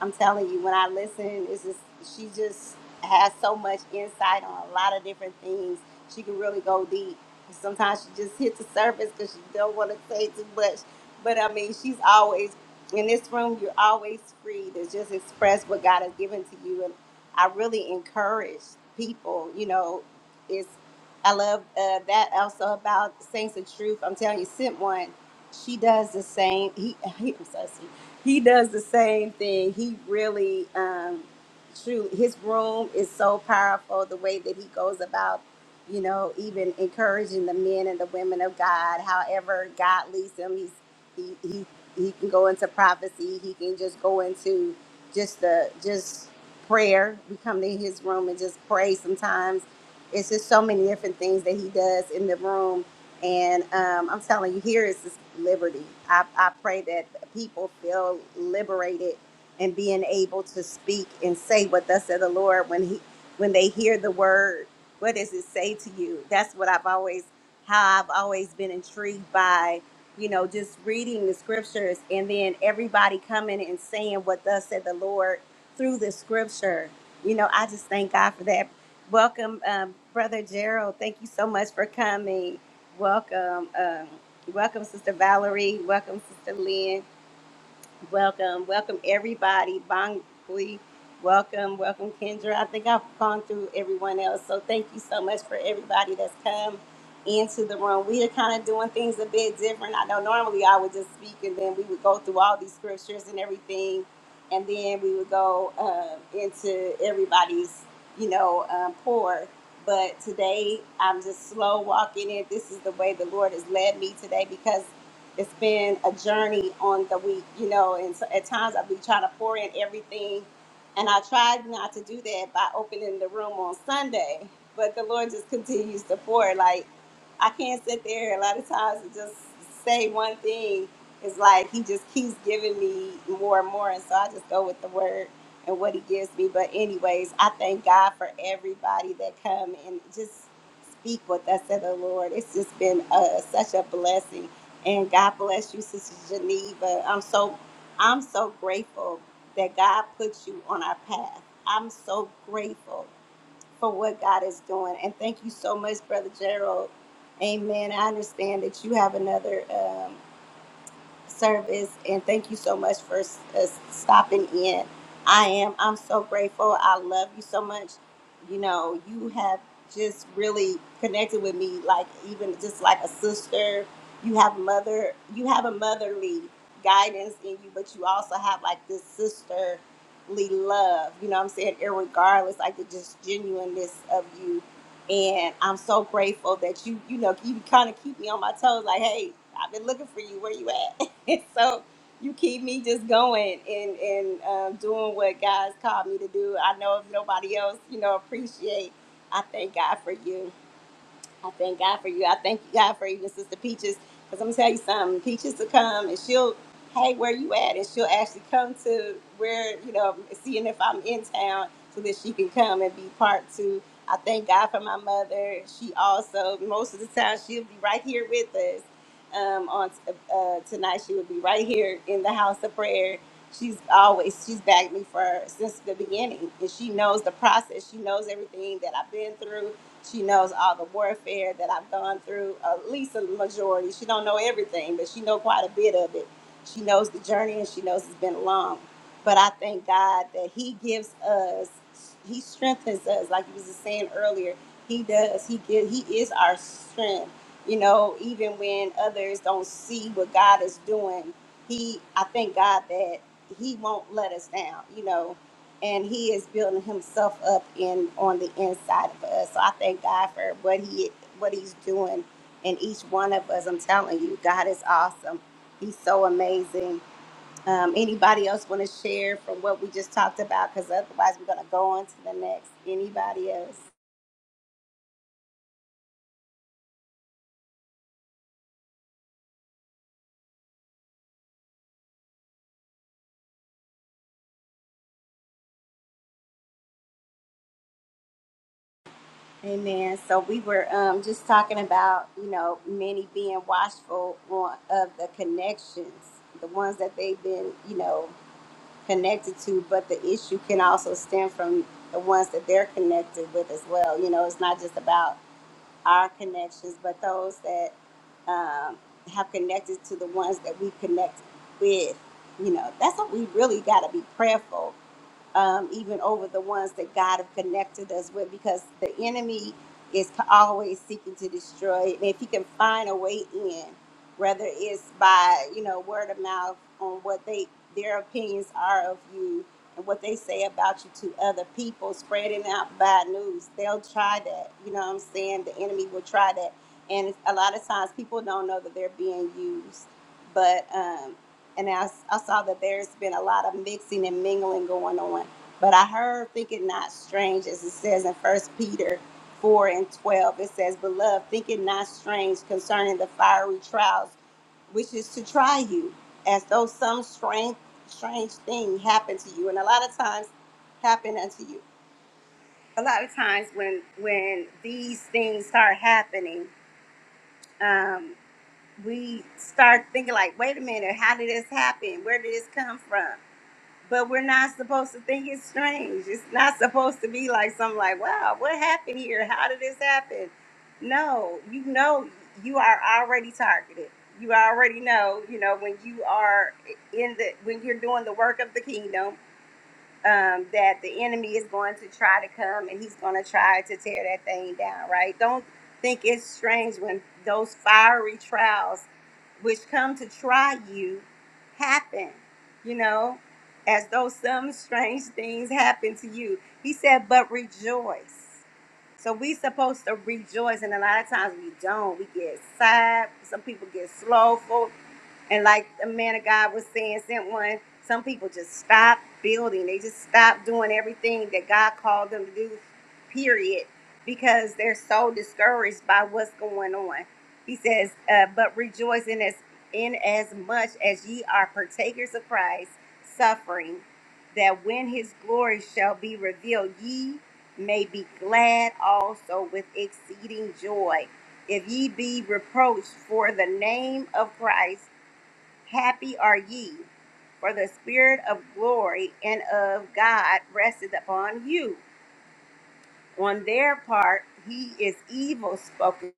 Speaker 1: I'm telling you, when I listen, it's just, she just, has so much insight on a lot of different things. She can really go deep. Sometimes she just hits the surface because she don't want to say too much. But I mean, she's always in this room. You're always free to just express what God has given to you. And I really encourage people. You know, it's I love uh, that also about Saints of Truth. I'm telling you, sent one. She does the same. He, he I'm so sweet. He does the same thing. He really. Um, True, his room is so powerful. The way that he goes about, you know, even encouraging the men and the women of God. However, God leads him. He's he he he can go into prophecy. He can just go into just the just prayer. We come to his room and just pray sometimes. It's just so many different things that he does in the room. And um, I'm telling you, here is this liberty. I, I pray that people feel liberated and being able to speak and say what thus said the Lord when he when they hear the word, what does it say to you? That's what I've always how I've always been intrigued by, you know, just reading the scriptures and then everybody coming and saying what thus said the Lord through the scripture. You know, I just thank God for that. Welcome, um, Brother Gerald. Thank you so much for coming. Welcome, um, welcome, Sister Valerie. Welcome, Sister Lynn. Welcome, welcome everybody. Bangui, welcome, welcome Kendra. I think I've gone through everyone else, so thank you so much for everybody that's come into the room. We are kind of doing things a bit different. I know normally I would just speak and then we would go through all these scriptures and everything, and then we would go um into everybody's, you know, um, pour. But today I'm just slow walking it. This is the way the Lord has led me today because it's been a journey on the week, you know, and so at times I've been trying to pour in everything. And I tried not to do that by opening the room on Sunday, but the Lord just continues to pour. Like, I can't sit there a lot of times and just say one thing. It's like He just keeps giving me more and more. And so I just go with the word and what He gives me. But, anyways, I thank God for everybody that come and just speak what thus said the Lord. It's just been uh, such a blessing and God bless you, Sister Geneva. I'm so I'm so grateful that God put you on our path. I'm so grateful for what God is doing. And thank you so much, Brother Gerald. Amen. I understand that you have another. um, service and thank you so much for uh, stopping in. I am I'm so grateful. I love you so much. You know, you have just really connected with me like even just like a sister. You have mother you have a motherly guidance in you, but you also have like this sisterly love, you know what I'm saying? Irregardless, like the just genuineness of you. And I'm so grateful that you, you know, you kind of keep me on my toes. Like, hey, I've been looking for you. Where you at? And so you keep me just going and and um, doing what God's called me to do. I know if nobody else, you know, appreciate. I thank God for you. I thank God for you. I thank you, God, for even Sister Peaches. Because I'm going to tell you something. Peaches will come and she'll, hey, where you at? And she'll actually come to where, you know, seeing if I'm in town so that she can come and be part to. I thank God for my mother. She also, most of the time, she'll be right here with us. Um, on uh, tonight, she will be right here in the house of prayer. She's always she's backed me for since the beginning, and she knows the process. She knows everything that I've been through she knows all the warfare that I've gone through, at least a majority. She don't know everything, but she know quite a bit of it. She knows the journey and she knows it's been long. But I thank God that He gives us, He strengthens us, like you was just saying earlier. He does. He give, He is our strength. You know, even when others don't see what God is doing, He, I thank God that He won't let us down. You know, and he is building himself up in on the inside of us. So I thank God for what he what he's doing in each one of us. I'm telling you, God is awesome. He's so amazing. Um, anybody else want to share from what we just talked about? Because otherwise, we're going to go on to the next. Anybody else? Amen. So we were um, just talking about, you know, many being watchful on, of the connections, the ones that they've been, you know, connected to, but the issue can also stem from the ones that they're connected with as well. You know, it's not just about our connections, but those that um, have connected to the ones that we connect with. You know, that's what we really got to be prayerful um, even over the ones that God have connected us with, because the enemy is c- always seeking to destroy. it. And if he can find a way in, whether it's by you know word of mouth on what they their opinions are of you and what they say about you to other people, spreading out bad news, they'll try that. You know what I'm saying? The enemy will try that, and a lot of times people don't know that they're being used, but. Um, and I I saw that there's been a lot of mixing and mingling going on. But I heard, think it not strange, as it says in First Peter 4 and 12, it says, Beloved, think it not strange concerning the fiery trials, which is to try you, as though some strange, strange thing happened to you. And a lot of times, happen unto you. A lot of times when when these things start happening, um, we start thinking like, wait a minute, how did this happen? Where did this come from? but we're not supposed to think it's strange. It's not supposed to be like something like, wow, what happened here? How did this happen? No, you know, you are already targeted. You already know, you know, when you are in the, when you're doing the work of the kingdom, um, that the enemy is going to try to come and he's going to try to tear that thing down, right? Don't think it's strange when those fiery trials, which come to try you, happen, you know, as though some strange things happen to you. He said, but rejoice. So we supposed to rejoice, and a lot of times we don't. We get sad. Some people get slowful and like the man of God was saying, sent one, some people just stop building. They just stop doing everything that God called them to do, period, because they're so discouraged by what's going on. He says, uh, but rejoice in as, in as much as ye are partakers of Christ's suffering, that when his glory shall be revealed, ye may be glad also with exceeding joy. If ye be reproached for the name of Christ, Happy are ye, for the Spirit of glory and of God rested upon you. On their part, he is evil spoken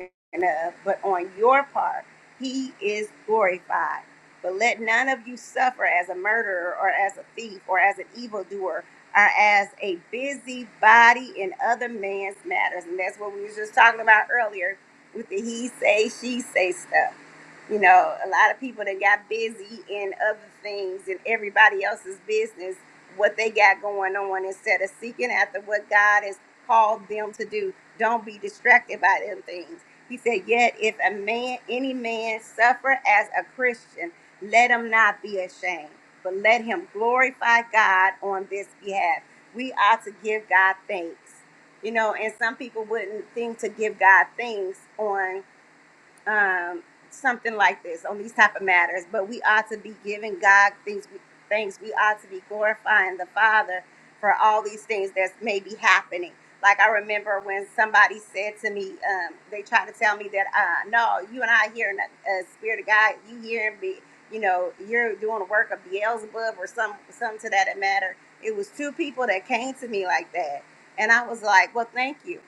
Speaker 1: of, but on your part, he is glorified. But let none of you suffer as a murderer or as a thief or as an evildoer or as a busybody in other man's matters. And that's what we were just talking about earlier with the he say, she say stuff. You know, a lot of people that got busy in other things and everybody else's business, what they got going on instead of seeking after what God has called them to do. Don't be distracted by them things he said, Yet if a man, any man suffer as a Christian, let him not be ashamed, but let him glorify God on this behalf. We ought to give God thanks. You know, and some people wouldn't think to give God thanks on um, something like this on these type of matters. But we ought to be giving God things. we, Things we ought to be glorifying the Father for all these things that's maybe happening. Like I remember when somebody said to me, um, they tried to tell me that, uh, no, you and I hearing a, a spirit of God. You hearing me, you know, you're doing the work of Beelzebub or some some to that matter. It was two people that came to me like that, and I was like, well, thank you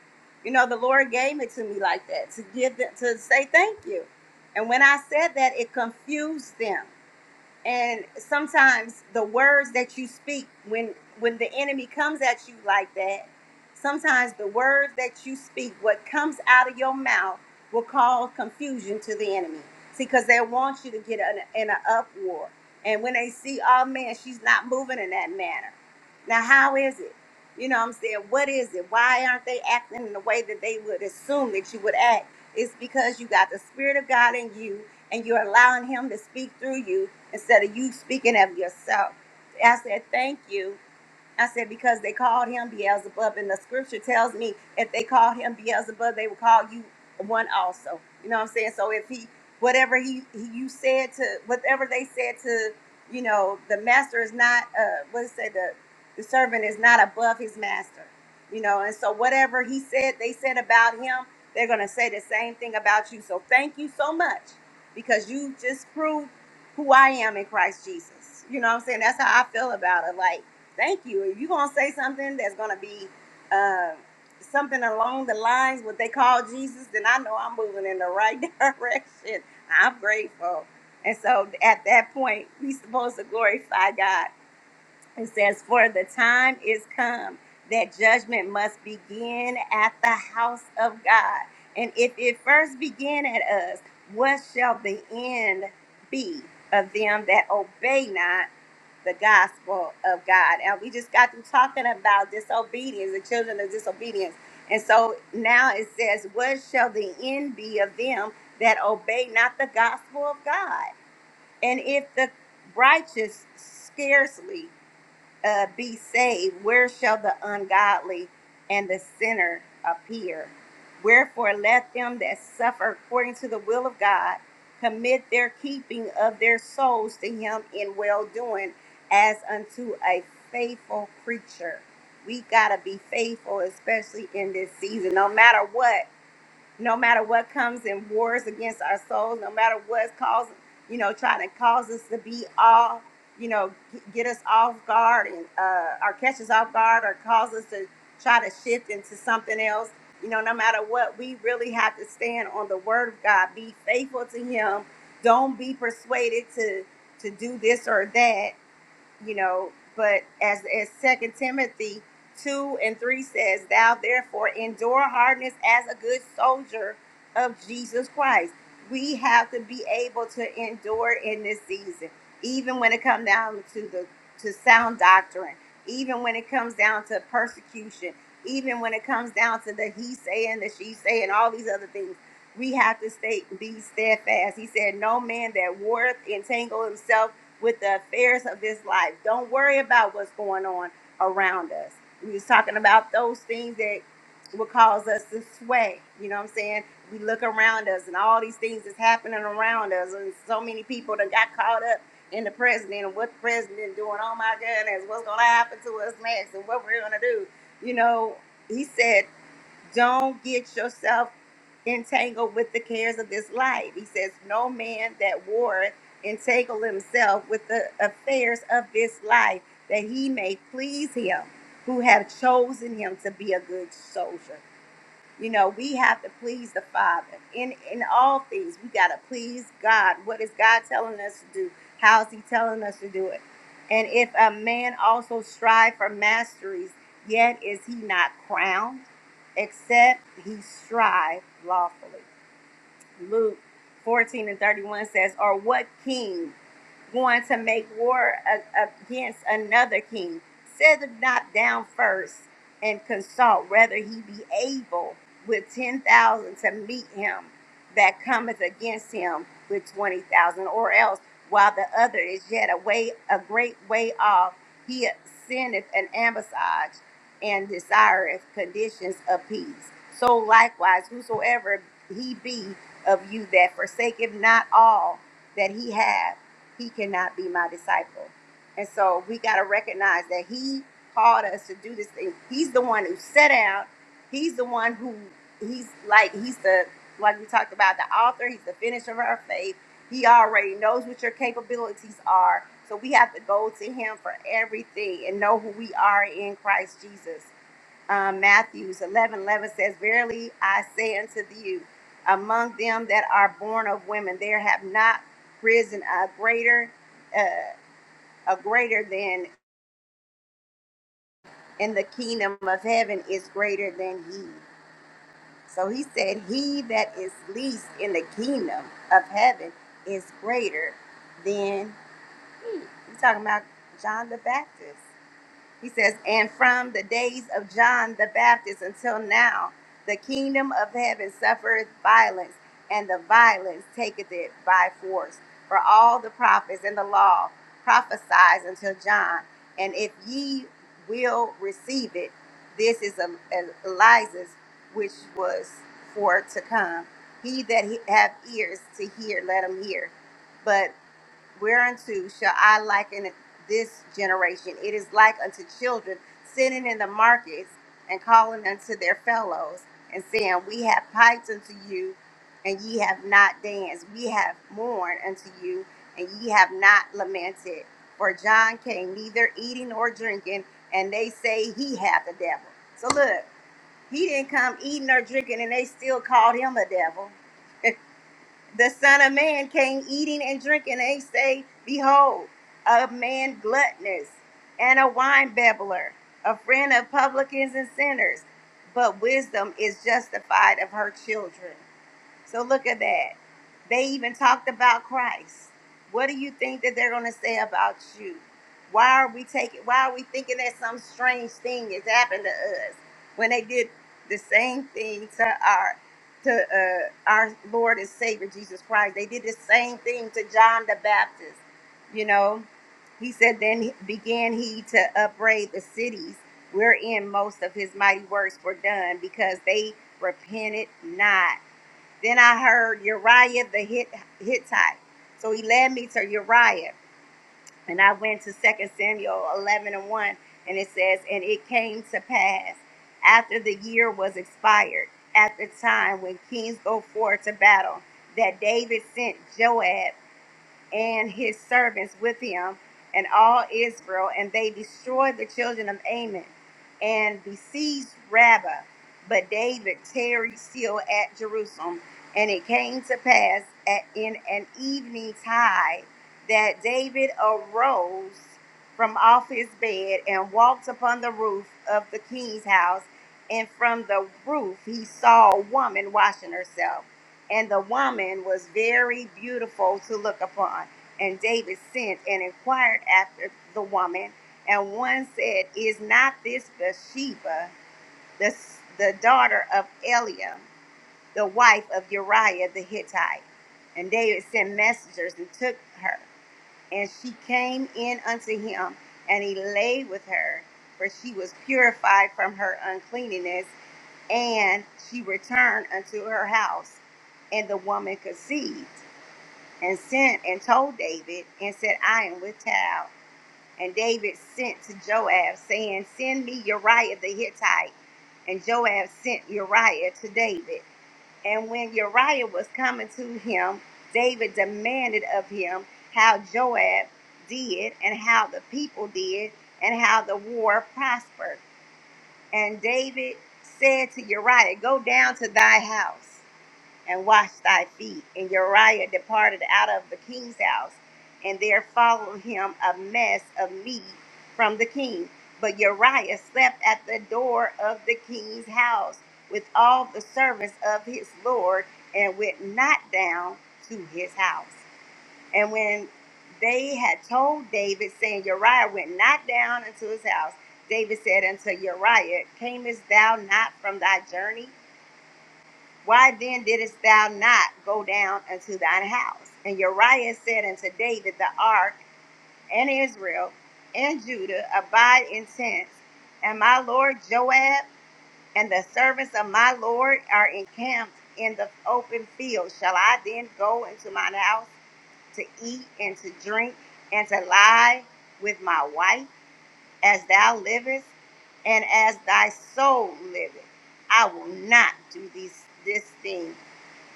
Speaker 1: you know, the Lord gave it to me like that to give them to say thank you. And when I said that, it confused them and sometimes the words that you speak when when the enemy comes at you like that sometimes the words that you speak what comes out of your mouth will cause confusion to the enemy see because they want you to get in a, in an uproar and when they see oh man she's not moving in that manner now how is it you know what i'm saying what is it why aren't they acting in the way that they would assume that you would act it's because you got the spirit of god in you and you're allowing him to speak through you instead of you speaking of yourself. I said, thank you I said, because they called him Beelzebub, and the scripture tells me if they called him Beelzebub, they would call you one also. You know what I'm saying? So if he, whatever he, he you said to, whatever they said to, you know, the master is not, uh, what does it say? The, the servant is not above his master, you know? And so whatever he said, they said about him, they're going to say the same thing about you. So thank you so much because you just proved who I am in Christ Jesus. You know what I'm saying? That's how I feel about it. Like, Thank you. If you're gonna say something that's gonna be uh, something along the lines what they call Jesus, then I know I'm moving in the right direction. I'm grateful. And so at that point, we supposed to glorify God. It says, For the time is come that judgment must begin at the house of God. And if it first begin at us, what shall the end be of them that obey not? the gospel of God. And we just got through talking about disobedience, the children of disobedience. And so now it says, What shall the end be of them that obey not the gospel of God? And if the righteous scarcely uh, be saved, where shall the ungodly and the sinner appear? Wherefore, let them that suffer according to the will of God commit their keeping of their souls to Him in well doing as unto a faithful creature. We got to be faithful, especially in this season, no matter what no matter what comes in wars against our souls, no matter what's causing, you know, trying to cause us to be off, you know, g- get us off guard and uh, or catch us off guard or cause us to try to shift into something else. You know, no matter what, we really have to stand on the word of God. Be faithful to Him. Don't be persuaded to to do this or that you know but as as second timothy 2 and 3 says thou therefore endure hardness as a good soldier of jesus christ we have to be able to endure in this season even when it comes down to the to sound doctrine even when it comes down to persecution even when it comes down to the he saying the she saying all these other things we have to stay be steadfast he said no man that warreth entangle himself with the affairs of this life. Don't worry about what's going on around us. We was talking about those things that will cause us to sway. You know what I'm saying? We look around us and all these things is happening around us, and so many people that got caught up in the president and what the president doing. Oh my goodness, what's gonna happen to us next and what we're gonna do? You know, he said. Don't get yourself entangled with the cares of this life. He says, No man that warreth entangle himself with the affairs of this life, that he may please him who have chosen him to be a good soldier. You know, we have to please the Father in in all things. We got to please God. What is God telling us to do? How is He telling us to do it? And if a man also strive for masteries, yet is he not crowned, except he strive lawfully. Luke 14 and 31 says, Or what king? going to make war against another king. Set him not down first and consult whether he be able with 10,000 to meet him that cometh against him with 20,000, or else while the other is yet a way, a great way off, he sendeth an ambassage and desireth conditions of peace. So likewise, whosoever he be of you that forsaketh not all that he hath he cannot be my disciple. And so we got to recognize that he called us to do this thing. He's the one who set out. He's the one who he's like he's the like we talked about the author. He's the finisher of our faith. He already knows what your capabilities are. So we have to go to him for everything and know who we are in Christ Jesus um, Matthews 11 11 says, Verily I say unto you, among them that are born of women, there have not risen a greater, uh, a greater than in the kingdom of heaven is greater than he. So he said, He that is least in the kingdom of heaven is greater than, he's talking about John the Baptist. He says, And from the days of John the Baptist until now, the kingdom of heaven suffereth violence, and the violence taketh it by force. For all the prophets and the law prophesies until John. And if ye will receive it, this is a- a- Elijah's, which was for to come. He that he- have ears to hear, let him hear. But whereunto shall I liken this generation? It is like unto children sitting in the markets and calling unto their fellows and saying, We have piped unto you, and ye have not danced. We have mourned unto you, and ye have not lamented. For John came neither eating nor drinking, and they say he hath the devil. So look, he didn't come eating or drinking, and they still called him a devil. the Son of Man came eating and drinking. and They say, Behold, a man gluttonous and a wine babbler, a friend of publicans and sinners. But wisdom is justified of her children. So look at that. They even talked about Christ. What do you think that they're going to say about you? Why are we taking? Why are we thinking that some strange thing has happened to us when they did the same thing to our to uh, our Lord and Savior Jesus Christ? They did the same thing to John the Baptist. You know, he said, "Then he- began he to upbraid the cities wherein most of his mighty works were done, because they repented not." Then I heard Uriah the Hittite. So he led me to Uriah. And I went to Second Samuel 11 and 1. And it says, And it came to pass after the year was expired, at the time when kings go forth to battle, that David sent Joab and his servants with him and all Israel, and they destroyed the children of Ammon and besieged Rabbah. But David tarried still at Jerusalem. And it came to pass at, in an evening tide that David arose from off his bed and walked upon the roof of the king's house. And from the roof he saw a woman washing herself and the woman was very beautiful to look upon. And David sent and inquired after the woman, and one said, "Is not this Bathsheba, the the daughter of Eliam, the wife of Uriah the Hittite?" And David sent messengers and took her, and she came in unto him, and he lay with her, for she was purified from her uncleanness. And she returned unto her house, and the woman conceived, and sent and told David, and said, I am with child. And David sent to Joab, saying, Send me Uriah the Hittite. And Joab sent Uriah to David. And when Uriah was coming to him, David demanded of him how Joab did, and how the people did, and how the war prospered. And David said to Uriah, Go down to thy house and wash thy feet. And Uriah departed out of the king's house, and there followed him a mess of meat from the king. But Uriah slept at the door of the king's house with all the servants of his lord, and went not down to his house. And when they had told David, saying, Uriah went not down into his house, David said unto Uriah, Camest thou not from thy journey? Why then didst thou not go down unto thine house? And Uriah said unto David, The ark and Israel and Judah abide in tents, and my lord Joab and the servants of my lord are encamped in the open field. Shall I then go into mine house? to eat and to drink and to lie with my wife as thou livest and as thy soul liveth. I will not do these, this thing.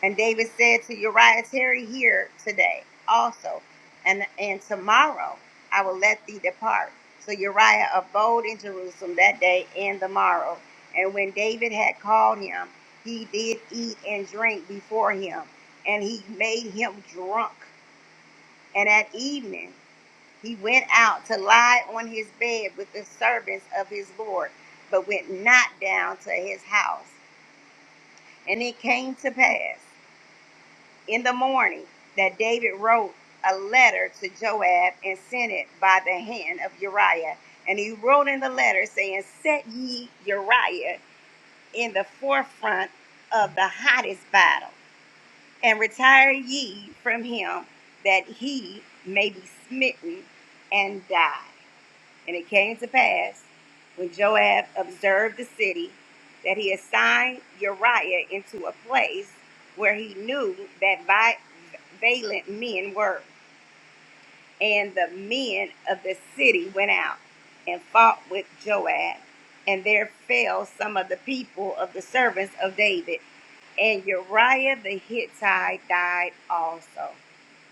Speaker 1: And David said to Uriah, Tarry here today also, and, and tomorrow I will let thee depart. So Uriah abode in Jerusalem that day and the morrow. And when David had called him, he did eat and drink before him, and he made him drunk. And at evening he went out to lie on his bed with the servants of his Lord, but went not down to his house. And it came to pass in the morning that David wrote a letter to Joab and sent it by the hand of Uriah. And he wrote in the letter saying, Set ye Uriah in the forefront of the hottest battle, and retire ye from him that he may be smitten and die. And it came to pass, when Joab observed the city, that he assigned Uriah into a place where he knew that vi- valiant men were. And the men of the city went out and fought with Joab, and there fell some of the people of the servants of David. And Uriah the Hittite died also.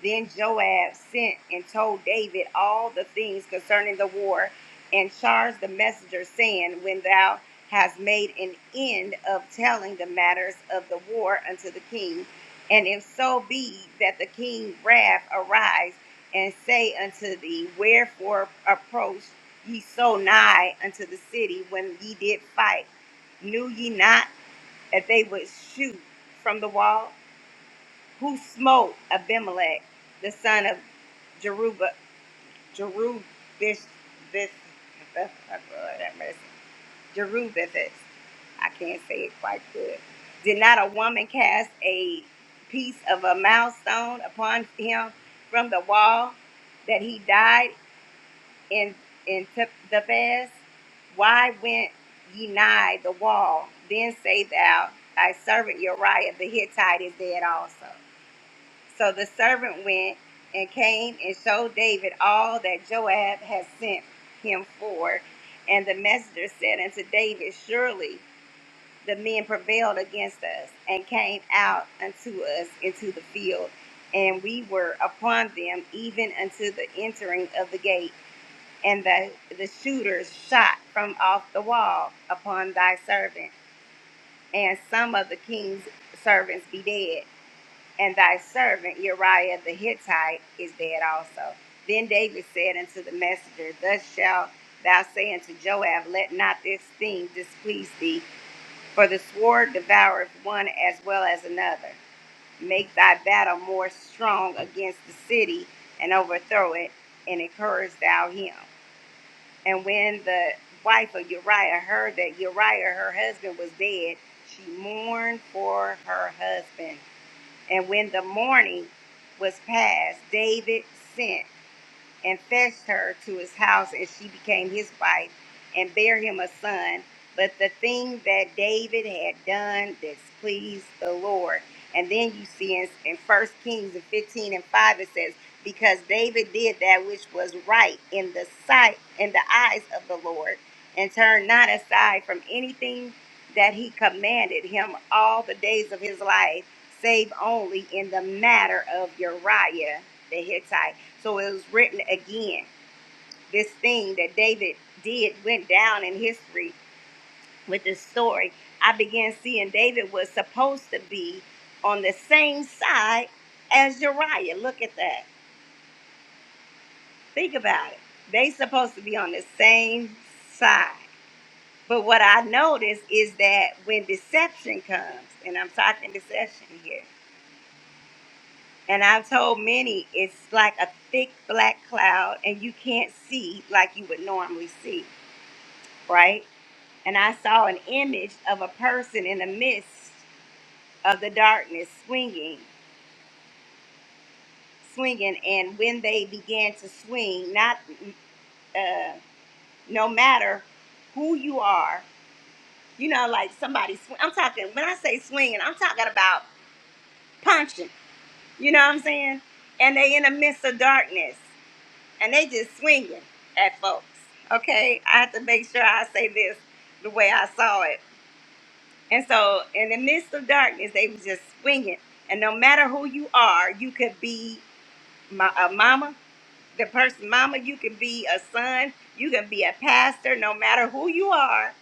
Speaker 1: Then Joab sent and told David all the things concerning the war, and charged the messenger, saying, When thou hast made an end of telling the matters of the war unto the king, and if so be that the king wrath arise and say unto thee, Wherefore approach ye so nigh unto the city when ye did fight? Knew ye not? that they would shoot from the wall, who smote Abimelech, the son of Jerubba, Jerubish, this, oh, Lord have mercy, Jerubithis. I can't say it quite good. Did not a woman cast a piece of a milestone upon him from the wall that he died? and and took the best? Why went ye nigh the wall? Then say thou, Thy servant Uriah the Hittite is dead also. So the servant went and came and showed David all that Joab had sent him for. And the messenger said unto David, Surely the men prevailed against us and came out unto us into the field, and we were upon them even unto the entering of the gate and the, the shooters shot from off the wall upon thy servant, and some of the king's servants be dead, and thy servant Uriah the Hittite is dead also. Then David said unto the messenger, Thus shalt thou say unto Joab, Let not this thing displease thee, for the sword devoureth one as well as another. Make thy battle more strong against the city, and overthrow it, and encourage thou him. And when the wife of Uriah heard that Uriah, her husband, was dead, she mourned for her husband. And when the mourning was past, David sent and fetched her to his house, and she became his wife and bare him a son. But the thing that David had done displeased the Lord. And then you see in, in 1 Kings 15 and 5, it says, Because David did that which was right in the sight, in the eyes of the Lord, and turned not aside from anything that he commanded him all the days of his life, save only in the matter of Uriah the Hittite so it was written again. This thing that David did went down in history with this story. I began seeing David was supposed to be on the same side as Uriah. Look at that. Think about it. They supposed to be on the same side. But what I noticed is that when deception comes, and I'm talking deception here, and I've told many it's like a thick black cloud and you can't see like you would normally see, right? and I saw an image of a person in the midst of the darkness swinging, swinging, and when they began to swing, not uh, no matter who you are, you know, like somebody. Sw- I'm talking when I say swinging, I'm talking about punching. You know what I'm saying? And they in the midst of darkness, and they just swinging at folks. Okay, I have to make sure I say this the way I saw it And so, in the midst of darkness, they was just swinging. And no matter who you are, you could be my, a mama, the person mama. You can be a son. You can be a pastor. No matter who you are,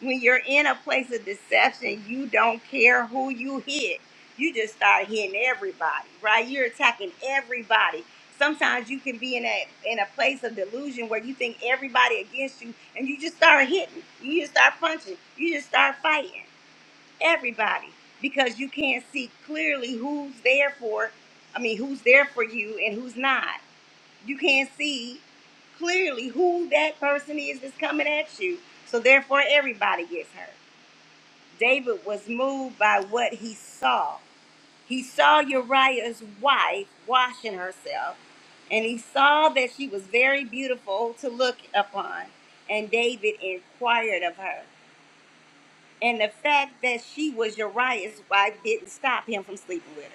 Speaker 1: when you're in a place of deception, you don't care who you hit. You just start hitting everybody, right? You're attacking everybody. Sometimes you can be in a in a place of delusion where you think everybody against you, and you just start hitting. You just start punching. You just start fighting everybody because you can't see clearly who's there for i mean who's there for you and who's not you can't see clearly who that person is that's coming at you so therefore everybody gets hurt david was moved by what he saw he saw uriah's wife washing herself and he saw that she was very beautiful to look upon and david inquired of her and the fact that she was Uriah's wife didn't stop him from sleeping with her.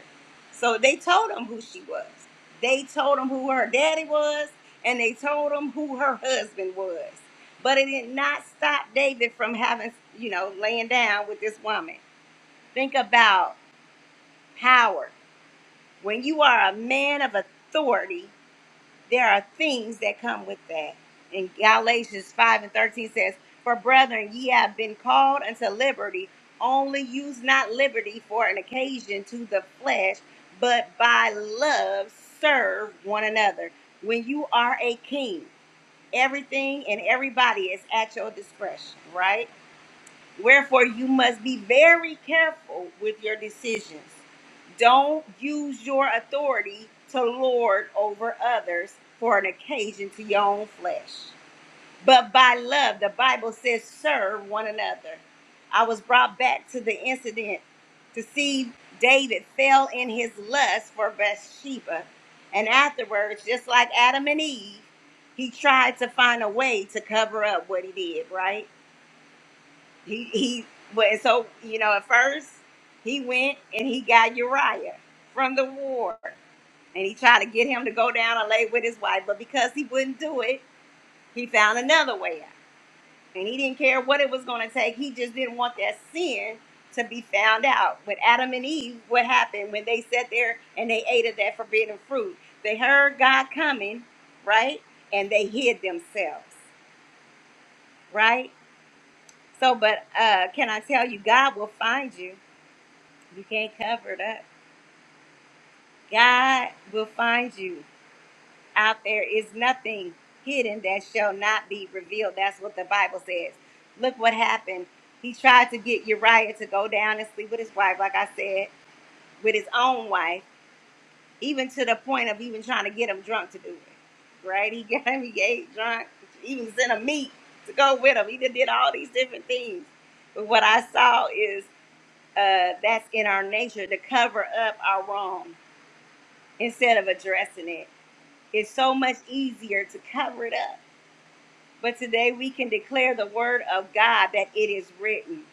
Speaker 1: So they told him who she was. They told him who her daddy was, and they told him who her husband was. But it did not stop David from having, you know, laying down with this woman. Think about power. When you are a man of authority, there are things that come with that. And Galatians 5 and 13 says, For brethren, ye have been called unto liberty. Only use not liberty for an occasion to the flesh, but by love serve one another. When you are a king, everything and everybody is at your discretion, right? Wherefore, you must be very careful with your decisions. Don't use your authority to lord over others for an occasion to your own flesh. But by love, the Bible says, serve one another. I was brought back to the incident to see David fell in his lust for Bathsheba. And afterwards, just like Adam and Eve, he tried to find a way to cover up what he did, right? He he but and so you know at first he went and he got Uriah from the war and he tried to get him to go down and lay with his wife, but because he wouldn't do it, he found another way out. And he didn't care what it was gonna take, he just didn't want that sin to be found out. With Adam and Eve, what happened when they sat there and they ate of that forbidden fruit? They heard God coming, right? And they hid themselves, right? So, but uh, can I tell you, God will find you You can't cover it up. God will find you out there. Is nothing hidden that shall not be revealed. That's what the Bible says. Look what happened. He tried to get Uriah to go down and sleep with his wife, like I said, with his own wife, even to the point of even trying to get him drunk to do it. Right? He got him, he ate drunk, even sent a meat to go with him. He done did all these different things. But what I saw is uh, that's in our nature to cover up our wrong instead of addressing it. It's so much easier to cover it up but today we can declare the word of God that it is written.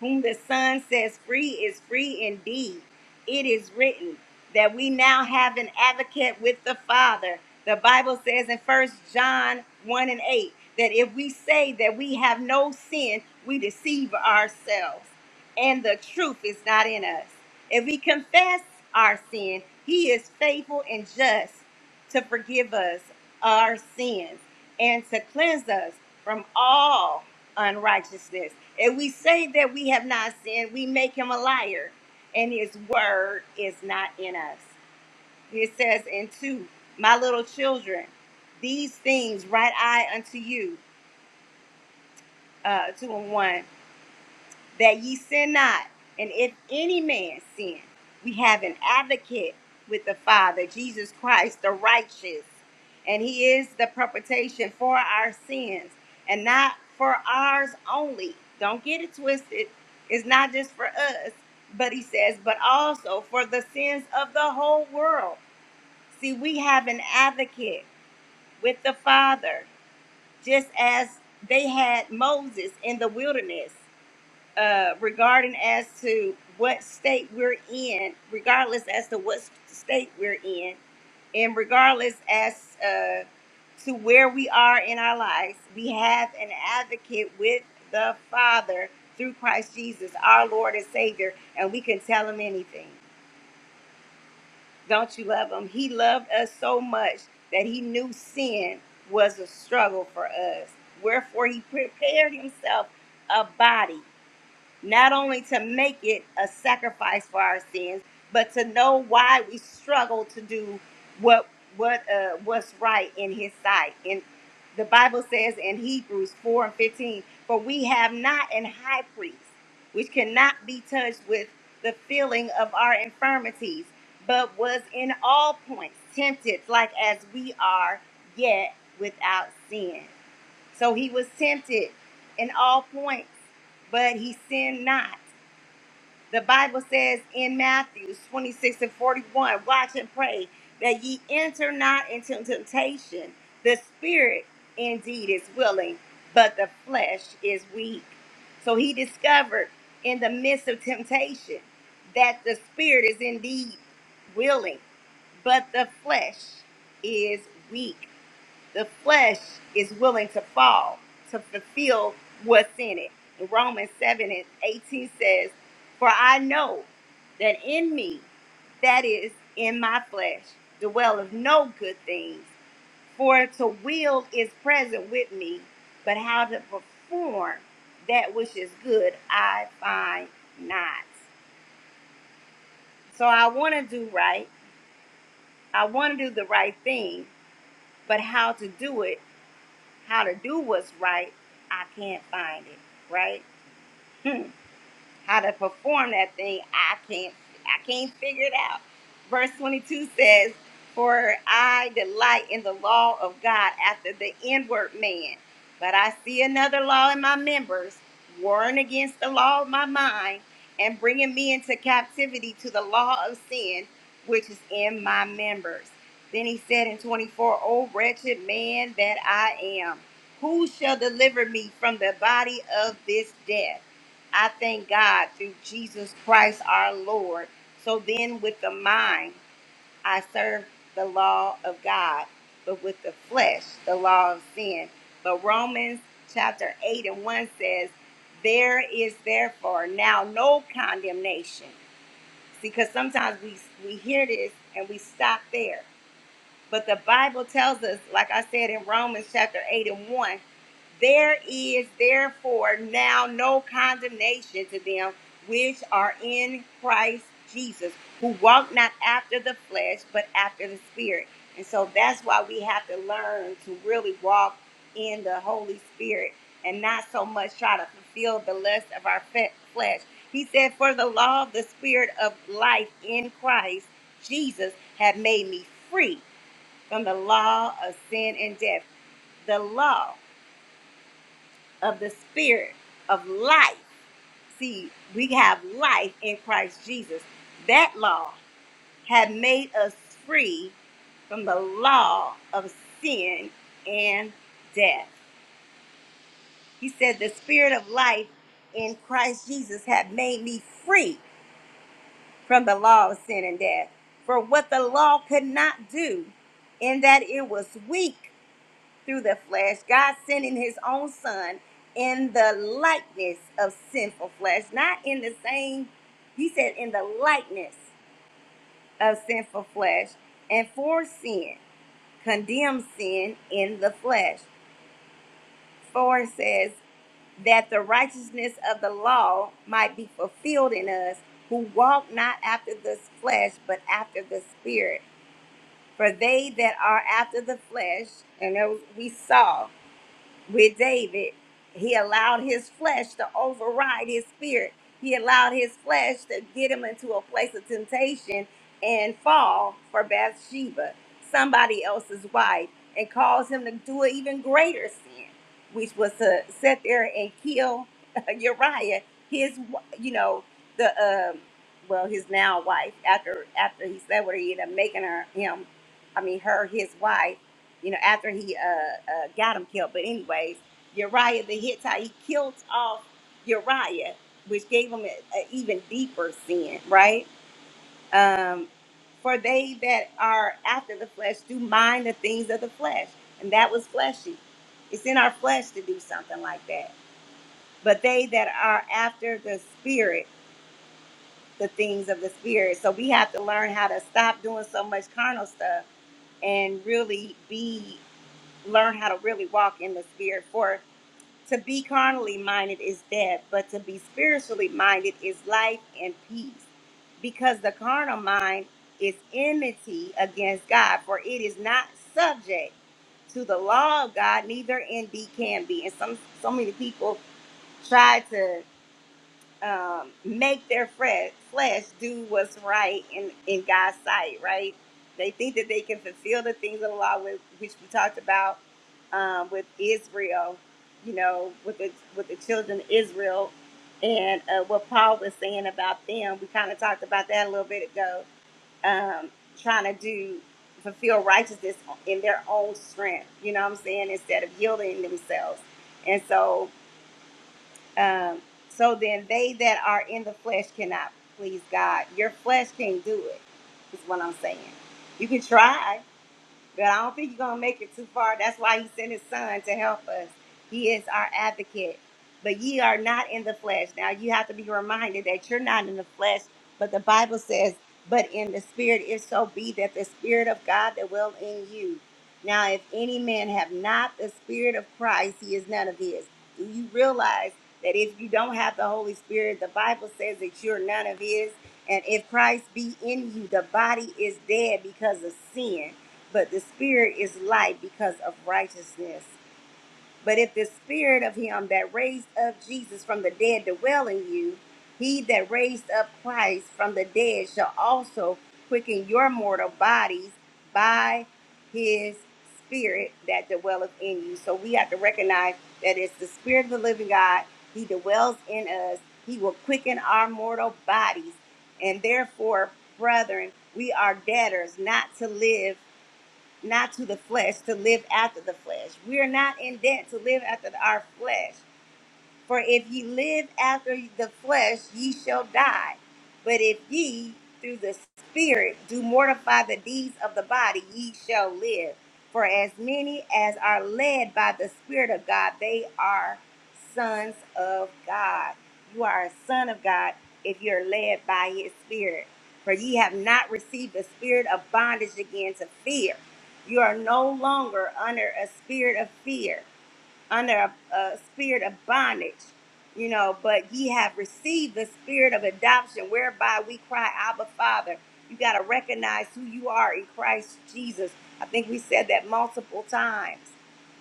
Speaker 1: Whom the Son says free is free indeed. It is written that we now have an advocate with the Father. The Bible says in First John 1 and 8 that if we say that we have no sin, we deceive ourselves and the truth is not in us. If we confess our sin, He is faithful and just to forgive us our sins and to cleanse us from all unrighteousness. If we say that we have not sinned, we make him a liar, and his word is not in us. It says in 2, My little children, these things write I unto you, uh, 2 and 1. that ye sin not. And if any man sin, we have an advocate with the Father, Jesus Christ, the righteous. And he is the propitiation for our sins and not for ours only. Don't get it twisted. It's not just for us, but he says, but also for the sins of the whole world. See, we have an advocate with the Father, just as they had Moses in the wilderness uh, regarding as to what state we're in, regardless as to what s- state we're in, and regardless as uh, to where we are in our lives, we have an advocate with the Father through Christ Jesus, our Lord and Savior, and we can tell him anything. Don't you love him? He loved us so much that he knew sin was a struggle for us. Wherefore, he prepared himself a body not only to make it a sacrifice for our sins, but to know why we struggle to do what what uh, what's right in His sight. And the Bible says in Hebrews four and fifteen, for we have not an high priest which cannot be touched with the feeling of our infirmities, but was in all points tempted like as we are, yet without sin. So he was tempted in all points, but he sinned not. The Bible says in Matthew 26 and 41, watch and pray that ye enter not into temptation. The spirit indeed is willing, but the flesh is weak. So he discovered in the midst of temptation that the spirit is indeed willing, but the flesh is weak the flesh is willing to fall to fulfill what's in it. In Romans 7 and 18 says, For I know that in me, that is, in my flesh, dwelleth no good things. For to will is present with me, but how to perform that which is good I find not. So I want to do right. I want to do the right thing, but how to do it how to do what's right, I can't find it, right? how to perform that thing, I can't I can't figure it out. Verse 22 says, "For I delight in the law of God after the inward man, but I see another law in my members, warring against the law of my mind and bringing me into captivity to the law of sin, which is in my members." Then he said in 24, "O wretched man that I am, who shall deliver me from the body of this death?" I thank God through Jesus Christ our Lord. So then, with the mind, I serve the law of God, but with the flesh, the law of sin. But Romans chapter 8 and 1 says, There is therefore now no condemnation. See, because sometimes we, we hear this and we stop there. But the Bible tells us, like I said in Romans chapter 8 and 1, there is therefore now no condemnation to them which are in Christ Jesus, who walk not after the flesh, but after the Spirit. And so that's why we have to learn to really walk in the Holy Spirit and not so much try to fulfill the lust of our fe- flesh. He said, For the law of the Spirit of life in Christ Jesus had made me free from the law of sin and death, the law of the spirit of life. See, we have life in Christ Jesus. That law had made us free from the law of sin and death. He said, The spirit of life in Christ Jesus had made me free from the law of sin and death. For what the law could not do, in that it was weak through the flesh, God sending his own son in the likeness of sinful flesh, not in the same, he said, in the likeness of sinful flesh, and for sin, condemns sin in the flesh. For it says, that the righteousness of the law might be fulfilled in us who walk not after the flesh, but after the spirit. For they that are after the flesh, and there we saw with David, he allowed his flesh to override his spirit. He allowed his flesh to get him into a place of temptation and fall for Bathsheba, somebody else's wife, and cause him to do an even greater sin, which was to sit there and kill Uriah, his, w- you know, the um, well, his now wife. After after he slept with her, he ended up making her him, I mean her his wife you know, after he uh, uh, got him killed. But anyways, Uriah the Hittite, he killed off Uriah, which gave him an even deeper sin, right? Um, for they that are after the flesh do mind the things of the flesh, and that was fleshy. It's in our flesh to do something like that. But they that are after the spirit, the things of the spirit. So we have to learn how to stop doing so much carnal stuff and really be. learn how to really walk in the spirit. For to be carnally minded is death, but to be spiritually minded is life and peace. Because the carnal mind is enmity against God, for it is not subject to the law of God, neither indeed can be. And some so many people try to um, make their fre- flesh do what's right in, in God's sight, right? They think that they can fulfill the things of the law, with, which we talked about um, with Israel, you know, with the, with the children of Israel, and uh, what Paul was saying about them. We kind of talked about that a little bit ago, um, trying to do fulfill righteousness in their own strength, you know what I'm saying, instead of yielding themselves. And so um, so then they that are in the flesh cannot please God. Your flesh can't do it, is what I'm saying. You can try. But I don't think you're gonna make it too far. That's why he sent his son to help us. He is our advocate. But ye are not in the flesh. Now you have to be reminded that you're not in the flesh, but the Bible says, but in the spirit, if so be that the spirit of God that will in you. Now, if any man have not the spirit of Christ, he is none of his. Do you realize that if you don't have the Holy Spirit, the Bible says that you're none of his? And if Christ be in you, the body is dead because of sin but the spirit is life because of righteousness. But if the spirit of him that raised up Jesus from the dead dwell in you, he that raised up Christ from the dead shall also quicken your mortal bodies by his spirit that dwelleth in you. So we have to recognize that it's the spirit of the living God. He dwells in us. He will quicken our mortal bodies. And therefore, brethren, we are debtors not to live not to the flesh to live after the flesh. We are not in debt to live after our flesh. For if ye live after the flesh, ye shall die. But if ye through the Spirit do mortify the deeds of the body, ye shall live. For as many as are led by the Spirit of God, they are sons of God. You are a son of God if you're led by his Spirit. For ye have not received the spirit of bondage again to fear. You are no longer under a spirit of fear under a, a spirit of bondage, you know, but ye have received the spirit of adoption whereby we cry, Abba, Father. You got to recognize who you are in Christ Jesus. I think we said that multiple times.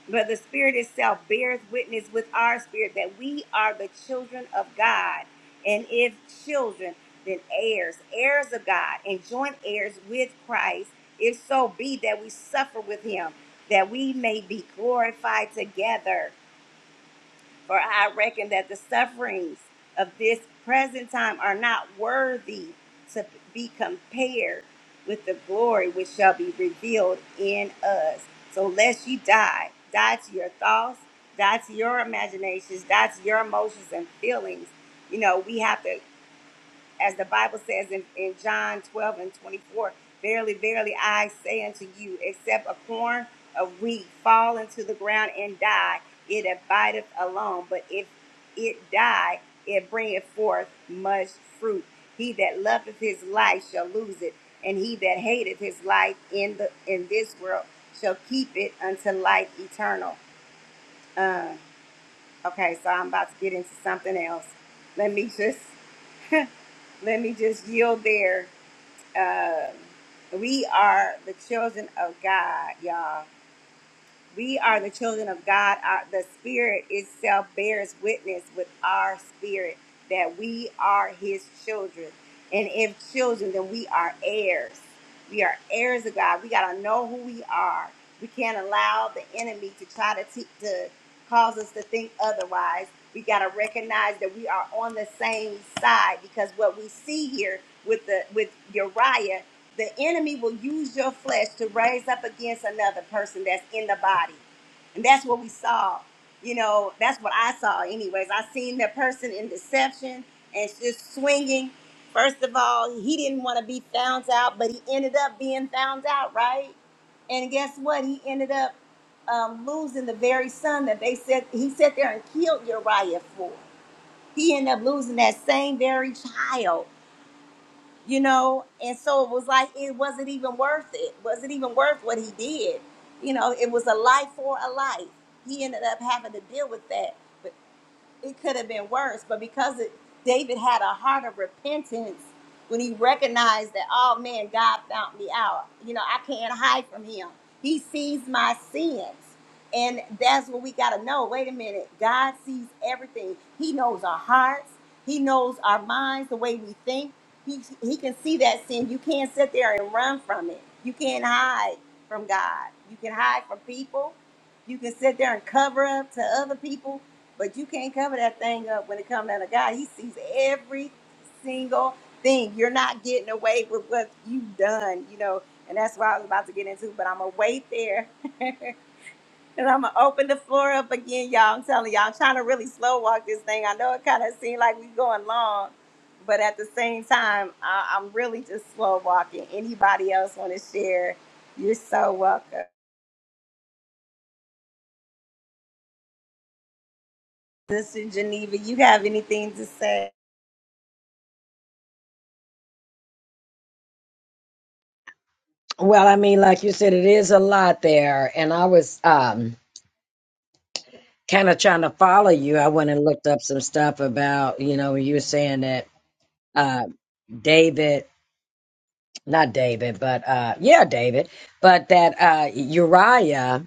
Speaker 1: But the Spirit itself bears witness with our spirit that we are the children of God. And if children, then heirs, heirs of God, and joint heirs with Christ, if so be that we suffer with him, that we may be glorified together. For I reckon that the sufferings of this present time are not worthy to be compared with the glory which shall be revealed in us. So lest you die, die to your thoughts, die to your imaginations, die to your emotions and feelings. You know, we have to as the Bible says in, in John 12 and 24, verily, verily, I say unto you, except a corn of wheat fall into the ground and die, it abideth alone. But if it die, it bringeth forth much fruit. He that loveth his life shall lose it, and he that hateth his life in the in this world shall keep it unto life eternal. Uh, okay, so I'm about to get into something else. Let me just let me just yield there um, we are the children of God, y'all. We are the children of God. Our, the Spirit itself bears witness with our spirit that we are His children. And if children, then we are heirs. We are heirs of God. We got to know who we are. We can't allow the enemy to try to, te- to cause us to think otherwise. We got to recognize that we are on the same side because what we see here with the with Uriah the enemy will use your flesh to raise up against another person that's in the body. And that's what we saw. You know, that's what I saw, anyways. I seen that person in deception and just swinging. First of all, he didn't want to be found out, but he ended up being found out, right? And guess what? He ended up um, losing the very son that they said he sat there and killed Uriah for. He ended up losing that same very child you know and so it was like it wasn't even worth it wasn't even worth what he did you know it was a life for a life he ended up having to deal with that it could have been worse, but because it, David had a heart of repentance when he recognized that, oh man, God found me out. You know, I can't hide from him. He sees my sins. And that's what we got to know. Wait a minute. God sees everything. He knows our hearts. He knows our minds, the way we think. He, he can see that sin. You can't sit there and run from it. You can't hide from God. You can hide from people. You can sit there and cover up to other people but you can't cover that thing up when it comes down to God. He sees every single thing. You're not getting away with what you've done, you know. And that's what I was about to get into, but I'm gonna wait there. and I'm gonna open the floor up again, y'all. I'm telling y'all, I'm trying to really slow walk this thing. I know it kind of seemed like we going long, but at the same time, I, I'm really just slow walking. Anybody else want to share? You're so welcome, Sister Geneva. You have anything to say?
Speaker 6: Well, I mean, like you said, it is a lot there, and I was um kind of trying to follow you. I went and looked up some stuff about, you know, you were saying that uh David, not David, but uh yeah, David, but that uh Uriah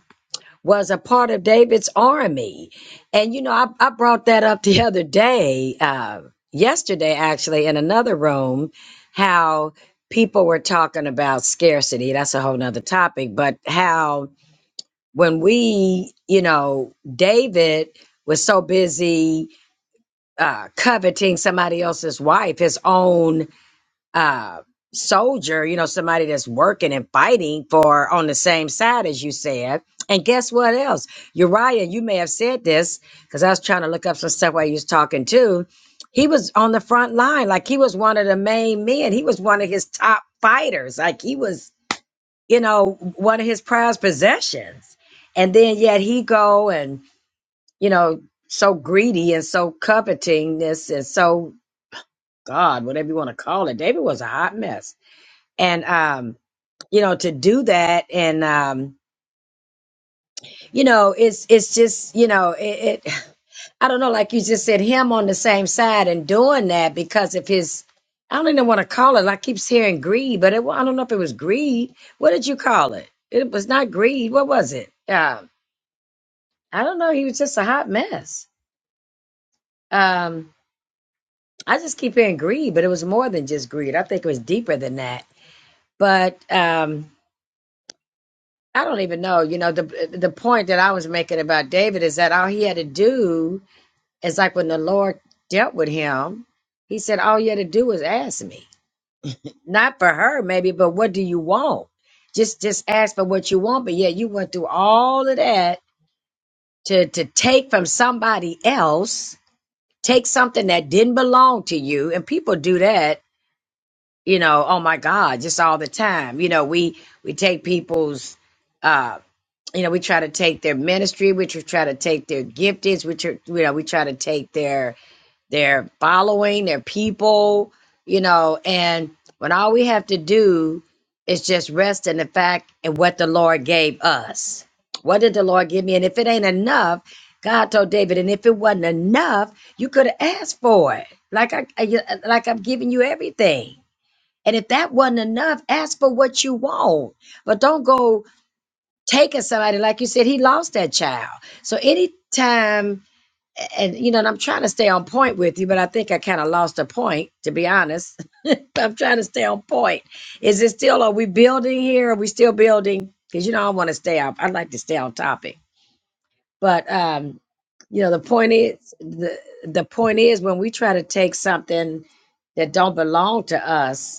Speaker 6: was a part of David's army. And, you know, I, I brought that up the other day, uh, yesterday, actually, in another room, how people were talking about scarcity. That's a whole nother topic, but how when we, you know, David was so busy uh, coveting somebody else's wife, his own uh, soldier, you know, somebody that's working and fighting for on the same side as you said. And guess what else? Uriah, you may have said this because I was trying to look up some stuff while you was talking too. He was on the front line, like he was one of the main men. He was one of his top fighters. Like he was, you know, one of his prized possessions. And then yet he go and, you know, so greedy and so covetingness and so God, whatever you want to call it. David was a hot mess and um you know to do that and um you know it's it's just you know it, it i don't know like you just said him on the same side and doing that because of his i don't even want to call it i keeps hearing greed but it, wa- i don't know if it was greed what did you call it it was not greed what was it um i don't know he was just a hot mess um i just keep hearing greed but it was more than just greed i think it was deeper than that but um I don't even know. You know, the the point that I was making about David is that all he had to do is like when the Lord dealt with him, he said, All you had to do was ask me. Not for her, maybe, but what do you want? Just just ask for what you want. But yeah, you went through all of that to to take from somebody else, take something that didn't belong to you. And people do that, you know, oh my God, just all the time. You know, we we take people's uh, you know, we try to take their ministry, we tr- try to take their giftings, we, tr- you know, we try to take their their following, their people, you know, and when all we have to do is just rest in the fact and what the Lord gave us. What did the Lord give me? And if it ain't enough, God told David, and if it wasn't enough, you could have asked for it. Like I, I you- like I'm giving you everything. And if that wasn't enough, ask for what you want. But don't go taking somebody like you said he lost that child so anytime and you know and i'm trying to stay on point with you but i think i kind of lost a point to be honest i'm trying to stay on point is it still are we building here are we still building because you know i want to stay off i would like to stay on topic but um you know the point is the the point is when we try to take something that don't belong to us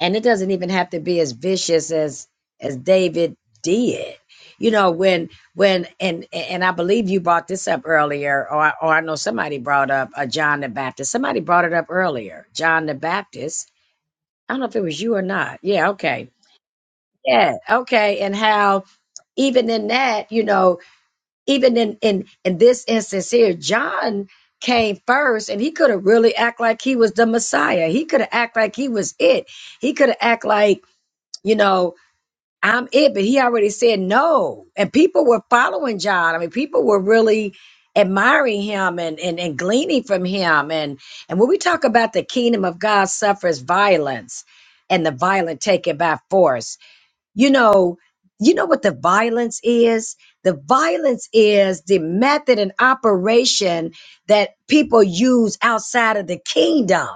Speaker 6: and it doesn't even have to be as vicious as as David did. You know, when when and and I believe you brought this up earlier, or or I know somebody brought up uh, John the Baptist. Somebody brought it up earlier, John the Baptist. I don't know if it was you or not. Yeah, okay, yeah, okay. And how even in that, you know, even in in in this instance here, John came first and he could have really act like he was the messiah he could have act like he was it he could have act like you know I'm it, but he already said no. And people were following John. I mean, people were really admiring him and, and, and gleaning from him. And and when we talk about the kingdom of God suffers violence and the violent taken by force, you know, you know what the violence is? The violence is the method and operation that people use outside of the kingdom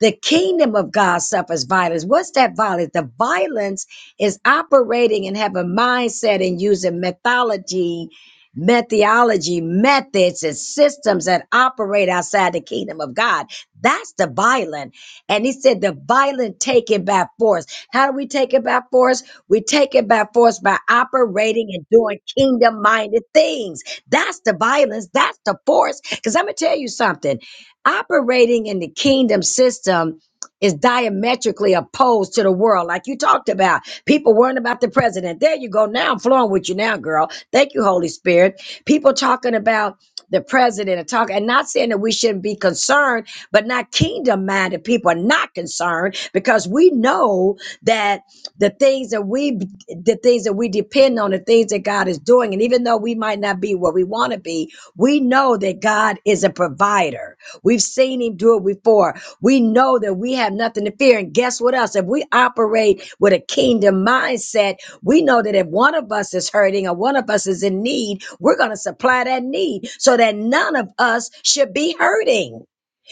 Speaker 6: the kingdom of God suffers violence. What's that violence? The violence is operating and have a mindset and using methodology, methodology, methods, and systems that operate outside the kingdom of God. That's the violent. And he said, the violent take it by force. How do we take it by force? We take it by force by operating and doing kingdom minded things. That's the violence. That's the force. Because I'm going to tell you something. Operating in the kingdom system is diametrically opposed to the world, like you talked about. People worrying about the president. There you go. Now I'm flowing with you now, girl. Thank you, Holy Spirit. People talking about the president and talk and not saying that we shouldn't be concerned, but not kingdom minded people are not concerned because we know that the things that we the things that we depend on, the things that God is doing, and even though we might not be where we want to be, we know that God is a provider We've seen him do it before. We know that we have nothing to fear. And guess what else? If we operate with a kingdom mindset, we know that if one of us is hurting or one of us is in need, we're going to supply that need so that none of us should be hurting.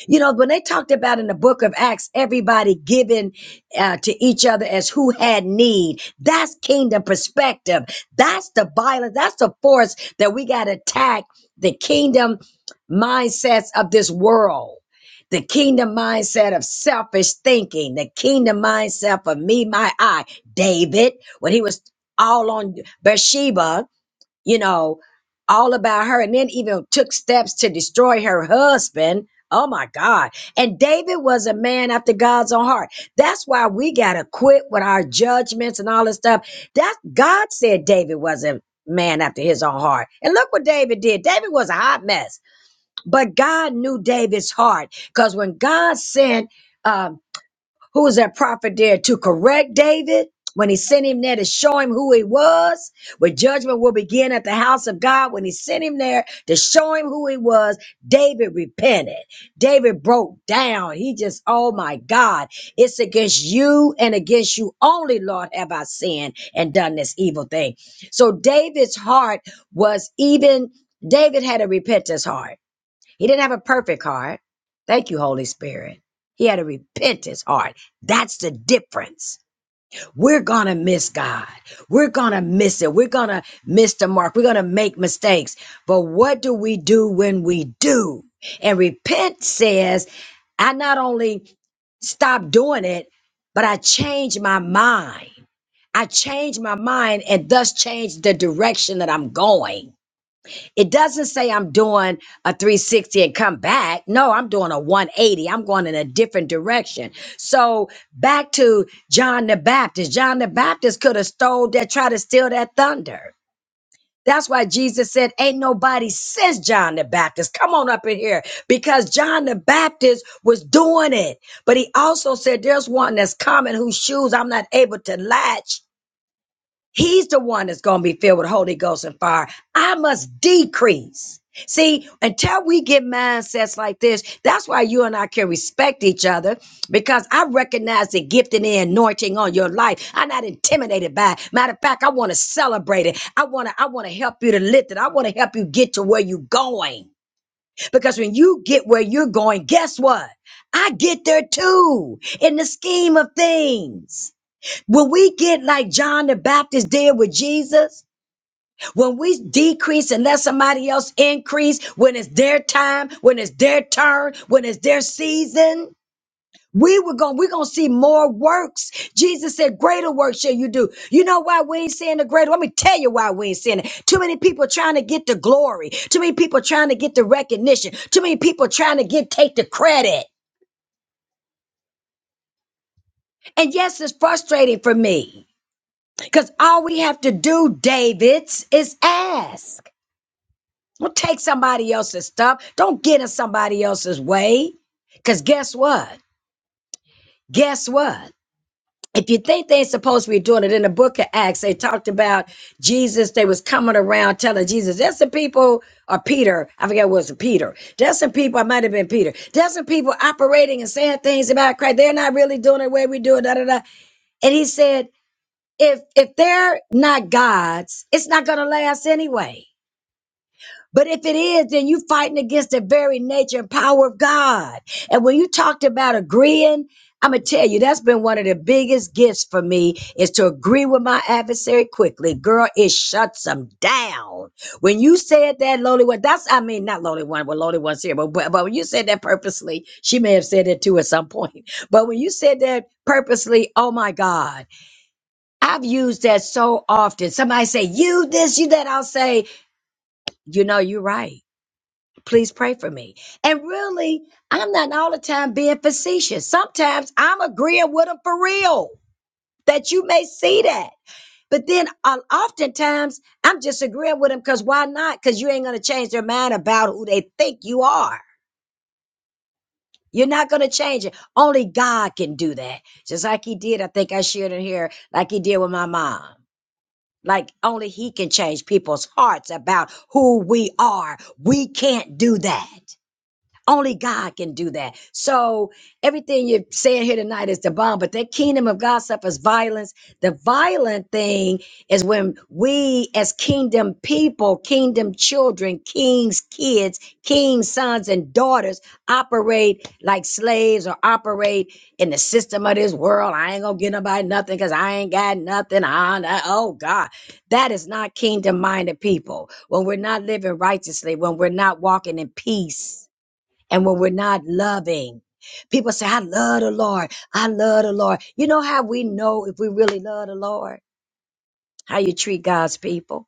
Speaker 6: You know, when they talked about in the book of Acts, everybody giving uh, to each other as who had need, that's kingdom perspective. That's the violence. That's the force that we got to attack the kingdom mindsets of this world. The kingdom mindset of selfish thinking, the kingdom mindset of me, my, I. David, when he was all on Bathsheba, you know, all about her, and then even took steps to destroy her husband. Oh my God. And David was a man after God's own heart. That's why we got to quit with our judgments and all this stuff. That God said David was a man after his own heart. And look what David did. David was a hot mess, but God knew David's heart because when God sent uh, who was that prophet there to correct David when he sent him there to show him who he was? Where judgment will begin at the house of God. When he sent him there to show him who he was, David repented. David broke down. He just, oh my God, it's against you and against you only, Lord, have I sinned and done this evil thing. So David's heart was even, David had a repentance heart. He didn't have a perfect heart. Thank you, Holy Spirit. He had a repentance heart. That's the difference. We're going to miss God. We're going to miss it. We're going to miss the mark. We're going to make mistakes. But what do we do when we do? And repent says, I not only stop doing it, but I change my mind. I change my mind and thus change the direction that I'm going. It doesn't say I'm doing a 360 and come back. No, I'm doing a 180. I'm going in a different direction. So back to John the Baptist. John the Baptist could have stole that, tried to steal that thunder. That's why Jesus said, Ain't nobody since John the Baptist. Come on up in here. Because John the Baptist was doing it. But he also said, There's one that's coming whose shoes I'm not able to latch. He's the one that's going to be filled with Holy Ghost and fire. I must decrease. See, until we get mindsets like this, that's why you and I can respect each other because I recognize the gifting and anointing on your life. I'm not intimidated by it. Matter of fact, I want to celebrate it. I want to, I want to help you to lift it. I want to help you get to where you're going. Because when you get where you're going, guess what? I get there too in the scheme of things. When we get like John the Baptist did with Jesus, when we decrease and let somebody else increase, when it's their time, when it's their turn, when it's their season, we were going we're gonna see more works. Jesus said, Greater works shall you do. You know why we ain't seeing the greater? Let me tell you why we ain't seeing it. Too many people trying to get the glory, too many people trying to get the recognition, too many people trying to get take the credit. And yes, it's frustrating for me. Because all we have to do, Davids, is ask. Don't take somebody else's stuff. Don't get in somebody else's way. Because guess what? Guess what? If you think they ain't supposed to be doing it in the book of Acts, they talked about Jesus. They was coming around telling Jesus, there's some people, or Peter, I forget what it was Peter. There's some people, I might have been Peter. There's some people operating and saying things about Christ. They're not really doing it the way we do it, da da da. And he said, if if they're not gods, it's not gonna last anyway. But if it is, then you fighting against the very nature and power of God. And when you talked about agreeing, I'm gonna tell you that's been one of the biggest gifts for me is to agree with my adversary quickly. Girl, it shuts them down. When you said that lonely one, that's I mean not lonely one, well lonely one's here, but, but but when you said that purposely, she may have said it too at some point. But when you said that purposely, oh my God I've used that so often. Somebody say, you this, you that. I'll say, you know, you're right. Please pray for me. And really, I'm not all the time being facetious. Sometimes I'm agreeing with them for real, that you may see that. But then uh, oftentimes I'm just agreeing with them because why not? Because you ain't going to change their mind about who they think you are. You're not going to change it. Only God can do that. Just like he did, I think I shared it here, like he did with my mom. Like only he can change people's hearts about who we are. We can't do that. Only God can do that. So everything you're saying here tonight is the bomb, but that kingdom of God suffers violence. The violent thing is when we as kingdom people, kingdom children, king's kids, king's sons and daughters operate like slaves or operate in the system of this world. I ain't gonna get nobody nothing because I ain't got nothing. On oh God. That is not kingdom minded people. When we're not living righteously, when we're not walking in peace and when we're not loving. People say, I love the Lord. I love the Lord. You know how we know if we really love the Lord? How you treat God's people.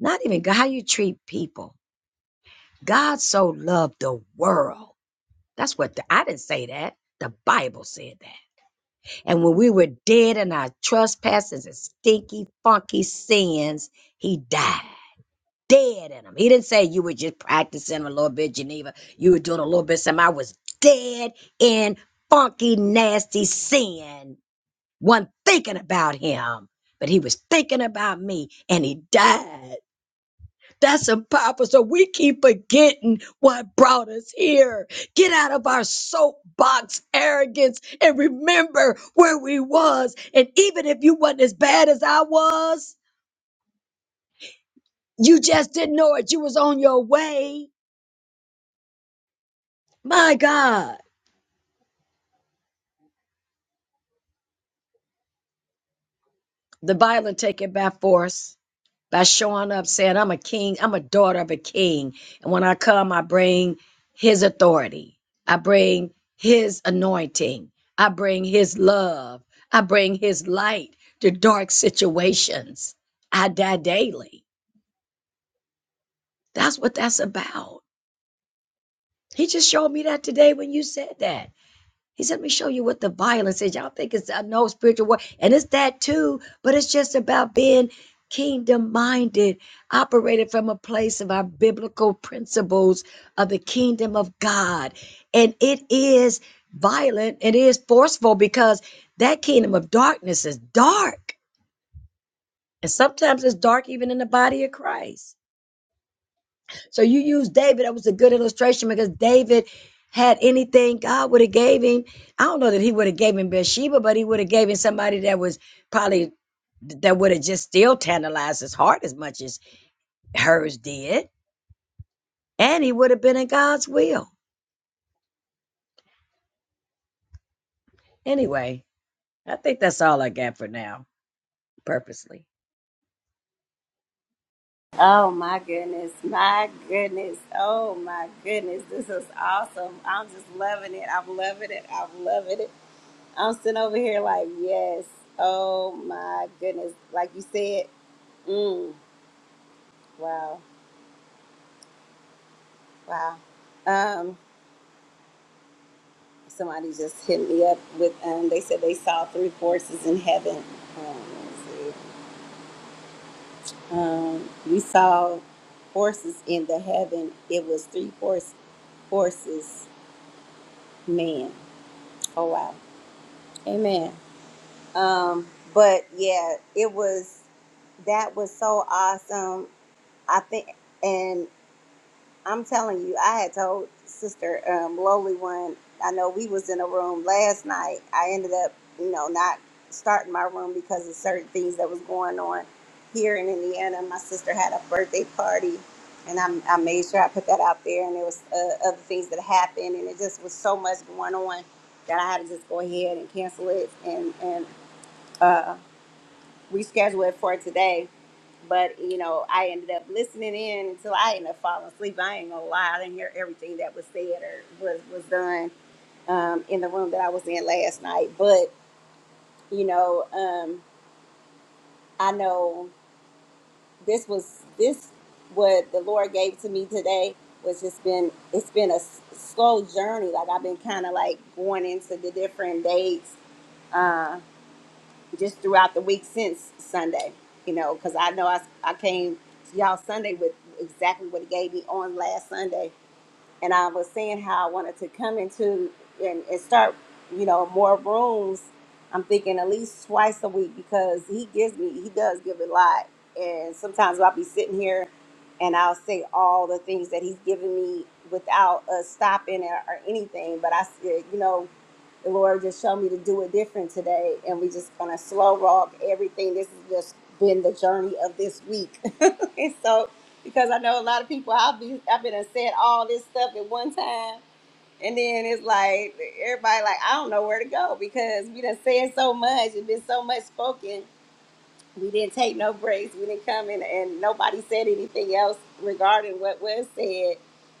Speaker 6: Not even God, how you treat people. God so loved the world. That's what the, I didn't say that. The Bible said that. And when we were dead in our trespasses and stinky, funky sins, He died. dead in them. He didn't say you were just practicing a little bit, Geneva. You were doing a little bit. Some I was dead in funky, nasty sin. One thinking about him, but he was thinking about me, and he died. That's a papa. So we keep forgetting what brought us here. Get out of our soapbox arrogance and remember where we was. And even if you wasn't as bad as I was, you just didn't know it. You was on your way. My God, the Bible take it by force by showing up saying, I'm a king, I'm a daughter of a king. And when I come, I bring his authority, I bring his anointing, I bring his love, I bring his light to dark situations. I die daily. That's what that's about. He just showed me that today when you said that. He said, Let me show you what the violence is. Y'all think it's, I know spiritual war, and it's that too, but it's just about being kingdom minded, operated from a place of our biblical principles of the kingdom of God. And it is violent, it is forceful because that kingdom of darkness is dark. And sometimes it's dark even in the body of Christ. So you use David. That was a good illustration because David had anything God would have gave him. I don't know that he would have gave him Bathsheba, but he would have gave him somebody that was probably that would have just still tantalized his heart as much as hers did. And he would have been in God's will. Anyway, I think that's all I got for now, purposely.
Speaker 1: Oh my goodness, my goodness, oh my goodness, this is awesome. I'm just loving it. I'm loving it. I'm loving it. I'm sitting over here like, yes, oh my goodness. Like you said, mm, wow, wow. Um, somebody just hit me up with, um, they said they saw three horses in heaven. Um, let me see. Um, we saw horses in the heaven. It was three horse, horses, man. Oh wow. Amen. Um, but yeah, it was that was so awesome. I think, and I'm telling you, I had told Sister um, Lowly one. I know we was in a room last night. I ended up, you know, not starting my room because of certain things that was going on here in Indiana. My sister had a birthday party, and I, I made sure I put that out there. And there was uh, other things that happened, and it just was so much going on that I had to just go ahead and cancel it and and. Uh, reschedule it for today. But you know, I ended up listening in until I ended up falling asleep. I ain't gonna lie, I didn't hear everything that was said or was was done um, in the room that I was in last night. But you know, um, I know this was this what the Lord gave to me today was just been it's been a s- slow journey. Like I've been kind of like going into the different dates uh, just throughout the week since Sunday, you know, because I know I, I came to y'all Sunday with exactly what he gave me on last Sunday. And I was saying how I wanted to come into and, and start, you know, more rooms. I'm thinking at least twice a week because he gives me, he does give a lot. And sometimes I'll be sitting here and I'll say all the things that he's given me without us stopping or, or anything. But I said, you know, the Lord just showed me to do it different today, and we just gonna slow rock everything. This has just been the journey of this week, and so because I know a lot of people, I've been I've been and said all this stuff at one time, and then it's like everybody like I don't know where to go because we done said so much and been so much spoken, we didn't take no breaks. We didn't come in and nobody said anything else regarding what was said.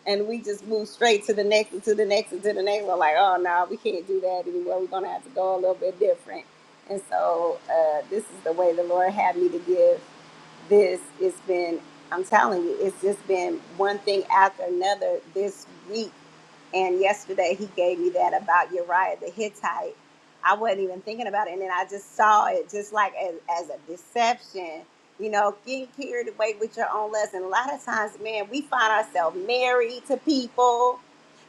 Speaker 1: And we just moved straight to the next and to the next and to the next. We're like, oh no, we can't do that anymore. We're gonna have to go a little bit different. And so uh, this is the way the Lord had me to give this. It's been, I'm telling you, it's just been one thing after another this week and yesterday he gave me that about Uriah the Hittite. I wasn't even thinking about it. And then I just saw it just like as, as a deception, you know, getting carried away with your own lust. And a lot of times, man, we find ourselves married to people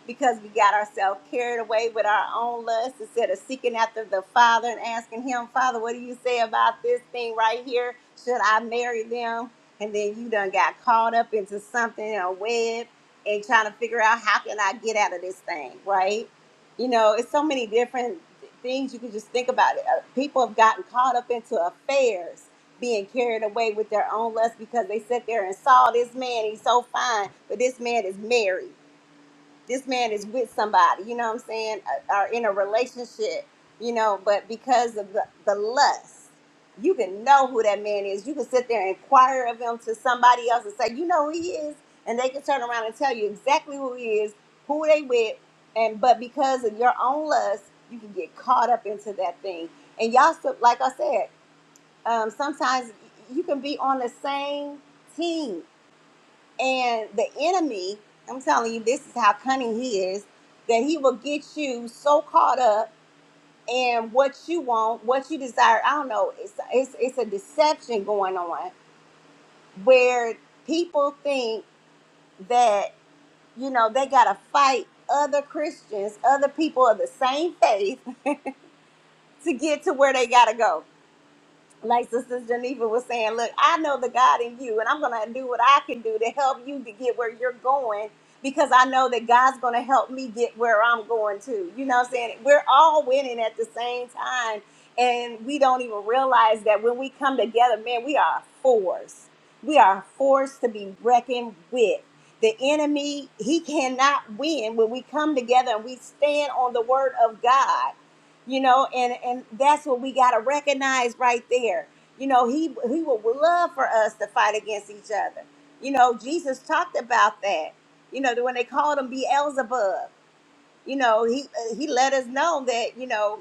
Speaker 1: because we got ourselves carried away with our own lust instead of seeking after the Father and asking Him, Father, what do you say about this thing right here? Should I marry them? And then you done got caught up into something, a web and trying to figure out how can I get out of this thing, right? You know, it's so many different things you can just think about. It. Uh, People have gotten caught up into affairs, being carried away with their own lust because they sit there and saw this man, he's so fine, but this man is married this man is with somebody, you know what I'm saying, uh, are in a relationship, you know, but because of the, the lust, you can know who that man is. You can sit there and inquire of him to somebody else and say, you know who he is, and they can turn around and tell you exactly who he is, who they with, and but because of your own lust, you can get caught up into that thing. And y'all, still, like I said, um, sometimes you can be on the same team and the enemy, I'm telling you, this is how cunning he is, that he will get you so caught up in what you want, what you desire. I don't know. It's it's it's a deception going on where people think that, you know, they gotta fight other Christians, other people of the same faith to get to where they gotta go like Sister Geneva was saying, look, I know the God in you, and I'm going to do what I can do to help you to get where you're going because I know that God's going to help me get where I'm going to. You know what I'm saying? We're all winning at the same time, and we don't even realize that when we come together, man, we are a force. We are a force to be reckoned with. The enemy, he cannot win when we come together and we stand on the word of God you know and and that's what we got to recognize right there you know he he would love for us to fight against each other you know jesus talked about that you know when they called him beelzebub you know he he let us know that you know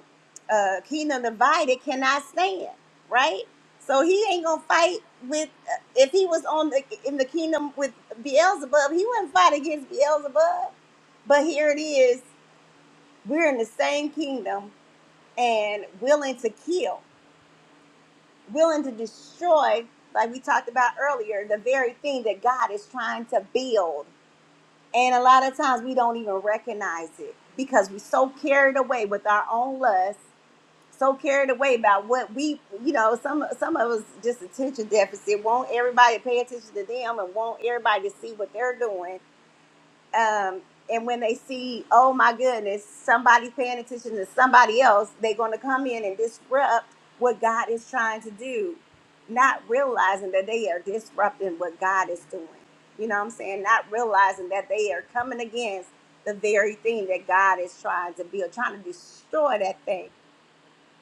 Speaker 1: uh kingdom divided cannot stand right so he ain't gonna fight with uh, if he was on the in the kingdom with beelzebub he wouldn't fight against beelzebub but here it is we're in the same kingdom and willing to kill, willing to destroy, like we talked about earlier, the very thing that God is trying to build. And a lot of times we don't even recognize it because we're so carried away with our own lust, so carried away about what we, you know, some some of us just attention deficit, want everybody to pay attention to them and want everybody to see what they're doing um, and when they see, oh my goodness, somebody paying attention to somebody else, they're going to come in and disrupt what God is trying to do, not realizing that they are disrupting what God is doing. You know what I'm saying? Not realizing that they are coming against the very thing that God is trying to build, trying to destroy that thing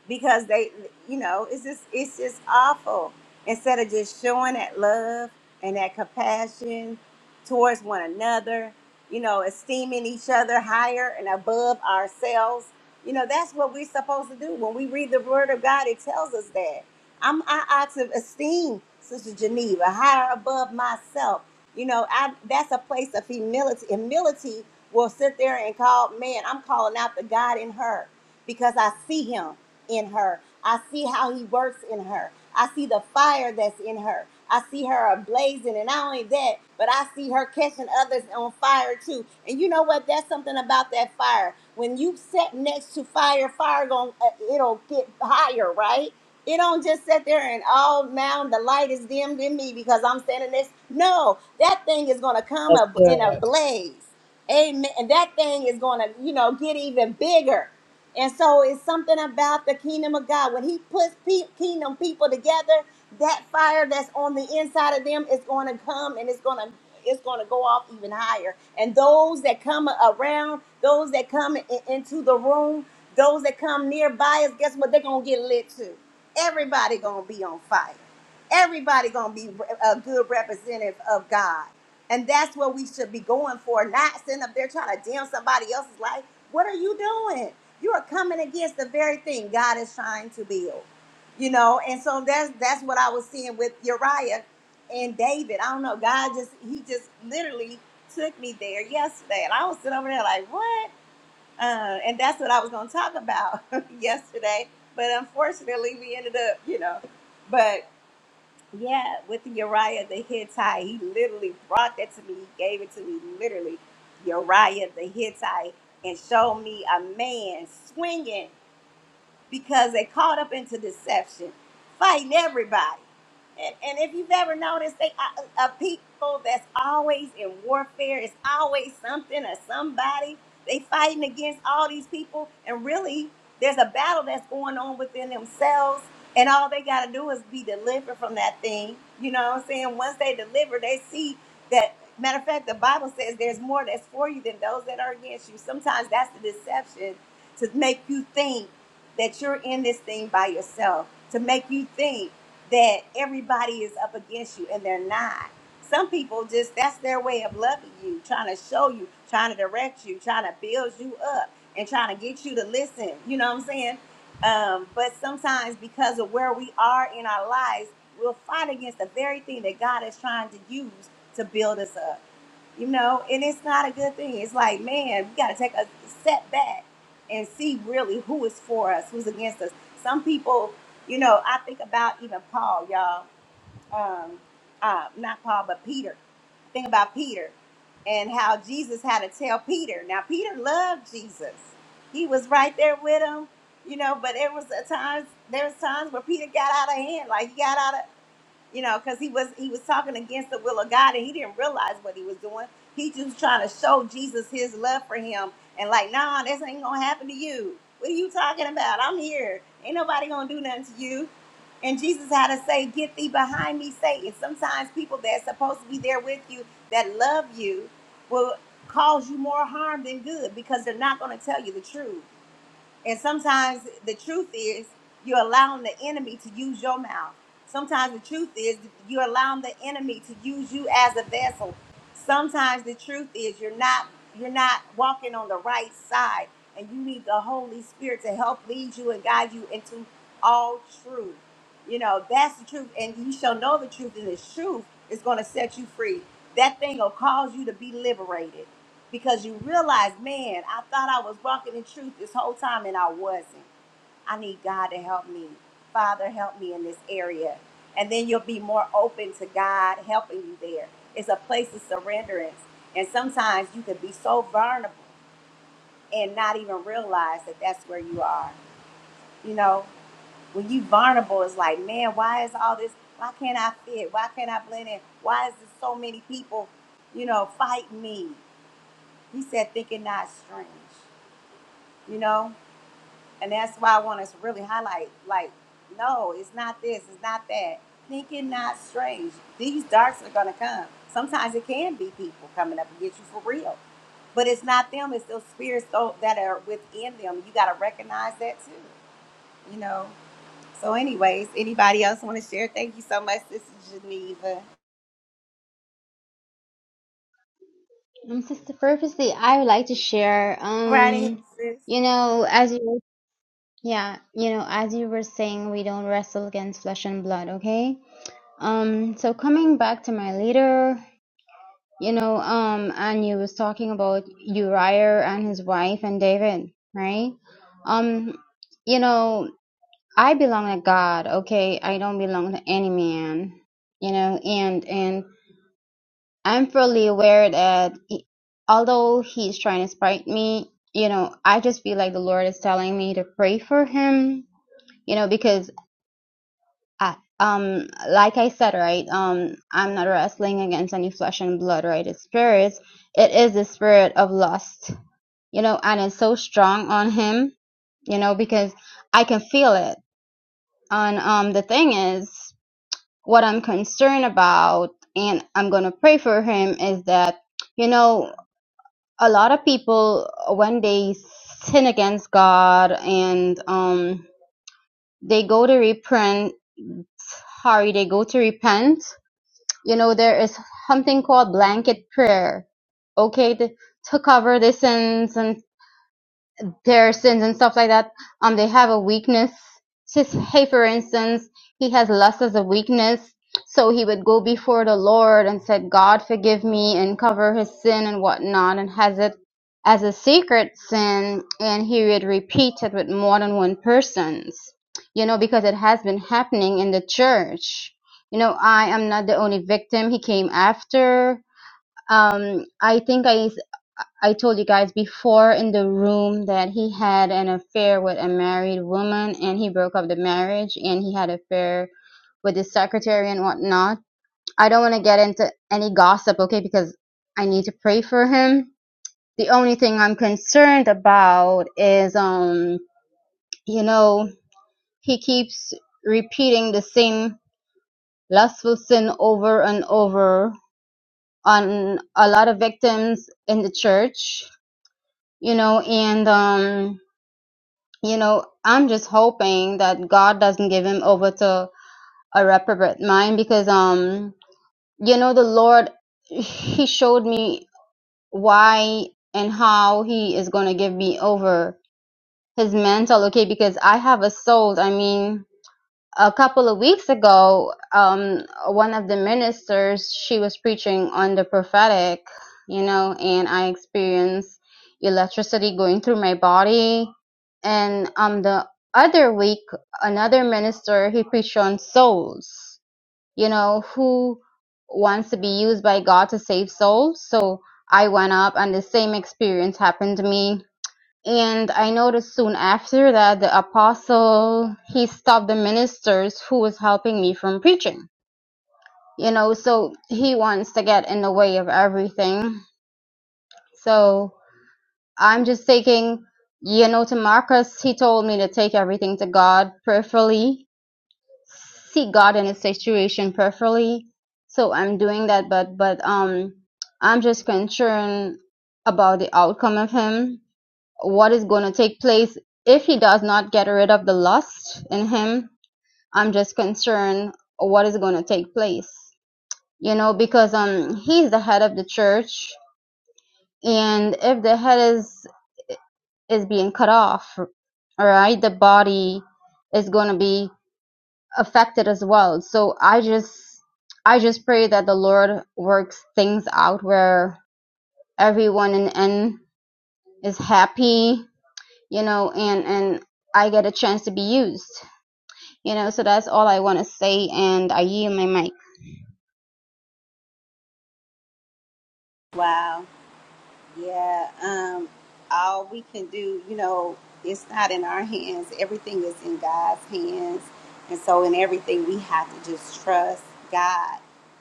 Speaker 1: because they you know it's just it's just awful instead of just showing that love and that compassion towards one another you know esteeming each other higher and above ourselves you know that's what we're supposed to do when we read the word of god it tells us that i'm i ought to esteem sister geneva higher above myself you know i that's a place of humility humility will sit there and call man i'm calling out the god in her because i see him in her. I see how he works in her. I see the fire that's in her. I see her ablazing, and not only that, but I see her catching others on fire too. And you know what? That's something about that fire. When you sit next to fire, fire going it'll get higher, right? It don't just sit there and oh now the light is dimmed in me because I'm standing next. No, that thing is gonna come
Speaker 6: That's
Speaker 1: up in a
Speaker 6: good.
Speaker 1: blaze. Amen. And that thing is gonna, you know, get even bigger. And so it's something about the kingdom of God. When he puts pe- kingdom people together, that fire that's on the inside of them is going to come and it's going to it's going to go off even higher. And those that come around, those that come in- into the room, those that come nearby us, guess what? They're going to get lit too. Everybody going to be on fire. Everybody going to be a good representative of God. And that's what we should be going for, not sitting up there trying to dim somebody else's light. What are you doing? you are coming against the very thing God is trying to build. You know, and so that's that's what I was seeing with Uriah and David. I don't know, God just he just literally took me there yesterday. And I was sitting over there like, what? Uh, and that's what I was gonna talk about yesterday. But unfortunately we ended up, you know, but yeah, with Uriah the Hittite, he literally brought that to me, he gave it to me literally. Uriah the Hittite and showed me a man swinging because they caught up into deception, fighting everybody. And, and if you've ever noticed, they are, are people that's always in warfare. It's always something or somebody. They fighting against all these people, and really, there's a battle that's going on within themselves. And all they got to do is be delivered from that thing. You know what I'm saying? Once they deliver, they see that. Matter of fact, the Bible says there's more that's for you than those that are against you. Sometimes that's the deception to make you think that you're in this thing by yourself, to make you think that everybody is up against you and they're not. Some people just that's their way of loving you, trying to show you, trying to direct you, trying to build you up and trying to get you to listen. You know what I'm saying? Um, but sometimes because of where we are in our lives, we'll fight against the very thing that God is trying to use to build us up you know, and it's not a good thing. It's like, man, we got to take a step back and see really who is for us, who's against us. Some people, you know, I think about even Paul, y'all, um, uh, not Paul, but Peter. Think about Peter and how Jesus had to tell Peter. Now, Peter loved Jesus. He was right there with him, you know. But there was a times there was times where Peter got out of hand, like he got out of you know, because he was he was talking against the will of God and he didn't realize what he was doing. He just trying to show Jesus his love for him and like, nah, this ain't gonna happen to you. What are you talking about? I'm here. Ain't nobody gonna do nothing to you. And Jesus had to say, Get thee behind me, Satan. Sometimes people that's supposed to be there with you that love you will cause you more harm than good because they're not gonna tell you the truth. And sometimes the truth is you're allowing the enemy to use your mouth. Sometimes the truth is you're allowing the enemy to use you as a vessel. Sometimes the truth is you're not you're not walking on the right side and you need the Holy Spirit to help lead you and guide you into all truth. You know, that's the truth and you shall know the truth and the truth is going to set you free. That thing will cause you to be liberated because you realize, man, I thought I was walking in truth this whole time and I wasn't. I need God to help me. Father, help me in this area. And then you'll be more open to God helping you there. It's a place of surrenderance. And sometimes you can be so vulnerable and not even realize that that's where you are. You know, when you vulnerable, it's like, man, why is all this? Why can't I fit? Why can't I blend in? Why is there so many people, you know, fighting me? He said, thinking not strange. you know and that's why i want us to really highlight like no it's not this it's not that thinking not strange these darks are going to come sometimes it can be people coming up and get you for real but it's not them it's those spirits tho- that are within them you got to recognize that too you know so anyways anybody else want to share thank you so much this is geneva
Speaker 4: um, sister purposely i would like to share
Speaker 1: right ahead
Speaker 4: um
Speaker 1: sis
Speaker 4: you know, as you Yeah, you know, as you were saying, we don't wrestle against flesh and blood, okay? Um, so coming back to my leader, you know, um, and you was talking about Uriah and his wife and David, right? Um, you know, I belong to God, okay? I don't belong to any man, you know, and and I'm fully aware that he, although he's trying to spite me, you know, I just feel like the Lord is telling me to pray for him you know because I, um, like I said, right, um, I'm not wrestling against any flesh and blood, right? It's spirits. It is the spirit of lust, you know, and it's so strong on him, you know, because I can feel it. And um, the thing is, what I'm concerned about, and I'm gonna pray for him, is that, you know, a lot of people when they sin against God and um, they go to repent, sorry, they go to repent you know, there is something called blanket prayer, okay, to, to cover the sins and their sins and stuff like that. Um, they have a weakness. Just hey, for instance, he has lust as a weakness, so he would go before the Lord and said, "God, forgive me," and cover his sin and whatnot, and has it as a secret sin, and he would repeat it with more than one persons. You know, because it has been happening in the church. You know, I am not the only victim. He came after. Um, I think I I told you guys before in the room that he had an affair with a married woman and he broke up the marriage and he had an affair with his secretary and whatnot. I don't want to get into any gossip, okay, because I need to pray for him. The only thing I'm concerned about is, um, you know, he keeps repeating the same lustful sin over and over on a lot of victims in the church, you know, and, um, you know, I'm just hoping that God doesn't give him over to a reprobate mind because, um, you know, the Lord, He showed me why and how He is going to give me over His mantle, okay? Because I have a soul. I mean, a couple of weeks ago, um, one of the ministers she was preaching on the prophetic, you know, and I experienced electricity going through my body. And um, the other week, another minister he preached on souls, you know, who wants to be used by God to save souls. So I went up, and the same experience happened to me and I noticed soon after that the apostle he stopped the ministers who was helping me from preaching. You know, so he wants to get in the way of everything. So I'm just taking you know to Marcus he told me to take everything to God prayerfully, see God in his situation prayerfully. So I'm doing that but but um I'm just concerned about the outcome of him what is going to take place if he does not get rid of the lust in him. I'm just concerned what is going to take place, you know, because um he's the head of the church, and if the head is is being cut off, all right, the body is going to be affected as well. So I just I just pray that the Lord works things out where everyone in the end is happy, you know, and and I get a chance to be used. You know, so that's all I want to say, and I yield my mic.
Speaker 1: wow Yeah, um, all we can do, you know, it's not in our hands. Everything is in God's hands. And so, in everything, we have to just trust God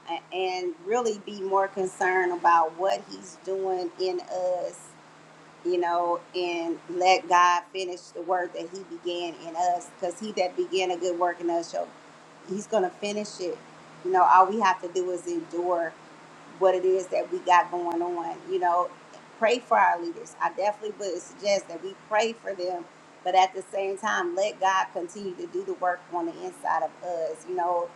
Speaker 1: a- and really be more concerned about what He's doing in us, you know, and let God finish the work that He began in us. Because He that began a good work in us, shall- He's going to finish it. You know, all we have to do is endure what it is that we got going on. You know, pray for our leaders. I definitely would suggest that we pray for them, but at the same time, let God continue to do the work on the inside of us. You know,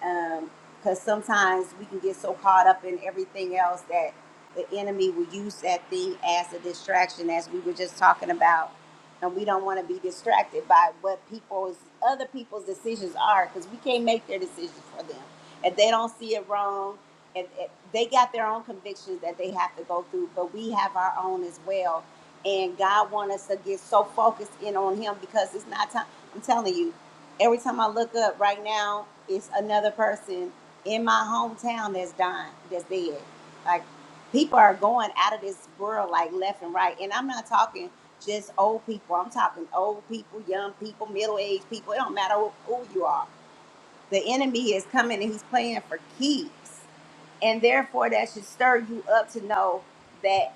Speaker 1: because sometimes we can get so caught up in everything else that the enemy will use that thing as a distraction, as we were just talking about. And we don't want to be distracted by what people's other people's decisions are because we can't make their decisions for them. If they don't see it wrong, and they got their own convictions that they have to go through, but we have our own as well. And God wants us to get so focused in on Him because it's not time. I'm telling you, Every time I look up right now, it's another person in my hometown that's dying, that's dead. Like people are going out of this world like left and right. And I'm not talking just old people. I'm talking old people, young people, middle aged people. It don't matter who, who you are. The enemy is coming and he's playing for keeps. And therefore that should stir you up to know that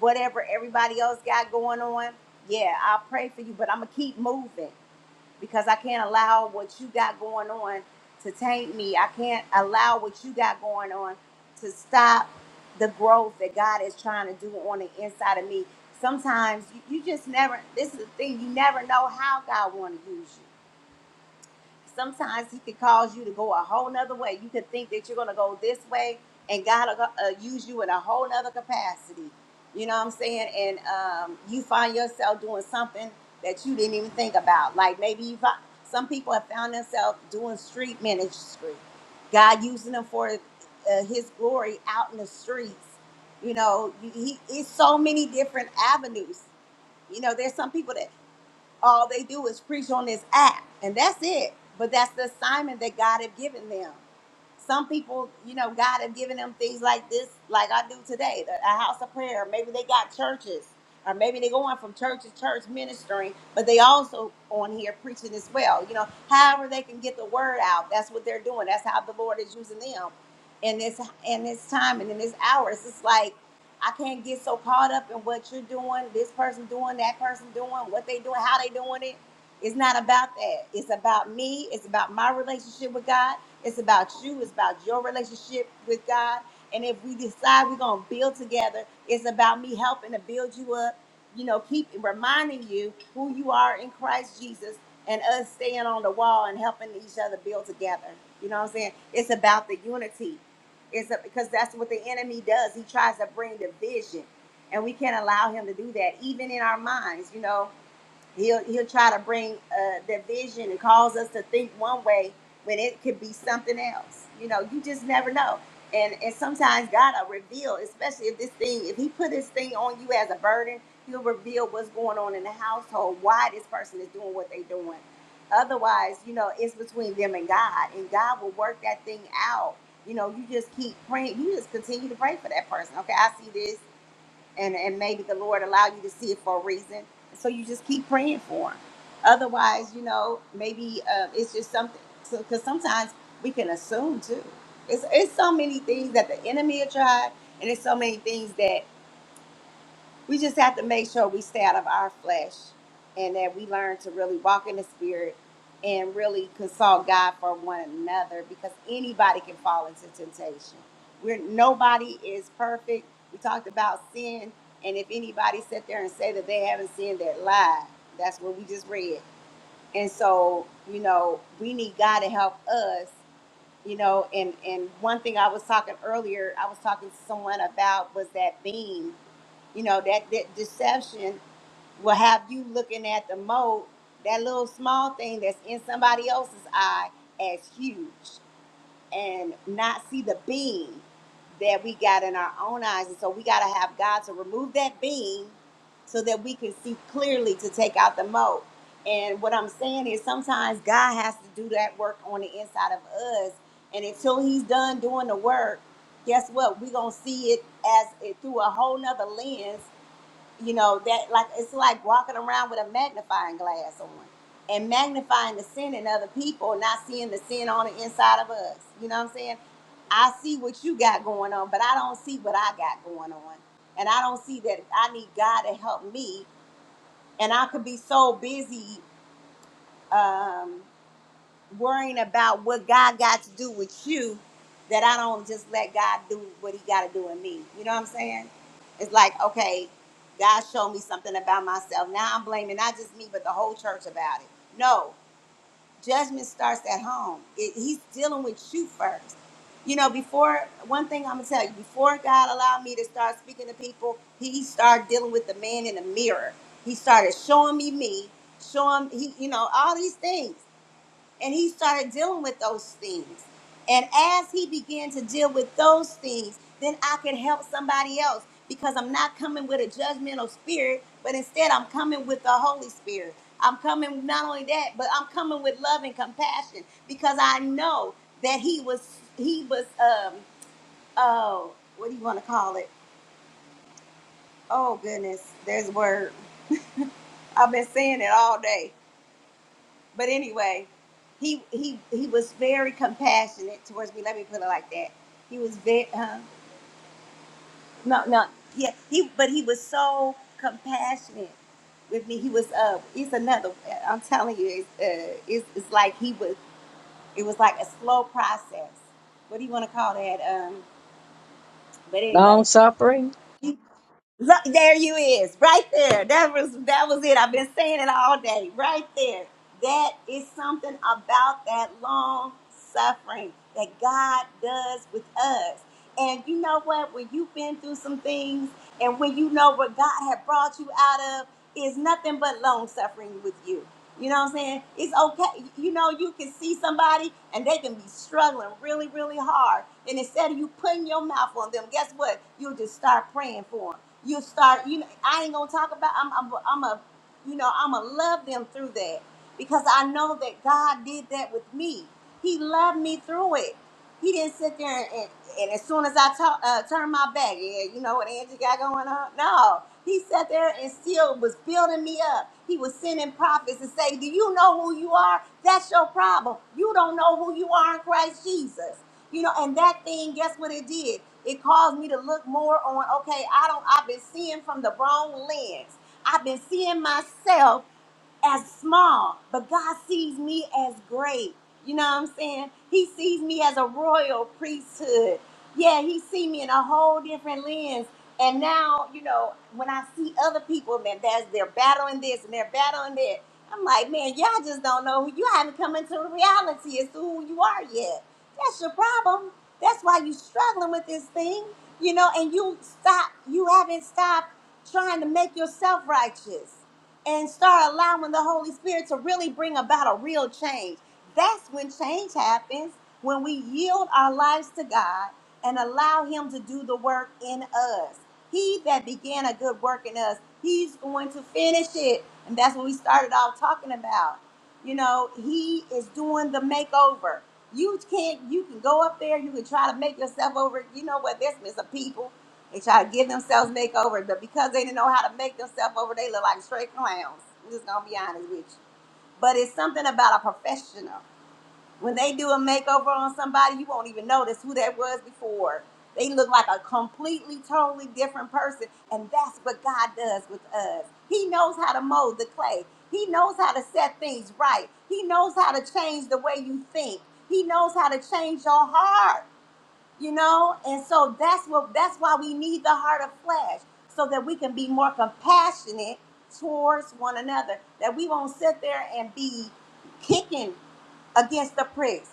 Speaker 1: whatever everybody else got going on, yeah, I'll pray for you, but I'm gonna keep moving because I can't allow what you got going on to taint me. I can't allow what you got going on to stop the growth that God is trying to do on the inside of me. Sometimes you, you just never, this is the thing, you never know how God want to use you sometimes he could cause you to go a whole nother way you could think that you're going to go this way and god will go- uh, use you in a whole nother capacity you know what i'm saying and um, you find yourself doing something that you didn't even think about like maybe you find, some people have found themselves doing street ministry god using them for uh, his glory out in the streets you know you- he, it's so many different avenues you know there's some people that all they do is preach on this app and that's it but that's the assignment that god had given them some people, you know, God have given them things like this, like I do today, the- a house of prayer. Maybe they got churches, or maybe they're going from church to church ministering, but they also on here preaching as well. You know, however they can get the word out, that's what they're doing. That's how the Lord is using them in this in this time and in this hour. It's just like I can't get so caught up in what you're doing, this person doing, that person doing, what they doing, how they doing it. It's not about that. It's about me. It's about my relationship with God. It's about you. It's about your relationship with God. And if we decide we're going to build together, it's about me helping to build you up. You know, keep reminding you who you are in Christ Jesus and us staying on the wall and helping each other build together. You know what I'm saying? It's about the unity. It's a, because that's what the enemy does. He tries to bring division, and we can't allow him to do that, even in our minds. You know, He'll he'll try to bring uh, division and cause us to think one way when it could be something else. You know, you just never know. And and sometimes God will reveal, especially if this thing, if He put this thing on you as a burden, He'll reveal what's going on in the household, why this person is doing what they're doing. Otherwise, you know, it's between them and God, and God will work that thing out. You know, you just keep praying. You just continue to pray for that person. Okay, I see this and and maybe the Lord allow you to see it for a reason. So you just keep praying for them. Otherwise, you know, maybe uh, it's just something. So because sometimes we can assume too. It's it's so many things that the enemy will try, and it's so many things that we just have to make sure we stay out of our flesh and that we learn to really walk in the spirit and really consult God for one another because anybody can fall into temptation. We're nobody is perfect. We talked about sin, and if anybody sit there and say that they haven't sinned, that lie. That's what we just read. And so, you know, we need God to help us, you know, and and one thing I was talking earlier, I was talking to someone about was that beam you know, that, that deception will have you looking at the mold, that little small thing that's in somebody else's eye as huge and not see the beam that we got in our own eyes. And so we got to have God to remove that beam so that we can see clearly to take out the mold. And what I'm saying is sometimes God has to do that work on the inside of us. And until he's done doing the work, guess what? We're going to see it as it through a whole nother lens you know that like it's like walking around with a magnifying glass on and magnifying the sin in other people not seeing the sin on the inside of us you know what i'm saying i see what you got going on but i don't see what i got going on and i don't see that i need god to help me and i could be so busy um worrying about what God got to do with you that I don't just let God do what he got to do in me. You know what I'm saying? It's like, okay, God showed me something about myself. Now I'm blaming not just me, but the whole church about it. No, judgment starts at home. It, he's dealing with you first. You know, before one thing I'm gonna tell you, before God allowed me to start speaking to people, He started dealing with the man in the mirror. He started showing me me, showing he, you know, all these things and he started dealing with those things. And as he began to deal with those things, then I can help somebody else because I'm not coming with a judgmental spirit, but instead I'm coming with the Holy Spirit. I'm coming not only that, but I'm coming with love and compassion because I know that he was he was um oh what do you want to call it? Oh goodness, there's a word. I've been saying it all day. but anyway, he he he was very compassionate towards me. Let me put it like that. He was very uh, no no yeah he but he was so compassionate with me. He was uh it's another I'm telling you it's uh it's, it's like he was it was like a slow process. What do you want to call that? Um, but anyway.
Speaker 6: Long suffering.
Speaker 1: Look, there you is, right there. That was that was it. I've been saying it all day, right there. That is something about that long suffering that God does with us. And you know what? When you've been through some things, and when you know what God had brought you out of, is nothing but long suffering with you. You know what I'm saying? It's okay. You know, you can see somebody and they can be struggling really, really hard. And instead of you putting your mouth on them, guess what? You'll just start praying for them you start you know i ain't gonna talk about i'm i'm, I'm a you know i'm gonna love them through that because i know that god did that with me he loved me through it he didn't sit there and, and, and as soon as i ta- uh, turned my back yeah you know what angie got going on no he sat there and still was building me up he was sending prophets and say do you know who you are that's your problem you don't know who you are in christ jesus you know, and that thing, guess what it did? It caused me to look more on, okay, I don't I've been seeing from the wrong lens. I've been seeing myself as small, but God sees me as great. You know what I'm saying? He sees me as a royal priesthood. Yeah, he sees me in a whole different lens. And now, you know, when I see other people that that's they're battling this and they're battling that, I'm like, man, y'all just don't know who you haven't come into reality as to who you are yet. That's your problem. That's why you are struggling with this thing, you know, and you stop you haven't stopped trying to make yourself righteous and start allowing the Holy Spirit to really bring about a real change. That's when change happens, when we yield our lives to God and allow Him to do the work in us. He that began a good work in us, He's going to finish it. And that's what we started off talking about. You know, He is doing the makeover. You can't, you can go up there, you can try to make yourself over. You know what? There's been some people they try to give themselves makeover, but because they didn't know how to make themselves over, they look like straight clowns. I'm just gonna be honest with you. But it's something about a professional. When they do a makeover on somebody, you won't even notice who that was before. They look like a completely, totally different person. And that's what God does with us. He knows how to mold the clay. He knows how to set things right. He knows how to change the way you think. He knows how to change your heart you know and so that's what that's why we need the heart of flesh so that we can be more compassionate towards one another that we won't sit there and be kicking against the pricks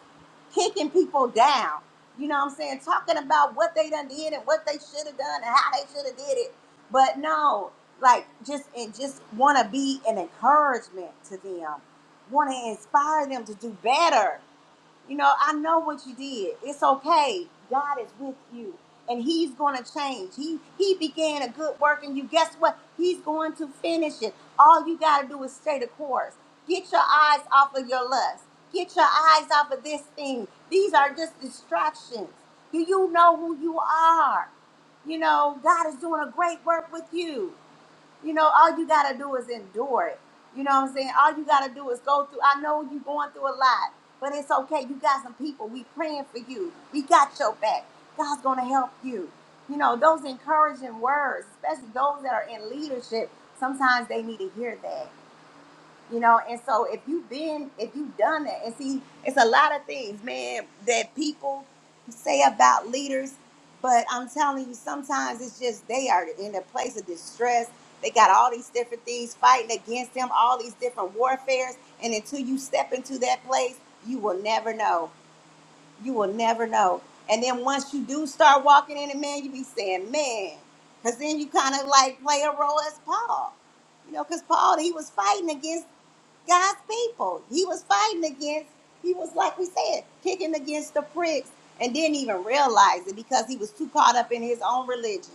Speaker 1: kicking people down you know what i'm saying talking about what they done did and what they should have done and how they should have did it but no like just and just want to be an encouragement to them want to inspire them to do better you know, I know what you did. It's okay. God is with you. And he's going to change. He he began a good work in you. Guess what? He's going to finish it. All you got to do is stay the course. Get your eyes off of your lust. Get your eyes off of this thing. These are just distractions. Do you know who you are? You know, God is doing a great work with you. You know, all you got to do is endure it. You know what I'm saying? All you got to do is go through. I know you're going through a lot, but it's okay. You got some people. We praying for you. We got your back. God's going to help you. You know, those encouraging words, especially those that are in leadership, sometimes they need to hear that you know and so if you've been if you've done that and see it's a lot of things man that people say about leaders but i'm telling you sometimes it's just they are in a place of distress they got all these different things fighting against them all these different warfares and until you step into that place you will never know you will never know and then once you do start walking in it man you be saying man because then you kind of like play a role as paul you know, because Paul, he was fighting against. God's people. He was fighting against, he was like we said, kicking against the pricks and didn't even realize it because he was too caught up in his own religion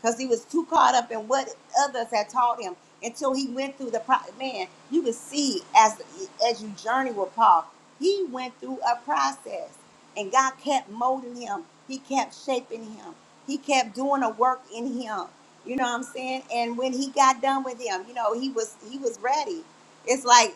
Speaker 1: because he was too caught up in what others had taught him until he went through the pro- man you could see as as you journey with paul he went through a process and god kept molding him he kept shaping him he kept doing a work in him you know what i'm saying and when he got done with him you know he was he was ready it's like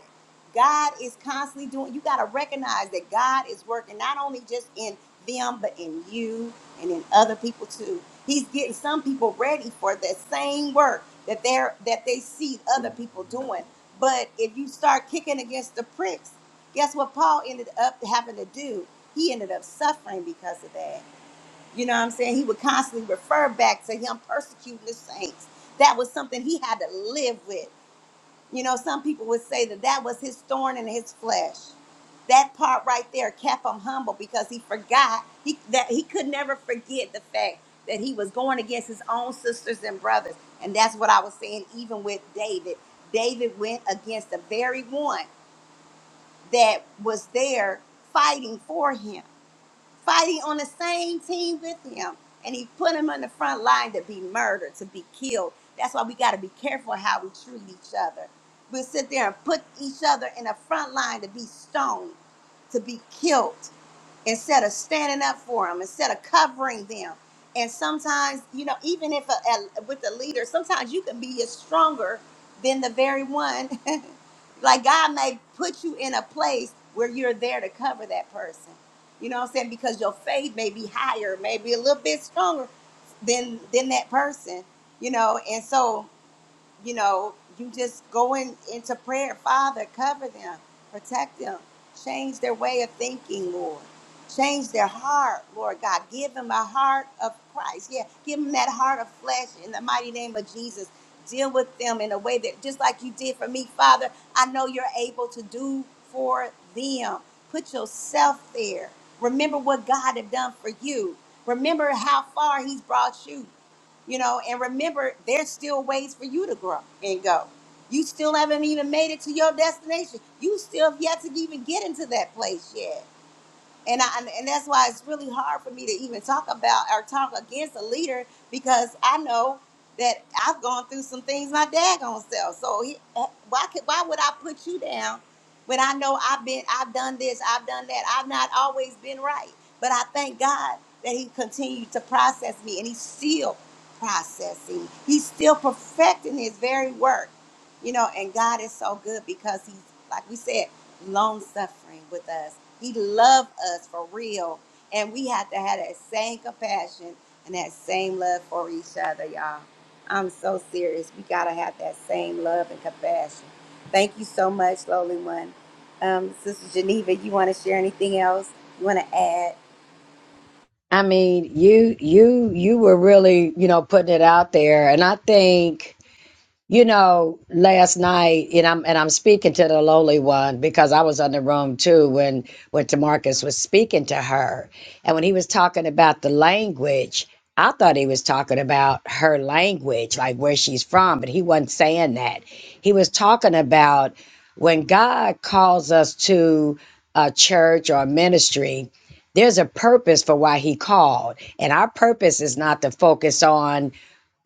Speaker 1: god is constantly doing you got to recognize that god is working not only just in them but in you and in other people too. He's getting some people ready for that same work that they're that they see other people doing. But if you start kicking against the pricks, guess what Paul ended up having to do? He ended up suffering because of that. You know what I'm saying? He would constantly refer back to him persecuting the saints. That was something he had to live with. You know, some people would say that that was his thorn in his flesh. That part right there kept him humble because he forgot he that he could never forget the fact that he was going against his own sisters and brothers. And that's what I was saying even with David. David went against the very one that was there fighting for him fighting on the same team with him. And he put him on the front line to be murdered, to be killed. That's why we got to be careful how we treat each other. We sit there and put each other in the front line to be stoned, to be killed instead of standing up for them, instead of covering them. And sometimes, you know, even if a, a, with a leader, sometimes you can be stronger than the very one. like God may put you in a place where you're there to cover that person. You know what I'm saying? Because your faith may be higher, maybe a little bit stronger than than that person. You know, and so you know, you just going into prayer, Father, cover them, protect them, change their way of thinking, Lord. Change their heart, Lord God. Give them a heart of Christ. Yeah, give them that heart of flesh in the mighty name of Jesus. Deal with them in a way that, just like you did for me, Father, I know you're able to do for them. Put yourself there. Remember what God had done for you. Remember how far He's brought you you know and remember there's still ways for you to grow and go you still haven't even made it to your destination you still have yet to even get into that place yet and I and that's why it's really hard for me to even talk about or talk against a leader because I know that I've gone through some things my daggone self. So he, uh, why could why would I put you down when I know I've been I've done this I've done that I've not always been right, but I thank God that He continued to process me and He's still processing. He's still perfecting His very work, you know. And God is so good because He's like we said long suffering with us. He loved us for real. And we have to have that same compassion and that same love for each other, y'all. I'm so serious. We got to have that same love and compassion. Thank you so much, lowly one. Um, Sister Geneva, you want to share anything else? You want to add?
Speaker 6: I mean, you you you were really, you know, putting it out there. And I think You know, last night, and I'm and I'm speaking to the lowly one because I was in the room too when when Tamarcus was speaking to her, and when he was talking about the language, I thought he was talking about her language, like where she's from, but he wasn't saying that. He was talking about when God calls us to a church or a ministry. There's a purpose for why he called, and our purpose is not to focus on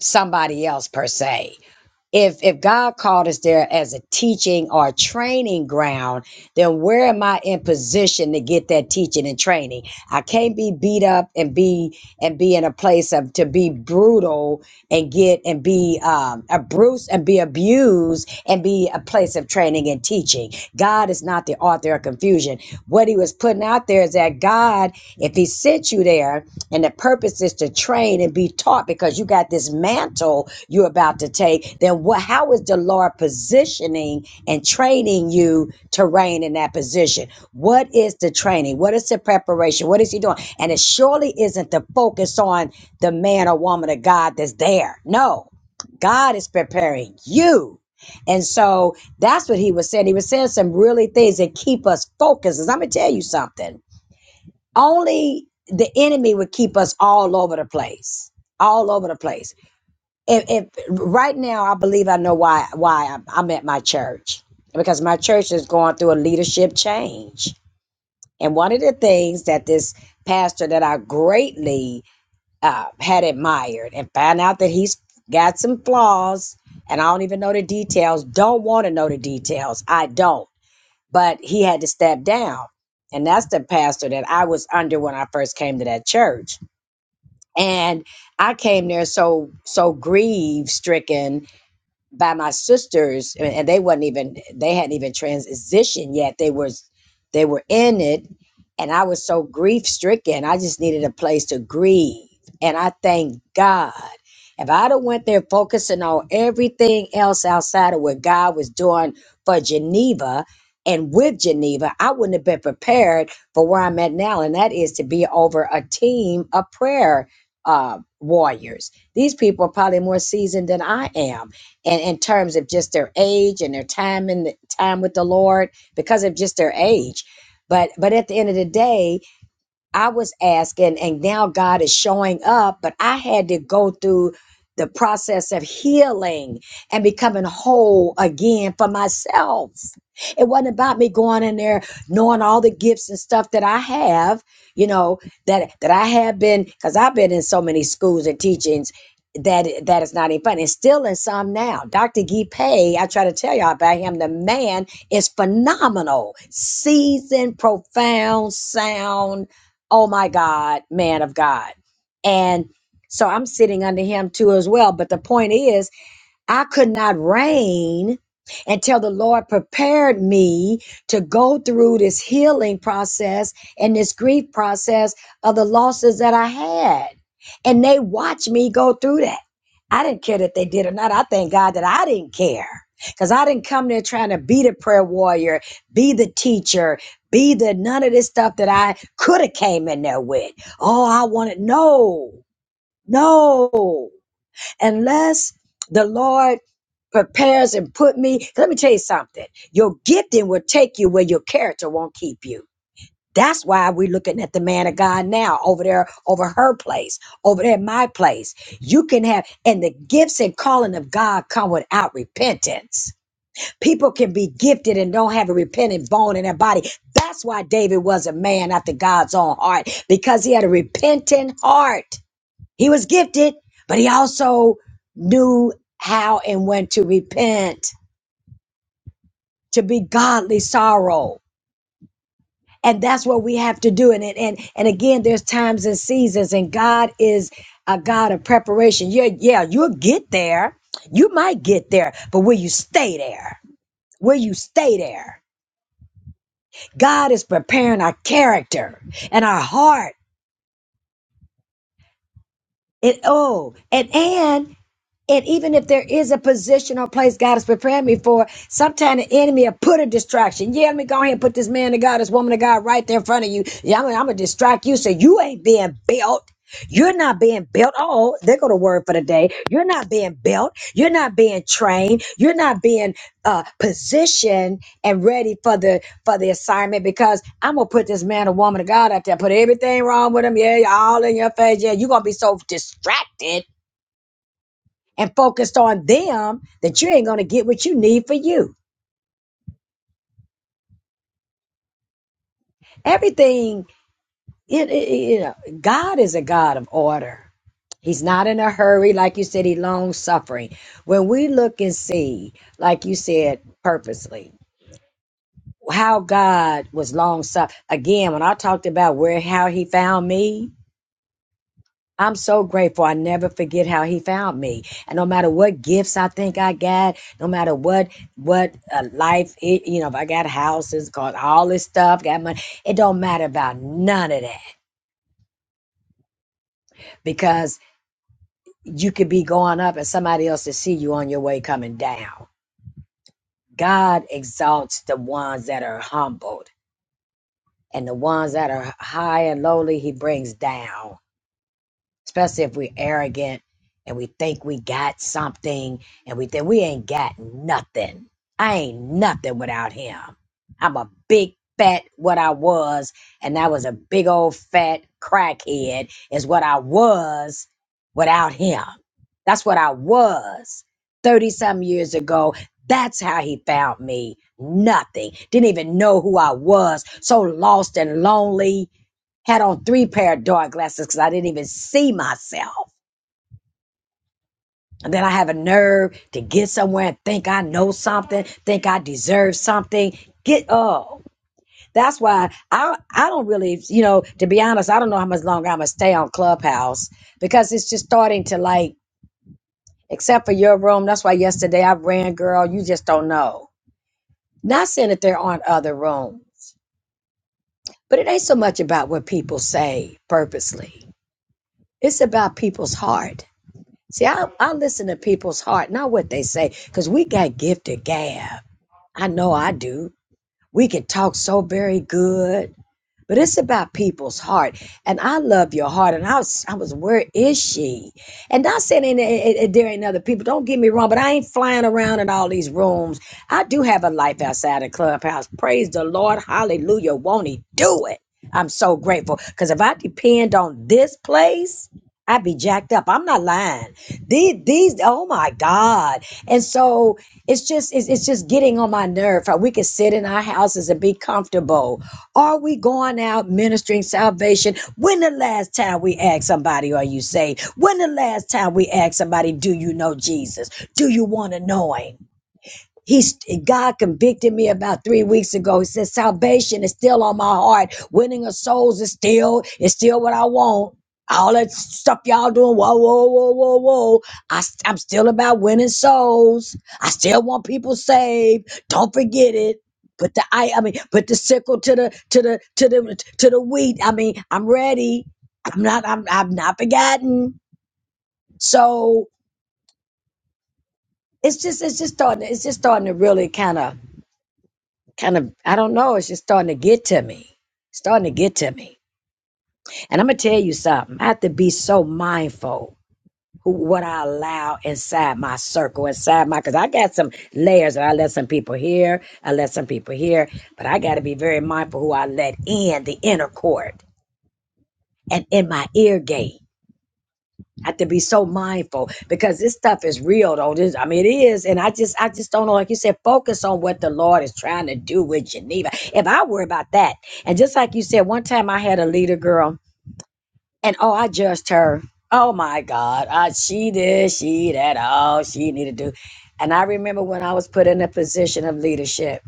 Speaker 6: somebody else per se if if God called us there as a teaching or a training ground, then where am I in position to get that teaching and training? I can't be beat up and be and be in a place of to be brutal and get and be um, a bruise and be abused and be a place of training and teaching. God is not the author of confusion. What He was putting out there is that God, if He sent you there. And the purpose is to train and be taught because you got this mantle you're about to take. Then what how is the Lord positioning and training you to reign in that position? What is the training? What is the preparation? What is he doing? And it surely isn't the focus on the man or woman of God that's there. No. God is preparing you. And so that's what he was saying. He was saying some really things that keep us focused. I'm gonna tell you something only the enemy would keep us all over the place all over the place if, if right now i believe i know why why I'm, I'm at my church because my church is going through a leadership change and one of the things that this pastor that i greatly uh, had admired and found out that he's got some flaws and i don't even know the details don't want to know the details i don't but he had to step down. And that's the pastor that I was under when I first came to that church. And I came there so so grief stricken by my sisters and and they wasn't even they hadn't even transitioned yet they was they were in it and i was so grief stricken i just needed a place to grieve and i thank god if i'd have went there focusing on everything else outside of what god was doing for geneva and with geneva i wouldn't have been prepared for where i'm at now and that is to be over a team of prayer uh, warriors these people are probably more seasoned than i am and in terms of just their age and their time in the time with the Lord because of just their age. But but at the end of the day, I was asking, and now God is showing up, but I had to go through the process of healing and becoming whole again for myself. It wasn't about me going in there knowing all the gifts and stuff that I have, you know, that that I have been because I've been in so many schools and teachings that that is not even fun. And still in some now. Dr. Guy Pay, I try to tell y'all about him. The man is phenomenal, seasoned, profound, sound oh my God, man of God. And so I'm sitting under him too as well. But the point is, I could not reign until the Lord prepared me to go through this healing process and this grief process of the losses that I had. And they watched me go through that. I didn't care that they did or not. I thank God that I didn't care because I didn't come there trying to be the prayer warrior, be the teacher, be the none of this stuff that I could have came in there with. Oh, I wanted no, no, unless the Lord prepares and put me. Let me tell you something. Your gifting will take you where your character won't keep you. That's why we're looking at the man of God now over there, over her place, over there at my place. You can have, and the gifts and calling of God come without repentance. People can be gifted and don't have a repentant bone in their body. That's why David was a man after God's own heart, because he had a repentant heart. He was gifted, but he also knew how and when to repent to be godly sorrow. And that's what we have to do. And and and, again, there's times and seasons, and God is a God of preparation. Yeah, yeah, you'll get there. You might get there, but will you stay there? Will you stay there? God is preparing our character and our heart. And oh, and and And even if there is a position or place God is preparing me for, sometimes the enemy will put a distraction. Yeah, let me go ahead and put this man of God, this woman of God right there in front of you. Yeah, I'm, I'm going to distract you so you ain't being built. You're not being built. Oh, they go to word for the day. You're not being built. You're not being trained. You're not being uh, positioned and ready for the for the assignment because I'm gonna put this man or woman of God out there. Put everything wrong with him. Yeah, all in your face. Yeah, you're gonna be so distracted and focused on them that you ain't going to get what you need for you. Everything, it, it, you know, God is a God of order. He's not in a hurry. Like you said, he long suffering. When we look and see, like you said, purposely, how God was long suffering. Again, when I talked about where, how he found me, I'm so grateful. I never forget how he found me. And no matter what gifts I think I got, no matter what what uh, life, it, you know, if I got houses, got all this stuff, got money, it don't matter about none of that because you could be going up and somebody else to see you on your way coming down. God exalts the ones that are humbled, and the ones that are high and lowly, He brings down. especially if we're arrogant and we think we got something and we think we ain't got nothing. I ain't nothing without him. I'm a big fat what I was, and I was a big old fat crackhead is what I was without him. That's what I was 30 some years ago. That's how he found me. Nothing. Didn't even know who I was. So lost and lonely had on three pair of dark glasses because I didn't even see myself. And then I have a nerve to get somewhere and think I know something, think I deserve something. Get up. That's why I I don't really, you know, to be honest, I don't know how much longer I'm gonna stay on Clubhouse because it's just starting to like, except for your room. That's why yesterday I ran, girl. You just don't know. Not saying that there aren't other rooms, but it ain't so much about what people say purposely. It's about people's heart See, I, I listen to people's heart, not what they say, because we got gifted gab. I know I do. We can talk so very good. But it's about people's heart. And I love your heart. And I was, I was, where is she? And not saying ain't- ain't- ain't- there ain't other people. Don't get me wrong, but I ain't flying around in all these rooms. I do have a life outside the clubhouse. Praise the Lord. Hallelujah. Won't he do it? I'm so grateful. Because if I depend on this place, I'd be jacked up. I'm not lying. These, these, oh my God. And so it's just, it's, it's just getting on my nerve. How We can sit in our houses and be comfortable are we going out ministering salvation? When the last time we asked somebody, Are you saved? When the last time we asked somebody, Do you know Jesus? Do you want to know Him? He's God convicted me about three weeks ago. He said, Salvation is still on my heart. Winning of souls is still, is still what I want. All that stuff y'all doing, whoa, whoa, whoa, whoa, whoa. I, i I'm still about winning souls. I still want people saved. Don't forget it. Put the I, I mean, put the sickle to the to the to the to the wheat. I mean, I'm ready. I'm not. I'm. I'm not forgotten. So it's just. It's just starting. It's just starting to really kind of kind of I don't know, it's just starting to get to me. Starting to get to me. And I'm gonna tell you something. I have to be so mindful who what I allow inside my circle, inside my cause I got some layers and I let some people here, I let some people here, but I gotta be very mindful who I let in the inner court and in my ear gate. I have to be so mindful because this stuff is real though this i mean it is and i just i just don't know like you said focus on what the lord is trying to do with geneva if i worry about that and just like you said one time i had a leader girl and oh i judged her oh my god I, she this she that all she needed to do and i remember when i was put in a position of leadership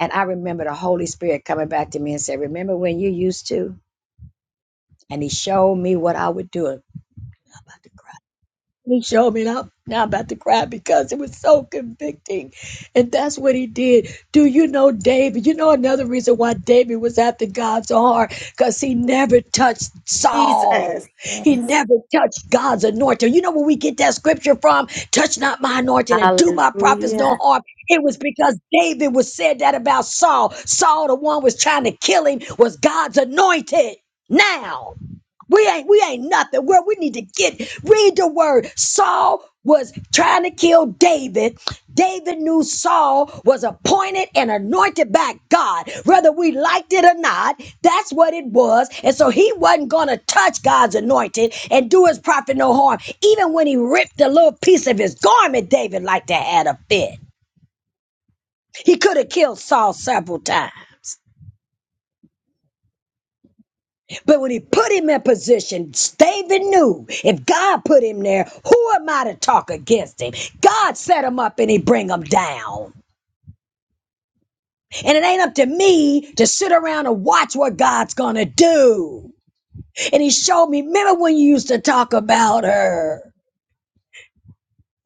Speaker 6: and i remember the holy spirit coming back to me and said remember when you used to and he showed me what i would do i'm about to cry He showed me, and I'm now about to cry because it was so convicting. And that's what he did. Do you know David? You know another reason why David was after God's heart? Because he never touched Saul. He
Speaker 1: Yes.
Speaker 6: never touched God's anointing. You know where we get that scripture from? Touch not my anointing and do my prophets no harm. It was because David was said that about Saul. Saul, the one was trying to kill him, was God's anointed. Now. We ain't we ain't nothing. Where we need to get read the word. Saul was trying to kill David. David knew Saul was appointed and anointed by God, whether we liked it or not. That's what it was. And so he wasn't going to touch God's anointed and do his prophet no harm. Even when he ripped a little piece of his garment, David liked to had a fit. He could have killed Saul several times. But when he put him in position, David knew if God put him there, who am I to talk against him? God set him up and he bring him down. And it ain't up to me to sit around and watch what God's gonna do. And he showed me, remember when you used to talk about her?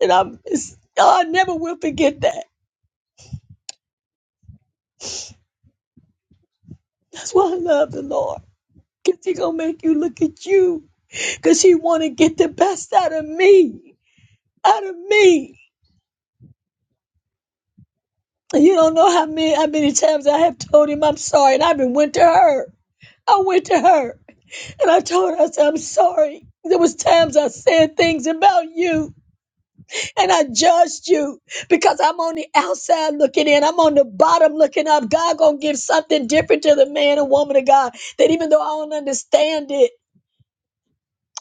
Speaker 6: And I'm oh, I never will forget that. That's why I love the Lord. Cause he gonna make you look at you. Cause he wanna get the best out of me. Out of me. You don't know how many how many times I have told him I'm sorry, and I even went to her. I went to her and I told her I said I'm sorry. There was times I said things about you and I judged you because I'm on the outside looking in. I'm on the bottom looking up. God gonna give something different to the man and woman of God that even though I don't understand it,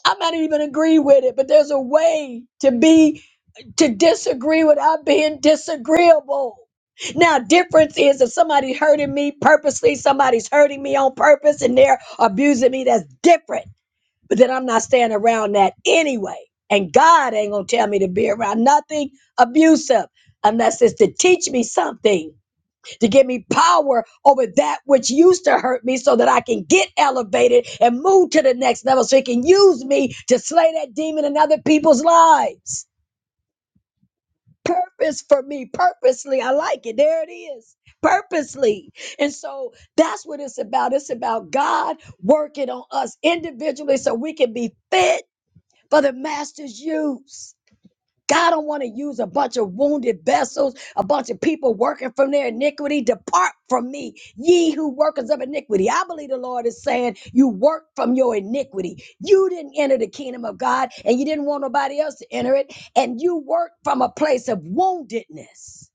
Speaker 6: I might not even agree with it, but there's a way to be to disagree without being disagreeable. Now, difference is if somebody's hurting me purposely, somebody's hurting me on purpose, and they're abusing me, that's different. But then I'm not staying around that anyway. And God ain't gonna tell me to be around nothing abusive unless it's to teach me something, to give me power over that which used to hurt me so that I can get elevated and move to the next level so he can use me to slay that demon in other people's lives purpose for me purposely i like it there it is purposely and so that's what it's about it's about god working on us individually so we can be fit for the master's use God don't want to use a bunch of wounded vessels, a bunch of people working from their iniquity. Depart from me, ye who workers of iniquity. I believe the Lord is saying, You work from your iniquity. You didn't enter the kingdom of God, and you didn't want nobody else to enter it. And you work from a place of woundedness.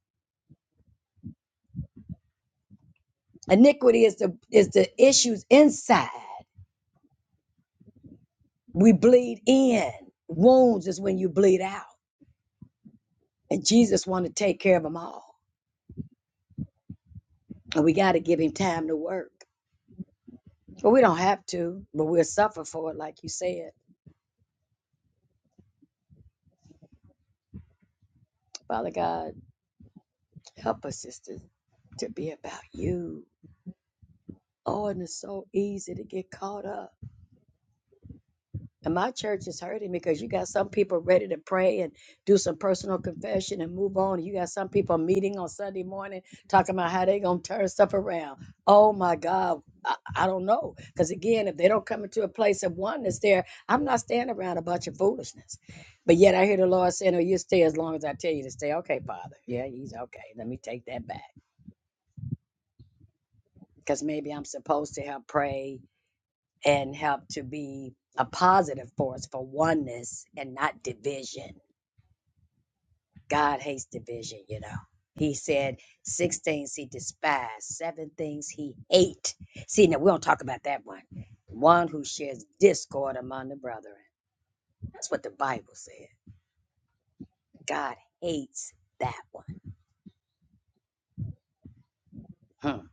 Speaker 6: Iniquity is the is the issues inside. We bleed in. Wounds is when you bleed out. And Jesus wanted to take care of them all. And we got to give him time to work. But we don't have to, but we'll suffer for it, like you said. Father God, help us, sisters, to be about you. Oh, and it's so easy to get caught up. And my church is hurting because you got some people ready to pray and do some personal confession and move on. You got some people meeting on Sunday morning talking about how they going to turn stuff around. Oh my God. I, I don't know. Because again, if they don't come into a place of oneness there, I'm not standing around a bunch of foolishness. But yet I hear the Lord saying, Oh, you stay as long as I tell you to stay. Okay, Father. Yeah, he's okay. Let me take that back. Because maybe I'm supposed to help pray and help to be a positive force for oneness and not division. God hates division, you know. He said six things he despised, seven things he ate. See, now we don't talk about that one. One who shares discord among the brethren. That's what the Bible said. God hates that one. Hmm.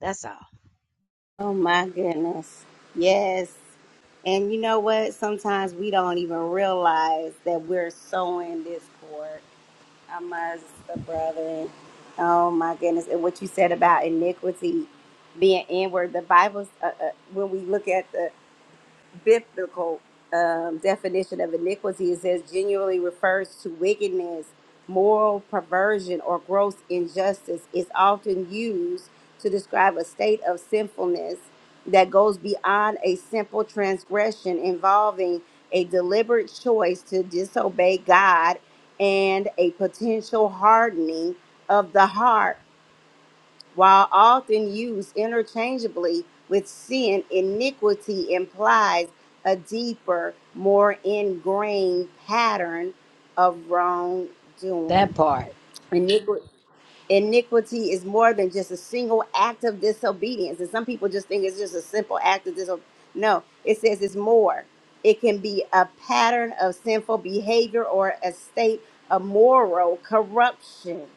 Speaker 6: That's all.
Speaker 1: Oh, my goodness. Yes. And you know what? Sometimes we don't even realize that we're sowing discord I must, brother. Oh my goodness! And what you said about iniquity being inward, the Bible's uh, uh, when we look at the biblical um, definition of iniquity, it says genuinely refers to wickedness, moral perversion, or gross injustice. It's often used to describe a state of sinfulness that goes beyond a simple transgression involving a deliberate choice to disobey God and a potential hardening of the heart while often used interchangeably with sin, iniquity implies a deeper, more ingrained pattern of wrongdoing.
Speaker 6: That part.
Speaker 1: Iniqui- Iniquity is more than just a single act of disobedience. And some people just think it's just a simple act of disobedience. No, it says it's more. It can be a pattern of sinful behavior or a state of moral corruption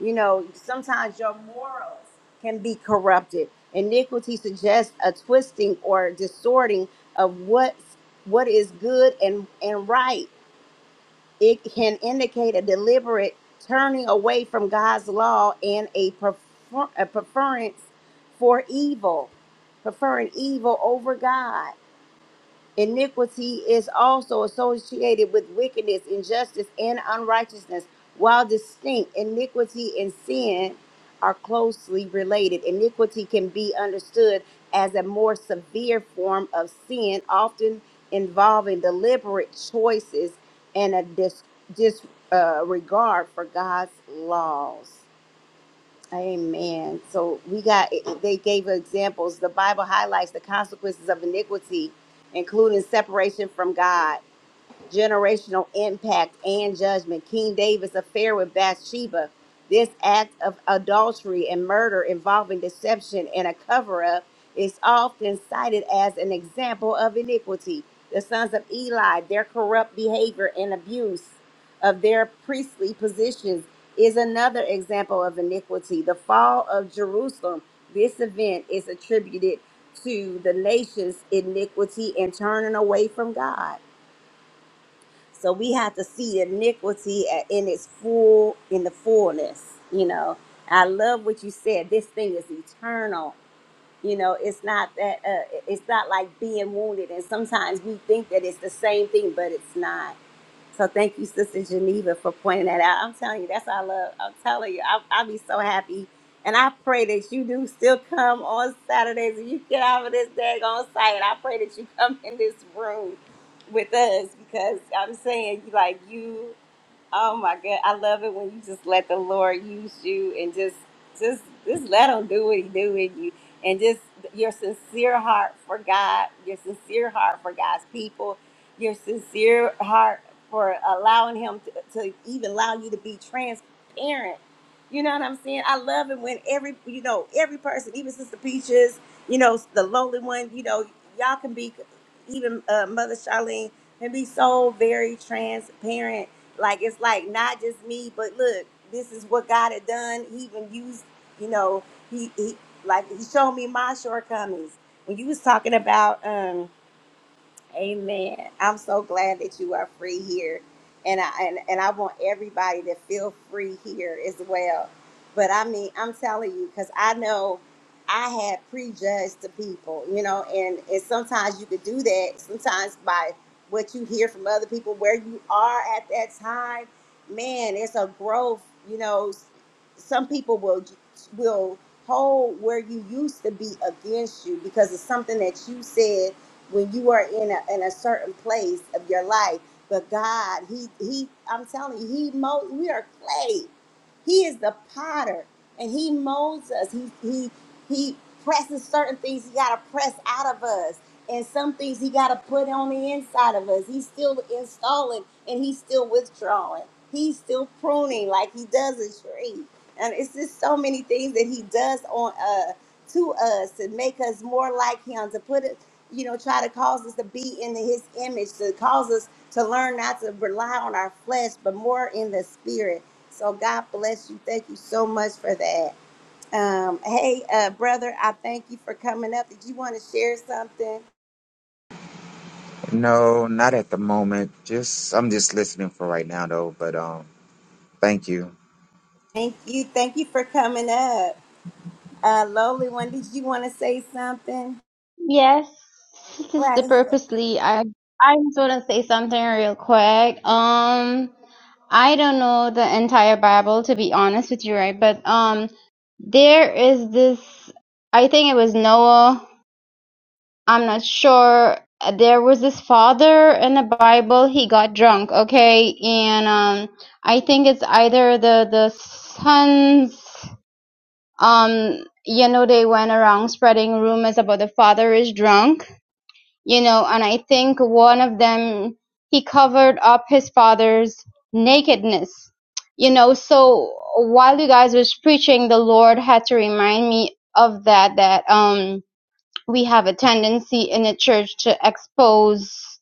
Speaker 1: you know, sometimes your morals can be corrupted. Iniquity suggests a twisting or distorting of what what is good and, and right. It can indicate a deliberate turning away from God's law and a, prefer, a preference for evil, preferring evil over God. Iniquity is also associated with wickedness, injustice, and unrighteousness. While distinct, iniquity and sin are closely related. Iniquity can be understood as a more severe form of sin, often involving deliberate choices and a dis, dis, uh, regard for God's laws. Amen. So we got, they gave examples. The Bible highlights the consequences of iniquity, including separation from God generational impact and judgment. King David's affair with Bathsheba, this act of adultery and murder involving deception and a cover up is often cited as an example of iniquity. The sons of Eli, their corrupt behavior and abuse of their priestly positions is another example of iniquity. The fall of Jerusalem, this event is attributed to the nation's iniquity and turning away from God. So we have to see iniquity at- in its full, in the fullness. You know, I love what you said. This thing is eternal. You know, it's not that. Uh, it's not like being wounded. And sometimes we think that it's the same thing, but it's not. So thank you, Sister Geneva, for pointing that out. I'm telling you, that's our love. I'm telling you, I, I'll be so happy. And I pray that you do still come on Saturdays and you get out of this daggone site. I pray that you come in this room with us because I'm saying, like you. Oh my God, I love it when you just let the Lord use you and just just just let him do what he do in you and just your sincere heart for God, your sincere heart for God's people, your sincere heart for allowing him to, to even allow you to be transparent. You know what I'm saying? I love it when every you know, every person, even Sister Peaches, you know, the lowly one, you know, y'all can be even uh, Mother Charlene can be so very transparent like it's like not just me, but look, this is what God had done. He even used, you know, he he like he showed me my shortcomings. When you was talking about um Amen. I'm so glad that you are free here. And I and, and I want everybody to feel free here as well. But I mean, I'm telling you, because I know I had prejudged the people, you know, and, and sometimes you could do that, sometimes by what you hear from other people, where you are at that time. Man, it's a growth, you know. s- Some people will will hold where you used to be against you because of something that you said when you are in a, in a certain place of your life. But God, He He, I'm telling you, He molds. We are clay. He is the potter, and He molds us. He He He presses certain things. He got to press out of us, and some things He got to put on the inside of us. He's still installing, and He's still withdrawing. He's still pruning, like He does a tree. And it's just so many things that He does on uh to us to make us more like Him, to put you know, try to cause us to be in his image, to cause us to learn not to rely on our flesh, but more in the spirit. So God bless you. Thank you so much for that. Um, hey, uh, brother, I thank you for coming up. Did you want to share something?
Speaker 8: No, not at the moment. Just I'm just listening for right now though, but um thank you.
Speaker 1: Thank you. Thank you for coming up. Uh, lowly one, did you want to say something?
Speaker 4: Yes, Sister
Speaker 1: Right ahead.
Speaker 4: Purposely, I I just want to say something real quick. Um, I don't know the entire Bible to be honest with you, right? But um, there is this. I think it was Noah. I'm not sure. There was this father in the Bible. He got drunk, okay, and um, I think it's either the the sons. um you know they went around spreading rumors about the father is drunk you know and i think one of them he covered up his father's nakedness you know so while you guys was preaching the lord had to remind me of that that um we have a tendency in the church to expose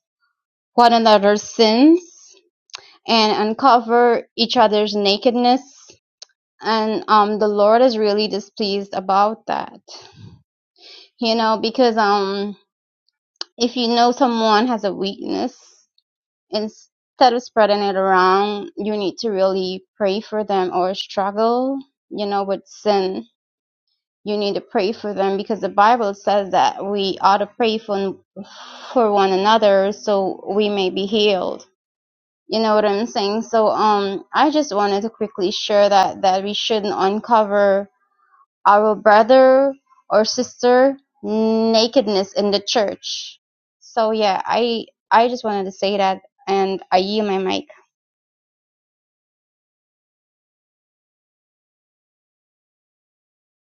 Speaker 4: one another's sins and uncover each other's nakedness and um the lord is really displeased about that you know, because um, if you know someone has a weakness, instead of spreading it around, you need to really pray for them or struggle, you know, with sin. You need to pray for them because the Bible says that we ought to pray for for one another so we may be healed. You know what I'm saying? So um, I just wanted to quickly share that that we shouldn't uncover our brother or sister nakedness in the church. So yeah, I I just wanted to say that, and I yield my mic.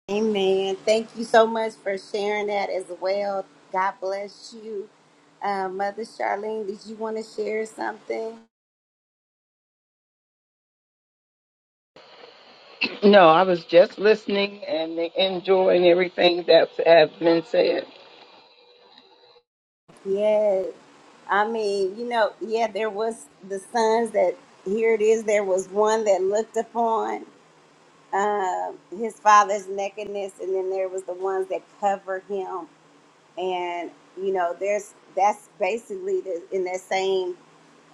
Speaker 1: Amen. Thank you so much for sharing that as well. God bless you. Uh, Mother Charlene, did you want to share something?
Speaker 3: No, I was just listening and enjoying everything that has been said.
Speaker 1: Yes. I mean, you know, yeah, there was the sons that here it is. There was one that looked upon uh, his father's nakedness, and then there was the ones that covered him. And you know, there's that's basically the, in that same.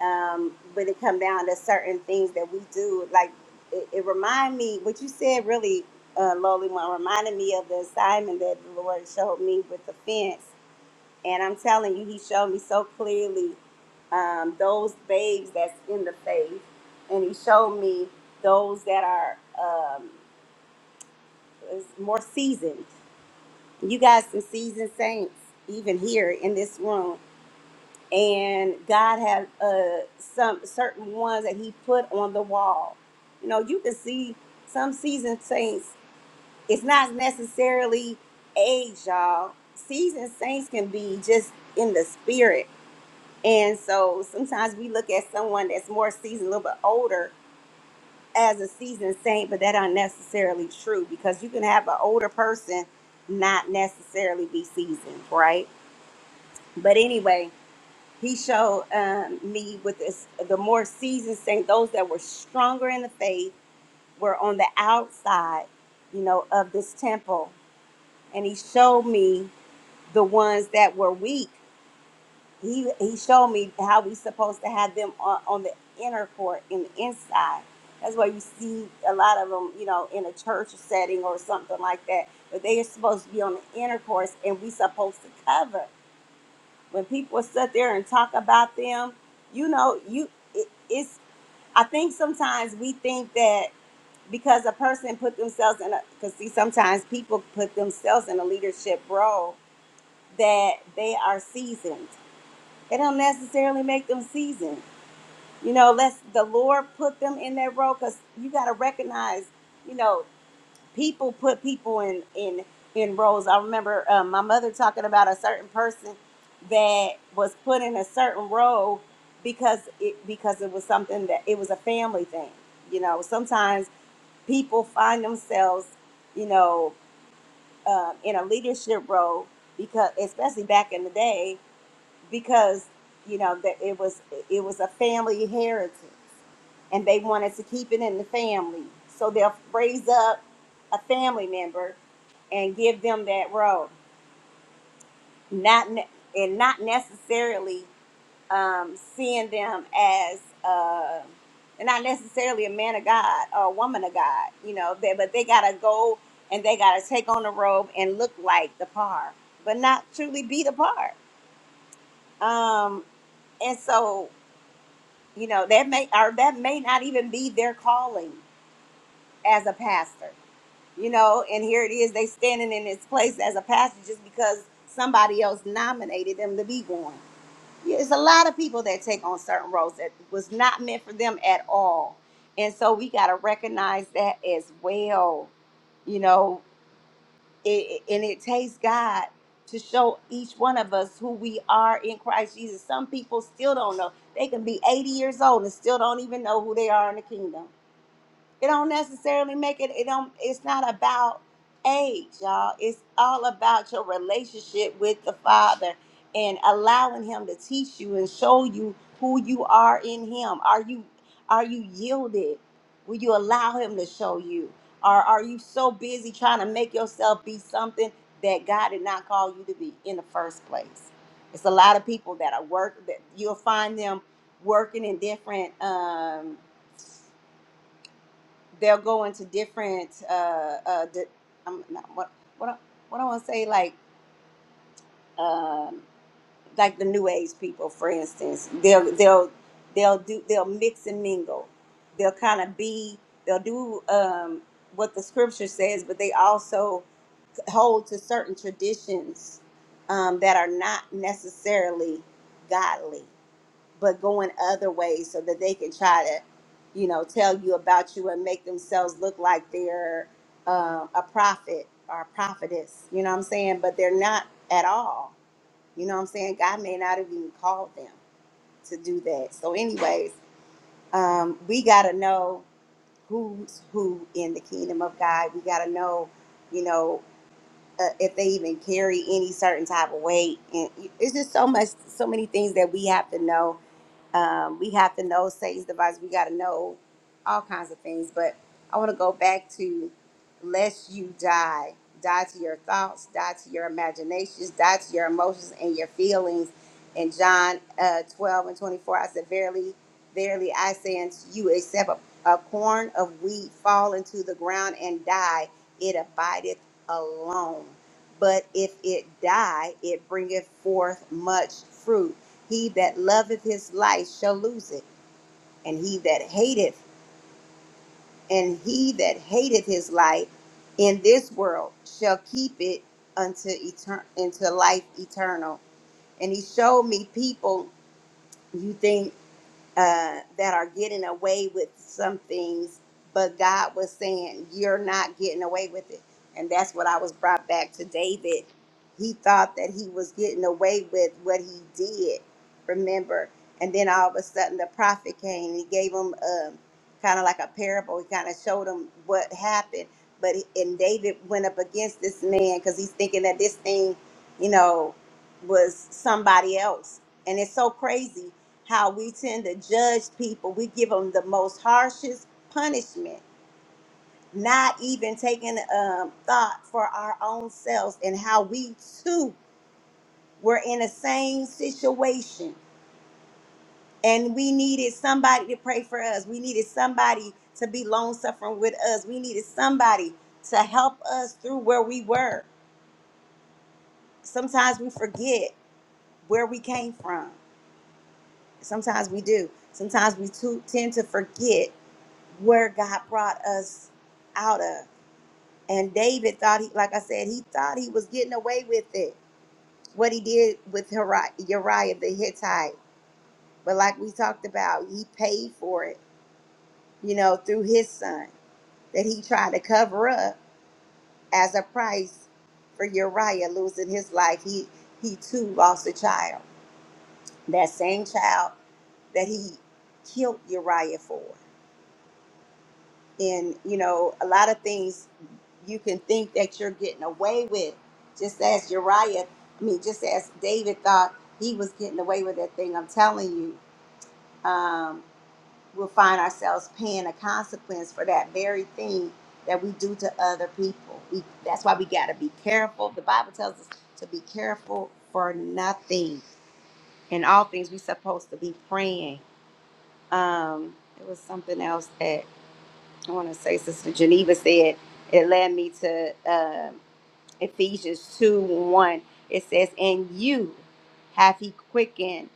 Speaker 1: Um, when it come down to certain things that we do, like it, it remind me what you said. Really, uh, lowly one reminded me of the assignment that the Lord showed me with the fence and I'm telling you, he showed me so clearly um, those babes that's in the faith, and he showed me those that are um, is more seasoned. You guys, some seasoned saints, even here in this room, and God had uh, some certain ones that He put on the wall. You know, you can see some seasoned saints. It's not necessarily age, y'all. Seasoned saints can be just in the spirit And so sometimes we look at someone that's more seasoned, a little bit older, as a seasoned saint, but that aren't necessarily true because you can have an older person not necessarily be seasoned, right? But anyway, he showed um, me with this the more seasoned saint, those that were stronger in the faith were on the outside, you know, of this temple, and he showed me the ones that were weak he he showed me how we supposed to have them on, on the inner court in the inside that's why you see a lot of them you know in a church setting or something like that but they are supposed to be on the inner course and we supposed to cover when people sit there and talk about them you know you it, it's i think sometimes we think that because a person put themselves in a because see sometimes people put themselves in a leadership role that they are seasoned it don't necessarily make them seasoned. You know, let's the Lord put them in that role because you got to recognize, you know, people put people in in in roles. I remember um, my mother talking about a certain person that was put in a certain role because it because it was something that it was a family thing. You know, sometimes people find themselves, you know, um, in a leadership role because especially back in the day because you know that it was it was a family heritage and they wanted to keep it in the family so they'll raise up a family member and give them that role not ne- and not necessarily um, seeing them as uh, and not necessarily a man of god or a woman of god you know they, but they gotta go and they gotta take on the robe and look like the par but not truly be the par um, and so you know that may or that may not even be their calling as a pastor you know and here it is they standing in this place as a pastor just because somebody else nominated them to be one Yeah, it's a lot of people that take on certain roles that was not meant for them at all and so we got to recognize that as well you know it, it- and it takes God to show each one of us who we are in Christ Jesus. Some people still don't know. They can be 80 years old and still don't even know who they are in the kingdom. It don't necessarily make it. It don't. It's not about age, y'all. It's all about your relationship with the Father and allowing Him to teach you and show you who you are in Him. Are you are you yielded? Will you allow Him to show you? Or are you so busy trying to make yourself be something that God did not call you to be in the first place? It's a lot of people that are work that you'll find them working in different. Um, they'll go into different uh uh di- I'm not, what what I, what I want to say like um like the new age people for instance they'll they'll they'll do they'll mix and mingle they'll kind of be they'll do um what the scripture says but they also hold to certain traditions um that are not necessarily godly but going other ways so that they can try to, you know, tell you about you and make themselves look like they're um, a prophet or a prophetess. You know what I'm saying? But they're not at all. You know what I'm saying? God may not have even called them to do that. So, anyways, um, we got to know who's who in the kingdom of God. We got to know, you know, uh, if they even carry any certain type of weight. And it's just so much, so many things that we have to know um, we have to know Satan's device. We got to know all kinds of things. But I want to go back to lest you die. Die to your thoughts, die to your imaginations, die to your emotions and your feelings. In John uh, 12 and 24, I said, Verily, verily, I say unto you, except a, a corn of wheat fall into the ground and die, it abideth alone. But if it die, it bringeth forth much fruit. He that loveth his life shall lose it, and he that hateth and he that hateth his life in this world shall keep it unto etern- into life eternal. And he showed me people you think uh, that are getting away with some things, but God was saying, You're not getting away with it. And that's what I was brought back to David. He thought that he was getting away with what he did, remember? And then all of a sudden the prophet came and he gave him um, kind of like a parable. He kind of showed him what happened. But he- and David went up against this man because he's thinking that this thing, you know, was somebody else. And it's so crazy how we tend to judge people. We give them the most harshest punishment, not even taking um, thought for our own selves and how we too were in the same situation. And we needed somebody to pray for us. We needed somebody to be long suffering with us. We needed somebody to help us through where we were. Sometimes we forget where we came from. Sometimes we do. Sometimes we too, tend to forget where God brought us out of. And David thought he, like I said, he thought he was getting away with it. What he did with Uri- Uriah the Hittite, but like we talked about, he paid for it, you know, through his son that he tried to cover up as a price for Uriah losing his life. He he too lost a child. That same child that he killed Uriah for. and you know a lot of things you can think that you're getting away with just as uriah i mean just as david thought he was getting away with that thing i'm telling you um, we'll find ourselves paying a consequence for that very thing that we do to other people we, that's why we got to be careful the bible tells us to be careful for nothing in all things we are supposed to be praying um, it was something else I want to say Sister Geneva said it led me to uh, Ephesians 2 1. It says, And you have he quickened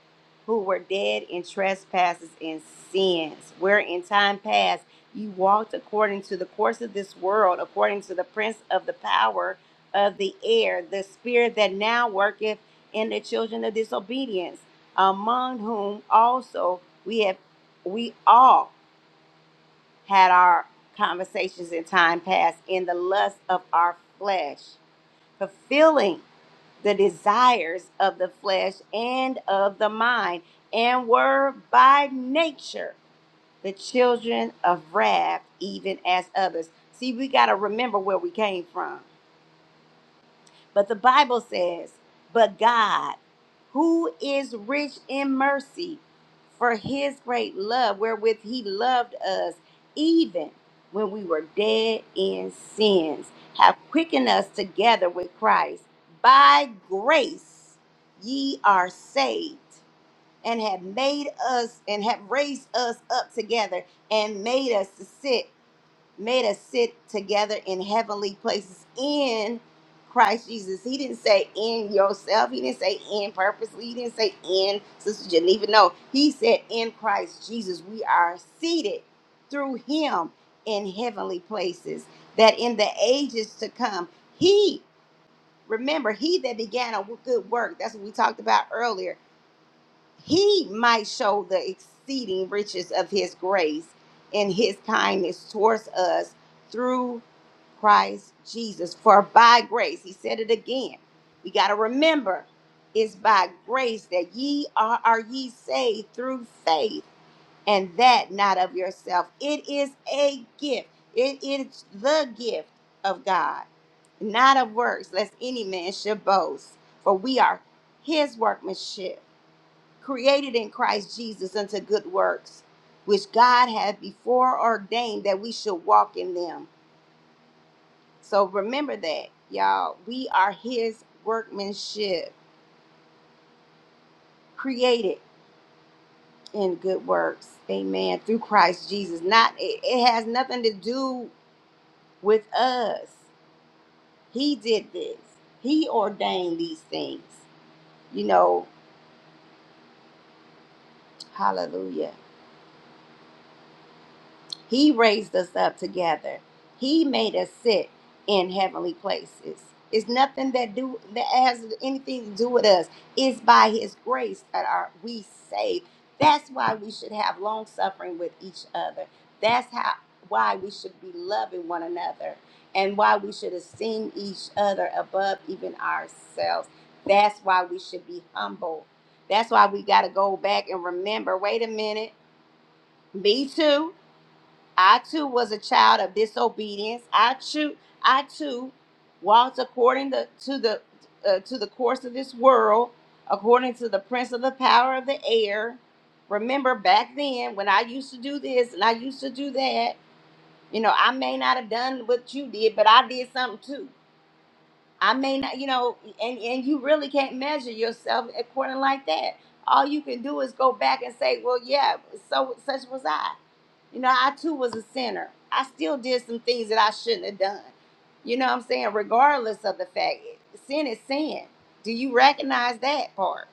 Speaker 1: who were dead in trespasses and sins, where in time past you walked according to the course of this world, according to the prince of the power of the air, the spirit that now worketh in the children of disobedience, among whom also we have we all had our conversations in time past in the lust of our flesh, fulfilling the desires of the flesh and of the mind, and were by nature the children of wrath, even as others. See, we got to remember where we came from but the Bible says, But God, who is rich in mercy, for his great love wherewith he loved us, even when we were dead in sins, have quickened us together with Christ. By grace ye are saved, and have made us and have raised us up together and made us to sit made us sit together in heavenly places in Christ Jesus. He didn't say in yourself. He didn't say in purposely. He didn't say in Sister Geneva. No, he said in Christ Jesus, we are seated through him in heavenly places, that in the ages to come, he, remember, he that began a good work, that's what we talked about earlier he might show the exceeding riches of his grace and his kindness towards us through Christ Jesus. For by grace, he said it again. We got to remember it's by grace that ye are, are ye saved through faith, and that not of yourself. It is a gift, it is the gift of God, not of works, lest any man should boast. For we are his workmanship created in Christ Jesus unto good works, which God hath before ordained that we should walk in them. So remember that, y'all. We are His workmanship, created in good works. Amen. Through Christ Jesus. Not it, it has nothing to do with us. He did this. He ordained these things. You know. Hallelujah. He raised us up together. He made us sit in heavenly places. It's nothing that do that has anything to do with us. It's by His grace that are we saved. That's why we should have long suffering with each other. That's how why we should be loving one another and why we should esteem each other above even ourselves. That's why we should be humble. That's why we got to go back and remember. Wait a minute. Me too. I too was a child of disobedience. I too, I too walked according to, to the uh, to the course of this world, according to the prince of the power of the air. Remember back then when I used to do this and I used to do that. You know, I may not have done what you did, but I did something too. I may not, you know, and, and you really can't measure yourself according like that. All you can do is go back and say, well, yeah, so such was I. You know, I too was a sinner. I still did some things that I shouldn't have done. You know what I'm saying? Regardless of the fact, sin is sin. Do you recognize that part?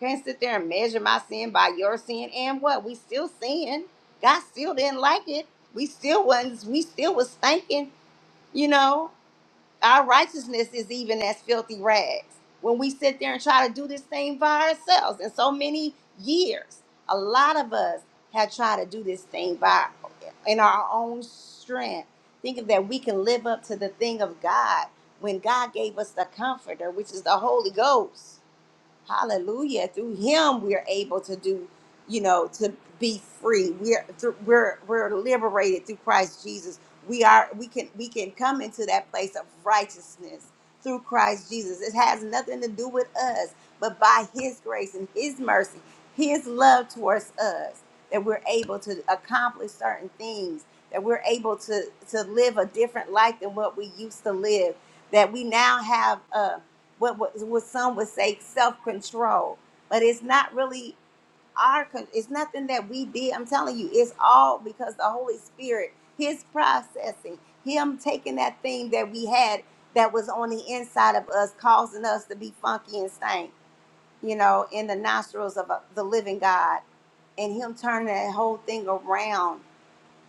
Speaker 1: Can't sit there and measure my sin by your sin and what? We still sin. God still didn't like it. We still wasn't, we still was thinking, you know our righteousness is even as filthy rags when we sit there and try to do this thing by ourselves in so many years a lot of us have tried to do this thing by in our own strength thinking that we can live up to the thing of god when god gave us the comforter which is the holy ghost Hallelujah. Through him we are able to do, you know, to be free. We're through, we're we're liberated through Christ Jesus. We are we can we can come into that place of righteousness through Christ Jesus. It has nothing to do with us, but by his grace and his mercy, his love towards us that we're able to accomplish certain things, that we're able to to live a different life than what we used to live, that we now have uh, what, what what some would say self control, but it's not really our. con- It's nothing that we did. I'm telling you, it's all because the Holy Spirit, His processing, Him taking that thing that we had that was on the inside of us, causing us to be funky and stank, you know, in the nostrils of uh, the living God, and Him turning that whole thing around.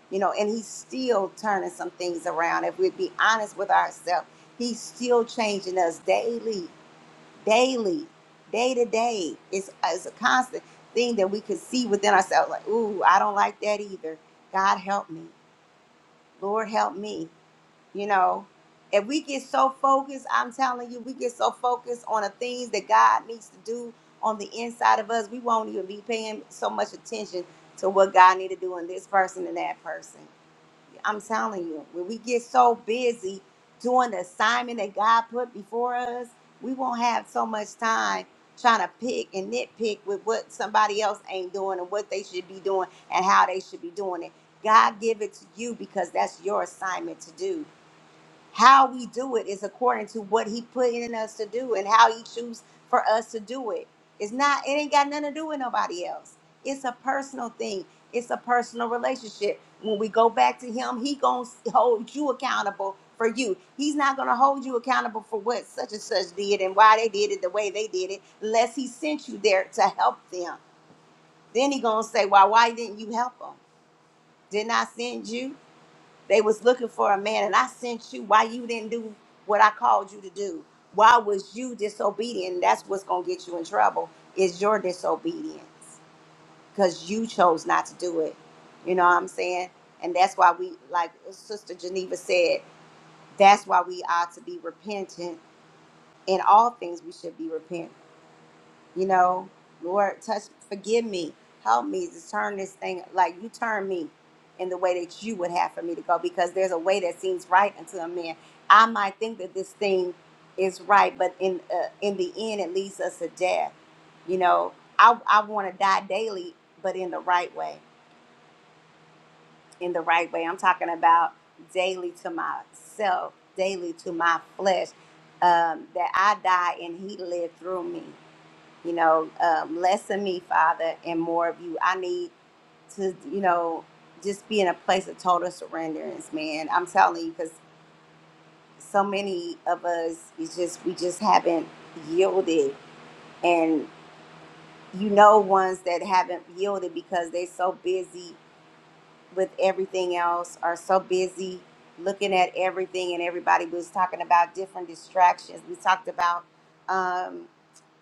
Speaker 1: You know, and he's still turning some things around. If we would be honest with ourselves, he's still changing us daily daily, day to day. It's, uh, it's a constant thing that we could see within ourselves. Like, ooh, I don't like that either. God help me. Lord help me. You know, if we get so focused, I'm telling you, we get so focused on the things that God needs to do on the inside of us, we won't even be paying so much attention to what God need to do in this person and that person. I'm telling you, when we get so busy doing the assignment that God put before us, we won't have so much time trying to pick and nitpick with what somebody else ain't doing and what they should be doing and how they should be doing it. God give it to you because that's your assignment to do. How we do it is according to what he put in us to do and how he chooses for us to do it. It's not, it ain't got nothing to do with nobody else. It's a personal thing. It's a personal relationship. When we go back to him, he gonna hold you accountable for you. He's not gonna hold you accountable for what such and such did and why they did it the way they did it, unless he sent you there to help them. Then he gonna say, "Why? Why didn't you help them? Didn't I send you?" They was looking for a man, and I sent you. Why you didn't do what I called you to do? Why was you disobedient? That's what's gonna get you in trouble. Is your disobedience because you chose not to do it. You know what I'm saying? And that's why we, like Sister Geneva said, that's why we ought to be repentant in all things. We should be repentant you know, Lord, touch, forgive me, help me to turn this thing like you turn me in the way that you would have for me to go because there's a way that seems right unto a man. I might think that this thing is right, but in uh, in the end, it leads us to death. You know, I, I want to die daily, but in the right way. In the right way. I'm talking about daily to myself, daily to my flesh, um, that I die and he lived through me you know, um, less of me, Father, and more of you. I need to, you know, just be in a place of total surrenderance, man. I'm telling you, because so many of us, it's just, we just haven't yielded. And you know, ones that haven't yielded because they're so busy with everything else are so busy looking at everything and everybody We was talking about different distractions we talked about um,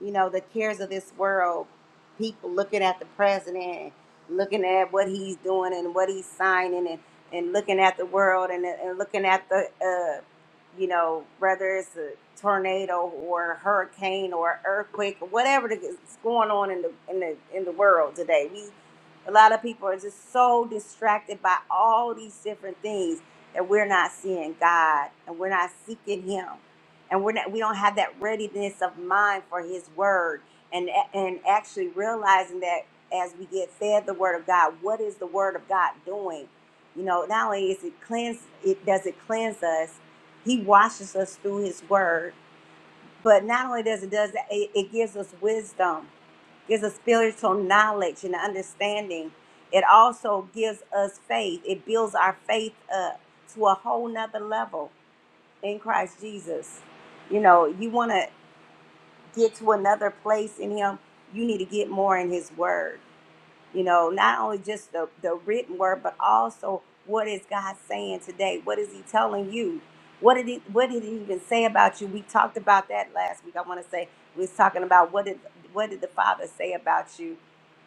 Speaker 1: you know the cares of this world people looking at the president looking at what he's doing and what he's signing and, and looking at the world and, and looking at the uh, you know whether it's a tornado or a hurricane or earthquake or whatever the- is going on in the in the in the world today we a lot of people are just so distracted by all these different things that we're not seeing God and we're not seeking Him, and we're not we don't have that readiness of mind for His Word and and actually realizing that as we get fed the Word of God, what is the Word of God doing? You know, not only is it cleanse, it does it cleanse us. He washes us through His Word, but not only does it does that, it, it gives us wisdom gives us spiritual knowledge and understanding. It also gives us faith. It builds our faith up to a whole nother level in Christ Jesus. You know, you want to get to another place in Him, you need to get more in His Word you know not only just the, the written word but also what is god saying today what is he telling you what did he what did he even say about you we talked about that last week i want to say we was talking about what did what did the father say about you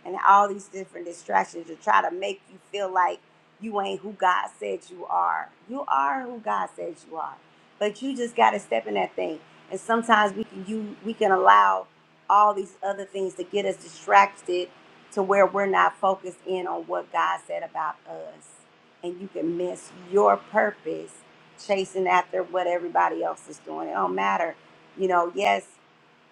Speaker 1: and all these different distractions to try to make you feel like you ain't who god said you are you are who god says you are but you just got to step in that thing and sometimes we can you we can allow all these other things to get us distracted to where we're not focused in on what God said about us. And you can miss your purpose chasing after what everybody else is doing. It don't matter. You know, yes,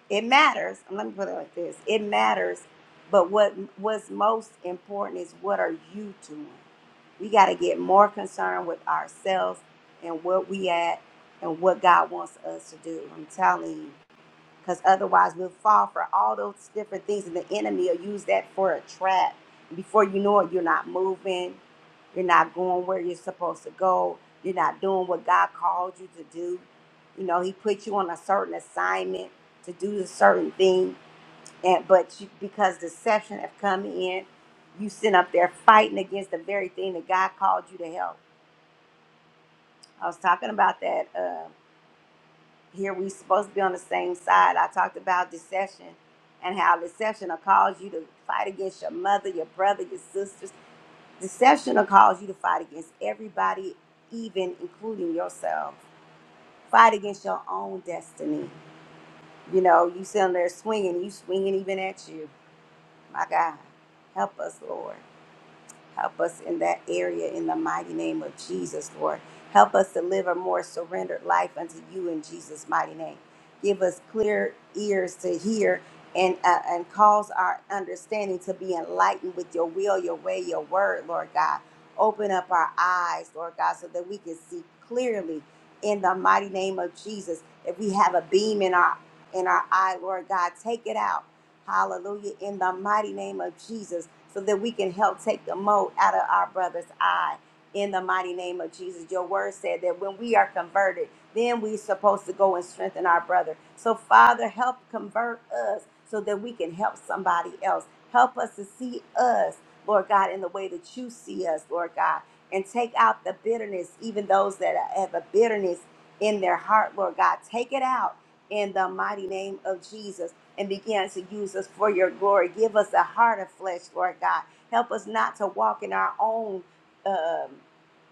Speaker 1: it matters. Let me put it like this. It matters, but what what's most important is what are you doing? We gotta get more concerned with ourselves and what we at and what God wants us to do. I'm telling you because otherwise we'll fall for all those different things and the enemy will use that for a trap before you know it you're not moving you're not going where you're supposed to go you're not doing what god called you to do you know he put you on a certain assignment to do a certain thing and but you, because deception have come in you sit up there fighting against the very thing that god called you to help i was talking about that uh, here we supposed to be on the same side. I talked about deception and how deception will cause you to fight against your mother, your brother, your sisters. Deception will cause you to fight against everybody, even including yourself. Fight against your own destiny. You know, you sitting there swinging, you swinging even at you. My God, help us, Lord. Help us in that area in the mighty name of Jesus, Lord. Help us to live a more surrendered life unto you in Jesus' mighty name. Give us clear ears to hear and, uh, and cause our understanding to be enlightened with your will, your way, your word, Lord God. Open up our eyes, Lord God, so that we can see clearly in the mighty name of Jesus. If we have a beam in our in our eye, Lord God, take it out Hallelujah. In the mighty name of Jesus, so that we can help take the mote out of our brother's eye. In the mighty name of Jesus. Your word said that when we are converted, then we're supposed to go and strengthen our brother. So, Father, help convert us so that we can help somebody else. Help us to see us, Lord God, in the way that you see us, Lord God, and take out the bitterness, even those that have a bitterness in their heart, Lord God. Take it out in the mighty name of Jesus and begin to use us for your glory. Give us a heart of flesh, Lord God. Help us not to walk in our own um,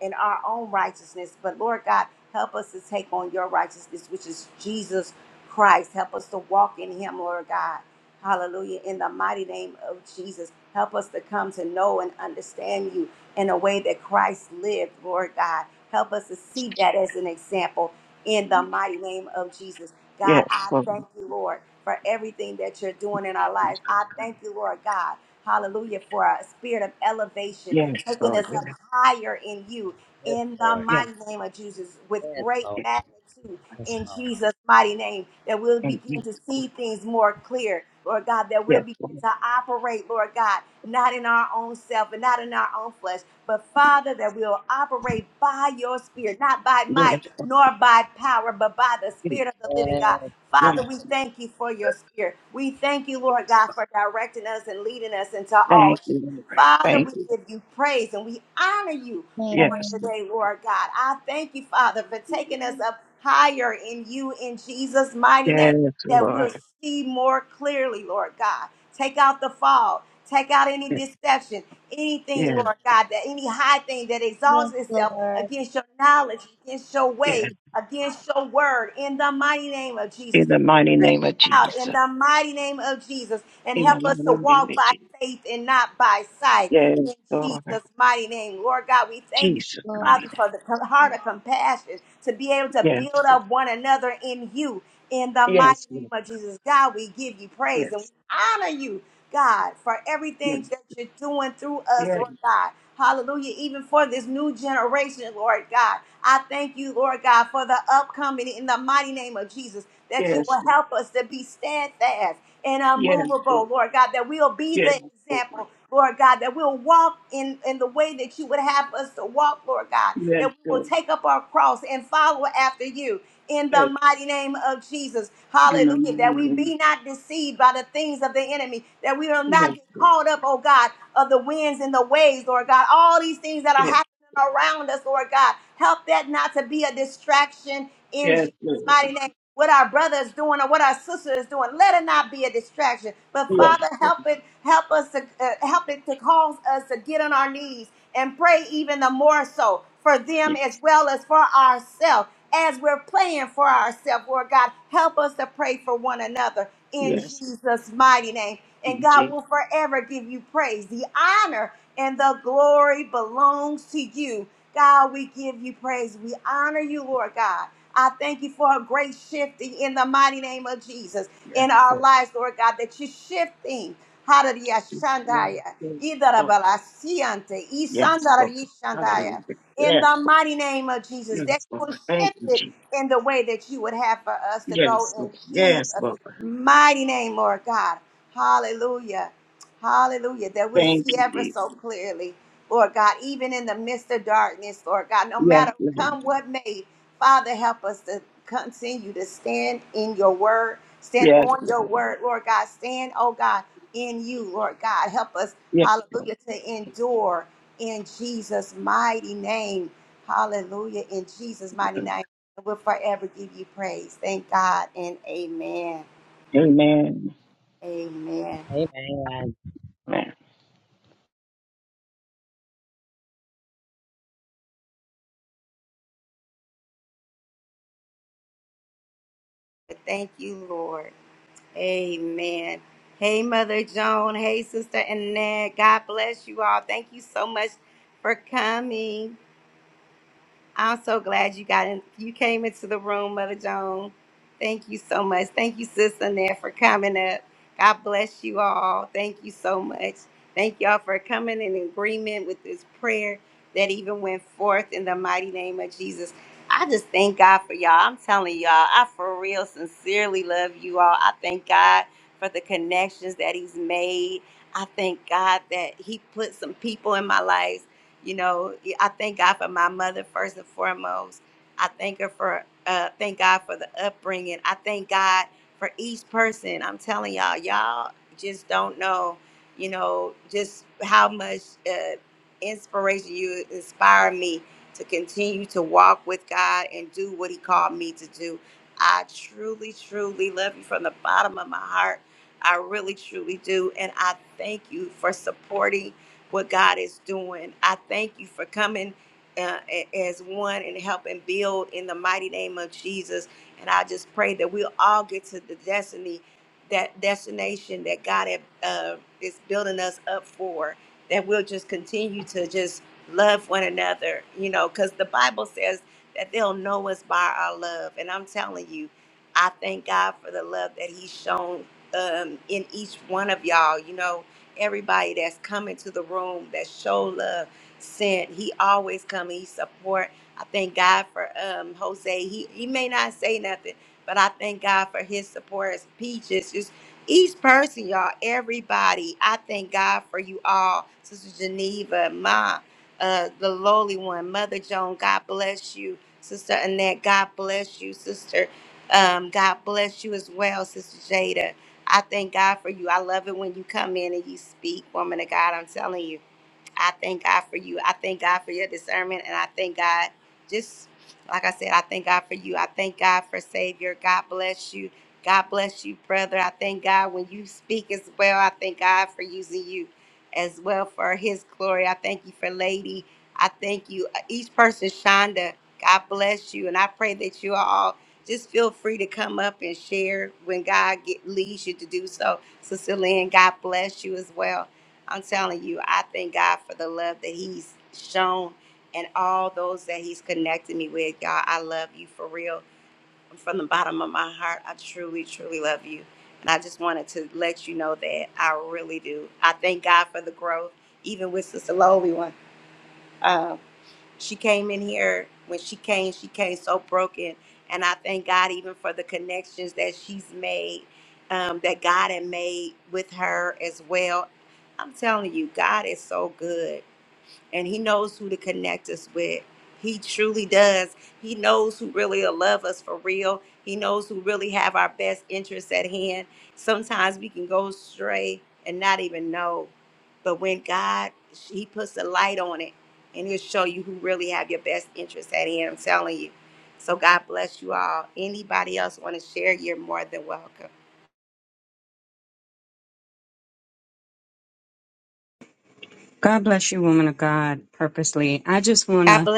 Speaker 1: in our own righteousness, but Lord God, help us to take on your righteousness, which is Jesus Christ. Help us to walk in Him, Lord God. Hallelujah. In the mighty name of Jesus, help us to come to know and understand you in a way that Christ lived, Lord God. Help us to see that as an example in the mighty name of Jesus. God,
Speaker 3: Yes,
Speaker 1: I
Speaker 3: Lord.
Speaker 1: thank you, Lord, for everything that you're doing in our life. I thank you, Lord God. Hallelujah, for a spirit of elevation,
Speaker 3: Yes,
Speaker 1: taking
Speaker 3: Lord.
Speaker 1: us
Speaker 3: Yes,
Speaker 1: up higher in you,
Speaker 6: Yes,
Speaker 1: in the
Speaker 6: Lord.
Speaker 3: yes,
Speaker 1: mighty name of Jesus, with
Speaker 6: Yes,
Speaker 1: great
Speaker 6: Lord.
Speaker 3: yes.
Speaker 1: magnitude,
Speaker 6: Yes,
Speaker 1: in Jesus' mighty name, that we'll
Speaker 3: Thank
Speaker 1: begin
Speaker 3: you.
Speaker 1: to see things more clear, Lord God, that we'll
Speaker 3: Yes,
Speaker 1: begin
Speaker 3: Lord.
Speaker 1: to operate, Lord God, not in our own self and not in our own flesh, but Father, that we'll operate by your spirit, not by
Speaker 3: Yes,
Speaker 1: might
Speaker 3: Lord.
Speaker 1: nor by power, but by the spirit of the living
Speaker 6: Lord.
Speaker 1: God.
Speaker 3: Yes.
Speaker 1: Father, we thank you for your spirit. We thank you, Lord God, for directing us and leading us into all
Speaker 3: Thank
Speaker 1: truth.
Speaker 3: you, Lord.
Speaker 1: Father,
Speaker 3: Thank
Speaker 1: we
Speaker 3: you.
Speaker 1: give you praise and we honor you
Speaker 4: Amen.
Speaker 1: on
Speaker 3: Yes, Lord.
Speaker 1: today, Lord God. I thank you, Father, for taking us up higher in you in Jesus' mighty name,
Speaker 3: yes,
Speaker 1: that we'll
Speaker 3: Lord.
Speaker 1: see more clearly, Lord God. Take out the fog, take out any
Speaker 3: Yes,
Speaker 1: deception, anything,
Speaker 3: yes.
Speaker 1: Lord God, that any high thing that
Speaker 4: Yes,
Speaker 1: exalts itself
Speaker 4: Lord,
Speaker 1: against your knowledge, against your way,
Speaker 3: yes.
Speaker 1: against your word, in the mighty name of Jesus.
Speaker 3: In the mighty
Speaker 1: Strip
Speaker 3: name
Speaker 1: it
Speaker 3: of
Speaker 1: out
Speaker 3: Jesus.
Speaker 1: in the mighty name of Jesus and
Speaker 3: In
Speaker 1: help
Speaker 3: the
Speaker 1: us
Speaker 3: mighty
Speaker 1: to
Speaker 3: name
Speaker 1: walk
Speaker 3: of
Speaker 1: by
Speaker 3: Jesus.
Speaker 1: faith and not by sight
Speaker 3: Yes,
Speaker 1: in
Speaker 3: Lord.
Speaker 1: Jesus' mighty name. Lord God, we thank you.
Speaker 3: Jesus,
Speaker 4: Lord.
Speaker 3: mighty
Speaker 1: Father, for
Speaker 3: name.
Speaker 1: the com- heart of compassion to be able to
Speaker 3: Yes,
Speaker 1: build up one another in you in the mighty
Speaker 3: yes, Lord.
Speaker 1: name of Jesus. God, we give you praise and we
Speaker 3: Yes,
Speaker 1: honor you, God, for
Speaker 3: yes,
Speaker 1: everything that you're doing through us,
Speaker 3: yes,
Speaker 1: Lord God. Hallelujah. Even for this new generation, Lord God. I thank you, Lord God, for the upcoming in the mighty name of Jesus that you
Speaker 3: yes,
Speaker 1: will help us to be steadfast and
Speaker 3: yes, Lord.
Speaker 1: unmovable, Lord God, that we'll be
Speaker 3: Yes,
Speaker 1: the
Speaker 3: Lord.
Speaker 1: example, Lord God, that we'll walk in, in the way that you would have us to walk, Lord God,
Speaker 3: Yes, Lord. Yes,
Speaker 1: that we will
Speaker 3: Lord.
Speaker 1: take up our cross and follow after you in
Speaker 3: Yes,
Speaker 1: the mighty name of Jesus.
Speaker 3: in
Speaker 1: Hallelujah. That
Speaker 3: the
Speaker 1: we
Speaker 3: morning.
Speaker 1: be not deceived by the things of the enemy, that we will
Speaker 3: Yes,
Speaker 1: not get
Speaker 3: Lord.
Speaker 1: caught up, oh God, of the winds and the waves, Lord God. All these things that are
Speaker 3: yes,
Speaker 1: happening around us, Lord God. Help that not to be a distraction in
Speaker 3: yes,
Speaker 1: Jesus'
Speaker 3: Lord.
Speaker 1: mighty name what our brother is doing or what our sister is doing. Let it not be a distraction. But
Speaker 3: Yes,
Speaker 1: Father,
Speaker 3: Lord.
Speaker 1: help it, help us to uh, help it to cause us to get on our knees and pray even the more so for them as
Speaker 3: yes,
Speaker 1: well as for ourselves. As we're praying for ourselves, Lord God, help us to pray for one another in
Speaker 3: yes,
Speaker 1: Jesus' mighty name. And God
Speaker 3: indeed.
Speaker 1: will forever give you praise. The honor and the glory belongs to you. God, we give you praise. We honor you, Lord God. I thank you for a great shifting in the mighty name of Jesus
Speaker 3: Yes,
Speaker 1: in our
Speaker 3: Lord.
Speaker 1: lives, Lord God, that you're shifting. Hallelujah.
Speaker 3: Yes,
Speaker 1: Shandaya.
Speaker 3: Lord. Yes, Lord.
Speaker 1: Idarabalaciante.
Speaker 3: Yes, Lord. Hallelujah.
Speaker 1: Isandarayishandaya. In
Speaker 3: Yes,
Speaker 1: the mighty name of Jesus, that
Speaker 3: yes,
Speaker 1: you will
Speaker 3: Lord. Thank
Speaker 1: shift
Speaker 3: you,
Speaker 1: it
Speaker 3: Jesus.
Speaker 1: in the way that you would have for us to go
Speaker 3: Yes, Lord.
Speaker 1: in Jesus'
Speaker 3: Yes, Lord.
Speaker 1: mighty name, Lord God. Hallelujah. Hallelujah. That we'll
Speaker 3: Thank
Speaker 1: see
Speaker 3: you,
Speaker 1: ever
Speaker 3: Jesus.
Speaker 1: so clearly, Lord God, even in the midst of darkness, Lord God, no
Speaker 3: Yes,
Speaker 1: matter
Speaker 3: Lord.
Speaker 1: come what may. Father, help us to continue to stand in your word, stand
Speaker 3: Yes,
Speaker 1: on
Speaker 3: Lord.
Speaker 1: your word, Lord God. Stand, oh God, in you, Lord God. Help us,
Speaker 3: Yes, Lord.
Speaker 1: hallelujah, to endure in Jesus' mighty name. Hallelujah, in Jesus' mighty name. We'll forever give you praise. Thank God and amen.
Speaker 3: Amen.
Speaker 1: Amen.
Speaker 6: Yes, amen.
Speaker 3: Amen.
Speaker 1: Thank you, Lord. Amen. Hey, Mother Joan. Hey, Sister Annette. God bless you all. Thank you so much for coming. I'm so glad you got in. You came into the room, Mother Joan. Thank you so much. Thank you, Sister Annette, for coming up. God bless you all. Thank you so much. Thank y'all for coming in agreement with this prayer that even went forth in the mighty name of Jesus. I just thank God for y'all. I'm telling y'all, I for real sincerely love you all. I thank God for the connections that He's made. I thank God that He put some people in my life you know, I thank God for my mother first and foremost. I thank her for, uh, thank God for the upbringing. I thank God for each person. I'm telling y'all, y'all just don't know, you know, just how much uh, inspiration you inspire me to continue to walk with God and do what He called me to do. I truly, truly love you from the bottom of my heart. I really, truly do. And I thank you for supporting what God is doing. I thank you for coming uh, a- as one and helping build in the mighty name of Jesus. And I just pray that we'll all get to the destiny, that destination that God have, uh, is building us up for. That we'll just continue to just love one another, you know, because the Bible says that they'll know us by our love. And I'm telling you, I thank God for the love that He's shown um, in each one of y'all. You know, everybody that's come into the room that show love, sent. He always come and he support. I thank God for um Jose. He he may not say nothing, but I thank God for his support. His peaches, just each person, y'all, everybody. I thank God for you all, Sister Geneva, Ma, uh, the lowly one, Mother Joan. God bless you, Sister Annette. God bless you, Sister. Um, God bless you as well, Sister Jada. I thank God for you. I love it when you come in and you speak, woman of God. I'm telling you. I thank God for you. I thank God for your discernment. And I thank God, just like I said, I thank God for you. I thank God for Savior. God bless you. God bless you, brother. I thank God when you speak as well. I thank God for using you as well for his glory. I thank you for Lady. I thank you. Uh, Each person, Shonda, God bless you. And I pray that you all just feel free to come up and share when God get, leads you to do so. Sister Lynn, God bless you as well. I'm telling you, I thank God for the love that He's shown and all those that He's connected me with. God, I love you for real. And from the bottom of my heart, I truly, truly love you. And I just wanted to let you know that I really do. I thank God for the growth, even with Sister Lowly one. She came in here. When she came, she came so broken. And I thank God even for the connections that she's made, um, that God had made with her as well. I'm telling you, God is so good and he knows who to connect us with. He truly does. He knows who really will love us for real. He knows who really have our best interests at hand. Sometimes we can go astray and not even know. But when God, he puts a light on it and he'll show you who really have your best interests at hand. I'm telling you. So God bless you all. Anybody else want to share? You're more than welcome.
Speaker 9: God bless you, woman of God, purposely. I just want
Speaker 1: God
Speaker 9: to,
Speaker 1: bless.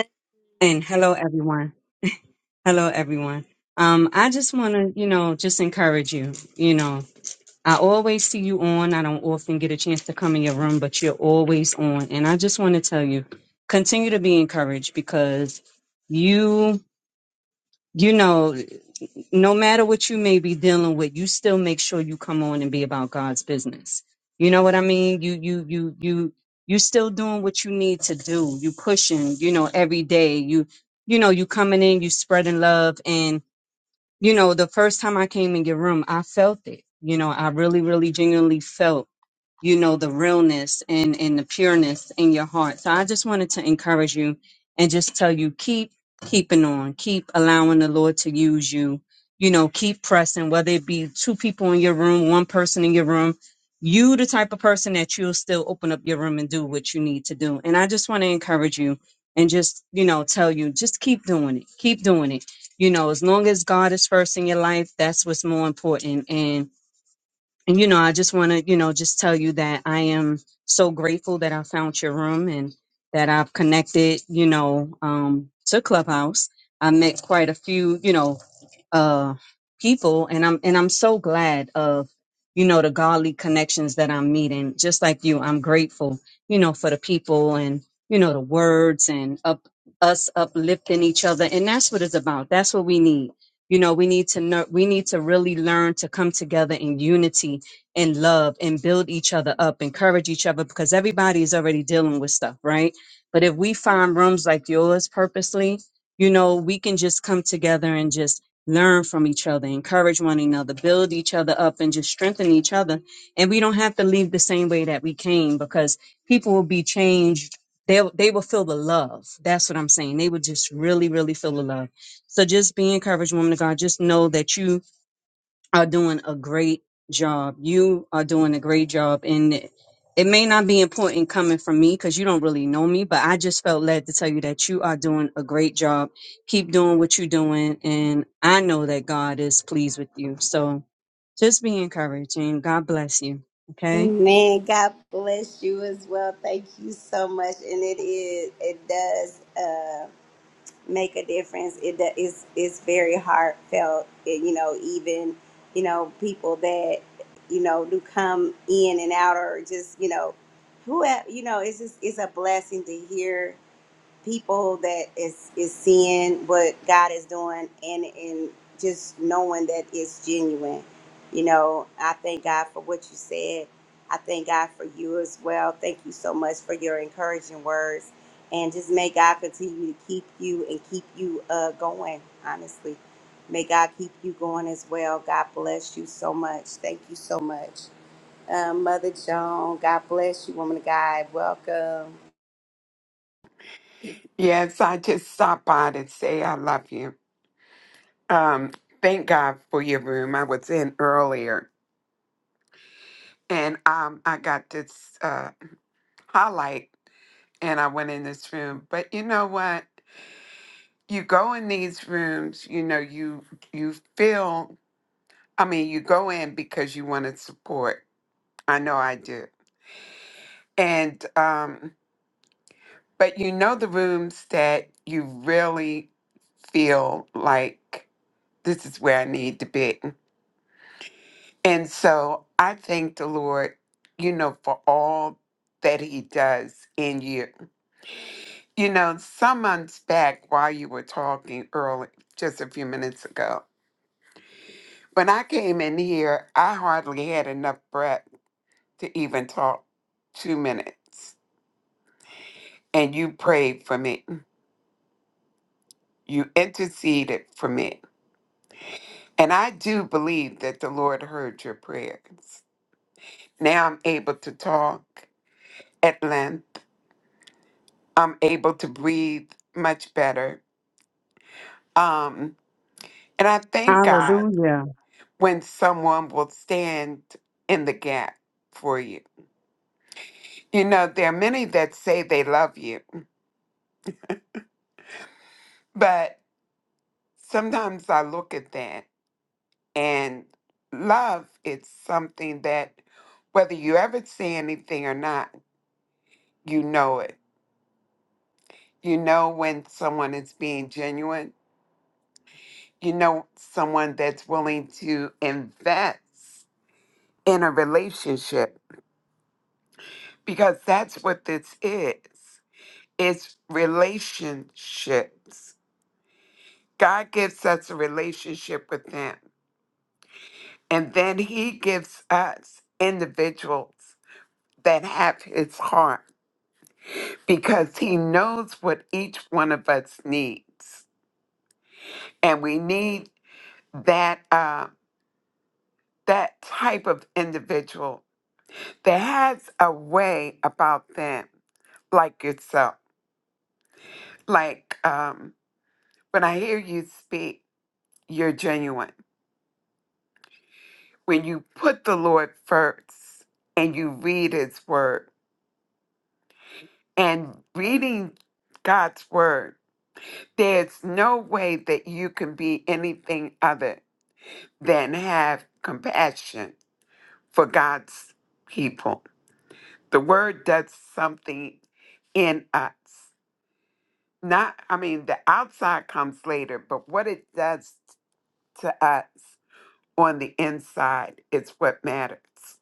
Speaker 9: and hello, everyone. Hello, everyone. Um, I just want to, you know, just encourage you. You know, I always see you on. I don't often get a chance to come in your room, but you're always on. And I just want to tell you, continue to be encouraged because you, you know, no matter what you may be dealing with, you still make sure you come on and be about God's business. You know what I mean? You you you you you still doing what you need to do. You pushing, you know, every day. You you know, you coming in, you spreading love and you know, the first time I came in your room, I felt it. You know, I really really genuinely felt you know the realness and and the pureness in your heart so i just wanted to encourage you and just tell you keep keeping on keep allowing the lord to use you you know keep pressing whether it be two people in your room one person in your room you the type of person that you'll still open up your room and do what you need to do and i just want to encourage you and just you know tell you just keep doing it keep doing it you know as long as god is first in your life that's what's more important and. And, you know, I just want to, you know, just tell you that I am so grateful that I found your room and that I've connected, you know, um, to Clubhouse. I met quite a few, you know, uh people and i'm and i'm so glad of you know the godly connections that i'm meeting just like you i'm grateful you know for the people and you know the words and up us uplifting each other and that's what it's about that's what we need you know we need to know we need to really learn to come together in unity and love and build each other up encourage each other because everybody is already dealing with stuff right but if we find rooms like yours purposely you know we can just come together and just learn from each other, encourage one another, build each other up, and just strengthen each other. And we don't have to leave the same way that we came because people will be changed. They they will feel the love. That's what I'm saying. They will just really, really feel the love. So just be encouraged, woman of God. Just know that you are doing a great job. You are doing a great job. And it it may not be important coming from me because you don't really know me, but I just felt led to tell you that you are doing a great job. Keep doing what you're doing. And I know that God is pleased with you. So just be encouraged and God bless you. Okay.
Speaker 1: Amen. God bless you as well. Thank you so much. And it is, it does uh, make a difference. It do, it's, it's very heartfelt. It, you know, even, you know, people that, you know, do come in and out or just, you know, who, have, you know, it's just, it's a blessing to hear people that is is seeing what God is doing and and just knowing that it's genuine. You know, I thank God for what you said. I thank God for you as well. Thank you so much for your encouraging words. And just may God continue to keep you and keep you uh, going, honestly. May God keep you going as well. God bless you so much. Thank you so much. Um, Mother Joan, God bless you, woman of God. Welcome.
Speaker 10: Yes, I just stopped by to say I love you. Um, thank God for your room. I was in earlier, and um, I got this uh, highlight, and I went in this room. But you know what? You go in these rooms, you know, you you feel. I mean, you go in because you want to support. I know I do, and um, but you know the rooms that you really feel like this is where I need to be. And so I thank the Lord, you know, for all that He does in you. You know, some months back, while you were talking early, just a few minutes ago, when I came in here, I hardly had enough breath to even talk two minutes. And you prayed for me, you interceded for me. And I do believe that the Lord heard your prayers. Now I'm able to talk at length I'm able to breathe much better. Um, and I thank God
Speaker 9: Hallelujah.
Speaker 10: when someone will stand in the gap for you. You know, there are many that say they love you, but sometimes I look at that and love is something that whether you ever say anything or not, you know it. You know when someone is being genuine. You know someone that's willing to invest in a relationship because that's what this is it's relationships god gives us a relationship with him and then he gives us individuals that have his heart because he knows what each one of us needs and we need that uh, that type of individual that has a way about them like yourself like um, when i hear you speak you're genuine when you put the Lord first and you read His Word and reading God's Word, there's no way that you can be anything other than have compassion for God's people. The Word does something in us. Not, I mean, the outside comes later, but what it does to us on the inside is what matters.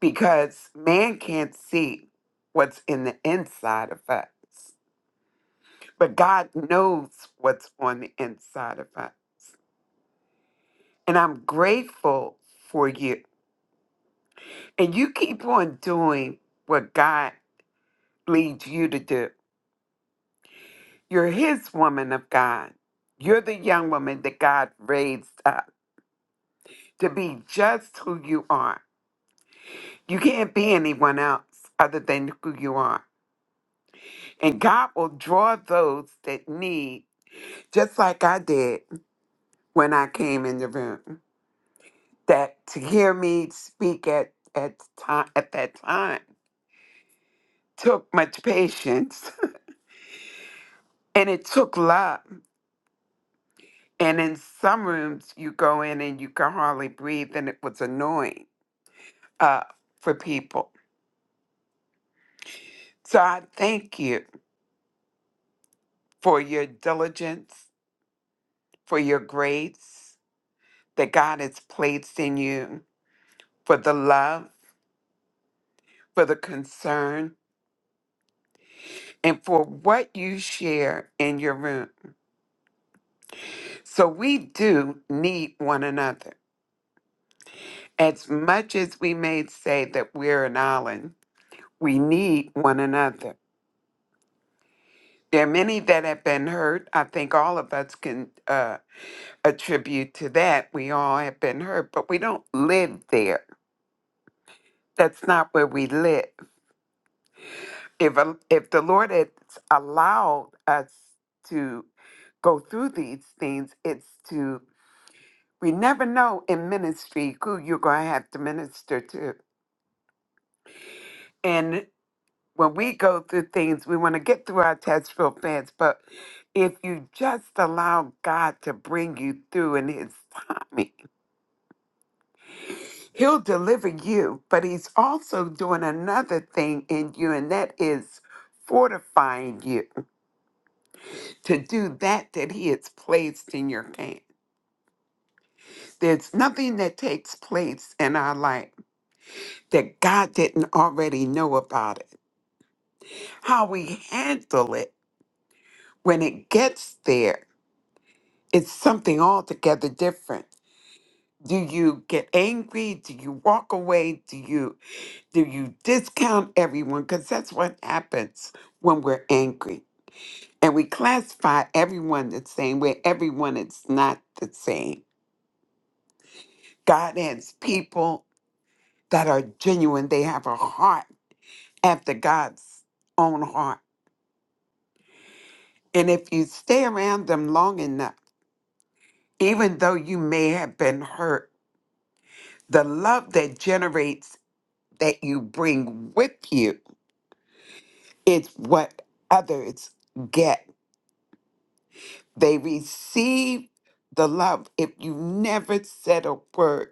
Speaker 10: because man can't see what's in the inside of us, but God knows what's on the inside of us. And I'm grateful for you. And you keep on doing what God leads you to do. You're His woman of God. You're the young woman that God raised up to be just who you are. You can't be anyone else other than who you are. And God will draw those that need just like I did when I came in the room. That to hear me speak at at time at that time took much patience and it took love. And in some rooms, you go in and you can hardly breathe, and it was annoying uh, for people. So I thank you for your diligence, for your grace that God has placed in you, for the love, for the concern, and for what you share in your room. So we do need one another. As much as we may say that we're an island, we need one another. There are many that have been hurt. I think all of us can uh, attribute to that. We all have been hurt, but we don't live there. That's not where we live. If a, if the Lord has allowed us to go through these things, it's to we never know in ministry who you're going to have to minister to. and. when we go through things, we want to get through our test real fast. But if you just allow God to bring you through in His timing, He'll deliver you. But He's also doing another thing in you, and that is fortifying you to do that that He has placed in your hand. There's nothing that takes place in our life that God didn't already know about it. How we handle it when it gets there it's something altogether different. Do you get angry? Do you walk away? Do you do you discount everyone? Because that's what happens when we're angry. And we classify everyone the same way. Everyone is not the same. God has people that are genuine. They have a heart after God's own heart. And if you stay around them long enough, even though you may have been hurt, the love that generates that you bring with you, it's what others get. They receive the love. If you never said a word,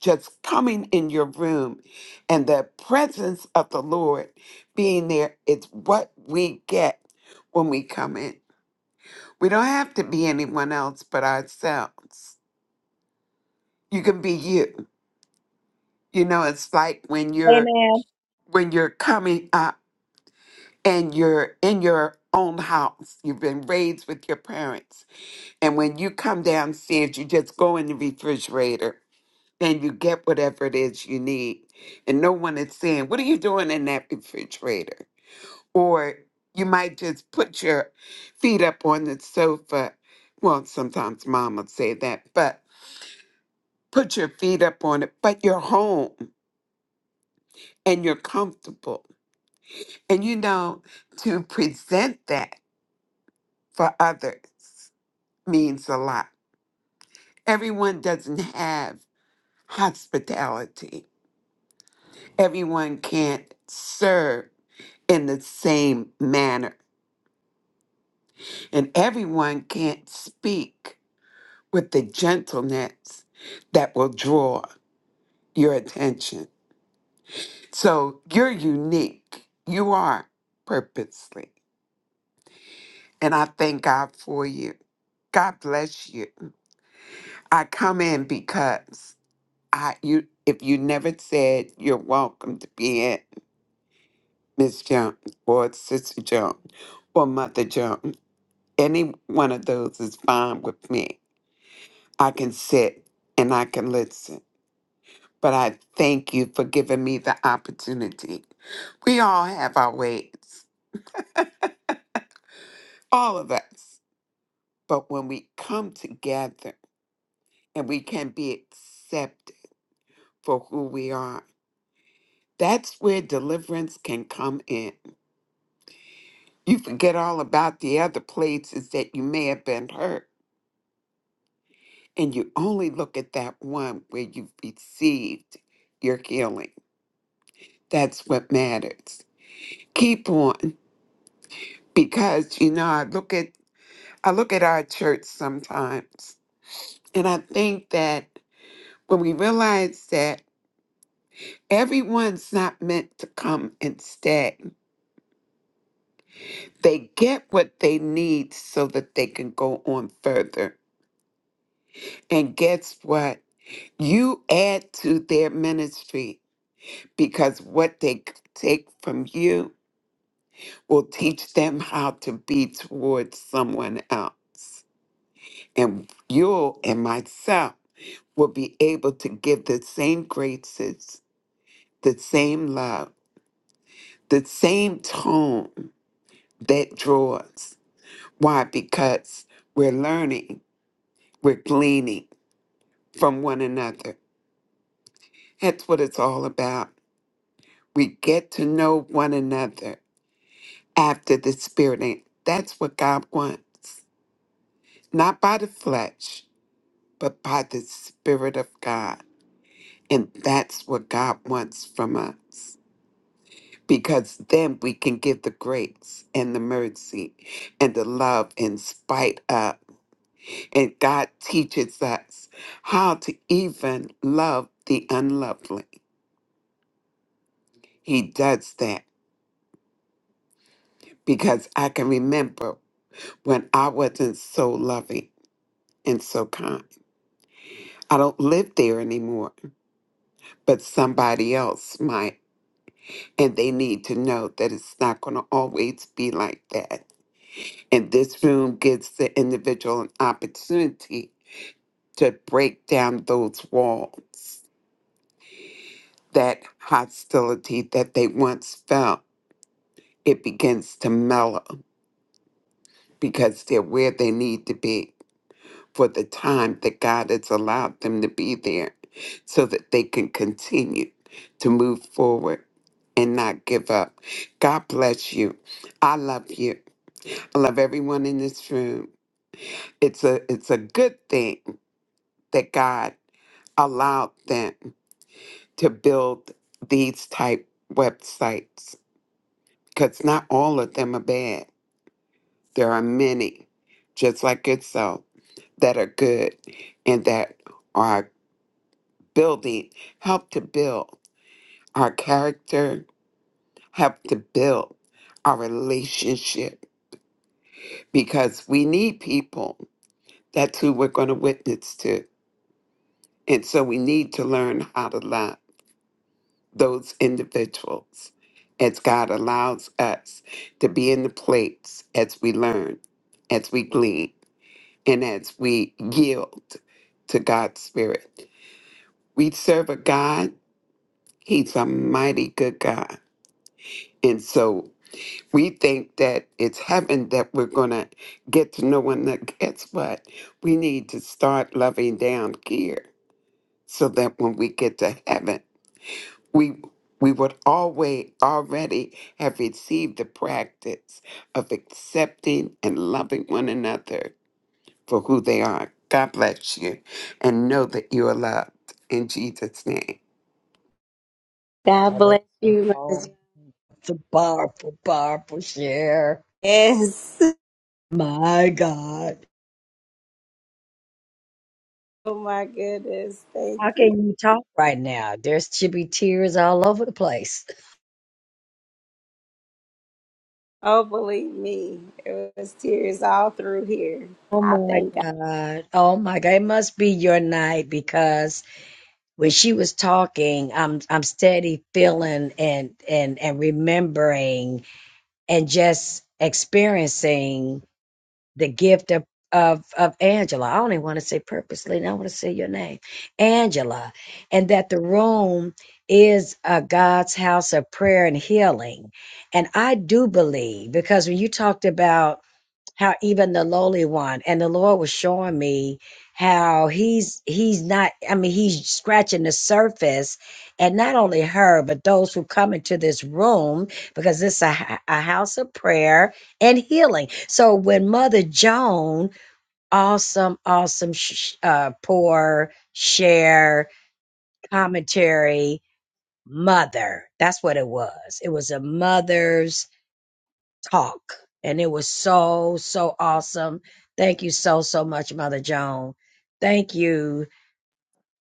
Speaker 10: just coming in your room and the presence of the Lord being there, it's what we get when we come in. We don't have to be anyone else but ourselves. You can be you. You know, it's like when you're
Speaker 6: Amen.
Speaker 10: when you're coming up. and you're in your own house. You've been raised with your parents. And when you come downstairs, you just go in the refrigerator and you get whatever it is you need. And no one is saying, What are you doing in that refrigerator? Or you might just put your feet up on the sofa. Well, sometimes mom would say that, but put your feet up on it. But you're home and you're comfortable. And you know, to present that for others means a lot. Everyone doesn't have hospitality, everyone can't serve in the same manner, and everyone can't speak with the gentleness that will draw your attention. So you're unique. You are purposely. And I thank God for you. God bless you. I come in because I you if you never said you're welcome to be in, Miss Jones or Sister Jones or Mother Jones. Any one of those is fine with me. I can sit and I can listen. But I thank you for giving me the opportunity. We all have our ways, all of us. But when we come together and we can be accepted for who we are, that's where deliverance can come in. You forget all about the other places that you may have been hurt and you only look at that one where you've received your healing. That's what matters. Keep on because you know I look at I look at our church sometimes and I think that when we realize that everyone's not meant to come and stay, they get what they need so that they can go on further. And guess what? You add to their ministry because what they take from you will teach them how to be towards someone else. And you and myself will be able to give the same graces, the same love, the same tone that draws. Why? Because we're learning, we're gleaning from one another. That's what it's all about. We get to know one another after the spirit. And that's what God wants, not by the flesh. but by the Spirit of God. And that's what God wants from us. Because then we can give the grace and the mercy and the love in spite of. And God teaches us how to even love the unlovely. He does that because I can remember when I wasn't so loving and so kind. I don't live there anymore, but somebody else might. And they need to know that it's not going to always be like that. And this room gives the individual an opportunity to break down those walls. That hostility that they once felt, it begins to mellow because they're where they need to be for the time that God has allowed them to be there so that they can continue to move forward and not give up. God bless you. I love you. I love everyone in this room. It's a it's a good thing that God allowed them to build these type websites because not all of them are bad. There are many, just like itself, that are good and that are building, help to build our character, help to build our relationship because we need people. That's who we're going to witness to And so we need to learn how to love those individuals as God allows us to be in the place as we learn, as we glean, and as we yield to God's Spirit. We serve a God, He's a mighty good God. And so we think that it's heaven that we're going to get to know Him. Now, Guess what? We need to start loving down here so that when we get to heaven, we we would always already have received the practice of accepting and loving one another for who they are. God bless you and know that you are loved in Jesus' name.
Speaker 1: God
Speaker 6: Mother,
Speaker 1: bless you, Mother Joan.
Speaker 6: amen. It's a powerful, powerful share.
Speaker 1: Yes.
Speaker 6: My God.
Speaker 1: Oh my goodness. Thank
Speaker 6: How
Speaker 1: you.
Speaker 6: can you talk right now? There's should be tears all over the place.
Speaker 1: Oh, believe me, it was tears all through here.
Speaker 6: Oh
Speaker 1: I
Speaker 6: my
Speaker 1: thank God.
Speaker 6: God. Oh my God. It must be your night because when she was talking, I'm I'm steady feeling and and and remembering and just experiencing the gift of of of Angela. I only want to say purposely, and I want to say your name, Angela, and that the room is uh, God's house of prayer and healing. And I do believe because when you talked about how even the lowly one and the lord was showing me how he's he's not i mean he's scratching the surface and not only her but those who come into this room because this it's a, h- a house of prayer and healing so when mother joan awesome awesome sh- uh poor share commentary mother that's what it was it was a mother's talk. And it was so, so awesome. Thank you so, so much, Mother Joan. Thank you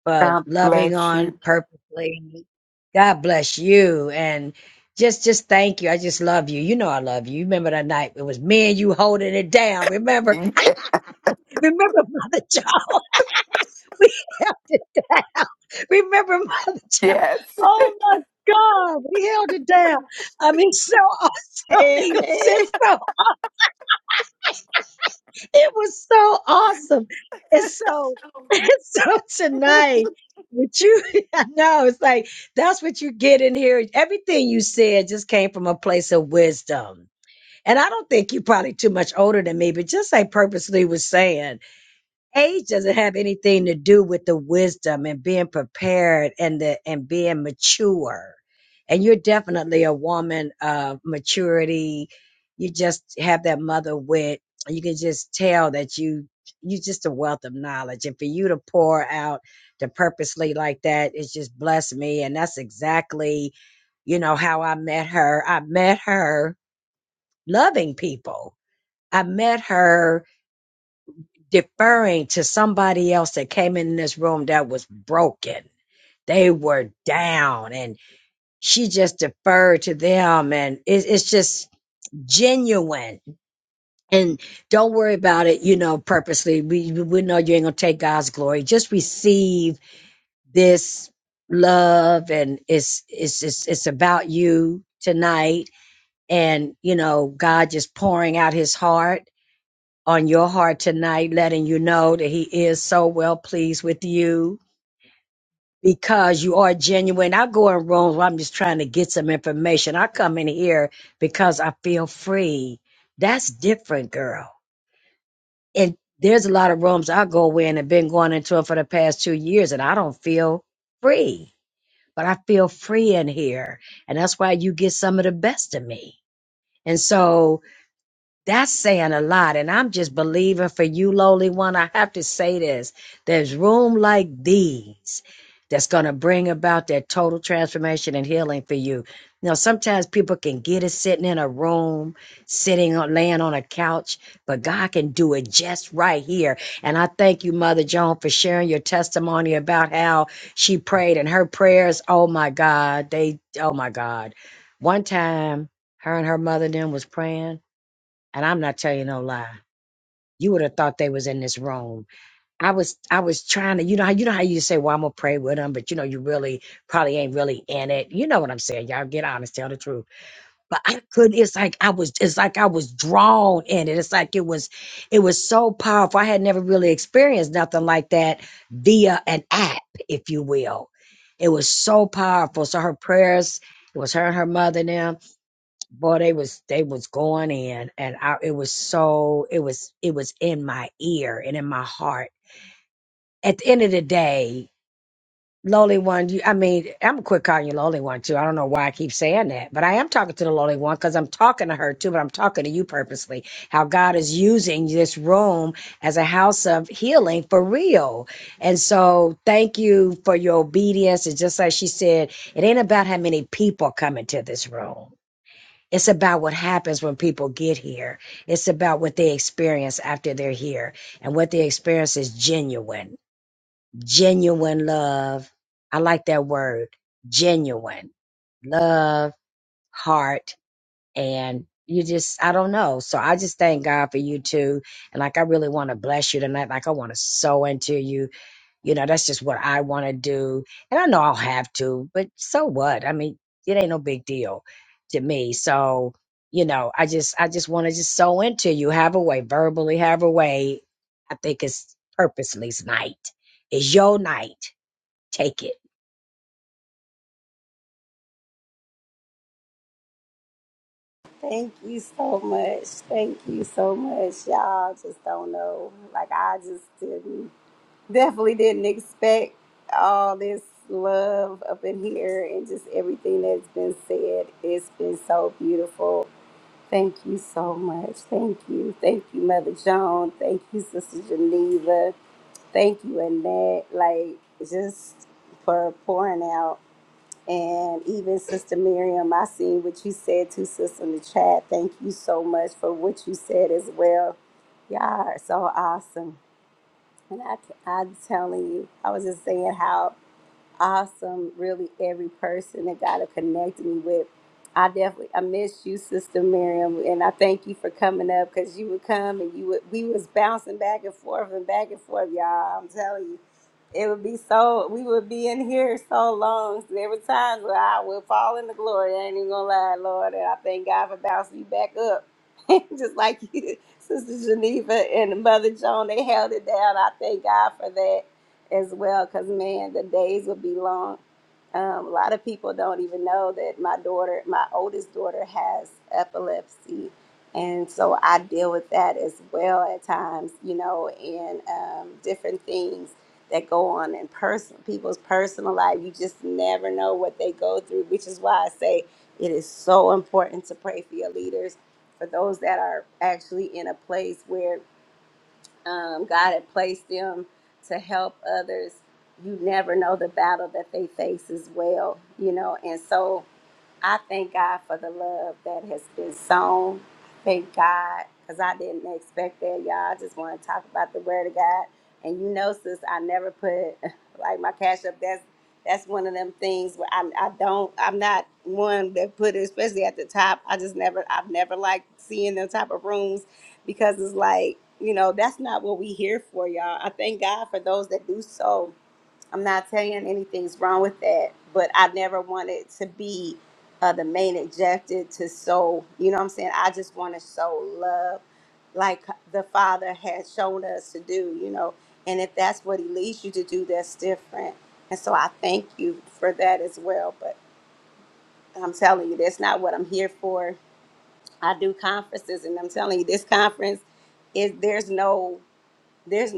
Speaker 6: for
Speaker 10: God
Speaker 6: loving
Speaker 10: bless
Speaker 6: on
Speaker 10: you.
Speaker 6: purposely. God bless you. And just, just thank you. I just love you. You know, I love you. You remember that night it was me and you holding it down. Remember,
Speaker 10: Ye-
Speaker 6: remember, Mother Joan. We held it down. Remember, Mother Joan.
Speaker 10: Yes.
Speaker 6: Oh my God, we held it down. I mean, so awesome. It was
Speaker 1: Amen.
Speaker 6: just so it was so awesome. And so, and so tonight, with you, I know it's like that's what you get in here. Everything you said just came from a place of wisdom. And I don't think you're probably too much older than me, but just like purposely was saying age doesn't have anything to do with the wisdom and being prepared and the and being mature and you're definitely a woman of maturity you just have that mother wit you can just tell that you you just a wealth of knowledge and for you to pour out to purposely like that it's just blessed me and that's exactly you know how i met her i met her loving people i met her deferring to somebody else that came in this room that was broken. They were down, and she just deferred to them, and it, it's just genuine. And don't worry about it, you know, purposely. We we know you ain't gonna take God's glory. Just receive this love, and it's it's it's it's about you tonight, and you know, God just pouring out His heart on your heart tonight, letting you know that He is so well pleased with you because you are genuine. I go in rooms where I'm just trying to get some information. I come in here because I feel free. That's different, girl. And there's a lot of rooms I go in and been going into it for the past two years, and I don't feel free. But I feel free in here, and that's why you get some of the best of me. And so That's saying a lot. And I'm just believing for you, lowly one. I have to say this. There's room like these that's going to bring about that total transformation and healing for you. You know, sometimes people can get it sitting in a room, sitting on, laying on a couch, but God can do it just right here. And I thank you, Mother Joan, for sharing your testimony about how she prayed and her prayers. Oh my God. They, oh my God. One time, her and her mother then was praying and I'm not telling you no lie. You would have thought they was in this room. I was I was trying to, you know how you know how you say, well, I'm gonna pray with them, but you know, you really probably ain't really in it. You know what I'm saying. Y'all get honest, tell the truth. But I couldn't, it's like I was it's like I was drawn in it. It's like it was it was so powerful. I had never really experienced nothing like that via an app, if you will. It was so powerful. So her prayers, it was her and her mother now boy they was they was going in and I it was so it was it was in my ear and in my heart. At the end of the day, lowly one, you I mean, I'm gonna quit calling you lowly one too. I don't know why I keep saying that, but I am talking to the lowly one because I'm talking to her too, but I'm talking to you purposely. How God is using this room as a house of healing for real. And so thank you for your obedience. It's just like she said, it ain't about how many people come into this room it's about what happens when people get here. It's about what they experience after they're here. And what they experience is genuine, genuine love. I like that word, genuine love, heart, and you just, I don't know. So I just thank God for you too. And like, I really want to bless you tonight. Like, I want to sow into you. You know, that's just what I want to do. And I know I'll have to, but so what? I mean, it ain't no big deal to me. So, you know, I just I just want to just sew into you, have a way, verbally have a way. I think it's purposeless night. It's your night. Take it.
Speaker 1: Thank you so much. Thank you so much. Y'all just don't know. Like, I just didn't, definitely didn't expect all this love up in here and just everything that's been said. It's been so beautiful. Thank you so much. Thank you. Thank you, Mother Joan. Thank you, Sister Geneva. thank you and that like just for pouring out and even sister miriam i seen what you said to sister in the chat thank you so much for what you said as well y'all are so awesome and i i'm telling you i was just saying how awesome really every person that god have connected me with I definitely I miss you, Sister Miriam, and I thank you for coming up because you would come and you would we was bouncing back and forth and back and forth, y'all. I'm telling you it would be so we would be in here so long. There were times where I would fall into glory. I ain't even gonna lie, Lord, and I thank God for bouncing me back up. Just like you, Sister Geneva and Mother Joan, they held it down. I thank God for that as well, because man, the days would be long. Um, a lot of people don't even know that my daughter, my oldest daughter, has epilepsy. And so I deal with that as well at times, you know, and um, different things that go on in person people's personal life you just never know what they go through which is why i say it is so important to pray for your leaders for those that are actually in a place where um, god had placed them to help others you never know the battle that they face as well you know and so I thank God for the love that has been sown. Thank God, because I didn't expect that, y'all. I just want to talk about the Word of God. And you know, sis, I never put like my cash up. That's that's one of them things where I, I don't. I'm not one that put it, especially at the top. I just never. I've never liked seeing them type of rooms because it's like you know that's not what we here for, y'all. I thank God for those that do so I'm not saying anything's wrong with that, but I never wanted to be uh, the main objective to sow. You know what I'm saying? I just want to sow love like the Father has shown us to do, you know. And if that's what He leads you to do, that's different. And so I thank you for that as well. But I'm telling you, that's not what I'm here for. I do conferences, and I'm telling you, this conference is there's no there's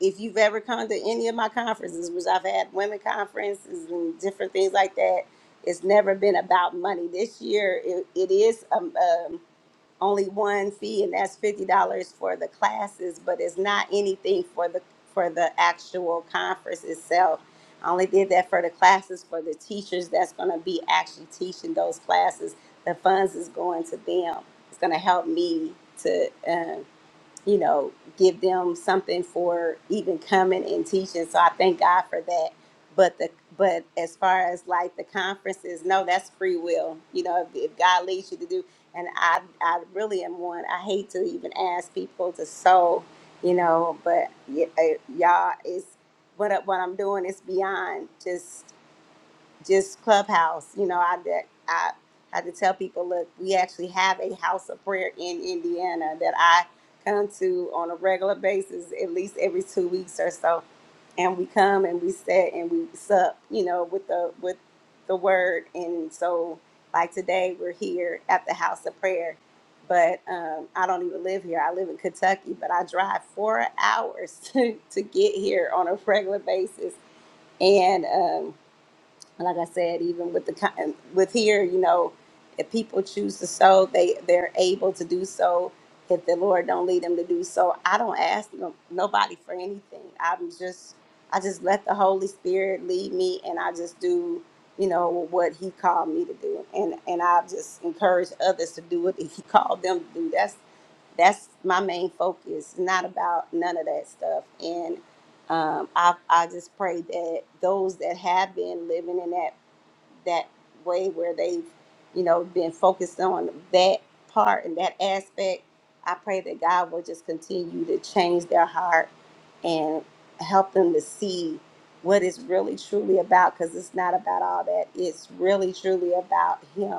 Speaker 1: if you've ever come to any of my conferences, which I've had women conferences and different things like that, it's never been about money. This year, it, it is um, um, only one fee, and that's fifty dollars for the classes, but it's not anything for the for the actual conference itself. I only did that for the classes for the teachers that's going to be actually teaching those classes. The funds is going to them. It's going to help me to. um, you know, give them something for even coming and teaching. So I thank God for that. But the but as far as like the conferences, no, that's free will. You know, if, if God leads you to do, and I I really am one. I hate to even ask people to sow, you know, but y- uh, y'all is what I- what I'm doing is beyond just just clubhouse you know i that i had to tell people look we actually have a house of prayer in indiana that i come to on a regular basis at least every two weeks or so and we come and we sit and we sup you know with the with the word and so like today we're here at the house of prayer but um, i don't even live here i live in kentucky but i drive four hours to, to get here on a regular basis and um, like I said, even with the co- with here, you know, if people choose to sow, they they're able to do so. If the Lord don't lead them to do so, I don't ask no, nobody for anything. I'm just I just let the Holy Spirit lead me, and I just do you know what He called me to do, and and I just encourage others to do what He called them to do. That's that's my main focus. Not about none of that stuff, um, I I just pray that those that have been living in that that way where they've you know been focused on that part and that aspect, I pray that God will just continue to change their heart and help them to see what it's really truly about because it's not about all that. It's really truly about Him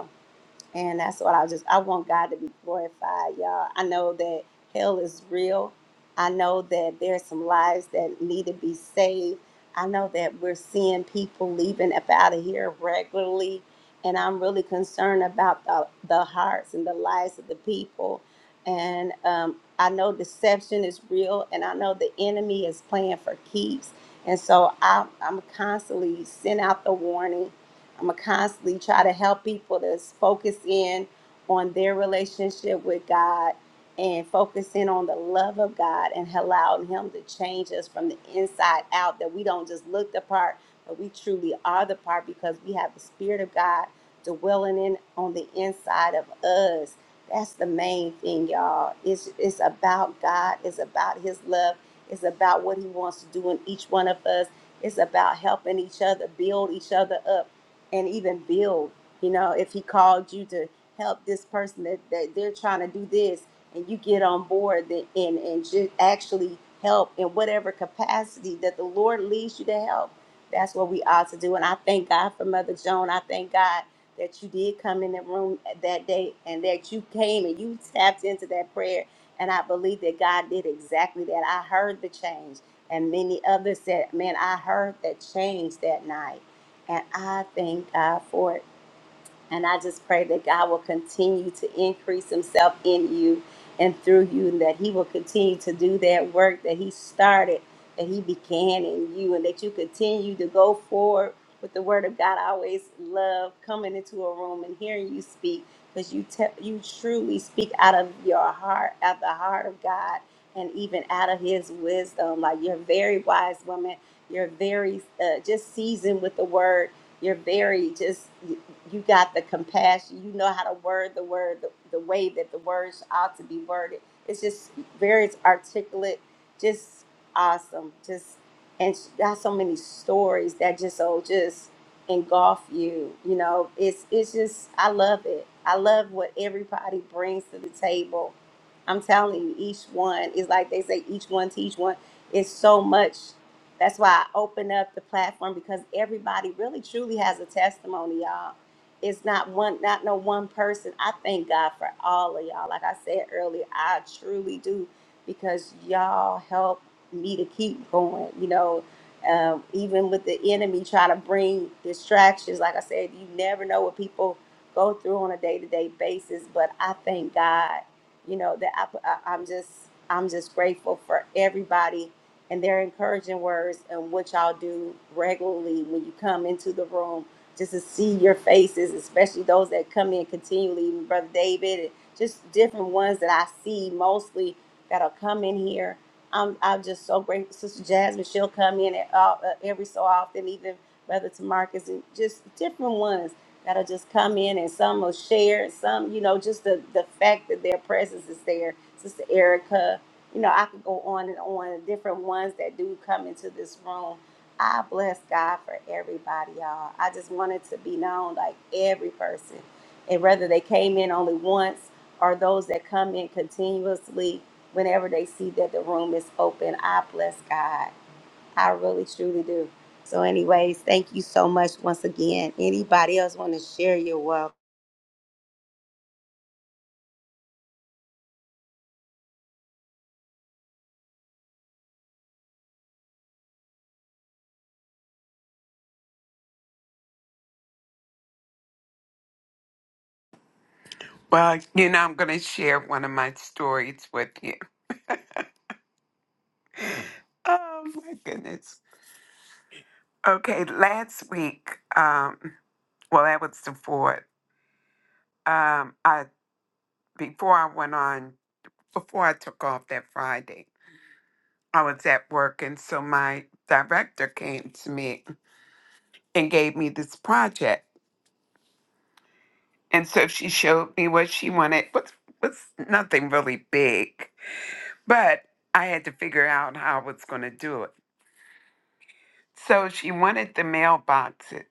Speaker 1: and that's what I just I want God to be glorified, y'all. I know that hell is real. I know that there's some lives that need to be saved. I know that we're seeing people leaving up out of here regularly. And I'm really concerned about the, the hearts and the lives of the people. And um, I know deception is real, and I know the enemy is playing for keeps. And so I, I'm constantly sending out the warning I'm gonna constantly try to help people to focus in on their relationship with God and focus in on the love of God and allowing Him to change us from the inside out. That we don't just look the part, but we truly are the part because we have the Spirit of God dwelling in on the inside of us. That's the main thing, y'all. It's it's about God. It's about His love. It's about what He wants to do in each one of us. It's about helping each other, build each other up and even build. You know, if he called you to help this person that, that they're trying to do this, and you get on board the- and and just actually help in whatever capacity that the Lord leads you to help, that's what we ought to do. And I thank God for Mother Joan. I thank God that you did come in the room that day and that you came and you tapped into that prayer. And I believe that God did exactly that. I heard the change, and many others said, "Man, I heard that change that night." And I thank God for it. And I just pray that God will continue to increase himself in you and through you, and that he will continue to do that work that he started, that he began in you, and that you continue to go forward with the word of God. I always love coming into a room and hearing you speak because you, te- you truly speak out of your heart, out the heart of God, and even out of his wisdom. Like you're a very wise woman, you're very uh, just seasoned with the word you're very just you got the compassion. You know how to word the word the, the way that the words ought to be worded. It's just very articulate, just awesome. Just and she got so many stories that just oh just engulf you. You know, it's it's just I love it. I love what everybody brings to the table. I'm telling you, each one is like they say, each one teach one It's so much that's why I open up the platform because everybody really truly has a testimony, y'all it's not one not no one person i thank god for all of y'all like i said earlier i truly do because y'all help me to keep going you know um, even with the enemy trying to bring distractions like i said you never know what people go through on a day-to-day basis but i thank god you know that I, I, i'm just i'm just grateful for everybody and their encouraging words and what y'all do regularly when you come into the room just to see your faces, especially those that come in continually, even Brother David, and just different ones that I see mostly that'll come in here. I'm, I'm just so grateful. Sister Jasmine, she'll come in at all, uh, every so often, even Brother Tamarcus, and just different ones that'll just come in and some will share, and some, you know, just the, the fact that their presence is there. Sister Erica, you know, I could go on and on, different ones that do come into this room I bless God for everybody, y'all. I just wanted to be known like every person. And whether they came in only once or those that come in continuously whenever they see that the room is open, I bless God. I really truly do. So, anyways, thank you so much once again. Anybody else want to share your welcome?
Speaker 10: Well, you know, I'm going to share one of my stories with you. Oh, my goodness. Okay, last week, um, well, that was the fourth. Um, I before I went on before I took off that Friday, I was at work, and so my director came to me and gave me this project. And so she showed me what she wanted. was was nothing really big, but I had to figure out how I was going to do it. So she wanted the mailboxes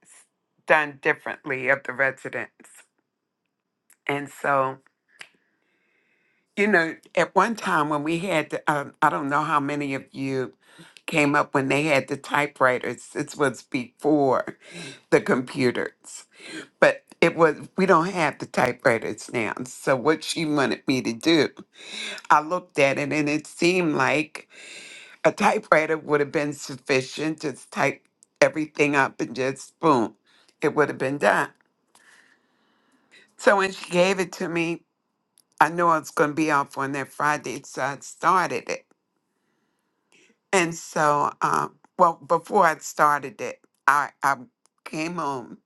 Speaker 10: done differently of the residents, and so you know, at one time when we had, the, um, I don't know how many of you came up when they had the typewriters. This was before. the computers. But it was we don't have the typewriters now. So what she wanted me to do, I looked at it and it seemed like a typewriter would have been sufficient. Just type everything up and just boom, it would have been done. So when she gave it to me, I knew I was going to be off on that Friday, so I started it. And so, um, well, before I started it, I I came home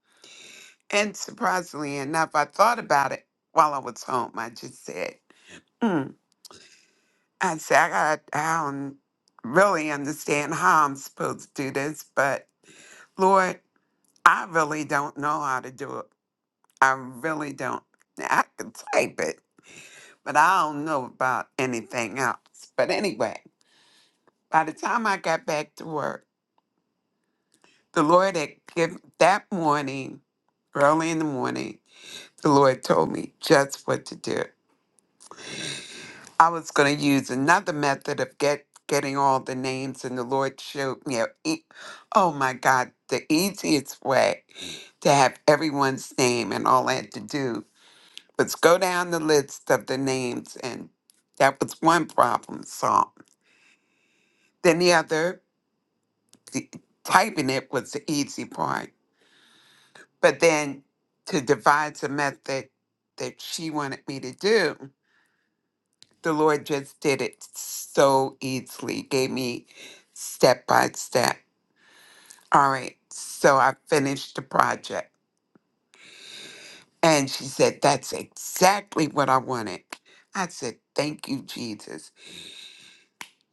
Speaker 10: And surprisingly enough, I thought about it while I was home. I just said, mm. I said, I, got, I don't really understand how I'm supposed to do this, but Lord, I really don't know how to do it. I really don't. Now, I can type it, but I don't know about anything else. But anyway, by the time I got back to work, the Lord had given that morning, early in the morning, the Lord told me just what to do. I was going to use another method of get getting all the names, and the Lord showed me. a e- oh my God, the easiest way to have everyone's name, and all I had to do was go down the list of the names, and that was one problem solved. Then the other, the, typing it was the easy part, but then to devise a method that she wanted me to do. the Lord just did it so easily, gave me step by step. All right, so I finished the project. And she said, That's exactly what I wanted. I said, Thank you, Jesus.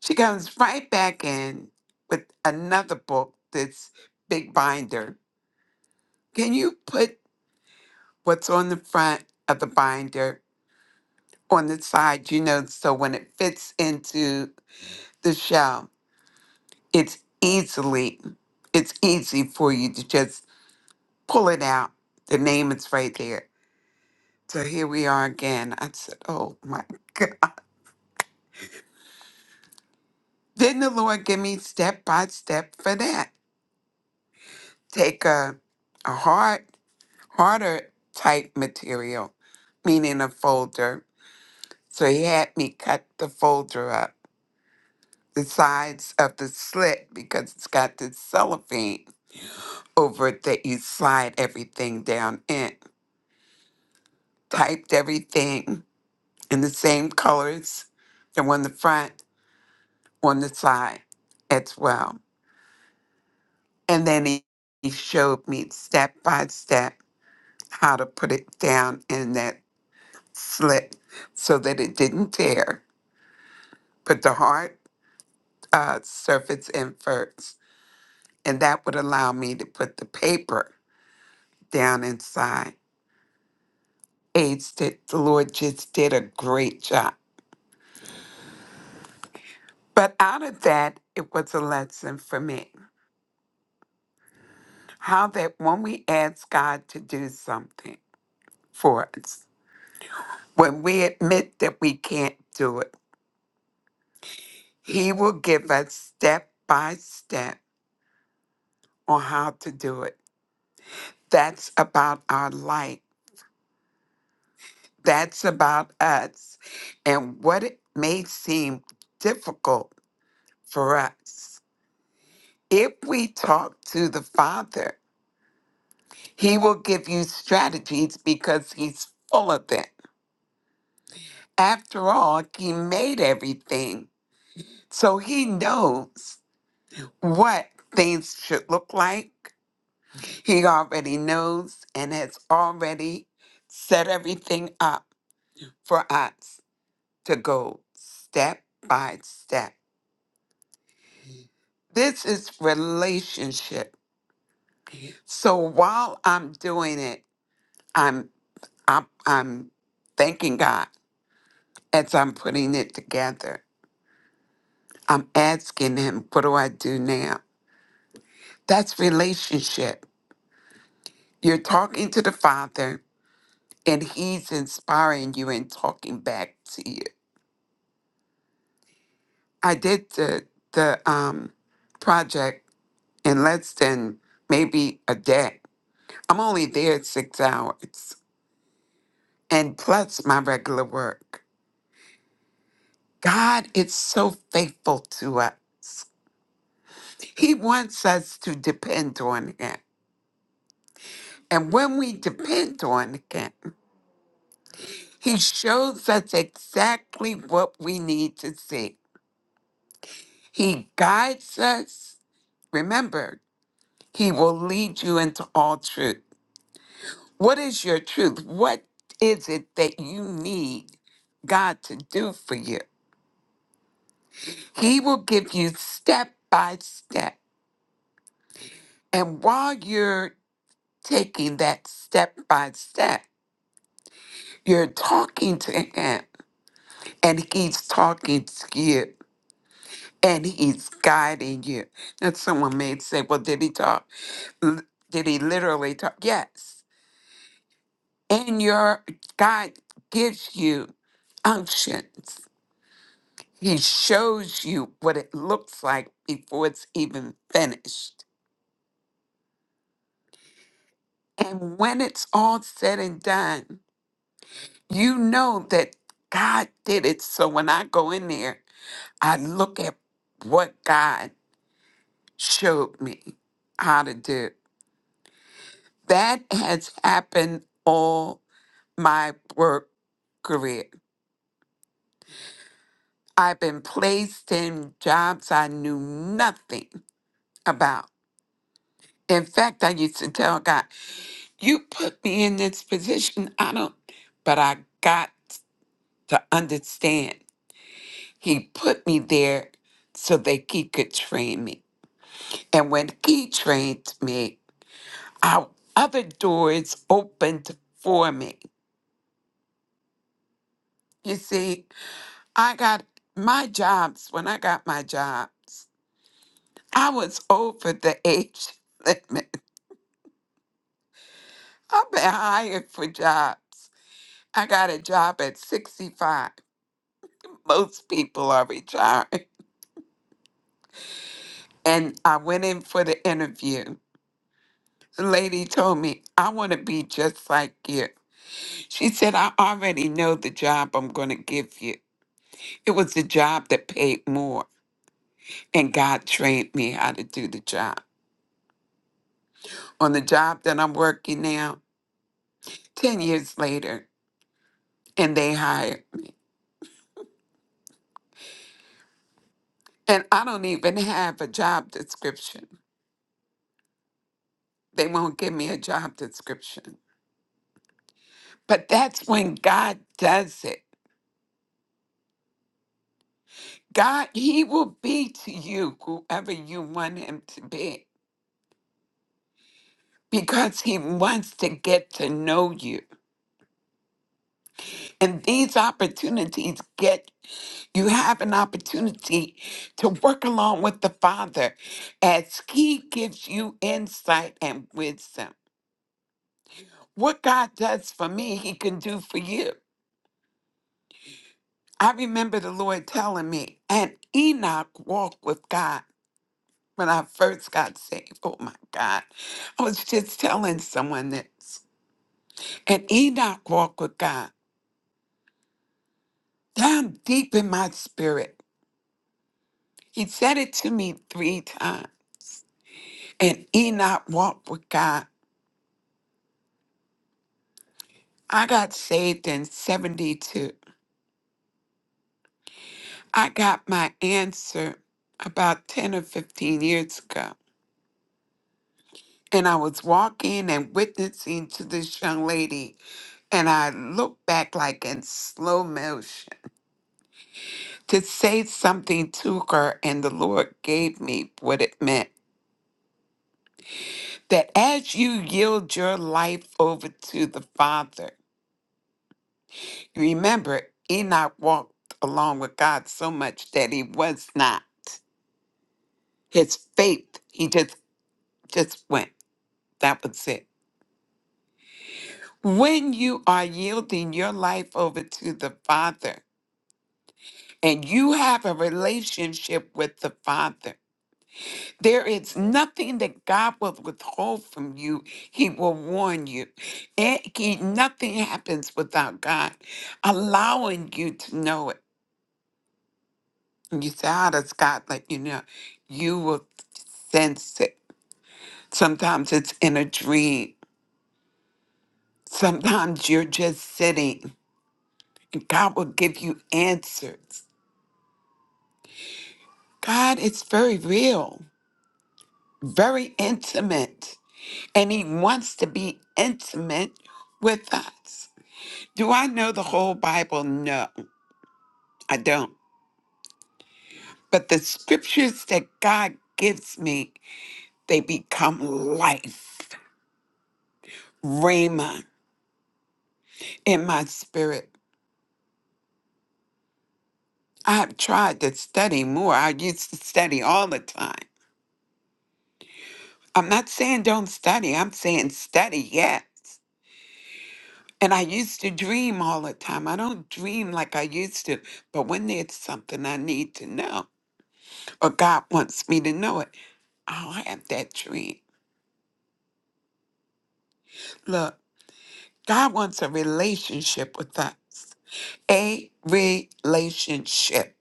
Speaker 10: She comes right back in with another book, this big binder. Can you put what's on the front of the binder on the side, you know, so when it fits into the shelf? it's easily it's easy for you to just pull it out the name is right there so here we are again i said oh my god then the lord give me step by step for that take a a hard harder type material meaning a folder so he had me cut the folder up the sides of the slit because it's got this cellophane over it that you slide everything down in typed everything in the same colors that were on the front, on the side as well. And then he, he showed me step by step how to put it down in that slit so that it didn't tear. Put the hard uh, surface in first, and that would allow me to put the paper down inside. Aged it, the Lord just did a great job. But out of that, it was a lesson for me. How that when we ask God to do something for us, when we admit that we can't do it, He will give us step by step on how to do it. That's about our life. That's about us. And what it may seem difficult for us, if we talk to the Father, He will give you strategies because He's full of them. After all, He made everything. So he knows what things should look like. He already knows and has already set everything up for us to go step by step. This is relationship. So while I'm doing it, I'm I'm, I'm thanking God as I'm putting it together. I'm asking him, what do I do now? That's relationship. You're talking to the Father and he's inspiring you and talking back to you. I did the the um project in less than maybe a day. I'm only there six hours and plus my regular work. God is so faithful to us. He wants us to depend on him. And when we depend on him, he shows us exactly what we need to see. He guides us. Remember, He will lead you into all truth. What is your truth? What is it that you need God to do for you? He will give you step by step. And while you're taking that step by step, you're talking to Him and He's talking to you and He's guiding you. And someone may say, Well, did He talk? L- Did He literally talk? Yes and your God gives you unctions. He shows you what it looks like before it's even finished. And when it's all said and done, you know that God did it. So when I go in there, I look at what God showed me how to do. That has happened all my work career. I've been placed in jobs I knew nothing about. In fact, I used to tell God, You put me in this position. I don't, but I got to understand. He put me there so that He could train me. And when He trained me, our other doors opened for me. You see, I got my jobs when I got my jobs. I was over the age limit. I've been hired for jobs. I got a job at 65. Most people are retired. And I went in for the interview. The lady told me, I want to be just like you. She said, I already know the job I'm going to give you. It was a job that paid more, and God trained me how to do the job. On the job that I'm working now, 10 years later, and they hired. me. And I don't even have a job description. They won't give me a job description. But that's when God does it. God, He will be to you whoever you want Him to be because He wants to get to know you. And these opportunities get, you have an opportunity to work along with the Father as He gives you insight and wisdom. What God does for me, He can do for you. I remember the Lord telling me, and Enoch walked with God. when I first got saved. Oh my God. I was just telling someone this. And Enoch walked with God down deep in my spirit. He said it to me three times. And Enoch walked with God. I got saved in 72. I got my answer about 10 or 15 years ago. And I was walking and witnessing to this young lady. And I looked back like in slow motion to say something to her, and the Lord gave me what it meant. That as you yield your life over to the Father, remember, Enoch walked along with God so much that he was not. His faith, he just just went. That was it. When you are yielding your life over to the Father and you have a relationship with the Father, There is nothing that God will withhold from you. He will warn you. It, he, nothing happens without God allowing you to know it. And you say, How does God let you know? You will sense it. Sometimes it's in a dream, sometimes you're just sitting, and God will give you answers. God is very real, very intimate, and He wants to be intimate with us. Do I know the whole Bible? No, I don't. But the scriptures that God gives me, they become life, rhema, in my spirit. I've tried to study more. I used to study all the time. I'm not saying don't study, I'm saying study, yes. And I used to dream all the time. I don't dream like I used to, but when there's something I need to know or God wants me to know it, I'll have that dream. Look. God wants a relationship with us, a relationship.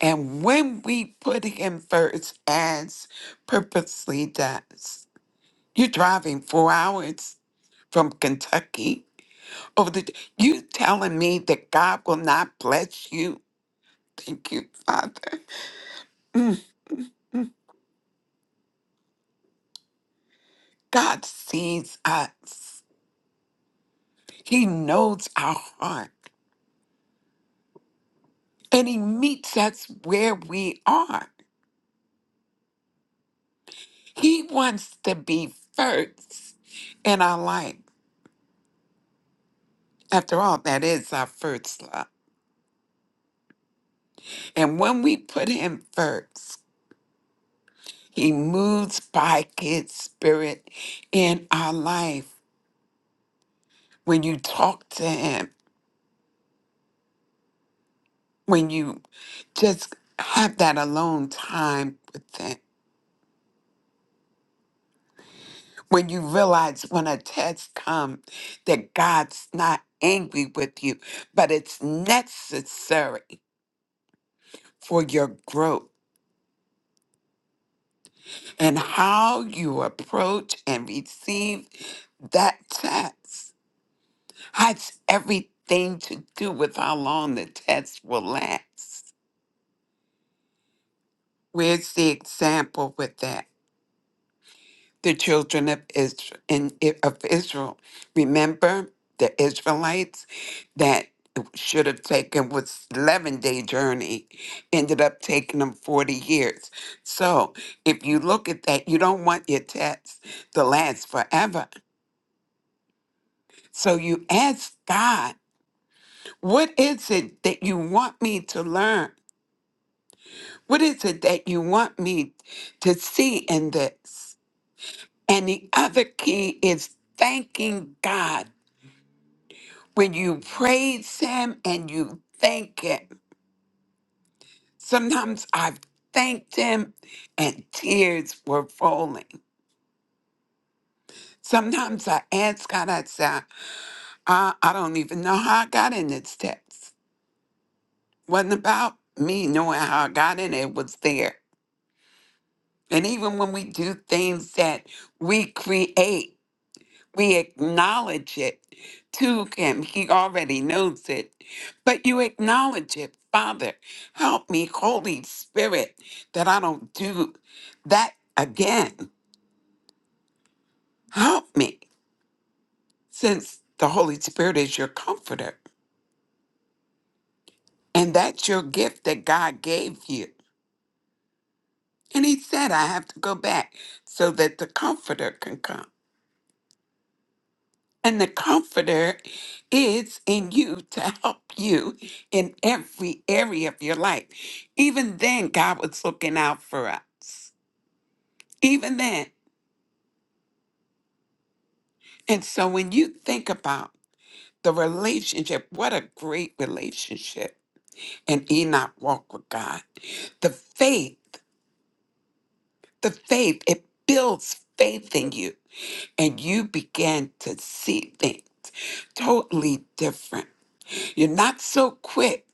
Speaker 10: And when we put Him first, as purposely does, you're driving four hours from Kentucky over the. You telling me that God will not bless you? Thank you, Father. Mm, mm. God sees us. He knows our heart, and He meets us where we are. He wants to be first in our life. After all, that is our first love. And when we put Him first, He moves by His Spirit in our life. When you talk to Him, when you just have that alone time with Him, when you realize when a test comes that God's not angry with you, but it's necessary for your growth. and how you approach and receive that test has everything to do with how long the test will last. Where's the example with that? The children of Israel, in, of Israel. Remember the Israelites that should have taken was 11 day journey ended up taking them 40 years so if you look at that you don't want your test to last forever So you ask God, what is it that you want me to learn? What is it that you want me to see in this? And the other key is thanking God. When you praise Him and you thank Him, sometimes I've thanked Him and tears were rolling. Sometimes I ask God, I say, I, I don't even know how I got in this text. Wasn't about me knowing how I got in it, it was there And even when we do things that we create, we acknowledge it to Him. He already knows it, but you acknowledge it. Father, help me, Holy Spirit, that I don't do that again. Help me, since the Holy Spirit is your comforter. And that's your gift that God gave you. And He said, I have to go back so that the comforter can come. And the Comforter is in you to help you in every area of your life. Even then, God was looking out for us. Even then. And so when you think about the relationship, what a great relationship. And Enoch walked with God. The faith, the faith, it builds faith in you. And you begin to see things totally different. You're not so quick.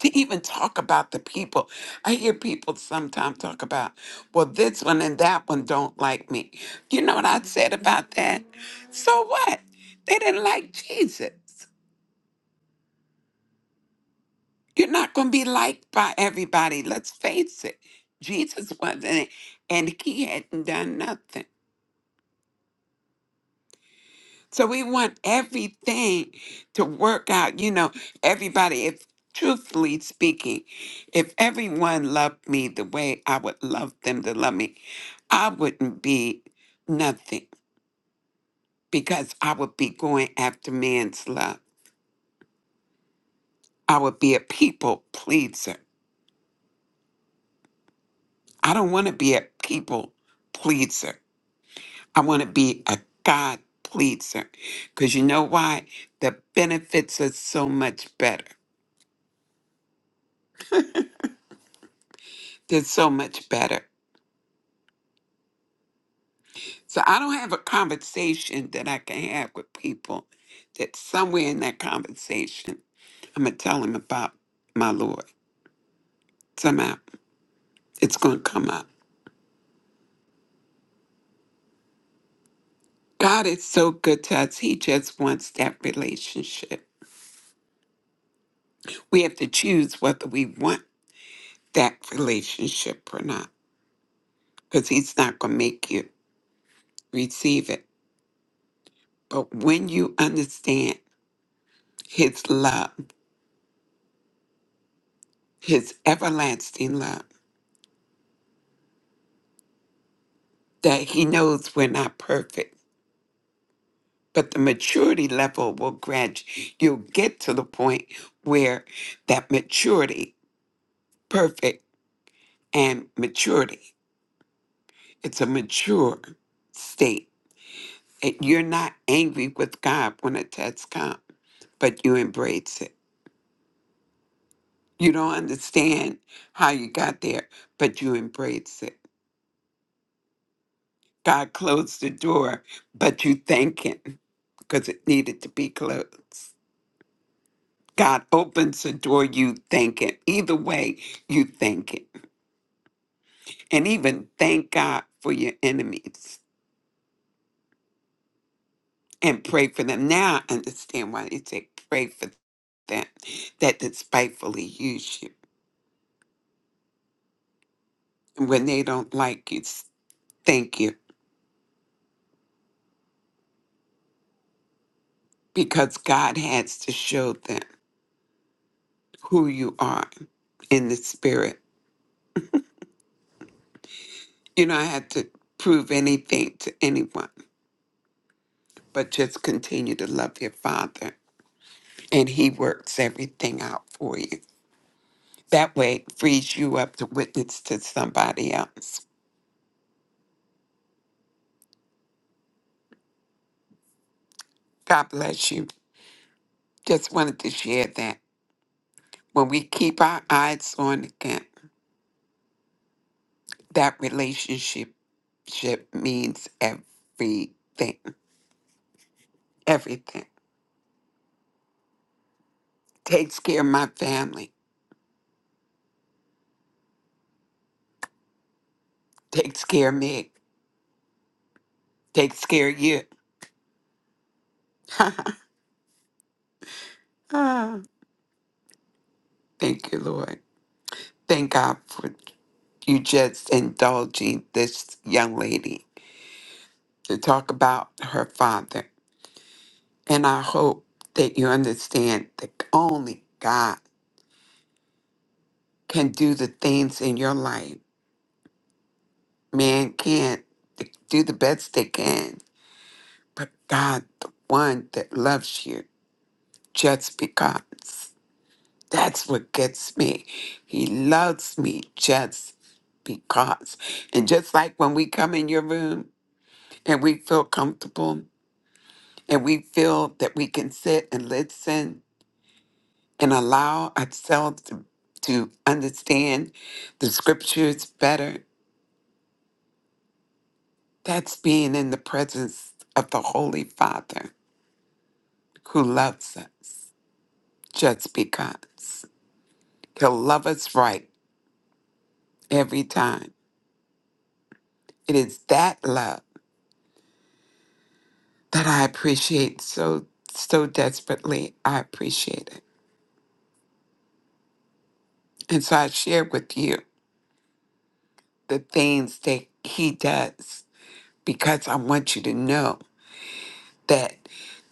Speaker 10: to even talk about the people. I hear people sometimes talk about, well, this one and that one don't like me. You know what I said about that? So what? They didn't like Jesus. You're not going to be liked by everybody. Let's face it. Jesus wasn't, and he hadn't done nothing. So we want everything to work out. You know, everybody, if truthfully speaking, if everyone loved me the way I would love them to love me, I wouldn't be nothing because I would be going after man's love. I would be a people pleaser. I don't want to be a people pleaser. I want to be a God pleaser. Because you know why? The benefits are so much better. They're so much better. So I don't have a conversation that I can have with people that somewhere in that conversation, I'm going to tell them about my Lord. Somehow it's going to come up. God is so good to us. He just wants that relationship. We have to choose whether we want that relationship or not because He's not going to make you receive it. But when you understand His love, His everlasting love, that He knows we're not perfect but the maturity level will grad. you'll get to the point where that maturity perfect and maturity it's a mature state It- you're not angry with god when a test comes but you embrace it you don't understand how you got there but you embrace it god closed the door but you thank him because it needed to be closed God opens the door, you thank Him. Either way, you thank Him. And even thank God for your enemies and pray for them. Now I understand why they say pray for them that despitefully use you. And when they don't like you, s- thank you because God has to show them who you are in the spirit. You don't have to prove anything to anyone, but just continue to love your Father and He works everything out for you. That way it frees you up to witness to somebody else. God bless you. Just wanted to share that. When we keep our eyes on God, that relationship ship means everything. Everything. Takes care of my family. Takes care of me. Takes care of you. Ah, Thank you, Lord. Thank God for you just indulging this young lady to talk about her father. And I hope that you understand that only God can do the things in your life. Man can't They do the best they can, but God, the one that loves you just because. That's what gets me. He loves me just because. And just like when we come in your room and we feel comfortable and we feel that we can sit and listen and allow ourselves to, to understand the scriptures better, that's being in the presence of the Holy Father who loves us just because. He'll love us right every time. It is that love that I appreciate so, so desperately. I appreciate it. And so I share with you the things that He does because I want you to know. that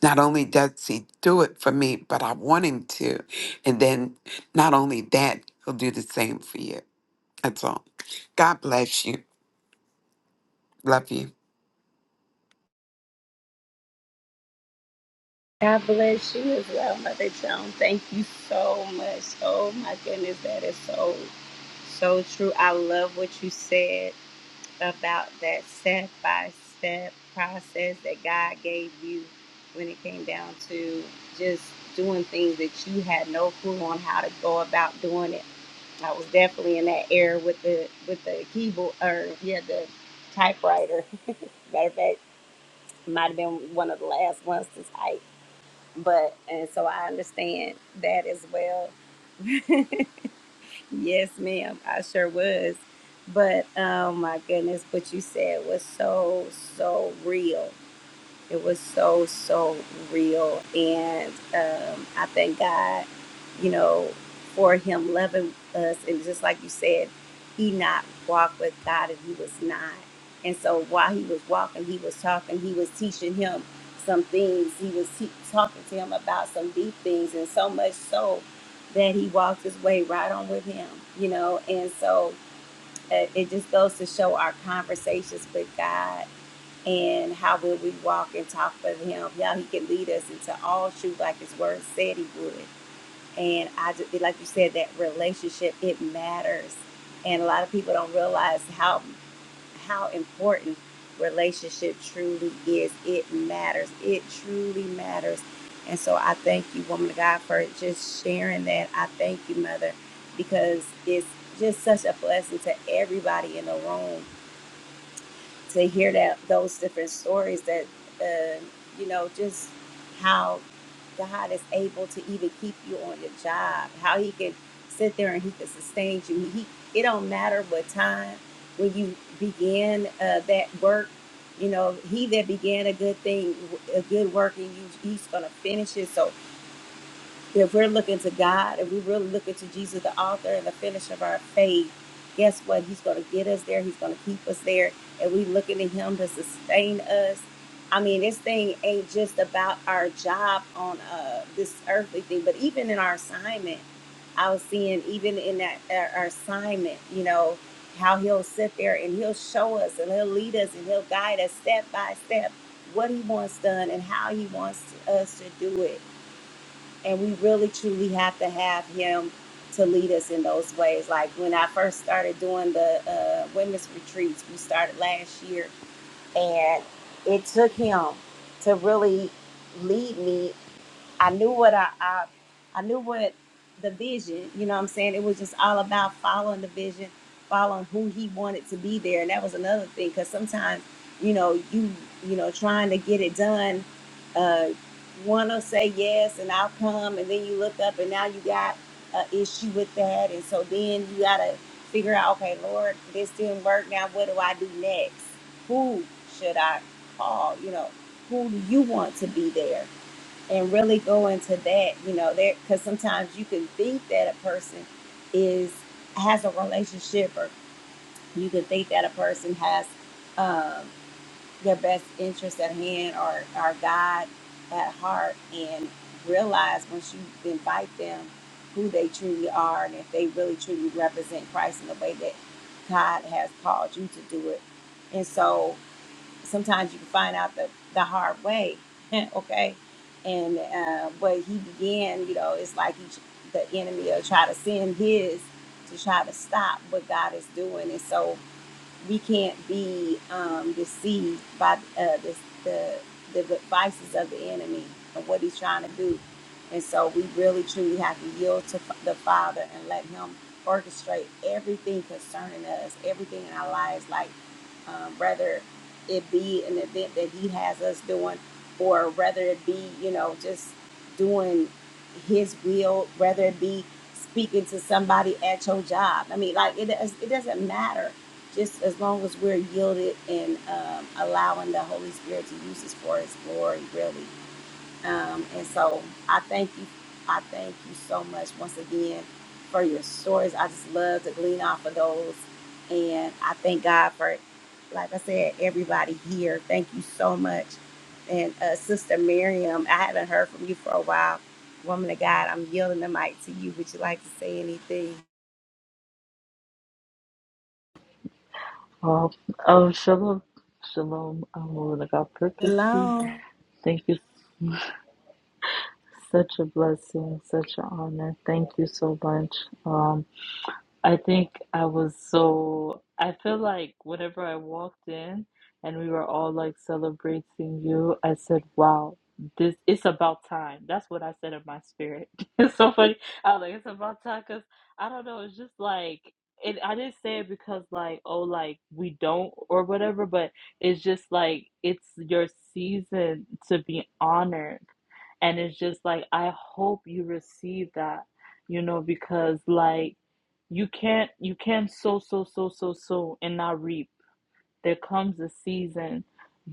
Speaker 10: not only does he do it for me, but I want him to. And then not only that, he'll do the same for you. That's all. God bless you. Love you.
Speaker 1: God bless you as well, Mother Joan. Thank you so much. Oh my goodness, that is so, so true. I love what you said about that step by step process that God gave you when it came down to just doing things that you had no clue on how to go about doing it. I was definitely in that era with the with the keyboard or yeah the typewriter. Matter of fact, might have been one of the last ones to type. But and so I understand that as well. Yes, ma'am. I sure was. But oh my goodness, what you said was so, so real. It was so, so real. And um, I thank God, you know, for him loving us. And just like you said, he not walked with God and he was not. And so while he was walking, he was talking, he was teaching him some things. He was te- talking to him about some deep things. And so much so that he walked his way right on with him, you know. And so uh, it just goes to show our conversations with God and how will we walk and talk with him how he can lead us into all truth like his word said he would and i just like you said that relationship it matters and a lot of people don't realize how how important relationship truly is it matters it truly matters and so i thank you woman of god for just sharing that i thank you mother because it's just such a blessing to everybody in the room to hear that those different stories that uh, you know just how God is able to even keep you on your job, how He can sit there and He can sustain you. He it don't matter what time when you begin uh, that work. You know, He that began a good thing, a good work in you, He's gonna finish it. So if we're looking to God, if we're really looking to Jesus, the author and the finisher of our faith, guess what? He's going to get us there. He's going to keep us there. And we looking to him to sustain us. I mean, this thing ain't just about our job on uh, this earthly thing, but even in our assignment, I was seeing even in that uh, our assignment, you know, how he'll sit there and he'll show us and he'll lead us and he'll guide us step by step what he wants done and how he wants us to do it and we really truly have to have him to lead us in those ways. Like when I first started doing the uh, women's retreats, we started last year, and it took him to really lead me I knew what I, I I knew what the vision, you know what I'm saying? It was just all about following the vision, following who he wanted to be there. And that was another thing cuz sometimes, you know, you you know, trying to get it done uh want to say yes and I'll come and then you look up and now you got an issue with that and so then you got to figure out, okay, Lord, this didn't work. Now what do I do next? Who should I call? You know, who do you want to be there? and really go into that you know there because sometimes you can think that a person is has a relationship or you can think that a person has um, their best interest at hand or, or god at heart and realize once you invite them who they truly are and if they really truly represent christ in the way that god has called you to do it and so sometimes you can find out the, the hard way okay and uh, what he began you know it's like he, the enemy will try to send his to try to stop what god is doing and so we can't be um, deceived by uh, the, the the devices of the enemy and what he's trying to do. And so we really truly have to yield to f- the Father and let Him orchestrate everything concerning us, everything in our lives, like um, whether it be an event that He has us doing, or whether it be you know just doing His will, whether it be speaking to somebody at your job. I mean, like it does- it doesn't matter just as long as we're yielded and um, allowing the Holy Spirit to use us for His glory, really. Um, and so I thank you. I thank you so much once again for your stories. I just love to glean off of those. And I thank God for, like I said, everybody here. Thank you so much. And uh, Sister Miriam, I haven't heard from you for a while. Woman of God, I'm yielding the mic to you. Would you like to say anything?
Speaker 11: Oh, oh, shalom, shalom. I'm moving God purposely.
Speaker 1: Hello.
Speaker 11: Thank you. Such a blessing, such an honor. Thank you so much. Um, I think I was so, I feel like whenever I walked in and we were all like celebrating you, I said, wow, this, it's about time. That's what I said in my spirit. It's so funny. I was like, it's about time because I don't know, it's just like, it, I didn't say it because like, oh, like we don't or whatever, but it's just like, it's your season to be honored and it's just like, I hope you receive that, you know, because like you can't, you can't sow, sow, sow, sow, sow and not reap. There comes a season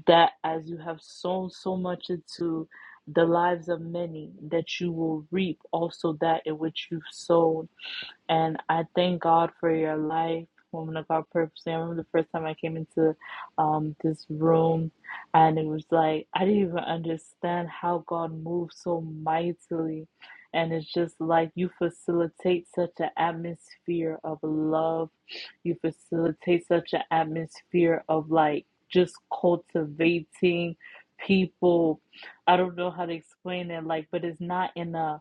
Speaker 11: that as you have sown so much into the lives of many, that you will reap also that in which you've sown and I thank God for your life, woman of God, purposely. I remember the first time I came into um, this room, and it was like, I didn't even understand how God moves so mightily. And it's just like you facilitate such an atmosphere of love, you facilitate such an atmosphere of like just cultivating people. I don't know how to explain it, like, but it's not in a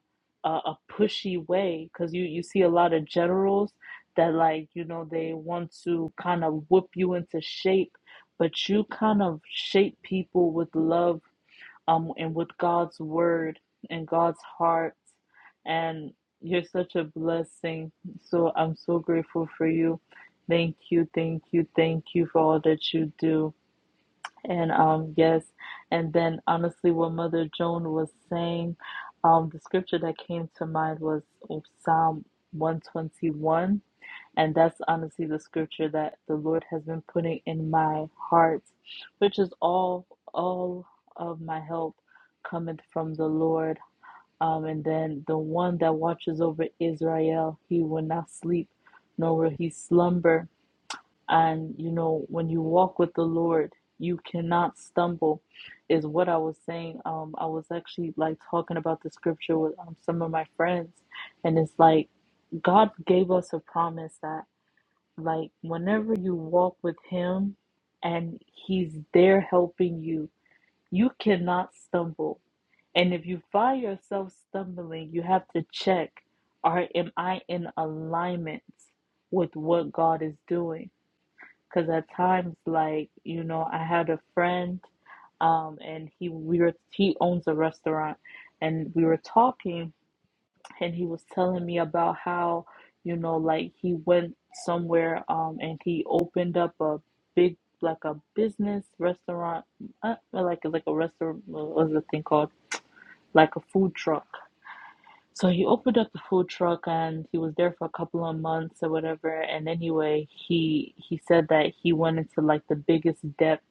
Speaker 11: a, a pushy way because you you see a lot of generals that like you know they want to kind of whip you into shape but you kind of shape people with love um and with God's word and God's heart and you're such a blessing so I'm so grateful for you thank you thank you thank you for all that you do and um, yes, and then honestly, what Mother Joan was saying, um, the scripture that came to mind was Psalm 121. And that's honestly the scripture that the Lord has been putting in my heart, which is all all of my help cometh from the Lord. Um, and then the one that watches over Israel, he will not sleep, nor will he slumber. And you know, when you walk with the Lord, you cannot stumble, is what I was saying. Um, I was actually like talking about the scripture with um, some of my friends, and it's like God gave us a promise that, like, whenever you walk with Him and He's there helping you, you cannot stumble. And if you find yourself stumbling, you have to check, are am I in alignment with what God is doing? Because at times, like, you know, I had a friend um, and he we were he owns a restaurant, and we were talking, and he was telling me about how you know like he went somewhere um, and he opened up a big like a business restaurant, uh, like like a restaurant. What was the thing called? Like a food truck so he opened up the food truck and he was there for a couple of months or whatever. And anyway, he he said that he went into like the biggest debt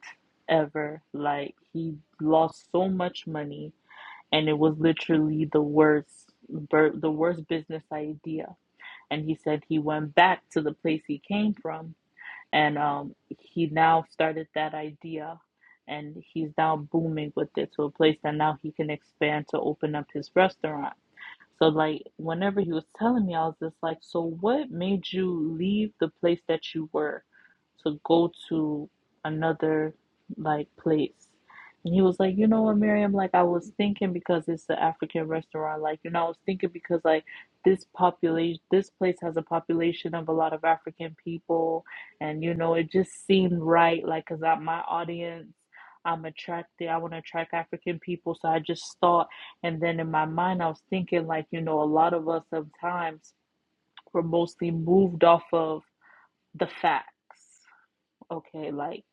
Speaker 11: ever. Like he lost so much money and it was literally the worst bur- the worst business idea. And he said he went back to the place he came from and um he now started that idea and he's now booming with it to a place that now he can expand to open up his restaurant so like whenever he was telling me, I was just like, so what made you leave the place that you were to go to another like place? And he was like, you know what, Miriam, like I was thinking because it's an African restaurant, like, you know, I was thinking because like this population this place has a population of a lot of African people and you know, it just seemed right, like 'cause I my audience I'm attracted, I want to attract African people, so I just thought and then in my mind, I was thinking, like, you know, a lot of us sometimes we're mostly moved off of the facts. Okay, like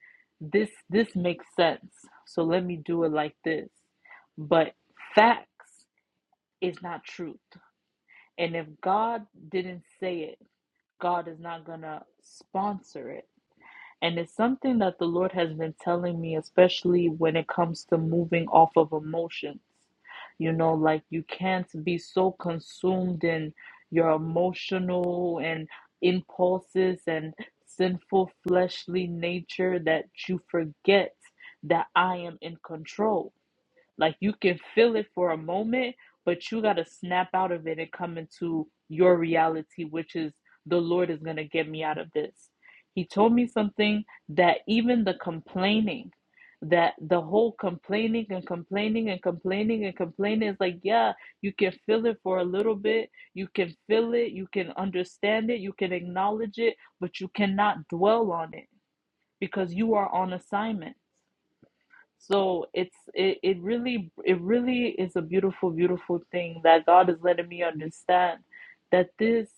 Speaker 11: this this makes sense. So let me do it like this. But facts is not truth. And if God didn't say it, God is not gonna sponsor it. And it's something that the Lord has been telling me, especially when it comes to moving off of emotions. You know, like you can't be so consumed in your emotional and impulses and sinful fleshly nature that you forget that I am in control. Like you can feel it for a moment, but you got to snap out of it and come into your reality, which is the Lord is going to get me out of this. He told me something that even the complaining, that the whole complaining and complaining and complaining and complaining is like, yeah, you can feel it for a little bit. You can feel it. You can understand it. You can acknowledge it, but you cannot dwell on it because you are on assignment. So it's it, it really it really is a beautiful beautiful thing that God is letting me understand that this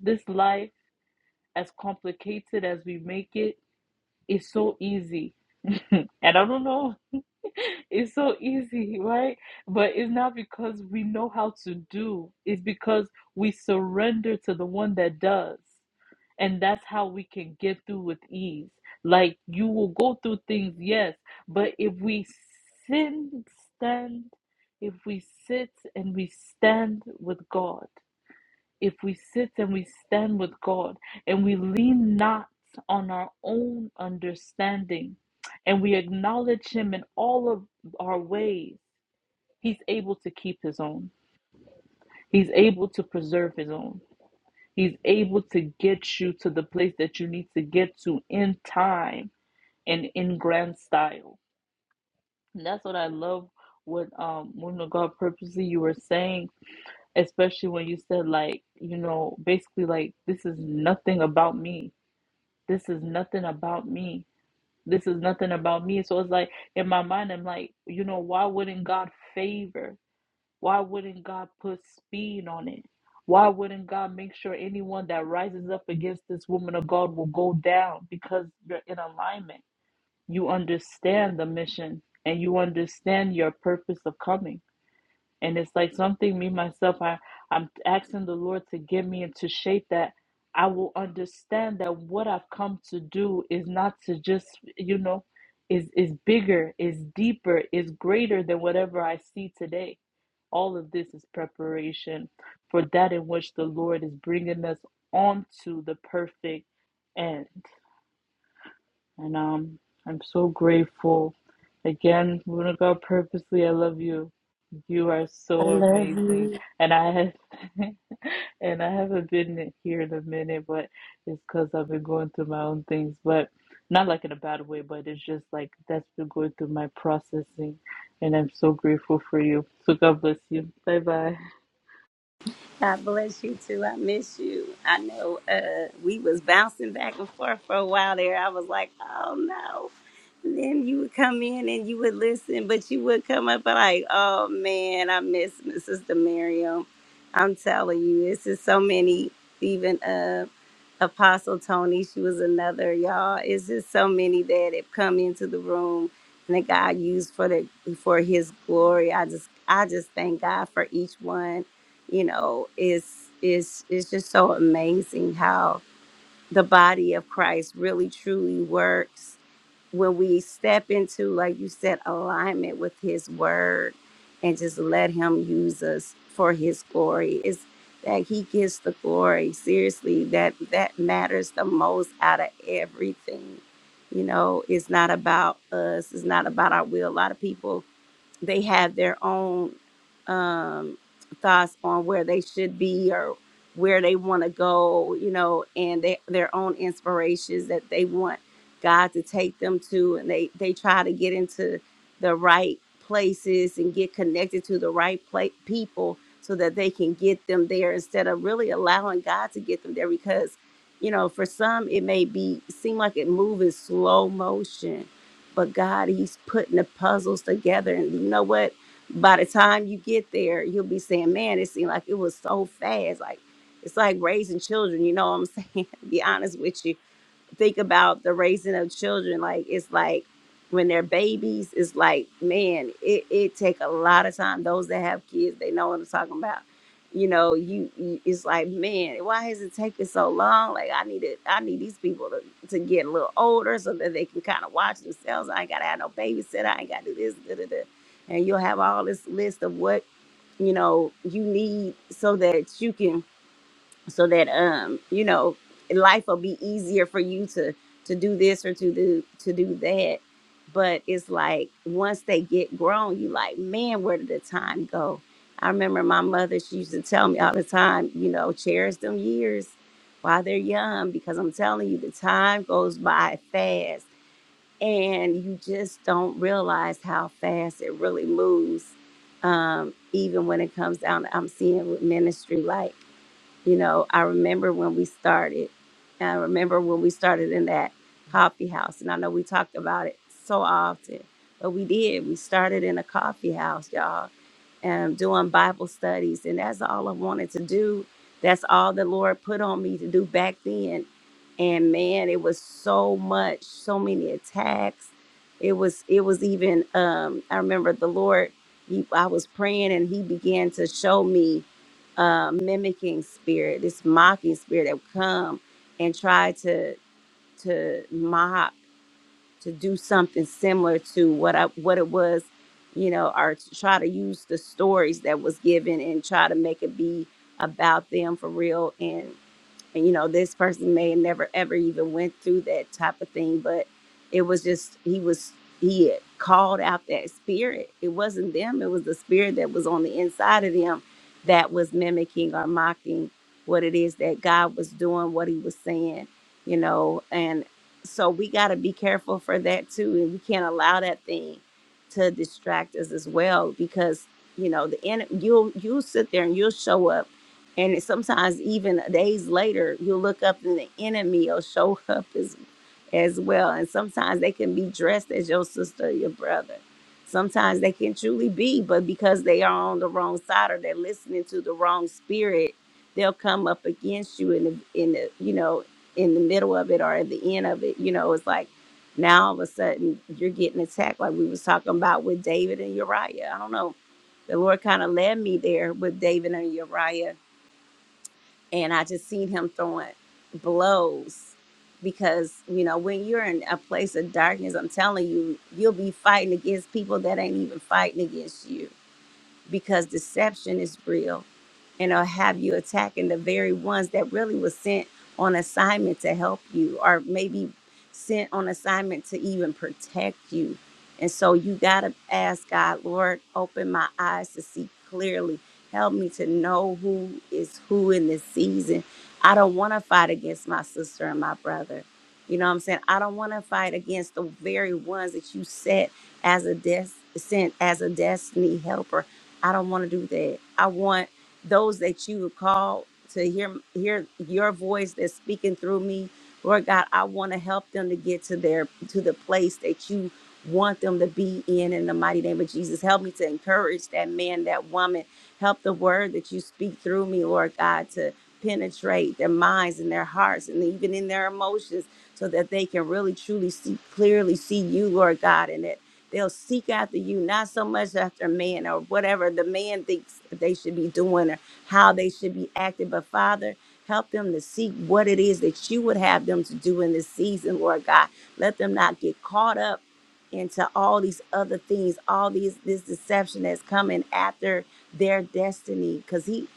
Speaker 11: this life as complicated as we make it is so easy. And I don't know It's so easy, right? But it's not because we know how to do, it's because we surrender to the one that does. And that's how we can get through with ease. Like you will go through things, yes, but if we sin, stand, if we sit and we stand with God, if we sit and we stand with God and we lean not on our own understanding and we acknowledge Him in all of our ways, He's able to keep His own. He's able to preserve His own. He's able to get you to the place that you need to get to in time and in grand style. And that's what I love. What um, woman of God purposely you were saying especially when you said like you know basically like this is nothing about me this is nothing about me. This is nothing about me. So it's like in my mind, I'm like, you know, why wouldn't God favor? Why wouldn't God put speed on it? Why wouldn't God make sure anyone that rises up against this woman of God will go down because you're in alignment? You understand the mission and you understand your purpose of coming. And it's like something me myself, I, I'm asking the Lord to give me and to shape that I will understand that what I've come to do is not to just, you know, is is bigger, is deeper, is greater than whatever I see today. All of this is preparation for that in which the Lord is bringing us onto the perfect end. And um, I'm so grateful. Again, woman of God, purposely, I love you. You are
Speaker 1: I
Speaker 11: so
Speaker 1: love you.
Speaker 11: amazing. And I have and I haven't been here in a minute, but it's because I've been going through my own things, but not like in a bad way, but it's just like that's been going through my processing and I'm so grateful for you. So God bless you. Bye bye.
Speaker 1: God bless you too. I miss you. I know uh, we was bouncing back and forth for a while there. I was like, oh no. And then you would come in and you would listen, but you would come up and like, oh man, I miss Sister Miriam. I'm telling you, this is so many, even uh, Apostle Tony, she was another, y'all. It's just so many that have come into the room and that God used for the for his glory. I just I just thank God for each one you know is is is just so amazing how the body of Christ really truly works when we step into like you said alignment with his word and just let him use us for his glory is that he gets the glory seriously that that matters the most out of everything you know it's not about us it's not about our will a lot of people they have their own um, thoughts on where they should be or where they want to go, you know, and they, their own inspirations that they want God to take them to. And they, they try to get into the right places and get connected to the right pla- people so that they can get them there instead of really allowing God to get them there because, you know, for some, it may be seem like it moves in slow motion but God, He's putting the puzzles together. And you know what? By the time you get there, you'll be saying, man, it seemed like it was so fast. Like, it's like raising children. You know what I'm saying? be honest with you think about the raising of children like it's like when they're babies it's like man it, it take a lot of time those that have kids they know what i'm talking about you know you, you it's like man why has it taken so long like i need to i need these people to, to get a little older so that they can kind of watch themselves i ain't gotta have no babysitter i ain't gotta do this da, da, da. and you'll have all this list of what you know you need so that you can so that um you know life will be easier for you to to do this or to do to do that but it's like once they get grown you like man where did the time go i remember my mother she used to tell me all the time you know cherish them years while they're young because i'm telling you the time goes by fast and you just don't realize how fast it really moves um, even when it comes down to, i'm seeing with ministry like you know, I remember when we started. And I remember when we started in that coffee house. And I know we talked about it so often, but we did. We started in a coffee house, y'all um, doing Bible studies, and that's all I wanted to do. That's all the Lord put on me to do back then. And man, it was so much, so many attacks. It was, it was even. Um, I remember the Lord. He, I was praying, and He began to show me uh, mimicking spirit, this mocking spirit that would come and try to to mock to do something similar to what I what it was, you know, or to try to use the stories that was given and try to make it be about them for real. and and you know this person may have never ever even went through that type of thing but it was just he was he had called out that spirit it wasn't them it was the spirit that was on the inside of them that was mimicking or mocking what it is that god was doing what he was saying you know and so we got to be careful for that too and we can't allow that thing to distract us as well because you know the enemy you'll you'll sit there and you'll show up and it- sometimes even days later, you'll look up and the enemy will show up as, as well. And sometimes they can be dressed as your sister or your brother. Sometimes they can truly be, but because they are on the wrong side or they're listening to the wrong spirit, they'll come up against you in the in the you know in the middle of it or at the end of it. You know, it's like now all of a sudden you're getting attacked, like we was talking about with David and Uriah. I don't know. The Lord kind of led me there with David and Uriah and I just seen him throwing blows because you know when you're in a place of darkness, I'm telling you, you'll be fighting against people that ain't even fighting against you because deception is real and i will have you attacking the very ones that really was sent on assignment to help you or maybe sent on assignment to even protect you. And so you got to ask God, Lord, open my eyes to see clearly. Help me to know who is who in this season. I don't want to fight against my sister and my brother. You know what I'm saying? I don't want to fight against the very ones that you set as a des- sent as a destiny helper. I don't want to do that. I want those that you would call to hear hear your voice that's speaking through me. Lord God, I want to help them to get to their to the place that you want them to be in in the mighty name of Jesus. Help me to encourage that man, that woman. Help the word that you speak through me, Lord God, to penetrate their minds and their hearts and even in their emotions so that they can really truly see clearly see you, Lord God, and that They'll seek after you, not so much after man or whatever the man thinks they should be doing or how they should be acting. But Father, help them to seek what it is that you would have them to do in this season, Lord God. Let them not get caught up into all these other things, all these this deception that's coming after their destiny, because he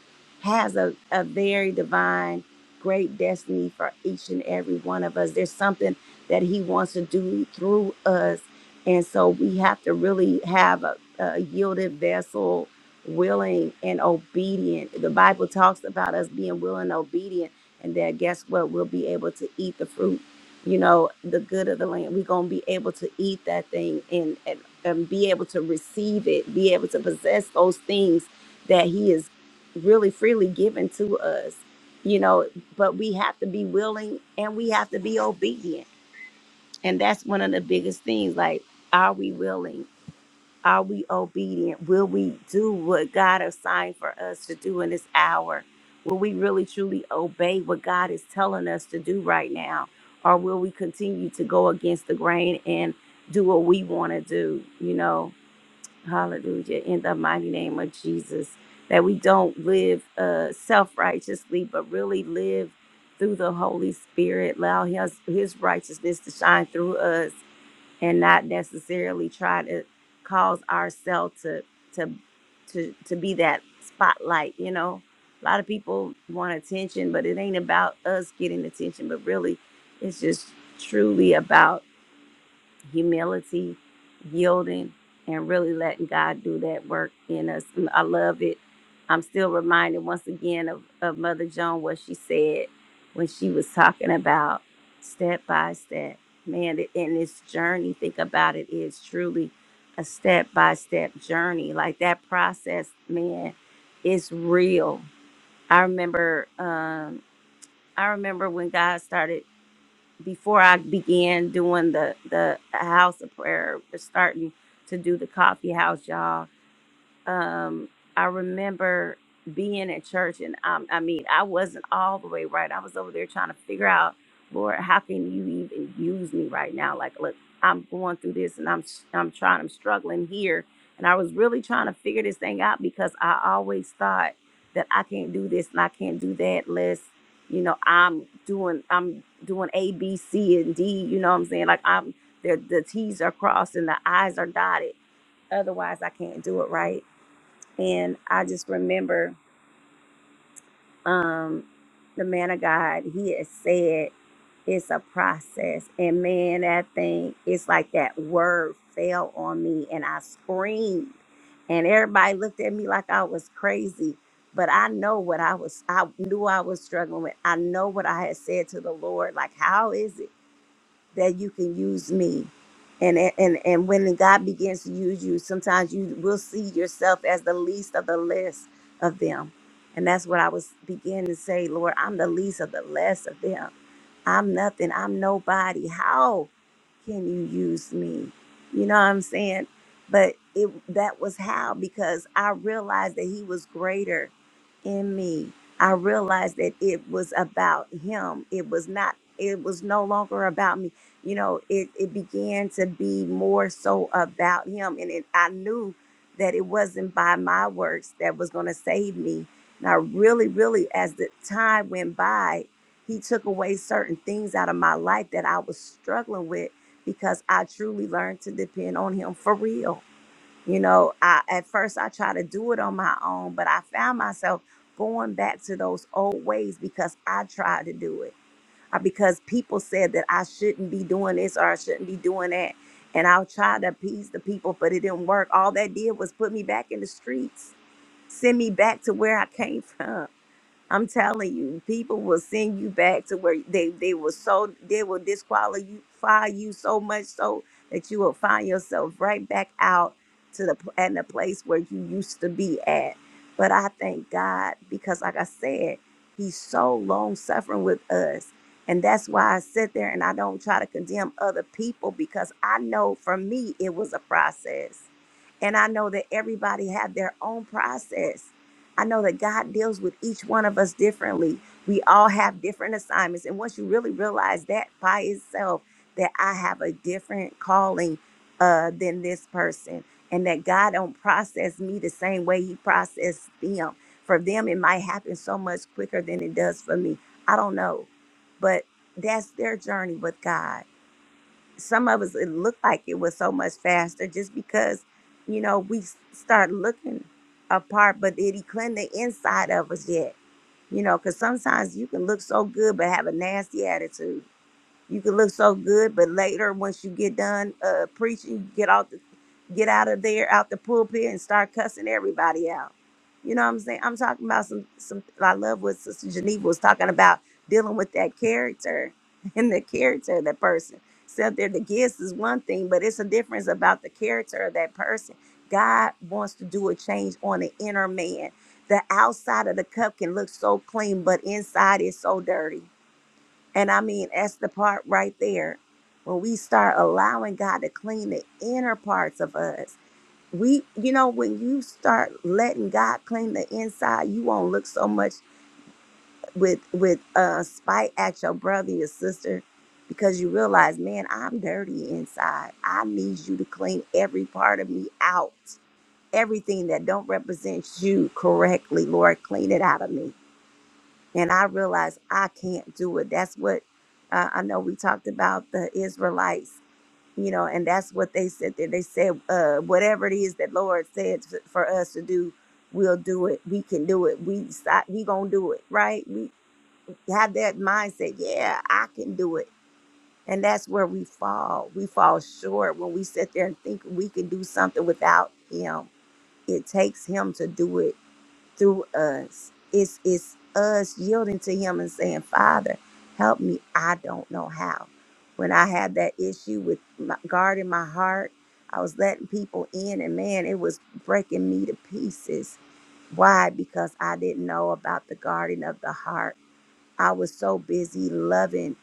Speaker 1: has a, a very divine, great destiny for each and every one of us. There's something that he wants to do through us. And so we have to really have a, a yielded vessel, willing and obedient. The Bible talks about us being willing and obedient, and then guess what? We'll be able to eat the fruit, you know, the good of the land. We're going to be able to eat that thing and, and, and be able to receive it, be able to possess those things that He is really freely given to us, you know, but we have to be willing and we have to be obedient and that's one of the biggest things. Like, are we willing? Are we obedient? Will we do what God assigned for us to do in this hour? Will we really truly obey what God is telling us to do right now? Or will we continue to go against the grain and do what we want to do? You know, hallelujah, in the mighty name of Jesus. That we don't live uh, self righteously, but really live through the Holy Spirit. Allow his, his righteousness to shine through us and not necessarily try to cause ourselves to to to to be that spotlight you know a lot of people want attention but it ain't about us getting attention but really it's just truly about humility, yielding, and really letting God do that work in us. And I love it. I'm still reminded once again of, of Mother Joan, what she said when she was talking about step by step. Man, th- in this journey, think about it, is truly a step by step journey. Like that process, man, is real. I remember um I remember when God started before I began doing the the house of prayer, starting to do the coffee house, y'all um, I remember being at church, and um, I mean, I wasn't all the way right. I was over there trying to figure out, Lord, how can you even use me right now? Like, look, I'm going through this, and I'm I'm trying, I'm struggling here, and I was really trying to figure this thing out because I always thought that I can't do this and I can't do that unless, you know, I'm doing I'm doing A, B, C, and D. You know what I'm saying? Like I'm the the T's are crossed and the I's are dotted. Otherwise, I can't do it right and I just remember um, the man of God, he had said it's a process. And man, that thing, it's like that word fell on me and I screamed. And everybody looked at me like I was crazy. But I know what I was, I knew I was struggling with. I know what I had said to the Lord. Like, how is it? that you can use me. And, and and when God begins to use you, sometimes you will see yourself as the least of the less of them. And that's what I was beginning to say, Lord, I'm the least of the less of them. I'm nothing. I'm nobody. How can you use me? You know what I'm saying? But it that was how because I realized that he was greater in me. I realized that it was about him. It was not, it was no longer about me. You know, it, it began to be more so about him. And it, I knew that it wasn't by my works that was going to save me. And I really, really, as the time went by, he took away certain things out of my life that I was struggling with because I truly learned to depend on him for real you know, I at first I tried to do it on my own, but I found myself going back to those old ways because I tried to do it. Or because people said that I shouldn't be doing this or I shouldn't be doing that. And I tried to appease the people, but it didn't work. All that did was put me back in the streets, send me back to where I came from. I'm telling you, people will send you back to where they they will so they will disqualify you so much so that you will find yourself right back out to the pl- and the place where you used to be at. But I thank God because, like I said, He's so long suffering with us, and that's why I sit there and I don't try to condemn other people because I know for me it was a process and I know that everybody have their own process. I know that God deals with each one of us differently. We all have different assignments. And once you really realize that by itself, that I have a different calling uh, than this person, and that God don't process me the same way He processed them. For them, it might happen so much quicker than it does for me. I don't know. But that's their journey with God some of us it looked like it was so much faster just because you know we s- start looking apart but did he clean the inside of us yet you know because sometimes you can look so good but have a nasty attitude you can look so good but later once you get done uh preaching you get off the get out of there, out the pulpit, and start cussing everybody out. You know what I'm saying? I'm talking about some some. I love what Sister Geneva was talking about dealing with that character and the character of that person. So there, the gifts is one thing, but it's a difference about the character of that person. God wants to do a change on the inner man. The outside of the cup can look so clean, but inside is so dirty. And I mean, that's the part right there. When we start allowing God to clean the inner parts of us we you know when you start letting god clean the inside you won't look so much with with uh spite at your brother your sister because you realize man i'm dirty inside i need you to clean every part of me out everything that don't represent you correctly lord clean it out of me and i realize i can't do it that's what uh, i know we talked about the israelites you know and that's what they said there they said uh whatever it is that lord said f- for us to do we'll do it we can do it we decide- we gonna do it right we have that mindset yeah i can do it and that's where we fall we fall short when we sit there and think we can do something without him it takes him to do it through us. It's it's us yielding to him and saying, Father, help me. I don't know how. When I had that issue with my, guarding my heart, I was letting people in, and man, it was breaking me to pieces. Why? Because I didn't know about the guarding of the heart. I was so busy loving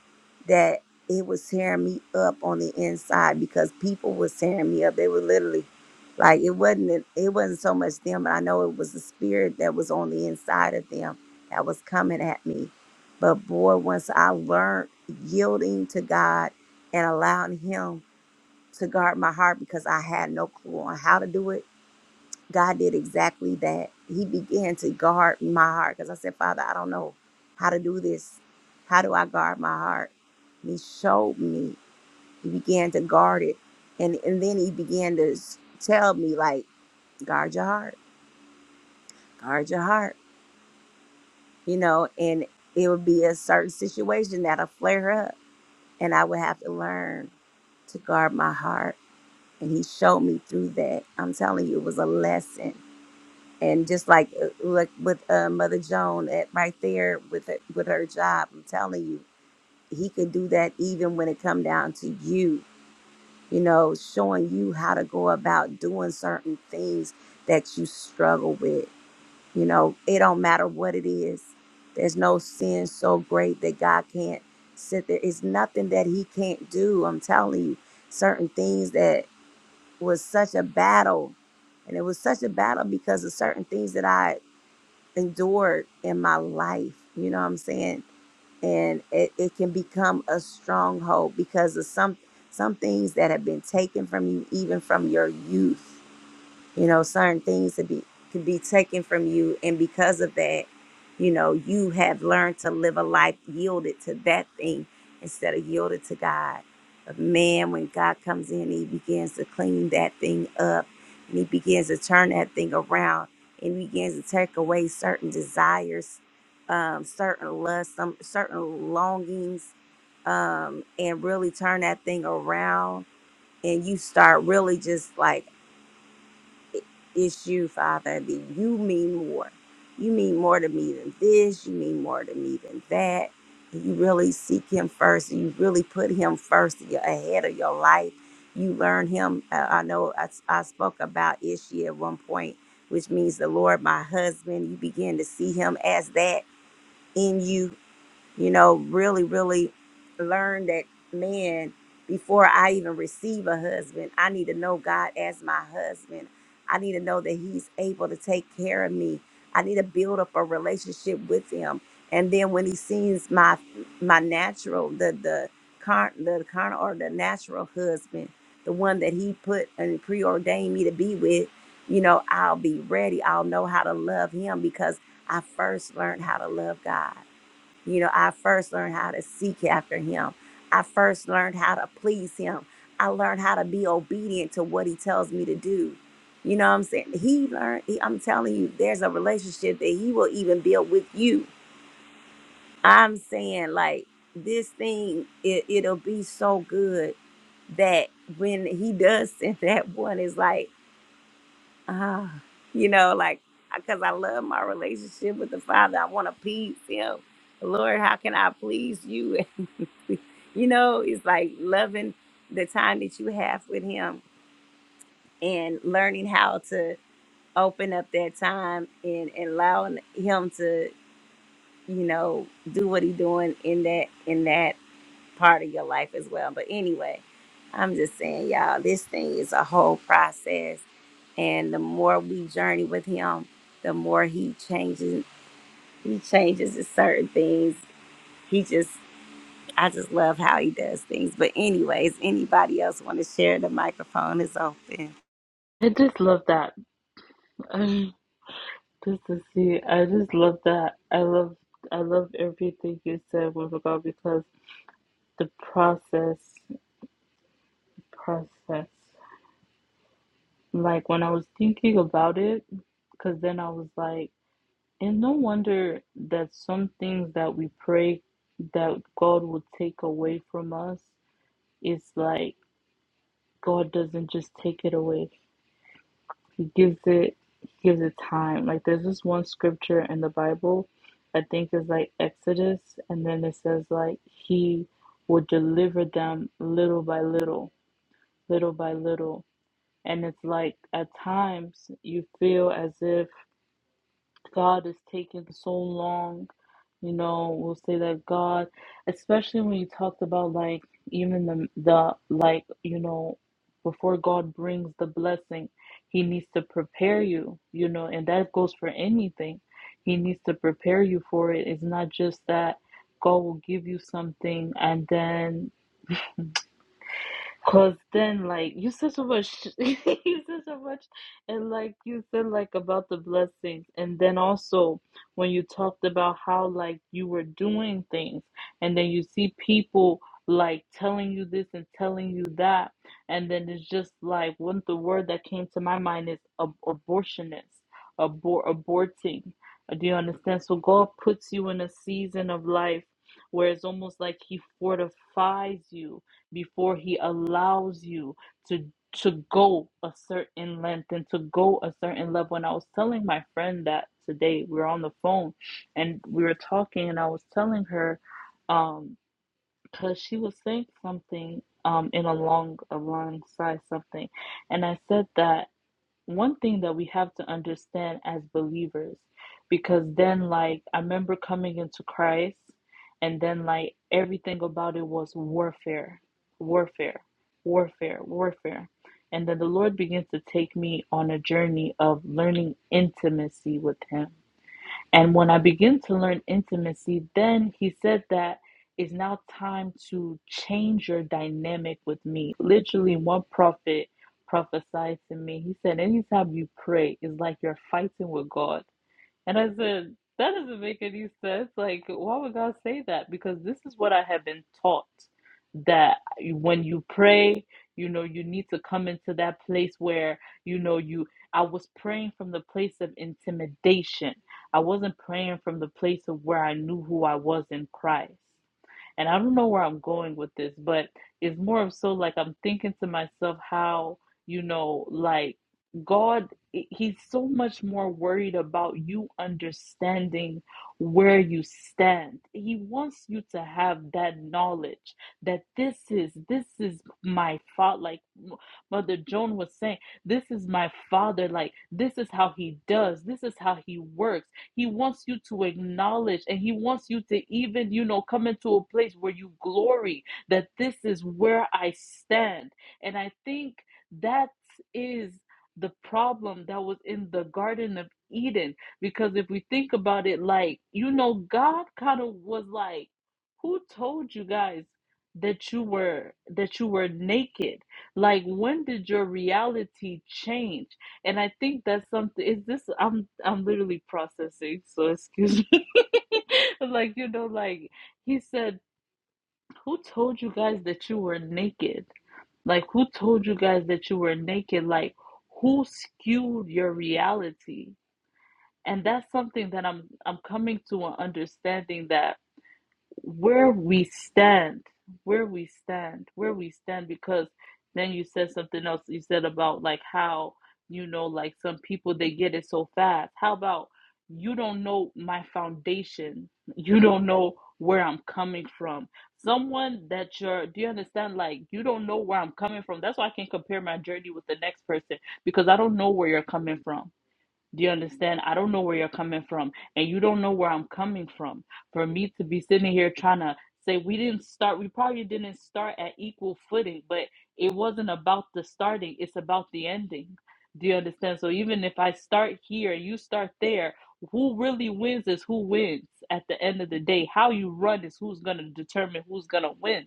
Speaker 1: that it was tearing me up on the inside because people was tearing me up. They were literally like it wasn't it wasn't so much them, but I know it was the spirit that was on the inside of them that was coming at me. But boy, once I learned yielding to God and allowing him to guard my heart because I had no clue on how to do it God did exactly that. He began to guard my heart because I said, Father, I don't know how to do this. How do I guard my heart? And he showed me. He began to guard it. And, and then he began to s- tell me, like, guard your heart, guard your heart, you know, and it would be a certain situation that'll flare up. And I would have to learn to guard my heart. And he showed me through that. I'm telling you, it was a lesson and just like uh, like with uh, Mother Joan at right there with her, with her job, I'm telling you, he can do that even when it come down to you. You know, showing you how to go about doing certain things that you struggle with. You know, it don't matter what it is. There's no sin so great that God can't sit there. It's nothing that He can't do. I'm telling you, certain things that was such a battle and it was such a battle because of certain things that I endured in my life. You know what I'm saying? And it, it can become a stronghold because of some some things that have been taken from you, even from your youth you know certain things to be could be taken from you and because of that you know you have learned to live a life yielded to that thing instead of yielded to god but man when god comes in he begins to clean that thing up and he begins to turn that thing around and he begins to take away certain desires um, certain lusts some certain longings um, and really turn that thing around and you start really just like it's you, Father, that you mean more. You mean more to me than this. You mean more to me than that. You really seek Him first. You really put Him first y- ahead of your life. You learn Him. Uh, I know I, s- I spoke about Ishi at one point, which means the Lord, my husband. You begin to see Him as that in you you know, really, really learn that man before I even receive a husband, I need to know God as my husband. I need to know that He's able to take care of me. I need to build up a relationship with Him. And then when He sees my my natural, the the car the carnal or the natural husband, the one that He put and preordained me to be with, you know, I'll be ready. I'll know how to love Him because I first learned how to love God. You know, I first learned how to seek after him. I first learned how to please him. I learned how to be obedient to what he tells me to do. You know what I'm saying? He learned, he, I'm telling you, there's a relationship that he will even build with you. I'm saying, like, this thing, it, it'll be so good that when he does send that one, it's like, ah, you know, like, because I love my relationship with the Father. I want to please him. Lord, how can I please you? you know, it's like loving the time that you have with him and learning how to open up that time and, and allowing him to, you know, do what he doing in that in that part of your life as well. But anyway, I'm just saying, y'all, this thing is a whole process. And the more we journey with him, the more he changes he changes to certain things. He just I just love how he does things. But anyways, anybody else want to share? The microphone is open.
Speaker 11: I just love that. Um, just to see. I just love that. I love I love everything you said with God because the process process. Like when I was thinking about it, because then I was like, and no wonder that some things that we pray that God will take away from us, it's like God doesn't just take it away. He gives it he gives it time. Like there's this one scripture in the Bible, I think is like Exodus, and then it says like he would deliver them little by little, little by little. And it's like at times you feel as if God is taking so long. You know, we'll say that God, especially when you talked about like even the the like you know, before God brings the blessing, He needs to prepare you. You know, and that goes for anything. He needs to prepare you for it. It's not just that God will give you something and then Cause then, like you said so much, you said so much, and like you said, like about the blessings, and then also when you talked about how like you were doing things, and then you see people like telling you this and telling you that, and then it's just like one the word that came to my mind is ab- abortionist, abor aborting. Uh, Do you understand? So God puts you in a season of life where it's almost like He fortifies you before he allows you to to go a certain length and to go a certain level and i was telling my friend that today we were on the phone and we were talking and i was telling her um because she was saying something um in along alongside something and i said that one thing that we have to understand as believers because then like i remember coming into christ and then like everything about it was warfare warfare warfare warfare and then the lord begins to take me on a journey of learning intimacy with him and when I begin to learn intimacy, then he said that it's now time to change your dynamic with me. Literally, one prophet prophesied to me. He said, Anytime you pray, it's like you're fighting with God. And I said, that doesn't make any sense. Like, why would God say that? Because this is what I have been taught that when you pray, you know, you need to come into that place where, you know, you. I was praying from the place of intimidation. I wasn't praying from the place of where I knew who I was in Christ. And I don't know where I'm going with this, but it's more of so like I'm thinking to myself how, you know, like God, He's so much more worried about you understanding where you stand. He wants you to have that knowledge that this is, this is my fault. Like Mother Joan was saying, this is my father. Like, this is how he does, this is how he works he wants you to acknowledge and he wants you to even, you know, come into a place where you glory that this is where I stand. And I think that is the problem that was in the Garden of Eden. Because if we think about it, like, you know, God kind of was like, who told you guys? that you were that you were naked like when did your reality change and I think that's something. Is this? I'm I'm literally processing. So excuse me. like you know, like he said, who told you guys that you were naked? Like who told you guys that you were naked? Like who skewed your reality? And that's something that I'm I'm coming to an understanding that where we stand, where we stand, where we stand, because then you said something else. You said about like how, you know, like some people they get it so fast. How about you don't know my foundation? You don't know where I'm coming from. Someone that you're, do you understand? Like, you don't know where I'm coming from. That's why I can compare my journey with the next person because I don't know where you're coming from. Do you understand? I don't know where you're coming from, and you don't know where I'm coming from. For me to be sitting here trying to say we didn't start, we probably didn't start at equal footing, but it wasn't about the starting, it's about the ending. Do you understand? So even if I start here, you start there, who really wins is who wins at the end of the day. How you run is who's going to determine who's going to win.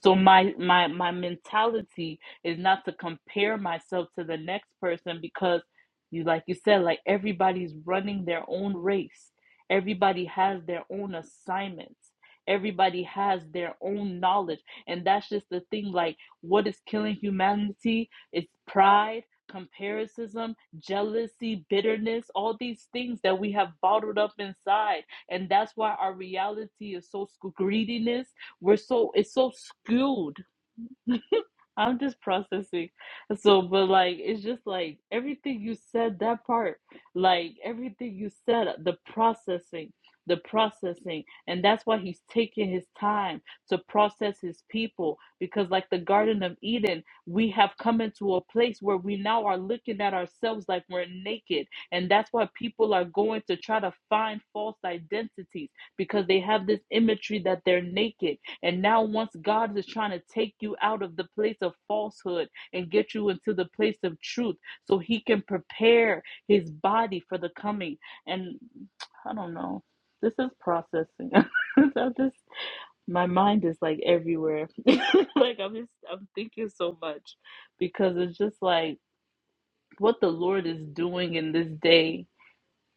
Speaker 11: So my my my mentality is not to compare myself to the next person because you like you said like everybody's running their own race. Everybody has their own assignments. Everybody has their own knowledge. And that's just the thing like what is killing humanity? It's pride, comparison, jealousy, bitterness, all these things that we have bottled up inside. And that's why our reality is so sc- greediness we're so it's so skewed. I'm just processing. So, but like it's just like everything you said, that part, like everything you said, the processing, the processing, and that's why he's taking his time to process his people because like the Garden of Eden, we have come into a place where we now are looking at ourselves like we're naked. And that's why people are going to try to find false identities because they have this imagery that they're naked and now, once God is trying to take you out of the place of falsehood and get you into the place of truth so he can prepare his body for the coming. And I don't know, this is processing. I'm just, my mind is like everywhere. like, I'm just, I'm thinking so much because it's just like what the Lord is doing in this day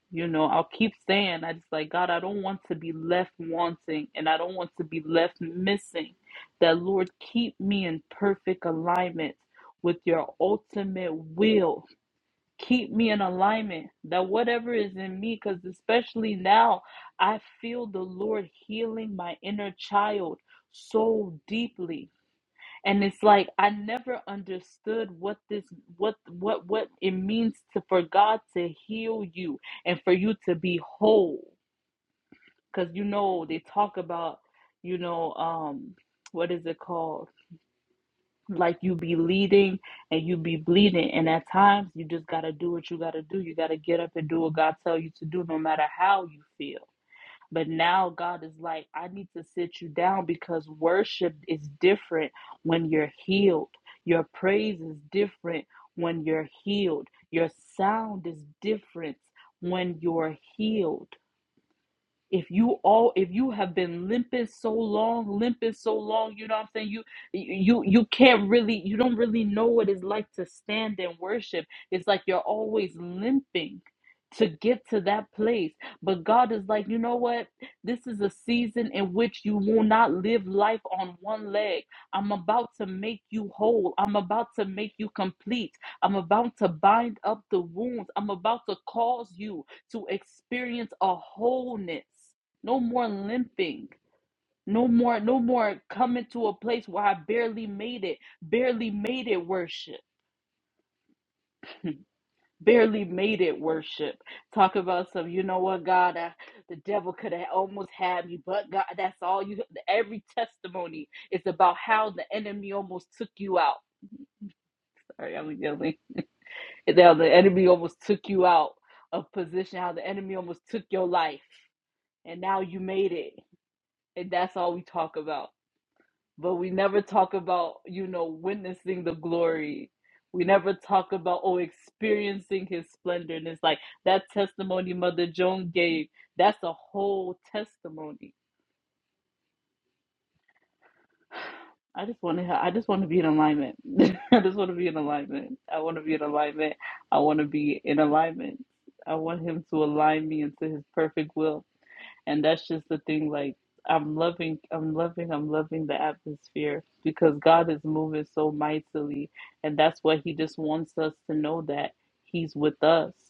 Speaker 11: you know, I'll keep saying, I just like, God, I don't want to be left wanting and I don't want to be left missing. That, Lord, keep me in perfect alignment with your ultimate will. Keep me in alignment that whatever is in me, because especially now, I feel the Lord healing my inner child so deeply and it's like I never understood what this what what what it means to for God to heal you and for you to be whole because you know they talk about you know um what is it called like you be leading and you be bleeding and at times you just got to do what you got to do you got to get up and do what God tell you to do no matter how you feel but now God is like, I need to sit you down because worship is different when you're healed. Your praise is different when you're healed. Your sound is different when you're healed if you all if you have been limping so long limping so long you know what i'm saying you you you can't really you don't really know what it's like to stand and worship it's like you're always limping to get to that place but god is like you know what this is a season in which you will not live life on one leg i'm about to make you whole i'm about to make you complete i'm about to bind up the wounds i'm about to cause you to experience a wholeness. No more limping. No more, no more coming to a place where I barely made it. Barely made it worship. Barely made it worship. Talk about some, you know what, God, I, the devil could have almost had me, but God, that's all you, every testimony is about how the enemy almost took you out. Sorry, I'm yelling. It's How the enemy almost took you out of position, how the enemy almost took your life, and now you made it and that's all we talk about. But we never talk about, you know, witnessing the glory. We never talk about, oh, experiencing his splendor. And it's like that testimony Mother Joan gave, that's a whole testimony. I just want to, I just want to be in alignment. I just want to be in alignment. I want to be in alignment. I want to be in alignment. I want him to align me into his perfect will. and that's just the thing like i'm loving i'm loving i'm loving the atmosphere because god is moving so mightily and that's why he just wants us to know that he's with us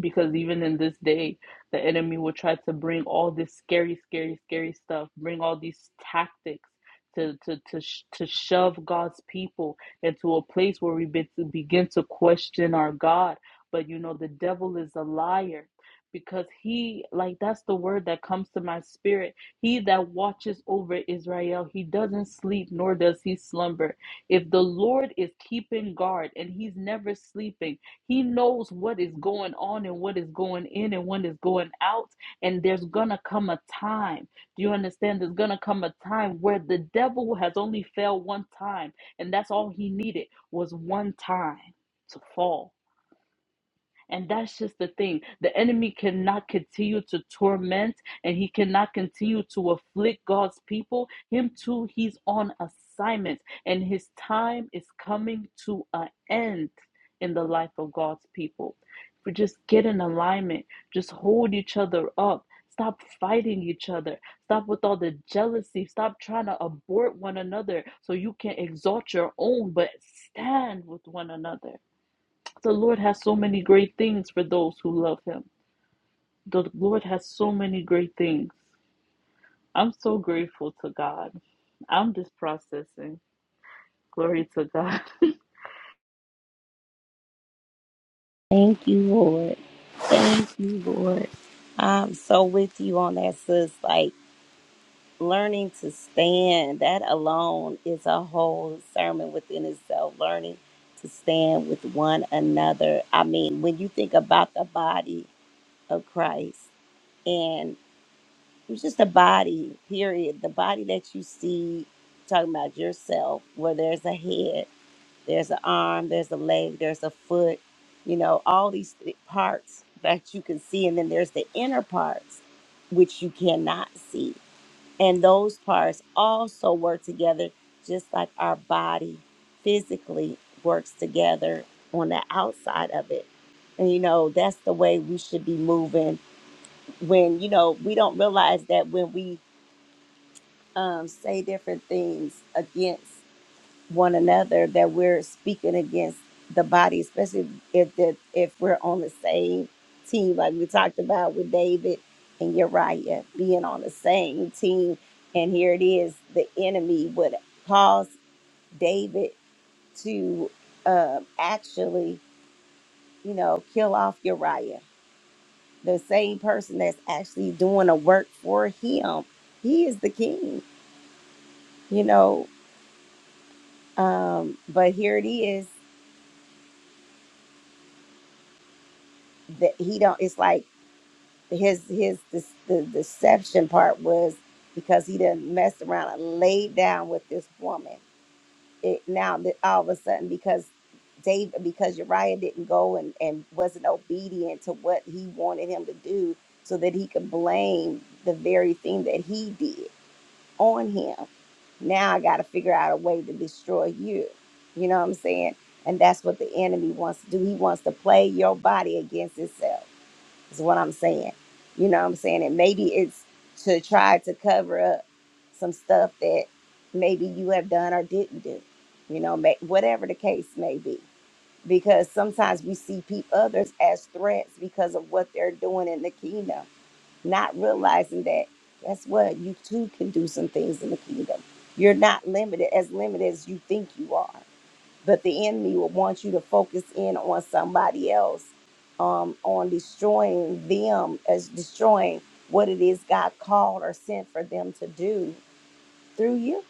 Speaker 11: because even in this day the enemy will try to bring all this scary scary scary stuff bring all these tactics to to to, to shove god's people into a place where we be- to begin to question our god but you know the devil is a liar because he like that's the word that comes to my spirit he that watches over israel he doesn't sleep nor does he slumber if the lord is keeping guard and he's never sleeping he knows what is going on and what is going in and what is going out. And there's going to come a time. Do you understand? There's going to come a time where the devil has only failed one time. And that's all he needed was one time to fall. And that's just the thing. The enemy cannot continue to torment and he cannot continue to afflict God's people. Him too, he's on assignment and his time is coming to an end in the life of God's people. If we just get in alignment, just hold each other up. Stop fighting each other. Stop with all the jealousy. Stop trying to abort one another so you can exalt your own, but stand with one another. The Lord has so many great things for those who love Him. The Lord has so many great things. I'm so grateful to God. I'm just processing. Glory to God.
Speaker 1: Thank you, Lord. Thank you, Lord. I'm so with you on that, sis. Like learning to stand, that alone is a whole sermon within itself. Learning to stand with one another. I mean, when you think about the body of Christ and it's just a body, period, the body that you see, talking about yourself, where there's a head. there's an arm, there's a leg, there's a foot, you know, all these th- parts that you can see. And then there's the inner parts, which you cannot see. And those parts also work together, just like our body physically works together on the outside of it. And, you know, that's the way we should be moving when, you know, we don't realize that when we um, say different things against one another that we're speaking against the body, especially if the, if we're on the same team, like we talked about with David and Uriah being on the same team. And here it is, the enemy would cause David to um, actually, you know, kill off Uriah, the same person that's actually doing a work for him. He is the king, you know. Um, but here it is that he don't. It's like his his this, the deception part was because he didn't mess around and laid down with this woman. It now that all of a sudden because David because Uriah didn't go and and wasn't obedient to what he wanted him to do, so that he could blame the very thing that he did on him. Now I got to figure out a way to destroy you. You know what I'm saying? And that's what the enemy wants to do. He wants to play your body against itself is what I'm saying. You know what I'm saying? And maybe it's to try to cover up some stuff that maybe you have done or didn't do. You know, may, whatever the case may be. Because sometimes we see peop others as threats because of what they're doing in the kingdom, not realizing that guess what? You too can do some things in the kingdom. You're not limited as limited as you think you are but the enemy will want you to focus in on somebody else um, on destroying them as destroying what it is god called or sent for them to do through you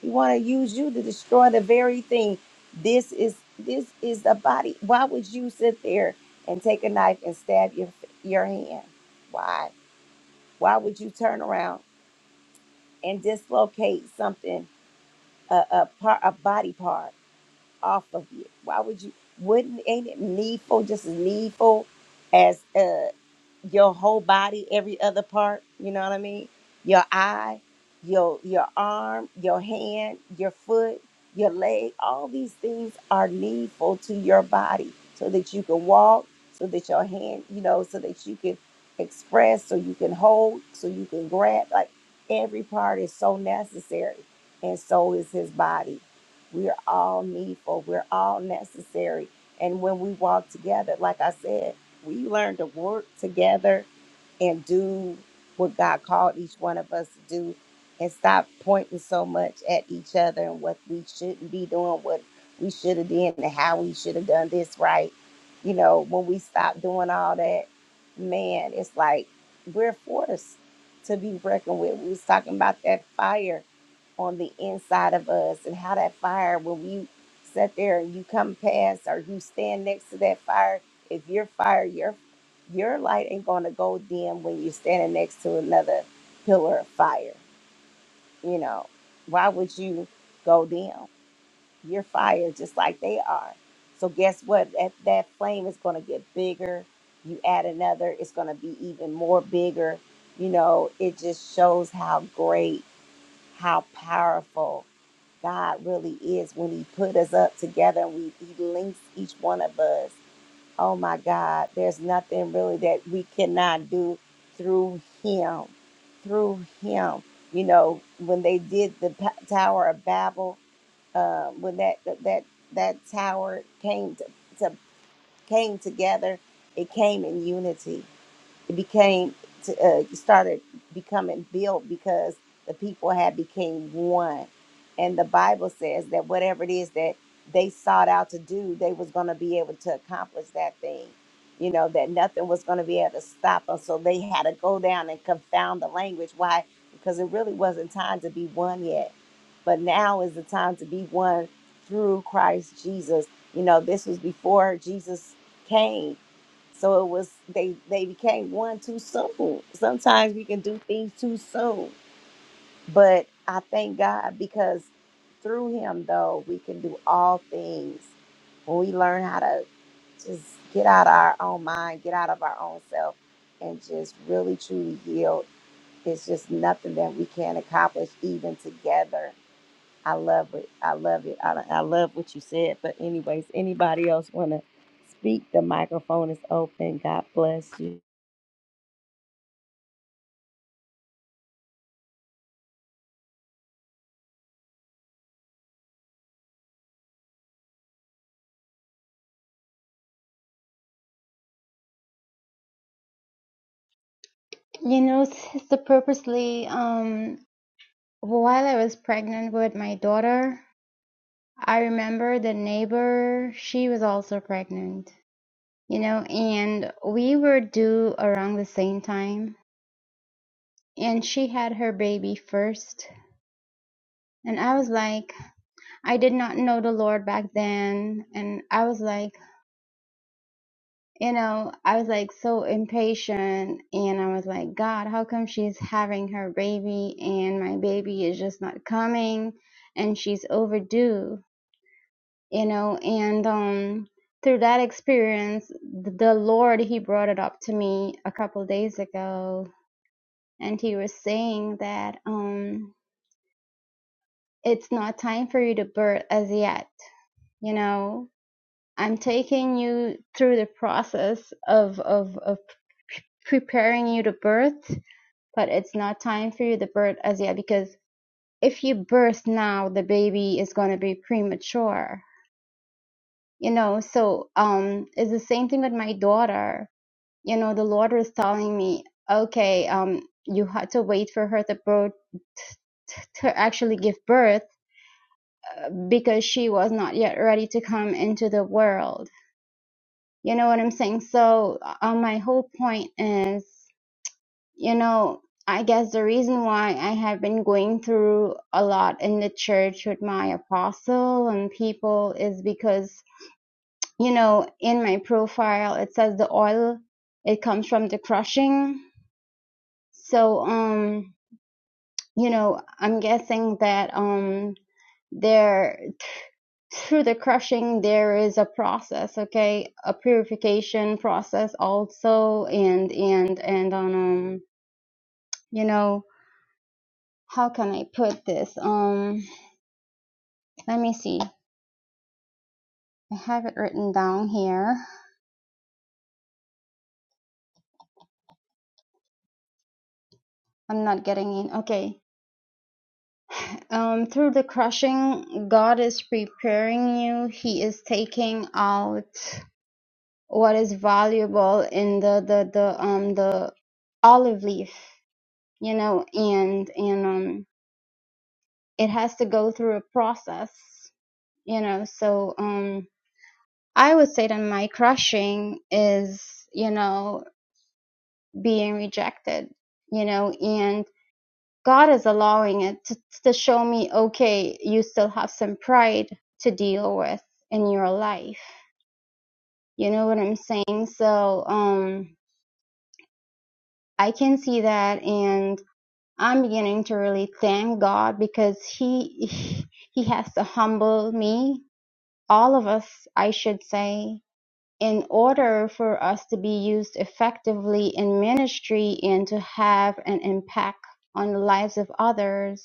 Speaker 1: he want to use you to destroy the very thing this is this is the body why would you sit there and take a knife and stab your your hand why why would you turn around and dislocate something a, a part a body part off of you? Why would you? Wouldn't ain't it needful, just as needful as uh your whole body, every other part, you know what I mean? Your eye, your your arm, your hand, your foot, your leg, all these things are needful to your body so that you can walk, so that your hand, you know, so that you can express, so you can hold, so you can grab. Like every part is so necessary. And so is his body. We're all needful. We're all necessary. And when we walk together, like I said, we learn to work together and do what God called each one of us to do and stop pointing so much at each other and what we shouldn't be doing, what we should have done, and how we should have done this right. You know, when we stop doing all that, man, it's like we're forced to be reckoned with. We was talking about that fire on the inside of us and how that fire when you sit there and you come past or you stand next to that fire if your fire your your light ain't gonna go dim when you're standing next to another pillar of fire you know why would you go dim your fire just like they are so guess what that, that flame is gonna get bigger you add another it's gonna be even more bigger you know it just shows how great how powerful God really is when He put us up together and we, He links each one of us. Oh my God, there's nothing really that we cannot do through Him. Through Him. You know, when they did the Pa- Tower of Babel, uh, when that, that, that tower came to, to came together, it came in unity it became to, uh, started becoming built because the people had became one and the bible says that whatever it is that they sought out to do they was going to be able to accomplish that thing you know that nothing was going to be able to stop them so they had to go down and confound the language why because it really wasn't time to be one yet but now is the time to be one through christ jesus you know this was before jesus came so it was they they became one too soon. Sometimes we can do things too soon, but I thank God because through Him though we can do all things when we learn how to just get out of our own mind, get out of our own self, and just really truly heal. It's just nothing that we can't accomplish even together. I love it. I love it. I, I love what you said. But anyways, anybody else want to speak? The microphone is open. God bless you.
Speaker 4: You know, sister, purposely, um, while I was pregnant with my daughter, I remember the neighbor. She was also pregnant. You know, and we were due around the same time, and she had her baby first, and I was like. I did not know the Lord back then. And I was like, you know, I was like so impatient. And I was like, God, how come she's having her baby and my baby is just not coming and she's overdue, you know? And um, through that experience, th- the Lord, He brought it up to me a couple days ago. And He was saying that um, it's not time for you to birth as yet, you know? I'm taking you through the process of of of preparing you to birth, but it's not time for you to birth as yet because if you birth now, the baby is going to be premature. You know, so um, it's the same thing with my daughter. You know, the Lord was telling me, okay, um, you had to wait for her to birth to actually give birth because she was not yet ready to come into the world You know what I'm saying? So, uh, my whole point is, you know, I guess the reason why I have been going through a lot in the church with my apostle and people is because, you know, in my profile it says the oil it comes from the crushing. So, um, you know, I'm guessing that um there through the crushing there is a process okay a purification process also and and and on um you know how can i put this um let me see i have it written down here i'm not getting in okay um through the crushing god is preparing you he is taking out what is valuable in the the the um the olive leaf you know and and um it has to go through a process, you know. So um, I would say that my crushing is, you know, being rejected, you know, and God is allowing it to, to show me, okay, you still have some pride to deal with in your life. You know what I'm saying? So um, I can see that, and I'm beginning to really thank God because He He has to humble me all of us, I should say, in order for us to be used effectively in ministry and to have an impact on the lives of others,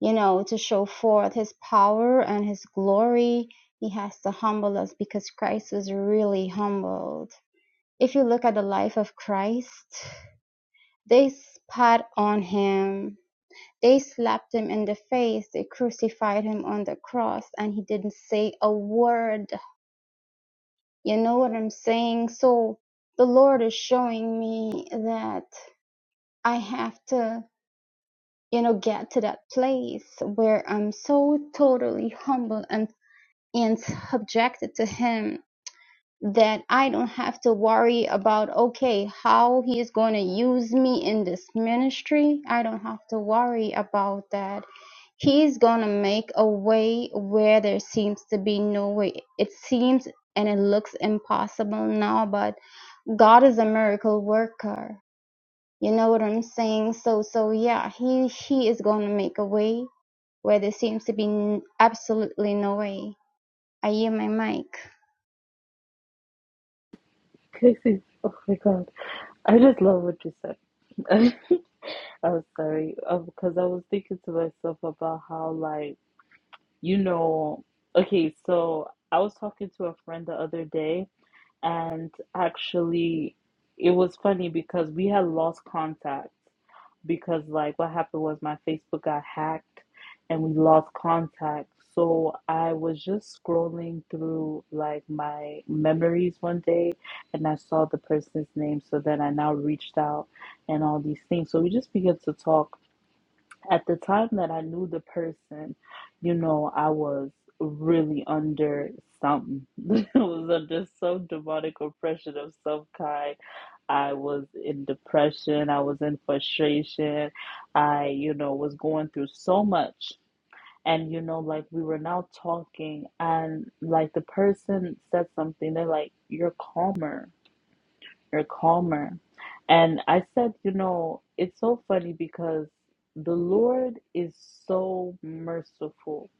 Speaker 4: you know, to show forth his power and his glory, he has to humble us because Christ was really humbled. If you look at the life of Christ, they spat on him. They slapped him in the face. They crucified him on the cross, and he didn't say a word You know what I'm saying? So the Lord is showing me that I have to, you know, get to that place where I'm so totally humble and, and subjected to Him that I don't have to worry about, okay, how He is going to use me in this ministry. I don't have to worry about that. He's going to make a way where there seems to be no way. It seems and it looks impossible now, but God is a miracle worker. You know what I'm saying? So, so yeah, he he is going to make a way where there seems to be absolutely no way. I hear my mic.
Speaker 11: Casey, oh my God. I just love what you said. I'm sorry, uh, because I was thinking to myself about how, like, you know, okay, so I was talking to a friend the other day, and actually, it was funny because we had lost contact. because like what happened was my Facebook got hacked and we lost contact. So I was just scrolling through like my memories one day and I saw the person's name. So then I now reached out and all these things. So we just began to talk at the time that I knew the person, you know, I was really under something. I was under some demonic oppression of some kind. I was in depression. I was in frustration. I, you know, was going through so much. And, you know, like we were now talking, and like the person said something, they're like, You're calmer you're calmer. And I said, you know, it's so funny because the Lord is so merciful.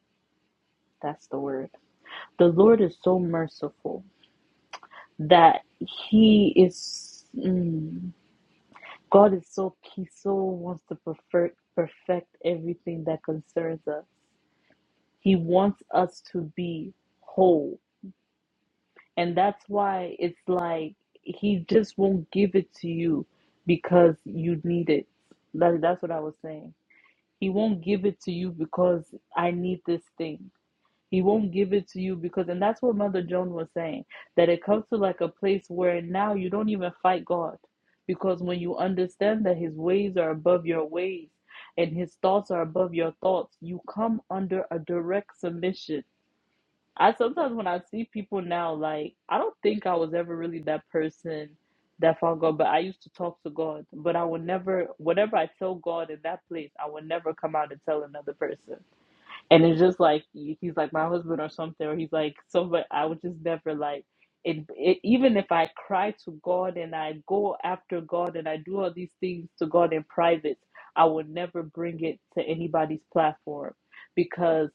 Speaker 11: That's the word. The Lord is so merciful that He is, mm, God is so peaceful, wants to perfect, perfect everything that concerns us. He wants us to be whole. And that's why it's like he just won't give it to you because you need it. That, that's what I was saying. He won't give it to you because I need this thing. He won't give it to you because, and that's what Mother Joan was saying, that it comes to like a place where now you don't even fight God. Because when you understand that his ways are above your ways and his thoughts are above your thoughts, you come under a direct submission I sometimes when I see people now, like I don't think I was ever really that person that found God, but I used to talk to God. But I would never, whatever I tell God in that place, I would never come out and tell another person. And it's just like he's like my husband or something, or he's like somebody. I would just never like it, it. Even if I cry to God and I go after God and I do all these things to God in private, I would never bring it to anybody's platform because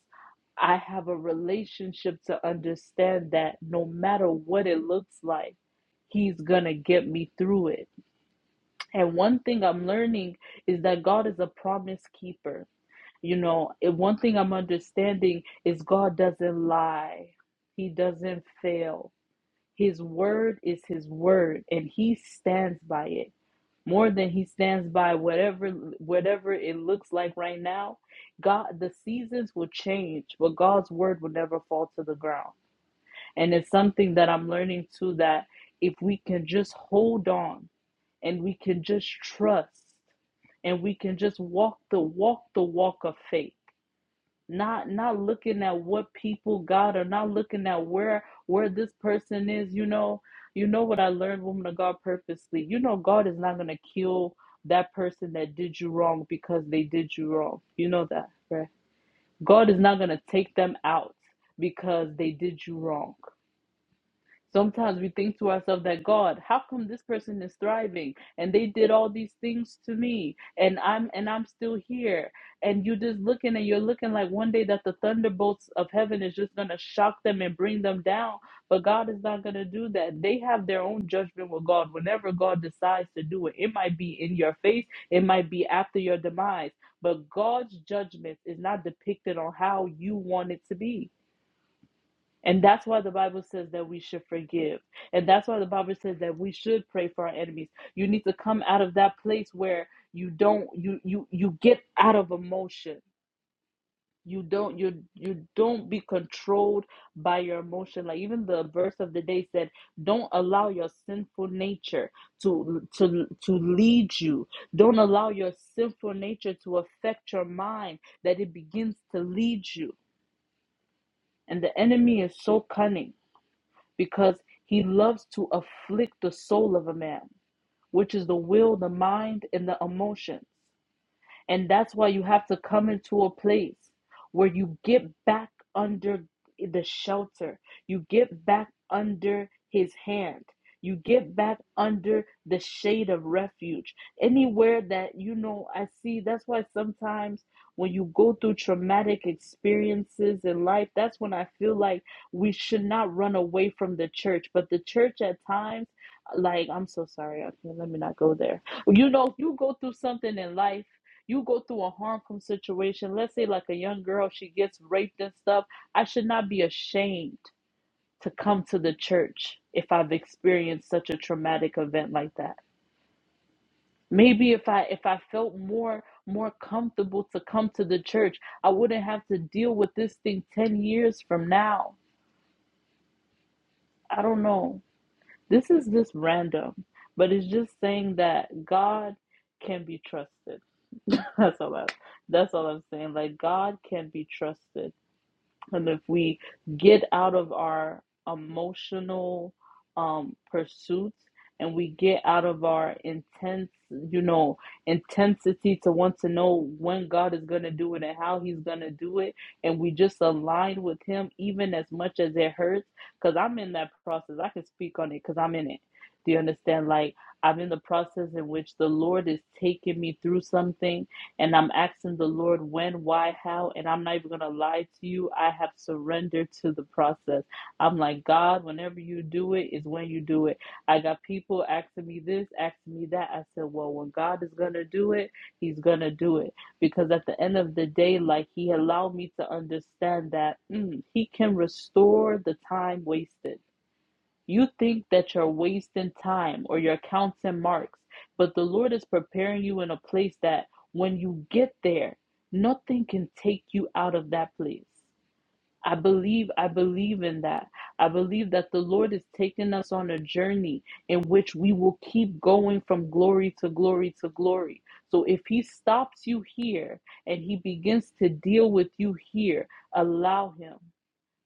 Speaker 11: I have a relationship to understand that no matter what it looks like, He's gonna get me through it. And one thing I'm learning is that God is a promise keeper you know, and one thing I'm understanding is God doesn't lie, He doesn't fail. His word is His word, and He stands by it more than He stands by whatever whatever it looks like right now. God, the seasons will change, but God's word will never fall to the ground. And it's something that I'm learning too that if we can just hold on and we can just trust and we can just walk the walk the walk of faith not not looking at what people got or not looking at where where this person is you know you know what i learned woman of god purposely you know god is not going to kill that person that did you wrong because they did you wrong you know that right god is not going to take them out because they did you wrong Sometimes we think to ourselves that God, how come this person is thriving and they did all these things to me and I'm and I'm still here and you're just looking and you're looking like one day that the thunderbolts of heaven is just going to shock them and bring them down but God is not going to do that. They have their own judgment with God whenever God decides to do it. It might be in your face, it might be after your demise, but God's judgment is not depicted on how you want it to be. And that's why the Bible says that we should forgive. And that's why the Bible says that we should pray for our enemies. You need to come out of that place where you don't you you you get out of emotion. You don't you you don't be controlled by your emotion. Like even the verse of the day said, don't allow your sinful nature to to to lead you. Don't allow your sinful nature to affect your mind that it begins to lead you. And the enemy is so cunning because he loves to afflict the soul of a man, which is the will, the mind, and the emotions. And that's why you have to come into a place where you get back under the shelter, you get back under his hand. You get back under the shade of refuge. Anywhere that you know, I see that's why sometimes when you go through traumatic experiences in life, that's when I feel like we should not run away from the church. But the church at times, like, I'm so sorry, okay, let me not go there. You know, you go through something in life you go through a harmful situation, let's say like a young girl, she gets raped and stuff, I should not be ashamed to come to the church if I've experienced such a traumatic event like that. Maybe if I if I felt more more comfortable to come to the church, I wouldn't have to deal with this thing 10 years from now. I don't know. This is just random, but it's just saying that God can be trusted. that's all I, that's all I'm saying. Like God can be trusted And if we get out of our emotional um, pursuits and we get out of our intense, you know, intensity to want to know when God is going to do it and how He's going to do it, and we just align with Him, even as much as it hurts, because I'm in that process. I can speak on it because I'm in it. Do you understand? Like, I'm in the process in which the Lord is taking me through something and I'm asking the Lord when, why, how, and I'm not even going to lie to you. I have surrendered to the process. I'm like, God, whenever you do it, is when you do it. I got people asking me this, asking me that. I said, well, when God is going to do it, he's going to do it. Because at the end of the day, like, he allowed me to understand that mm, he can restore the time wasted. You think that you're wasting time or you're counting marks, but the Lord is preparing you in a place that when you get there, nothing can take you out of that place. I believe, I believe in that. I believe that the Lord is taking us on a journey in which we will keep going from glory to glory to glory. So if He stops you here and He begins to deal with you here, allow Him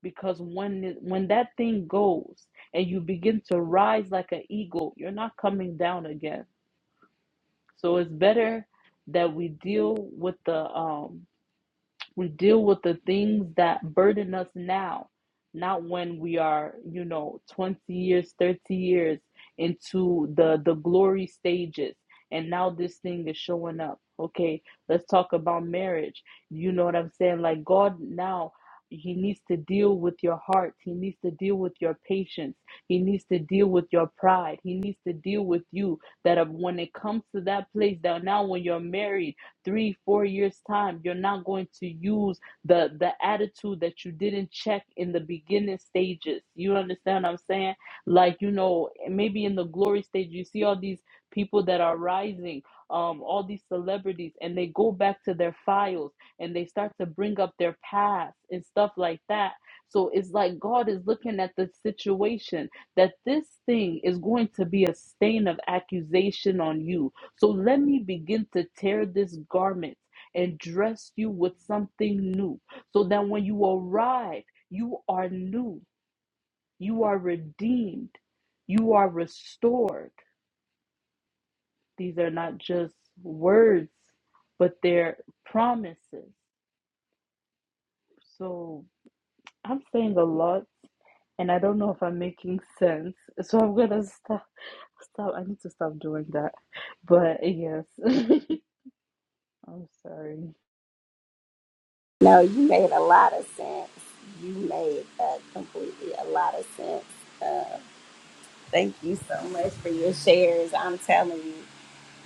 Speaker 11: because when it- when that thing goes and you begin to rise like an eagle you're not coming down again so it's better that we deal with the um we deal with the things that burden us now, not when we are, you know, 20 years, 30 years into the the glory stages and now this thing is showing up. Okay, let's talk about marriage. You know what I'm saying? Like God now he needs to deal with your heart. He needs to deal with your patience. He needs to deal with your pride. He needs to deal with you that when it comes to that place that now when you're married three, four years' time, you're not going to use the the attitude that you didn't check in the beginning stages. You understand what I'm saying? Like, you know, maybe in the glory stage, you see all these people that are rising, um, all these celebrities, and they go back to their files and they start to bring up their past and stuff like that. So it's like God is looking at the situation that this thing is going to be a stain of accusation on you so let me begin to tear this garment and dress you with something new, so that when you arrive, you are new, you are redeemed, you are restored. These are not just words, but they're promises. So I'm saying a lot. And I don't know if I'm making sense, so I'm gonna stop. Stop. I need to stop doing that. But yes, I'm sorry.
Speaker 1: No, you made a lot of sense. You made uh, completely a lot of sense. Uh, thank you so much for your shares. I'm telling you,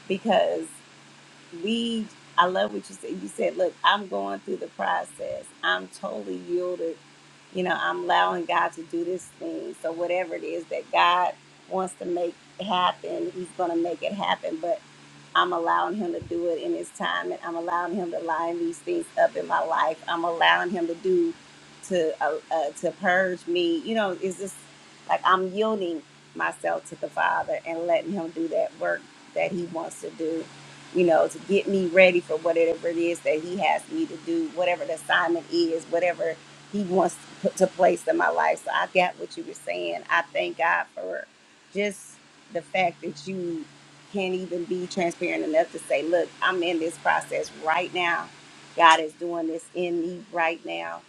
Speaker 1: because we, I love what you said. You said, look, I'm going through the process. I'm totally yielded. You know, I'm allowing God to do this thing. So whatever it is that God wants to make happen, He's going to make it happen. I'm allowing him to do it in his time and I'm allowing him to line these things up in my life. I'm allowing him to do to uh, uh, to purge me. You know, it's just like I'm yielding myself to the Father and letting him do that work that he wants to do, you know, to get me ready for whatever it is that he has me to do, whatever the assignment is, whatever he wants to put to place in my life. So I got what you were saying. I thank God for just the fact that you can't even be transparent enough to say, look, I'm in this process right now. God is doing this in me right now.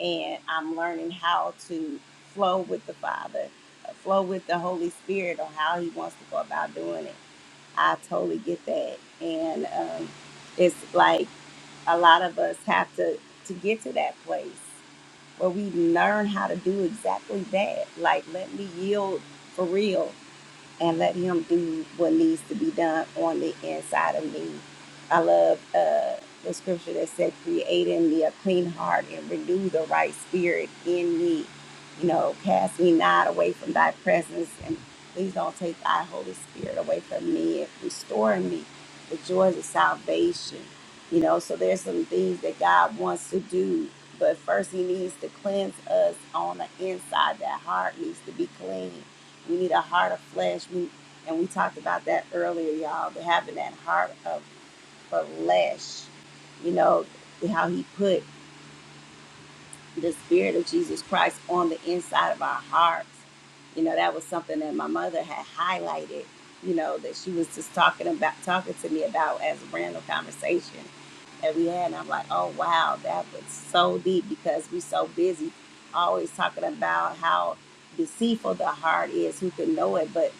Speaker 1: And I'm learning how to flow with the Father, uh, flow with the Holy Spirit on how He wants to go about doing it. I totally get that. And um, it's like a lot of us have to, to get to that place where we learn how to do exactly that. Like, let me yield for real and let him do what needs to be done on the inside of me. I love uh, the scripture that said, create in me a clean heart and renew the right spirit in me. You know, cast me not away from thy presence and please don't take thy Holy Spirit away from me and restore me the joys of salvation. You know, so there's some things that God wants to do, but first he needs to cleanse us on the inside. That heart needs to be clean we need a heart of flesh. We, and we talked about that earlier, y'all. But having that heart of flesh, you know, how He put the Spirit of Jesus Christ on the inside of our hearts. You know, that was something that my mother had highlighted. You know, that she was just talking about, talking to me about as a random conversation that we had. And I'm like, oh wow, that was so deep because we're so busy always talking about how deceitful the heart is, who can know it, but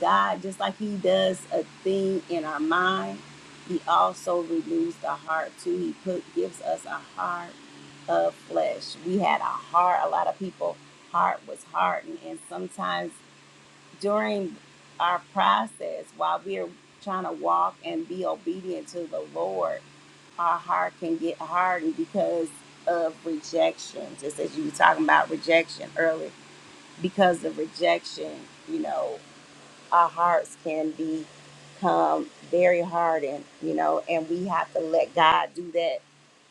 Speaker 1: God, just like He does a thing in our mind, He also renews the heart too. He put gives us a heart of flesh. We had a heart. A lot of people' heart was hardened, and sometimes during our process, while we are trying to walk and be obedient to the Lord, our heart can get hardened because of rejection. Just as you were talking about rejection earlier, because of rejection, you know our hearts can become very hardened, you know, and we have to let God do that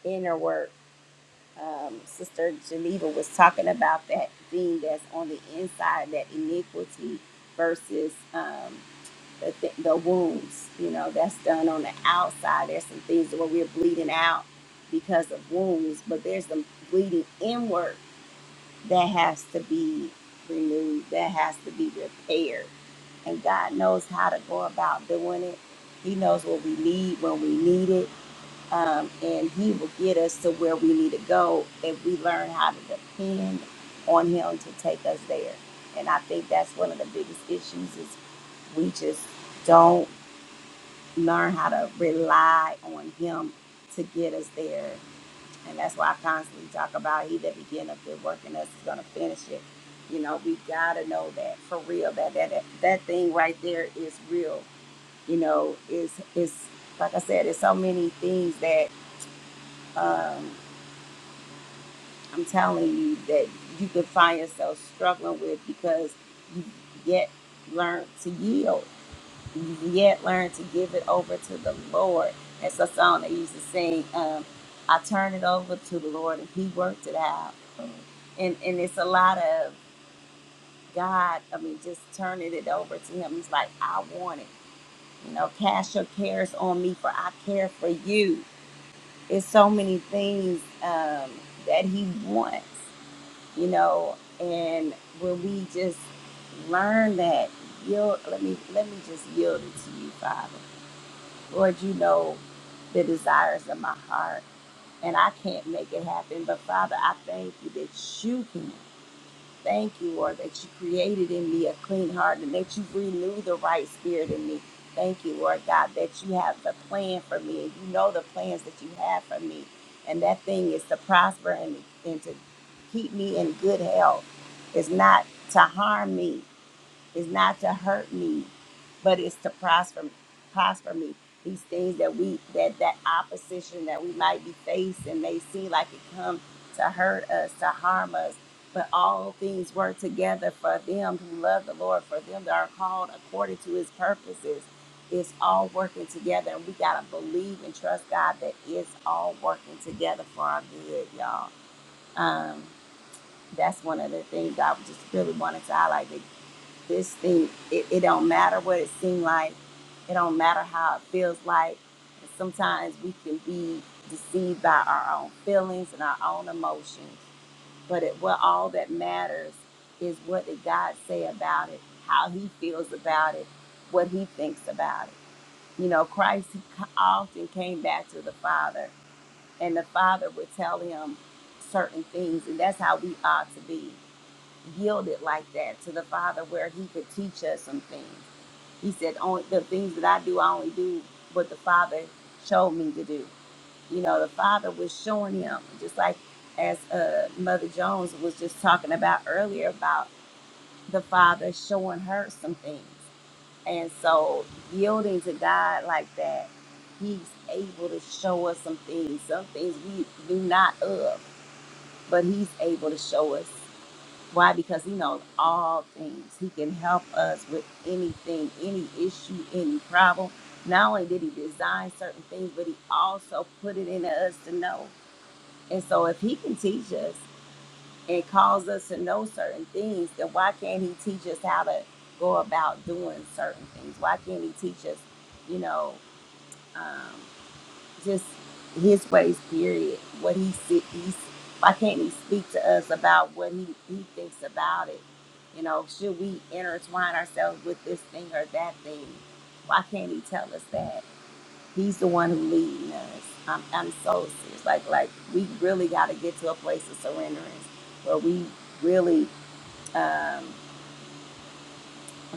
Speaker 1: inner work. Um, Sister Geneva was talking about that thing that's on the inside, that iniquity versus um, the, th- the wounds, you know, that's done on the outside. There's some things where we're bleeding out because of wounds, but there's some bleeding inward that has to be renewed, that has to be repaired. And God knows how to go about doing it. He knows what we need when we need it. Um, and He will get us to where we need to go if we learn how to depend on Him to take us there. And I think that's one of the biggest issues is we just don't learn how to rely on Him to get us there. And that's why I constantly talk about he that began a good work in us is gonna finish it. You know, we gotta know that for real. That that that, that thing right there is real. You know, is is like I said, there's so many things that um, I'm telling you that you could find yourself struggling with because you yet learn to yield. You yet learn to give it over to the Lord. That's a song they used to sing. Um, I turn it over to the Lord and He worked it out. and and it's a lot of God. I mean, just turning it over to Him. He's like, I want it. You know, cast your cares on me, for I care for you. It's so many things um, that He wants. You know, and when we just learn that, yield. Let me let me just yield it to you, Father, Lord. You know the desires of my heart, and I can't make it happen. But Father, I thank you that you can. Thank you, Lord, that you created in me a clean heart and that you renew the right spirit in me. Thank you, Lord God, that you have the plan for me and you know the plans that you have for me. And that thing is to prosper and, and to keep me in good health, is not to harm me. It's not to hurt me, but it's to prosper prosper me. These things that we that that opposition that we might be facing may seem like it comes to hurt us, to harm us, but all things work together for them who love the Lord, for them that are called according to His purposes. It's all working together, and we gotta believe and trust God that it's all working together for our good, y'all. Um, that's one of the things I just really wanted to highlight. that this thing it, it don't matter what it seems like it don't matter how it feels like and sometimes we can be deceived by our own feelings and our own emotions but it what all that matters is what did god say about it how he feels about it what he thinks about it you know christ often came back to the father and the father would tell him certain things and that's how we ought to be yielded like that to the father where he could teach us some things he said, only the things that I do, I only do what the Father showed me to do. You know, the Father was showing him, just like as uh, Mother Jones was just talking about earlier about the Father showing her some things. And so, yielding to God like that, He's able to show us some things, some things we do not of, but He's able to show us. Why? Because he knows all things. He can help us with anything, any issue, any problem. Not only did he design certain things, but he also put it into us to know. And so if he can teach us and cause us to know certain things, then why can't he teach us how to go about doing certain things? Why can't he teach us, you know, um, just his ways period what he se- he's why can't he speak to us about what he, he thinks about it you know should we intertwine ourselves with this thing or that thing why can't he tell us that he's the one who leading us i'm, I'm so serious like like we really got to get to a place of surrenderance where we really um,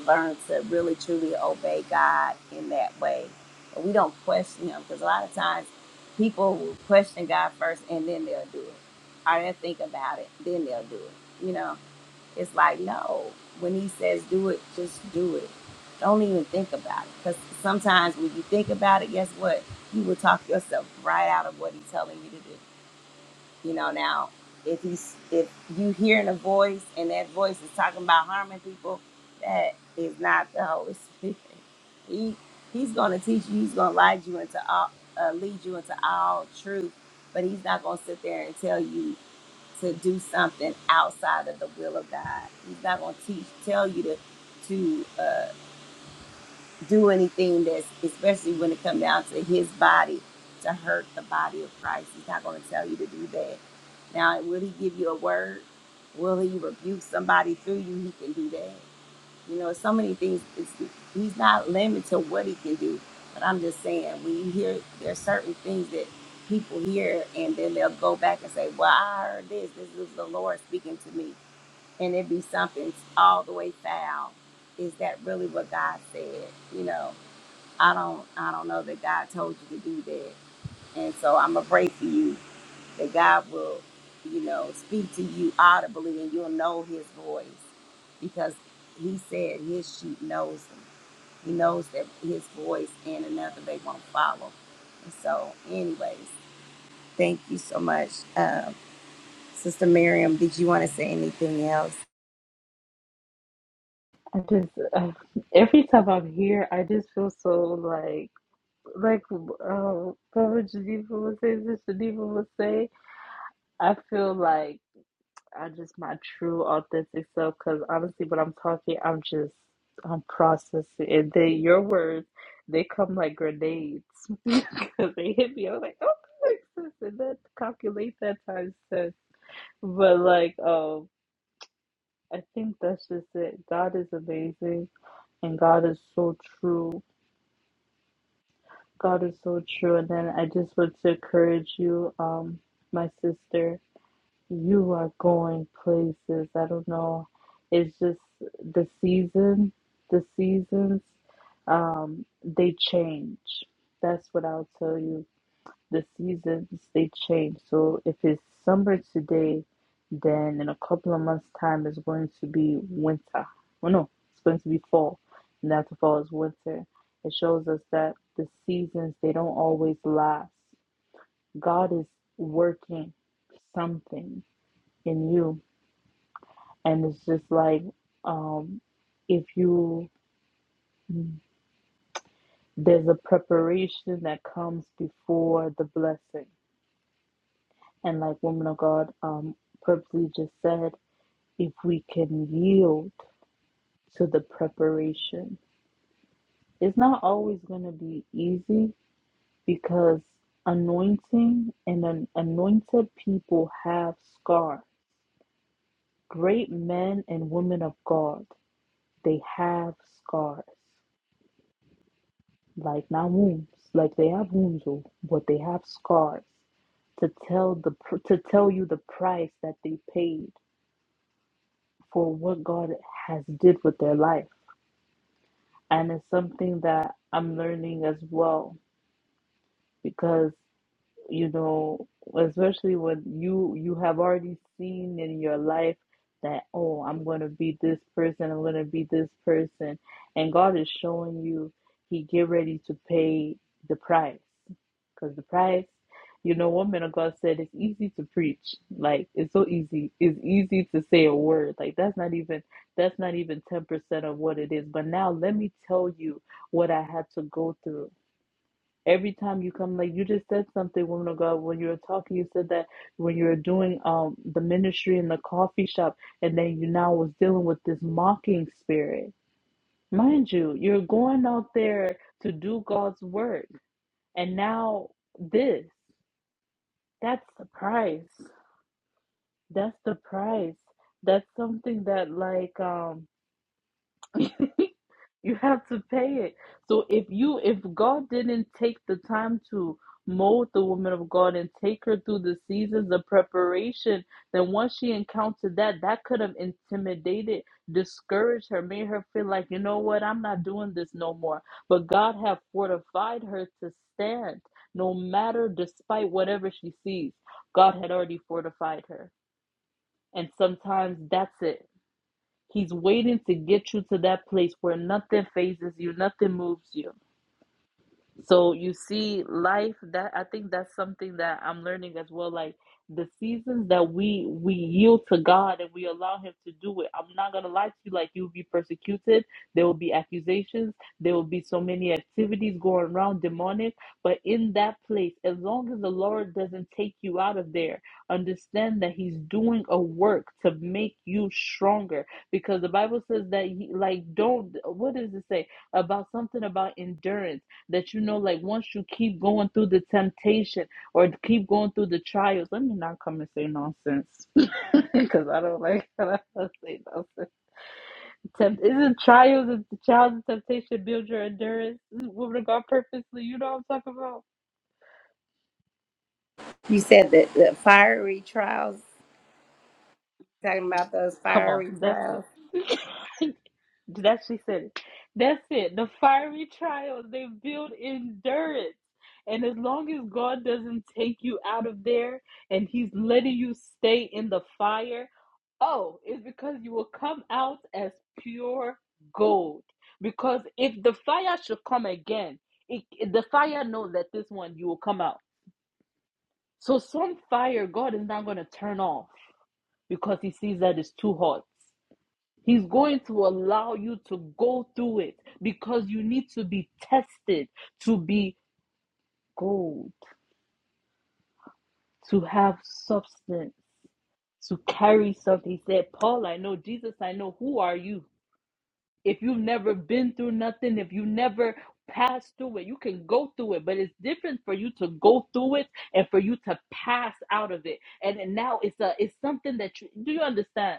Speaker 1: learn to really truly obey God in that way. And we don't question Him because a lot of times people will question God first and then they'll do it, or they'll think about it, then they'll do it. You know, it's like no. When He says do it, just do it. Don't even think about it because sometimes when you think about it, guess what? You will talk yourself right out of what He's telling you to do. You know, now if you if you hearing a voice and that voice is talking about harming people, that is not the Holy Spirit. He he's gonna teach you. He's gonna lead you into all uh, lead you into all truth. But he's not gonna sit there and tell you to do something outside of the will of God. He's not gonna teach tell you to to. Uh, do anything that's especially when it comes down to his body to hurt the body of Christ. He's not going to tell you to do that. Now, will he give you a word? Will he rebuke somebody through you? He can do that. You know, so many things. It's, he's not limited to what he can do. But I'm just saying, when you hear, there's certain things that people hear, and then they'll go back and say, "Well, I heard this. This is the Lord speaking to me," and it be something all the way foul. Is that really what God said? You know. I don't I don't know that God told you to do that. And so I'm gonna pray for you that God will, you know, speak to you audibly and you'll know his voice because he said his sheep knows him. He knows that his voice and another they won't follow. And so anyways, thank you so much. Um, Sister Miriam, did you want to say anything else?
Speaker 11: I just uh, every time I'm here, I just feel so like like uh, what would Geneva would say, this Geneva would say. I feel like I'm just my true authentic self because honestly, when I'm talking, I'm just I'm processing, and then your words they come like grenades because they hit me. I was like, oh, that makes sense, and that calculate that times ten. But like, um, I think that's just it. God is amazing, and God is so true God is so true. And then I just want to encourage you, um, my sister, you are going places. I don't know. It's just the season, the seasons, um, they change. That's what I'll tell you the seasons they change. So if it's summer today, then in a couple of months' time it's going to be winter. Well, no, it's going to be fall, and after fall is winter. It shows us that the seasons they don't always last. God is working something in you, and it's just like um, if you there's a preparation that comes before the blessing And like woman of God um purposely just said, if we can yield to the preparation. It's not always gonna be easy because anointing and an anointed people have scars. Great men and women of God, they have scars. Like not wounds. Like they have wounds, oh, but they have scars to tell the pr- to tell you the price that they paid for what God has did with their life. And it's something that I'm learning as well because you know, especially when you you have already seen in your life that oh, I'm going to be this person, I'm going to be this person, and God is showing you He get ready to pay the price because the price, you know, one man of God said it's easy to preach, like it's so easy, it's easy to say a word, like that's not even that's not even ten percent of what it is. But now let me tell you what I had to go through Every time you come, like you just said something, woman of God, when you were talking, you said that when you were doing um the ministry in the coffee shop, and then you now was dealing with this mocking spirit. Mind you, you're going out there to do God's work, and now this, that's the price. That's the price. That's something that like um You have to pay it. So if you if God didn't take the time to mold the woman of God and take her through the seasons of preparation, then once she encountered that, that could have intimidated, discouraged her, made her feel like, you know what, I'm not doing this no more. But God have fortified her to stand no matter despite whatever she sees. God had already fortified her. And sometimes that's it He's waiting to get you to that place where nothing phases you, nothing moves you. So you see, life that I think that's something that I'm learning as well. Like the seasons that we we yield to God and we allow Him to do it. I'm not gonna lie to you. Like you'll be persecuted. There will be accusations. There will be so many activities going around demonic. But in that place, as long as the Lord doesn't take you out of there, understand that He's doing a work to make you stronger. Because the Bible says that He like don't. What does it say about something about endurance? that you know like once you keep going through the temptation or keep going through the trials let me not come and say nonsense because i don't like I when I say nonsense Tempt- isn't trials and the trials and temptation build your endurance woman of god purposely you know what i'm talking about
Speaker 1: You said that the fiery trials, talking about those
Speaker 11: come on
Speaker 1: fiery
Speaker 11: that's it
Speaker 1: trials.
Speaker 11: That she said it. That's it. The fiery trials, they build endurance. And as long as God doesn't take you out of there and He's letting you stay in the fire, oh, it's because you will come out as pure gold. Because if the fire should come again, it, it- the fire knows that this one you will come out. So some fire God is not going to turn off because He sees that it's too hot. He's going to allow you to go through it because you need to be tested to be gold, to have substance, to carry something. He said, Paul, I know, Jesus, I know, who are you? If you've never been through nothing, if you never passed through it, you can go through it, but it's different for you to go through it and for you to pass out of it. And, and now it's a it's something that you do you understand?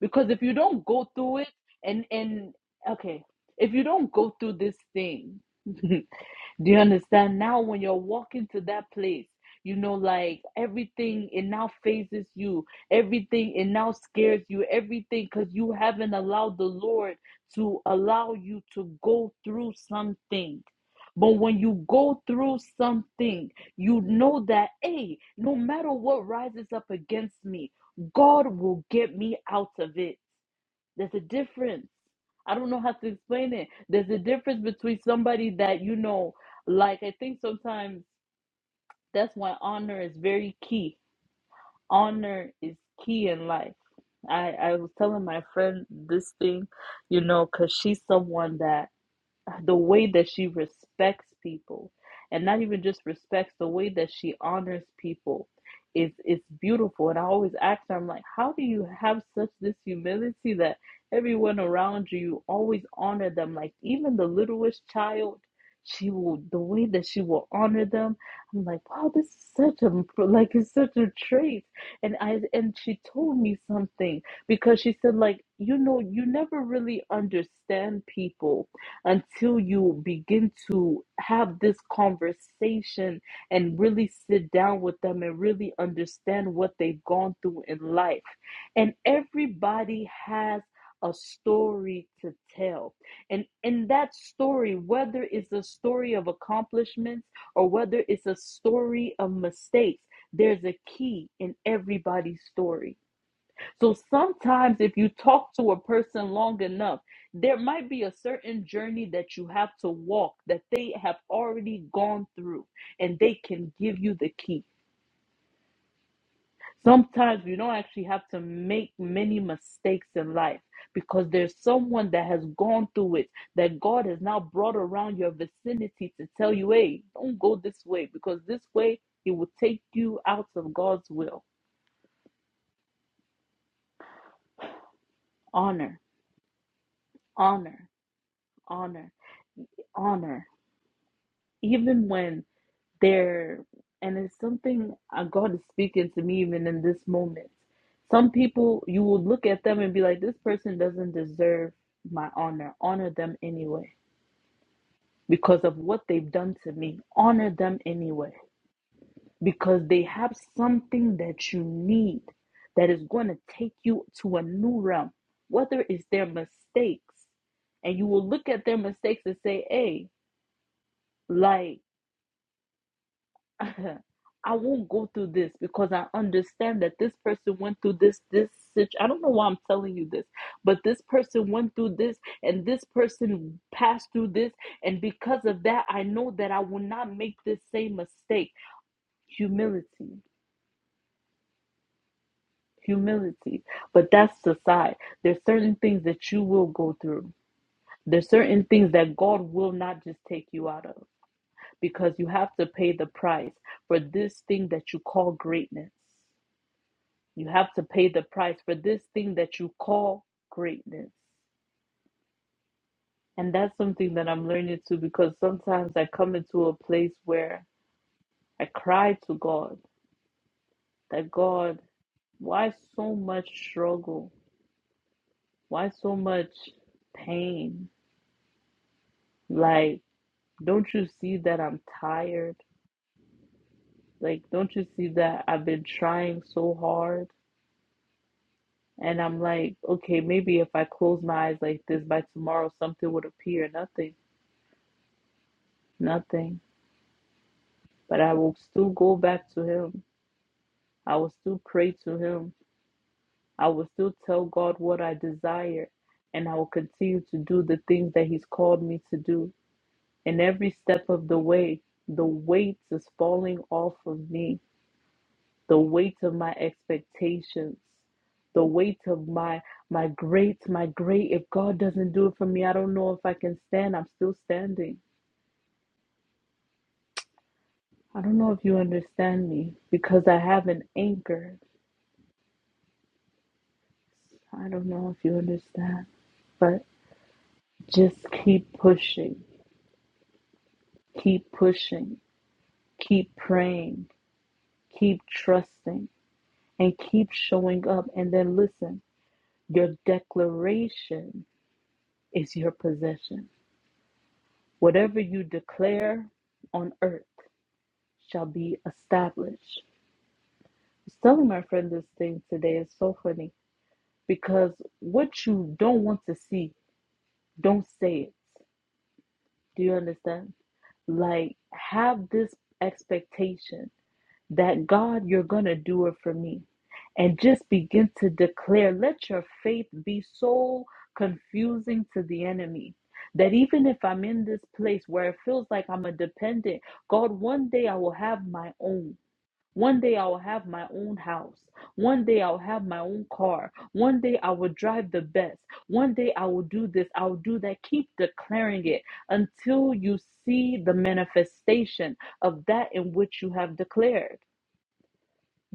Speaker 11: because if you don't go through it and and okay if you don't go through this thing Do you understand? Now, when you're walking to that place, you know, like everything, it now phases you. Everything, it now scares you. Everything, because you haven't allowed the Lord to allow you to go through something. But when you go through something, you know that, hey, no matter what rises up against me, God will get me out of it. There's a difference. I don't know how to explain it. There's a difference between somebody that, you know, like I think sometimes that's why honor is very key. Honor is key in life. I, I was telling my friend this thing, you know, because she's someone that the way that she respects people and not even just respects the way that she honors people is is beautiful and i always ask her i'm like how do you have such this humility that everyone around you you always honor them like even the littlest child she will the way that she will honor them i'm like wow this is such a like it's such a trait and i and she told me something because she said like you know you never really understand people until you begin to have this conversation and really sit down with them and really understand what they've gone through in life. And everybody has a story to tell. And in that story, whether it's a story of accomplishments or whether it's a story of mistakes, there's a key in everybody's story. So sometimes, if you talk to a person long enough, there might be a certain journey that you have to walk that they have already gone through and they can give you the key. Sometimes you don't actually have to make many mistakes in life because there's someone that has gone through it that God has now brought around your vicinity to tell you, hey, don't go this way because this way it will take you out of God's will. Honor, honor, honor, honor. even when they're and it's something uh, God is speaking to me even in this moment. Some people you will look at them and be like, this person doesn't deserve my honor. Honor them anyway because of what they've done to me. Honor them anyway because they have something that you need that is going to take you to a new realm, whether it's their mistakes. And you will look at their mistakes and say, hey, like, I won't go through this because I understand that this person went through this, this such I don't know why I'm telling you this, but this person went through this and this person passed through this. And because of that, I know that I will not make this same mistake. Humility, humility. But that's aside. There's certain things that you will go through. There's certain things that God will not just take you out of because you have to pay the price for this thing that you call greatness You have to pay the price for this thing that you call greatness. And that's something that I'm learning too because sometimes I come into a place where I cry to God that God, why so much struggle? Why so much pain? Like, don't you see that I'm tired? Like, don't you see that I've been trying so hard? And I'm like, okay, maybe if I close my eyes like this by tomorrow, something would appear. Nothing, nothing but I will still go back to Him. I will still pray to Him. I will still tell God what I desire, and I will continue to do the things that He's called me to do. And every step of the way, the weight is falling off of me, the weight of my expectations. The weight of my my great, my great. If God doesn't do it for me, I don't know if I can stand. I'm still standing. I don't know if you understand me because I have an anchor I don't know if you understand, but just keep pushing, keep pushing, keep praying, keep trusting, and keep showing up. And then listen, your declaration is your possession. Whatever you declare on earth shall be established. I was telling my friend this thing today. It's so funny because what you don't want to see, don't say it. Do you understand? Like, have this expectation that God, you're going to do it for me. And just begin to declare, let your faith be so confusing to the enemy that even if I'm in this place where it feels like I'm a dependent, God, one day I will have my own. One day I will have my own house. One day I will have my own car. One day I will drive the best. One day I will do this. I will do that. Keep declaring it until you see the manifestation of that in which you have declared.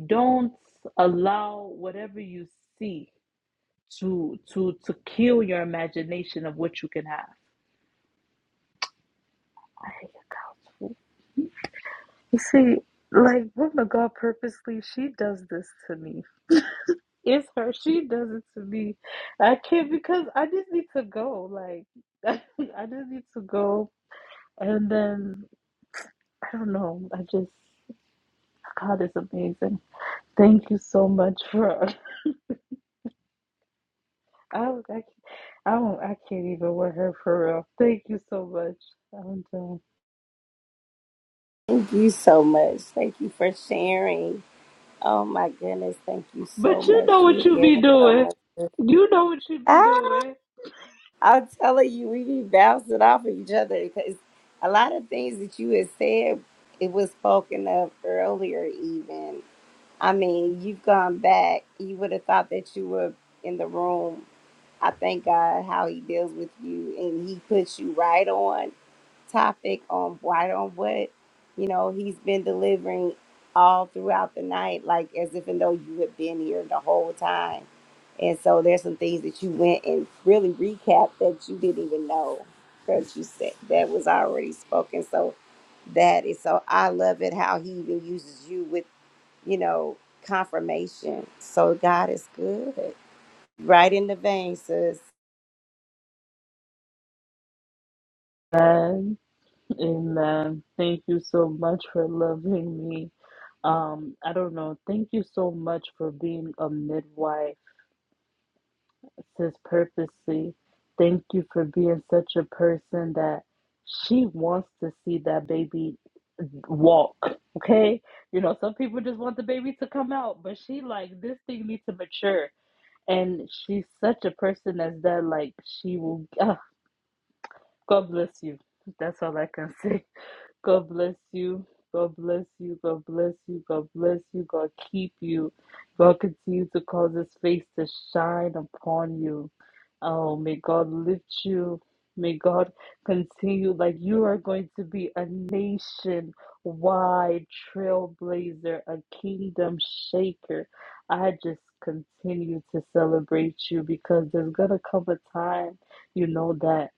Speaker 11: Don't allow whatever you see to to to kill your imagination of what you can have. I- You see, like woman of God purposely, she does this to me. It's her. She does it to me. I can't because I just need to go. Like I just need to go, and then I don't know. I just God is amazing. Thank you so much for. I was- I can't- I don't I can't even with her for real. Thank you so much. I'm done.
Speaker 1: Thank you so much. Thank you for sharing. Oh my goodness, thank you so
Speaker 11: But you
Speaker 1: much.
Speaker 11: know
Speaker 1: You
Speaker 11: what
Speaker 1: have
Speaker 11: you
Speaker 1: given
Speaker 11: be
Speaker 1: so
Speaker 11: doing.
Speaker 1: much.
Speaker 11: You know what you be
Speaker 1: Ah,
Speaker 11: doing.
Speaker 1: I'm telling you, we be bouncing off of each other because a lot of things that you had said, it was spoken of earlier, even. I mean, you've gone back. You would have thought that you were in the room. I thank God how He deals with you and He puts you right on topic on why on what you know he's been delivering all throughout the night like as if and though you had been here the whole time and so there's some things that you went and really recap that you didn't even know that you said that was already spoken so that is so i love it how he even uses you with you know confirmation so god is good right in the vein sis
Speaker 11: Amen. Thank you so much for loving me. Um, I don't know. Thank you so much for being a midwife, sis purposely. Thank you for being such a person that she wants to see that baby walk. Okay? You know, some people just want the baby to come out, but she like this thing needs to mature. And she's such a person as that, like she will God bless you. That's all I can say. God bless you. God bless you. God bless you. God bless you. God keep you. God continue to cause his face to shine upon you. Oh, may God lift you. May God continue like you are going to be a nation wide trailblazer, a kingdom shaker. I just continue to celebrate you because there's going to come a time, you know, that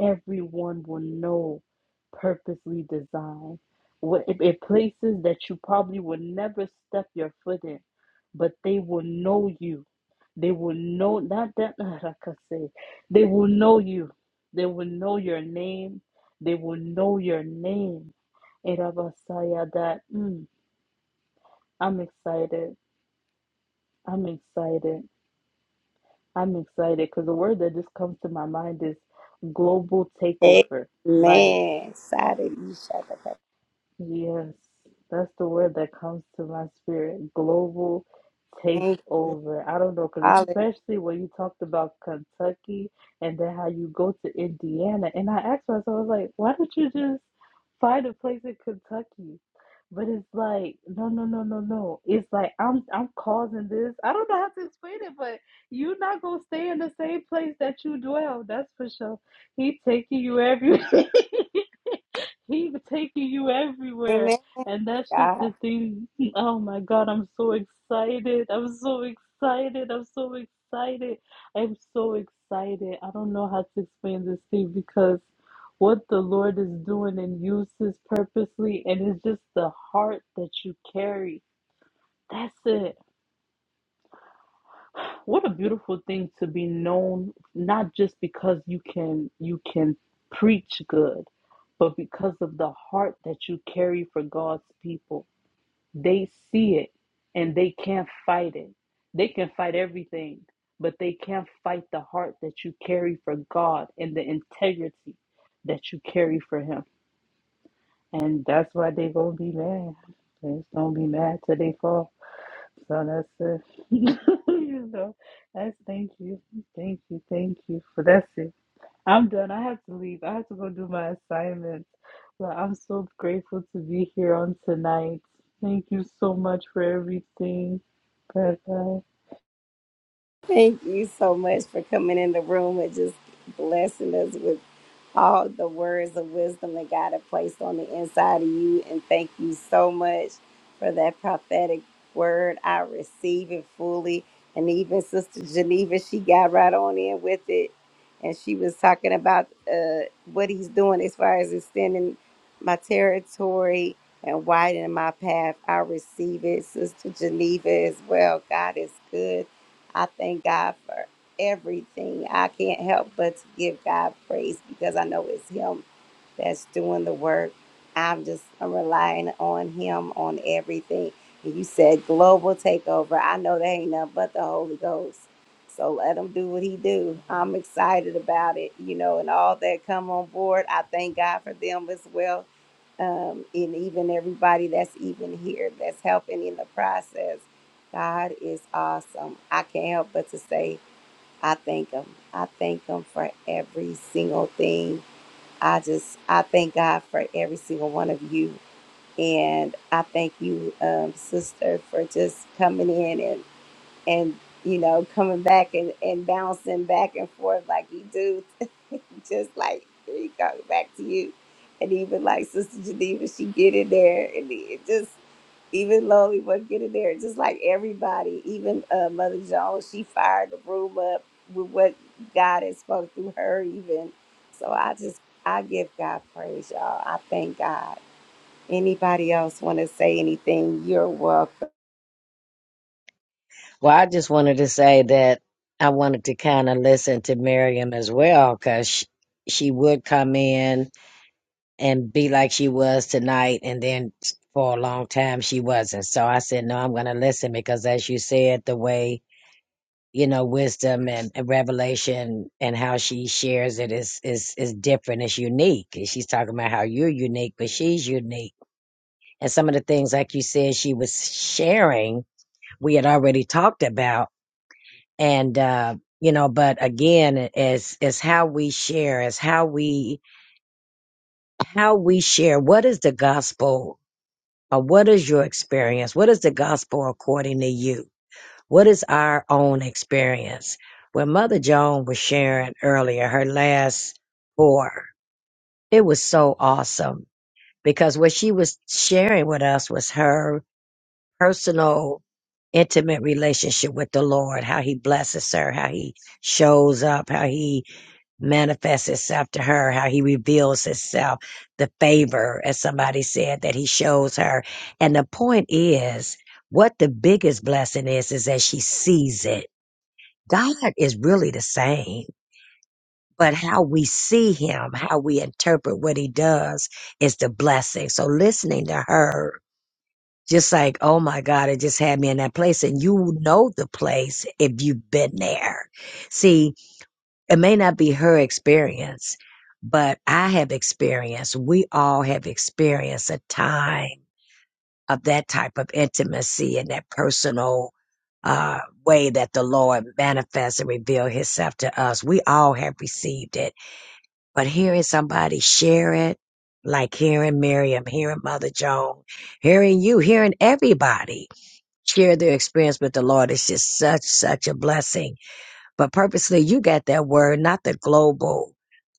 Speaker 11: everyone will know purposely designed. What it, it places that you probably will never step your foot in, but they will know you. They will know not that I can say. They will know you. They will know your name. They will know your name. Irabasaya that mm, I'm excited. I'm excited. I'm excited because the word that just comes to my mind is global takeover. Like
Speaker 1: amen Sada, you shut the fuck-
Speaker 11: Yes, that's the word that comes to my spirit. Global
Speaker 1: thank
Speaker 11: takeover. I don't know, because
Speaker 1: you
Speaker 11: especially when you talked about Kentucky and then how you go to Indiana. And I asked myself, I was like, why don't you just find a place in Kentucky? But it's like, no, no, no, no, no. It's like I'm I'm causing this. I don't know how to explain it, but you're not gonna stay in the same place that you dwell. That's for sure. He taking you everywhere. He's taking you everywhere.
Speaker 1: Amen.
Speaker 11: And that's just
Speaker 1: God.
Speaker 11: the thing. Oh my God, I'm so excited. I'm so excited. I'm so excited. I'm so excited. I don't know how to explain this thing because what the Lord is doing and uses purposely, and it's just the heart that you carry. That's it what a beautiful thing to be known not just because you can you can preach good but because of the heart that you carry for God's people they see it and they can't fight it they can fight everything but they can't fight the heart that you carry for God and the integrity that you carry for him and that's why they going to be mad they's going to be mad till they fall so that's it. you know, that's thank you, thank you, thank you for that's it. I'm done. I have to leave. I have to go do my assignments. But I'm so grateful to be here on tonight. Thank you so much for everything. Bye bye.
Speaker 1: Thank you so much for coming in the room and just blessing us with all the words of wisdom that God has placed on the inside of you. And thank you so much for that prophetic word. I receive it fully. And even Sister Geneva, she got right on in with it. And she was talking about uh, what he's doing as far as extending my territory and widening my path. I receive it, Sister Geneva, as well. God is good I thank God for everything. I can't help but to give God praise because I know it's Him that's doing the work. I'm just I'm relying on Him on everything. And you said global takeover. I know that ain't nothing but the Holy Ghost. So let him do what he do. I'm excited about it, you know, and all that come on board. I thank God for them as well um, and even everybody that's even here that's helping in the process. God is awesome. I can't help but to say I thank Him. I thank Him for every single thing. I just I thank God for every single one of you, and I thank you, um, sister, for just coming in and and you know coming back and and bouncing back and forth like you do just like here you go back to you and even like sister geneva she get in there and it just even lonely was get in there just like everybody even uh, mother jones she fired the room up with what god has spoke through her even so i just i give god praise y'all i thank god anybody else want to say anything you're welcome
Speaker 6: Well, I just wanted to say that I wanted to kind of listen to Miriam as well because she, she would come in and be like she was tonight and then for a long time she wasn't so i said no i'm going to listen because as you said the way you know wisdom and, and revelation and how she shares it is is is different it's unique And she's talking about how you're unique but she's unique and some of the things like you said she was sharing we had already talked about and uh you know but again it's it's how we share it's how we how we share what is the gospel Uh, what is your experience? What is the gospel according to you? What is our own experience? When Mother Joan was sharing earlier, her last four, it was so awesome because what she was sharing with us was her personal, intimate relationship with the Lord, how he blesses her, how he shows up, how he manifests itself to her, how he reveals himself, the favor, as somebody said, that he shows her. And the point is, what the biggest blessing is, is that she sees it. God is really the same, but how we see him, how we interpret what he does is the blessing. So listening to her, just like, oh my God, it just had me in that place. And you know the place if you've been there. See, it may not be her experience, but I have experienced, we all have experienced a time of that type of intimacy and that personal uh, way that the Lord manifests and reveals himself to us. We all have received it, but hearing somebody share it, like hearing Miriam, hearing Mother Joan, hearing you, hearing everybody share their experience with the Lord is just such, such a blessing but purposely, you got that word, not the global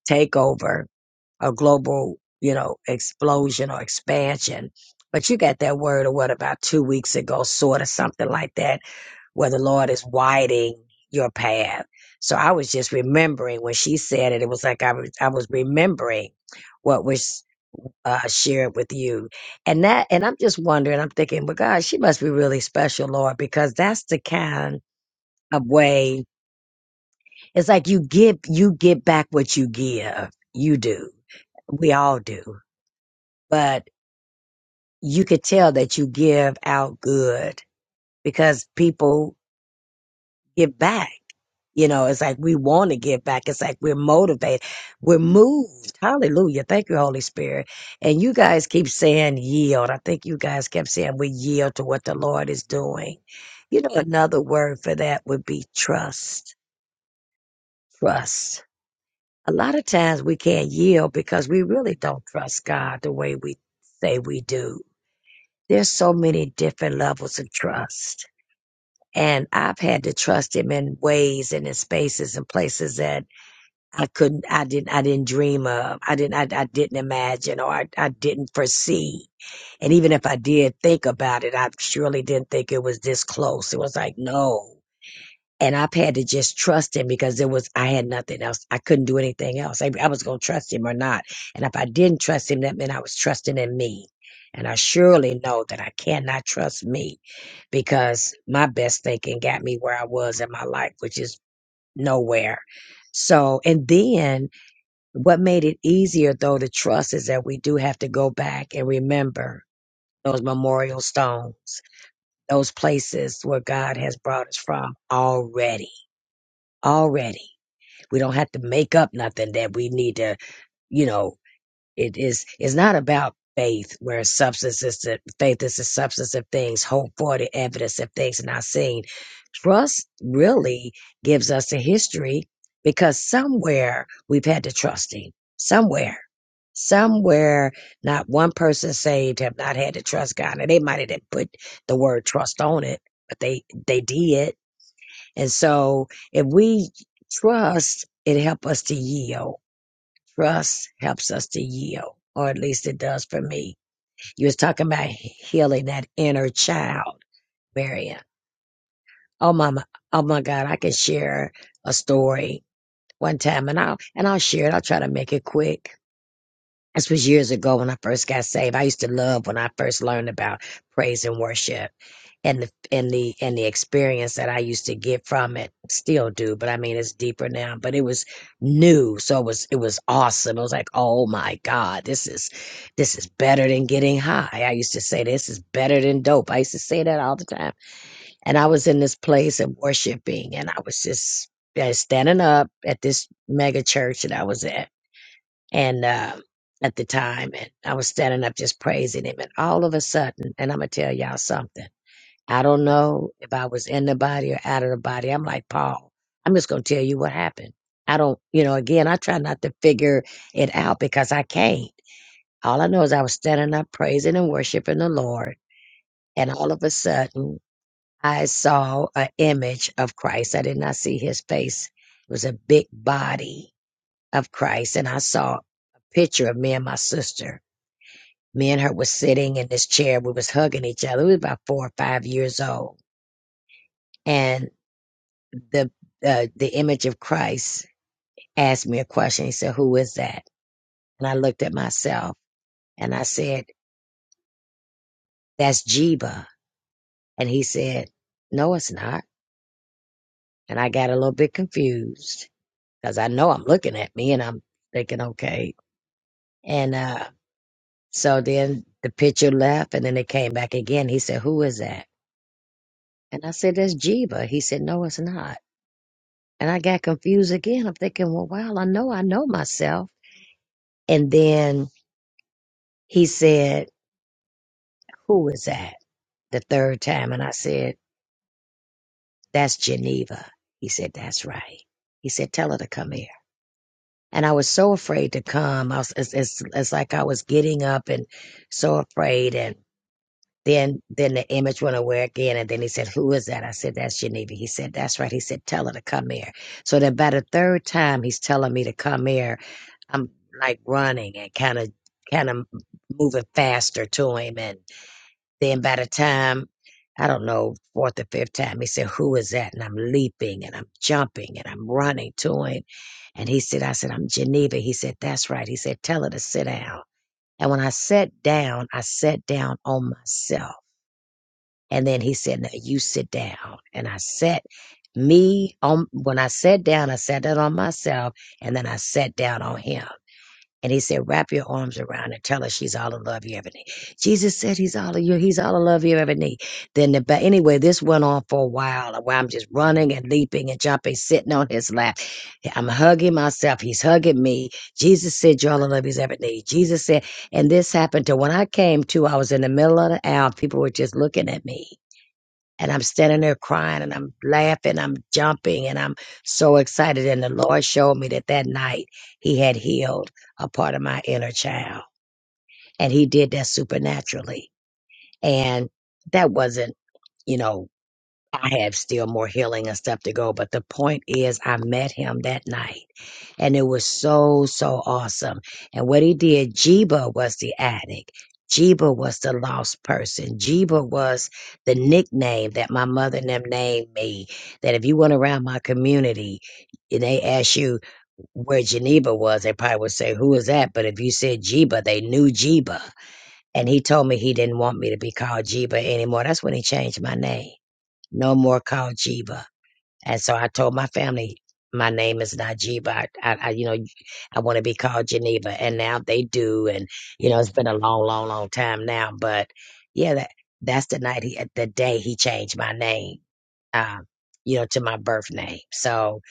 Speaker 6: takeover or global, you know, explosion or expansion. But you got that word, or what about two weeks ago, sort of something like that, where the Lord is widening your path. So I was just remembering when she said it, it was like I was, I was remembering what was uh, shared with you. And that, and I'm just wondering, I'm thinking, well, God, she must be really special, Lord, because that's the kind of way it's like you give, you get back what you give. You do. We all do. But you could tell that you give out good because people give back. You know, it's like we want to give back. It's like we're motivated. We're moved. Hallelujah. Thank you, Holy Spirit. And you guys keep saying yield. I think you guys kept saying we yield to what the Lord is doing. You know, another word for that would be trust. Trust a lot of times we can't yield because we really don't trust God the way we say we do. There's so many different levels of trust. And I've had to trust him in ways and in spaces and places that I couldn't, I didn't, I didn't dream of. I didn't, I, I didn't imagine or I, I didn't foresee. And even if I did think about it, I surely didn't think it was this close. It was like, no and I've had to just trust him because it was I had nothing else. I couldn't do anything else. I, I was going to trust him or not, and if I didn't trust him, that meant I was trusting in me. And I surely know that I cannot trust me because my best thinking got me where I was in my life, which is nowhere. So, and then what made it easier though to trust is that we do have to go back and remember those memorial stones, those places where God has brought us from already, already. We don't have to make up nothing that we need to, you know, it is it's not about faith where substance is the faith is the substance of things, hope for the evidence of things not seen. Trust really gives us a history because somewhere we've had to trust him. Somewhere. Somewhere not one person saved have not had to trust God. And they might have didn't put the word trust on it, but they they did and so if we trust, it helps us to yield. Trust helps us to yield, or at least it does for me. You was talking about healing that inner child, Marion. Oh mama! oh my God, I can share a story one time and I'll, and I'll share it. I'll try to make it quick This was years ago when I first got saved. I used to love when I first learned about praise and worship and the and the and the experience that I used to get from it. Still do, but I mean it's deeper now. But it was new. So it was it was awesome. It was like, oh my God, this is this is better than getting high. I used to say this is better than dope. I used to say that all the time. And I was in this place of worshiping and I was just uh, standing up at this mega church that I was at and uh, at the time, and I was standing up just praising him, and all of a sudden, and I'm gonna tell y'all something. I don't know if I was in the body or out of the body. I'm like Paul. I'm just gonna tell you what happened. I don't, you know. Again, I try not to figure it out because I can't. All I know is I was standing up praising and worshiping the Lord, and all of a sudden, I saw an image of Christ. I did not see his face. It was a big body of Christ, and I saw a picture of me and my sister me and her was sitting in this chair. We was hugging each other. We was about four or five years old, and the uh, the image of Christ asked me a question. He said, "Who is that?" And I looked at myself and I said, "That's Jeeba." And he said, "No, it's not." And I got a little bit confused because I know I'm looking at me and I'm thinking, "Okay." And uh, so then the picture left, and then it came back again. He said, "Who is that?" And I said, "That's Jeeba." He said, "No, it's not." And I got confused again. I'm thinking, well, wow, I know I know myself. And then he said, Who is that? The third time. And I said, That's Geneva. He said, That's right. He said, Tell her to come here. And I was so afraid to come. I was, it's, it's, it's like I was getting up and so afraid. And then, then the image went away again. And then he said, Who is that? I said, That's Geneva. He said, That's right. He said, Tell her to come here. So then by the third time, he's telling me to come here I'm like running and kind of kind of moving faster to him, and then by the time I don't know fourth or fifth time, he said, "Who is that?" And I'm leaping and I'm jumping and I'm running to him, and he said, "I said I'm Geneva." He said, "That's right." He said, "Tell her to sit down." And when I sat down, I sat down on myself, and then he said, "Now you sit down," and I sat. Me on when I sat down, I sat down on myself, and then I sat down on him. And he said, wrap your arms around her. Tell her she's all the love you ever need. Jesus said he's all of you. He's all the love you ever need. Then the ba- anyway, this went on for a while. While I'm just running and leaping and jumping, sitting on his lap. I'm hugging myself. He's hugging me. Jesus said, you're all the love he's ever need. Jesus said, and this happened to when I came to, I was in the middle of the aisle. People were just looking at me and I'm standing there crying and I'm laughing, I'm jumping, and I'm so excited. And the Lord showed me that that night He had healed a part of my inner child, and He did that supernaturally. And that wasn't, you know, I have still more healing and stuff to go, but the point is, I met Him that night and it was so, so awesome. And what he did, Jeeba was the addict. Jeeba was the lost person. Jeeba was the nickname that my mother and them named me. That if you went around my community and they asked you where Geneva was, they probably would say, Who is that? But if you said Jeeba, they knew Jeeba. And he told me he didn't want me to be called Jeeba anymore. That's when he changed my name. No more called Jeeba. And so I told my family, my name is Najiba. I, I, I you know, I want to be called Geneva. And now they do. And, you know, it's been a long, long, long time now. But yeah, that, that's the night he, the day he changed my name, um, you know, to my birth name. So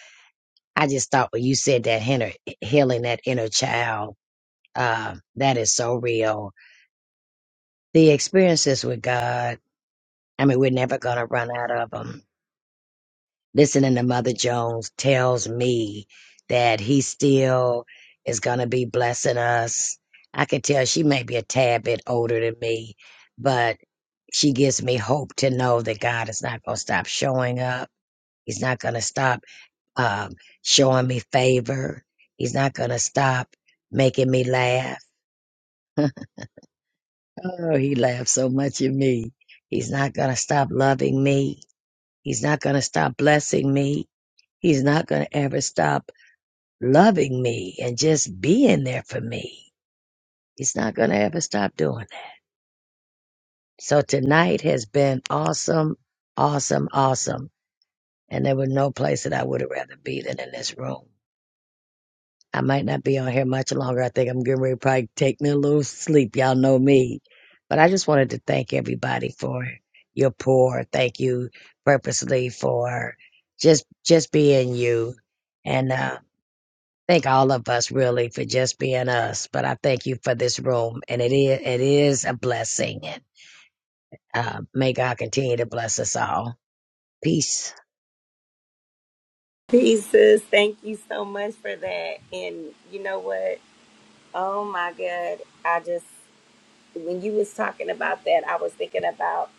Speaker 6: I just thought when you said that inner, healing that inner child, uh, that is so real. The experiences with God, I mean, we're never going to run out of 'em. listening to Mother Jones tells me that he still is going to be blessing us. I can tell she may be a tad bit older than me, but she gives me hope to know that God is not going to stop showing up. He's not going to stop um, showing me favor. He's not going to stop making me laugh. Oh, he laughs so much at me. He's not going to stop loving me. He's not going to stop blessing me. He's not going to ever stop loving me and just being there for me. He's not going to ever stop doing that. So tonight has been awesome, awesome, awesome. And there was no place that I would have rather be than in this room. I might not be on here much longer. I think I'm getting ready to probably take me a little sleep. Y'all know me. But I just wanted to thank everybody for your pour. Thank you purposely for just just being you. and. um thank all of us really for just being us. But I thank you for this room, and it is it is a blessing. And uh, may God continue to bless us all. Peace.
Speaker 1: Jesus, thank you so much for that and you know what oh my god i just when you was talking about that, I was thinking about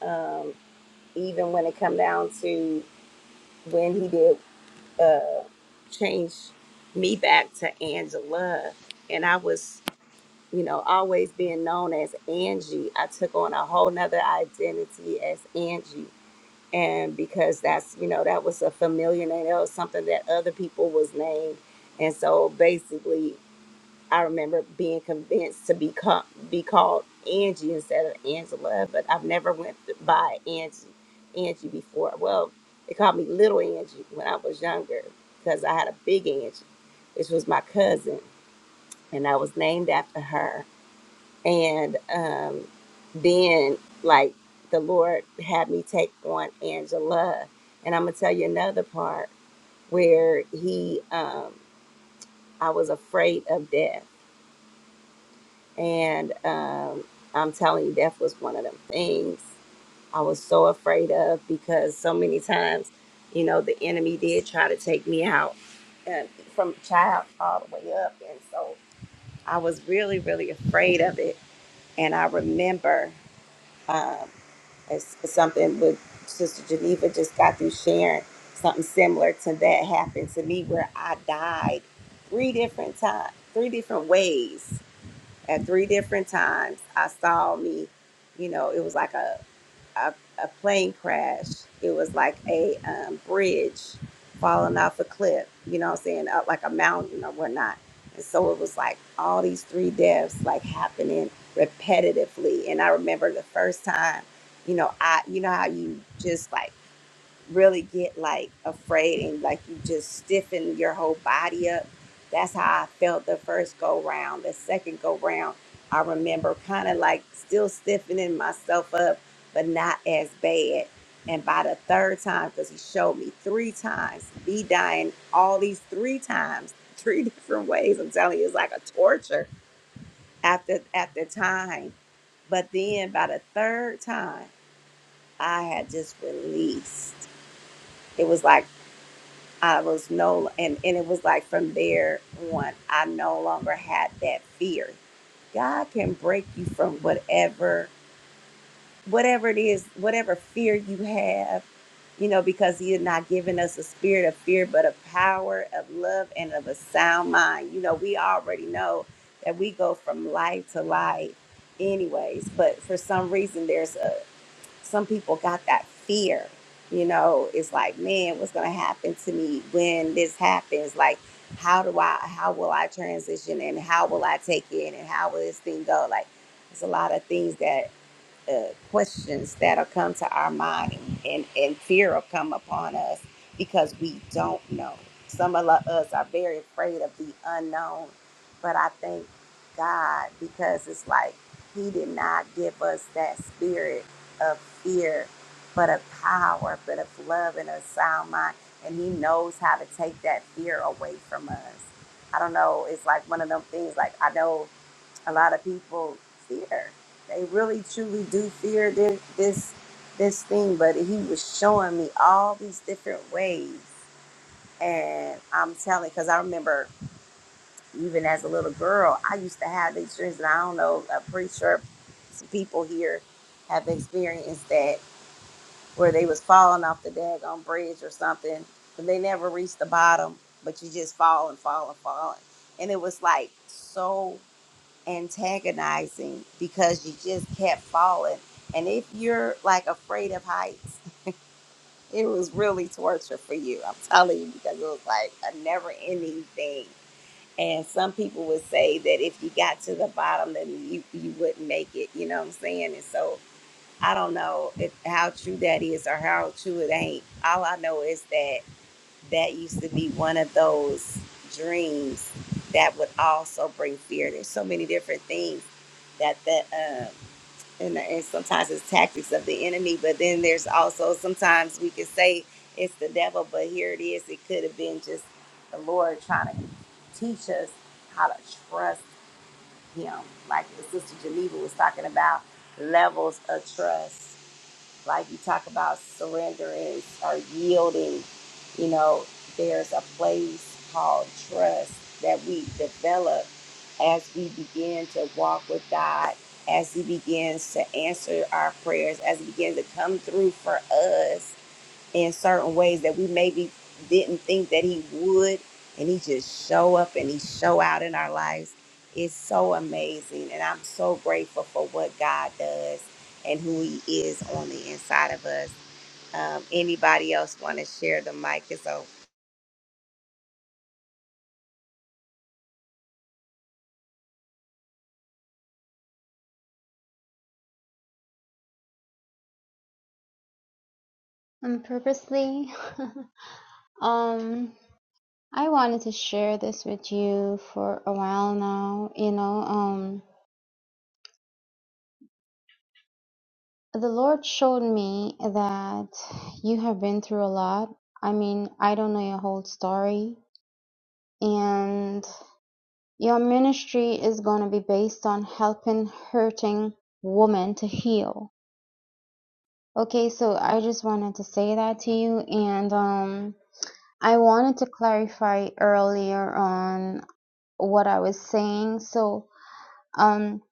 Speaker 1: um, even when it come down to when he did uh, change me back to Angela, and I was, you know, always being known as Angie. I took on a whole nother identity as Angie, and because that's, you know, that was a familiar name. That was something that other people was named, and so basically. I remember being convinced to be called, be called Angie instead of Angela, but I've never went by Angie Angie before. Well, they called me Little Angie when I was younger because I had a big Angie, which was my cousin, and I was named after her. And um, then, like the Lord had me take on Angela, and I'm gonna tell you another part where He, um, I was afraid of death And um, I'm telling you, death was one of them things I was so afraid of because so many times, you know, the enemy did try to take me out and from child all the way up. And so I was really, really afraid of it. And I remember um, it's it's something with Sister Geneva just got through sharing something similar to that happened to me where I died three different times, three different ways at three different times i saw me you know it was like a a, a plane crash it was like a um, bridge falling off a cliff you know what i'm saying up like a mountain or whatnot and so it was like all these three deaths like happening repetitively and i remember the first time you know i you know how you just like really get like afraid and like you just stiffen your whole body up. That's how I felt the first go round. The second go round, I remember kind of like still stiffening myself up, but not as bad. And by the third time, because he showed me three times, me dying all these three times, three different ways. I'm telling you, it's like a torture after after time. But then by the third time, I had just released. It was like I was no, and, and it was like from there on, I no longer had that fear. God can break you from whatever, whatever it is, whatever fear you have, you know, because He has not given us a spirit of fear, but of power, of love, and of a sound mind. You know, we already know that we go from light to light, anyways, but for some reason, there's a some people got that fear. You know, it's like, man, what's gonna happen to me when this happens? Like, how do I how will I transition and how will I take it and how will this thing go? Like it's a lot of things that uh, questions that'll come to our mind and, and, fear will come upon us because we don't know. Some of us are very afraid of the unknown, but I thank God because it's like He did not give us that spirit of fear, but of power, but of love and a sound mind. And He knows how to take that fear away from us. I don't know. It's like one of them things. Like I know a lot of people fear. They really truly do fear this this this thing. But he was showing me all these different ways, and I'm telling because I remember even as a little girl, I used to have these dreams, and I don't know, I'm pretty sure some people here have experienced that where they was falling off the daggone bridge or something, but they never reached the bottom. But you just fall and fall and fall, and it was like so antagonizing because you just kept falling. And if you're like afraid of heights, it was really torture for you. I'm telling you because it was like a never ending thing. And some people would say that if you got to the bottom, then you, you wouldn't make it. You know what I'm saying? And so I don't know if, how true that is or how true it ain't. All I know is that that used to be one of those dreams that would also bring fear. There's so many different things that that um, and, and sometimes it's tactics of the enemy, but then there's also sometimes we could say it's the devil, but here it is. It could have been just the Lord trying to teach us how to trust Him, like the Sister Geneva was talking about levels of trust like you talk about surrender is or yielding, you know, there's a place called trust that we develop as we begin to walk with God, as He begins to answer our prayers, as He begins to come through for us in certain ways that we maybe didn't think that he would and he just show up and he show out in our lives it's so amazing and i'm so grateful for what god does and who he is on the inside of us um, anybody else want to share the mic is open
Speaker 4: Um, purposely, um, I wanted to share this with you for a while now. You know, um, the Lord showed me that you have been through a lot. I mean, I don't know your whole story, and. Your ministry is gonna be based on helping hurting women to heal. Okay, so I just wanted to say that to you, and um, I wanted to clarify earlier on what I was saying. So um,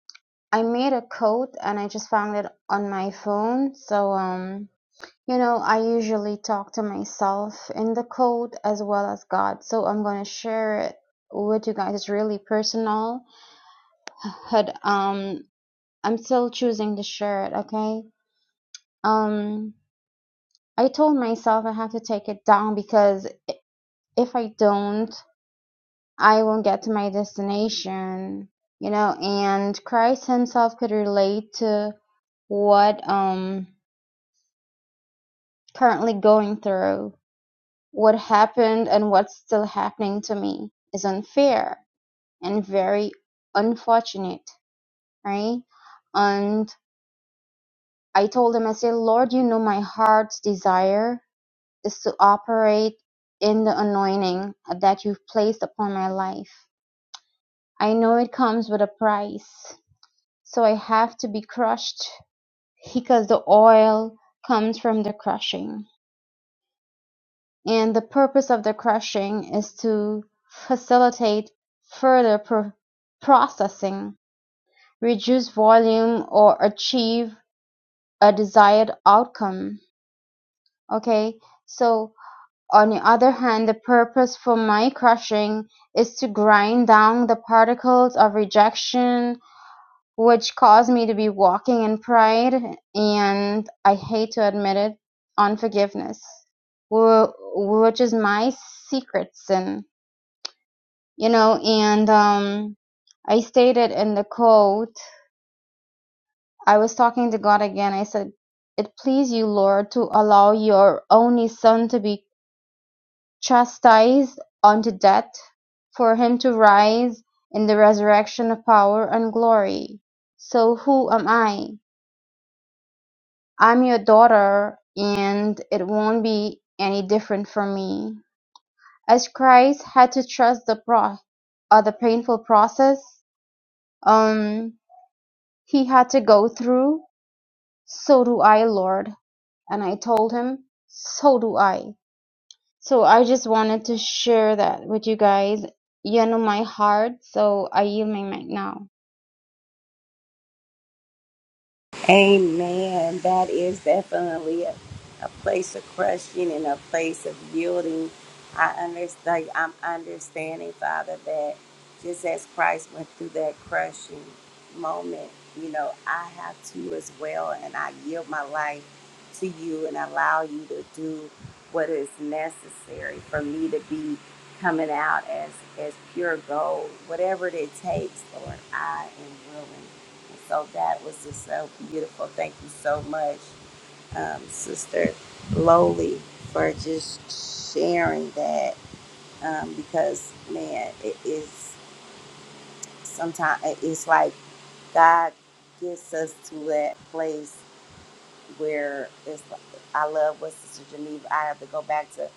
Speaker 4: I made a quote, and I just found it on my phone. So um, you know, I usually talk to myself in the quote as well as God. So I'm gonna share it with you guys. It's really personal had um I'm still choosing the shirt, okay? Um, I told myself I have to take it down because if I don't, I won't get to my destination, you know, and Christ himself could relate to what um currently going through, what happened and what's still happening to me is unfair and very unfortunate, right? And I told him, I said, Lord, you know my heart's desire is to operate in the anointing that you've placed upon my life. I know it comes with a price, so I have to be crushed because the oil comes from the crushing. And the purpose of the crushing is to facilitate further pro- processing, reduce volume, or achieve a desired outcome. Okay, so On the other hand, the purpose for micrushing is to grind down the particles of rejection, which caused me to be walking in pride and I hate to admit it, unforgiveness, which is my secret sin, you know. And um, I stated in the quote, I was talking to God again. I said, "It please you, Lord, to allow your only Son to be chastised unto death, for him to rise in the resurrection of power and glory. So who am I? I'm your daughter, and it won't be any different for me. As Christ had to trust the pro- uh, the painful process um, he had to go through, so do I, Lord. And I told him, so do I. So I just wanted to share that with you guys. You know my heart, so I yield my mic now.
Speaker 1: Amen. That is definitely a, a place of question and a place of yielding. I understand. I'm understanding, Father, that just as Christ went through that crushing moment, you know, I have to as well, and I yield my life to you and allow you to do what is necessary for me to be coming out as as pure gold, whatever it takes, Lord. I am willing. So that was just so beautiful. Thank you so much, um, Sister Lowly, for just sharing that. Um, because man, it is sometimes it's like God gets us to that place where it's. like, I love what Sister Geneva. I have to go back to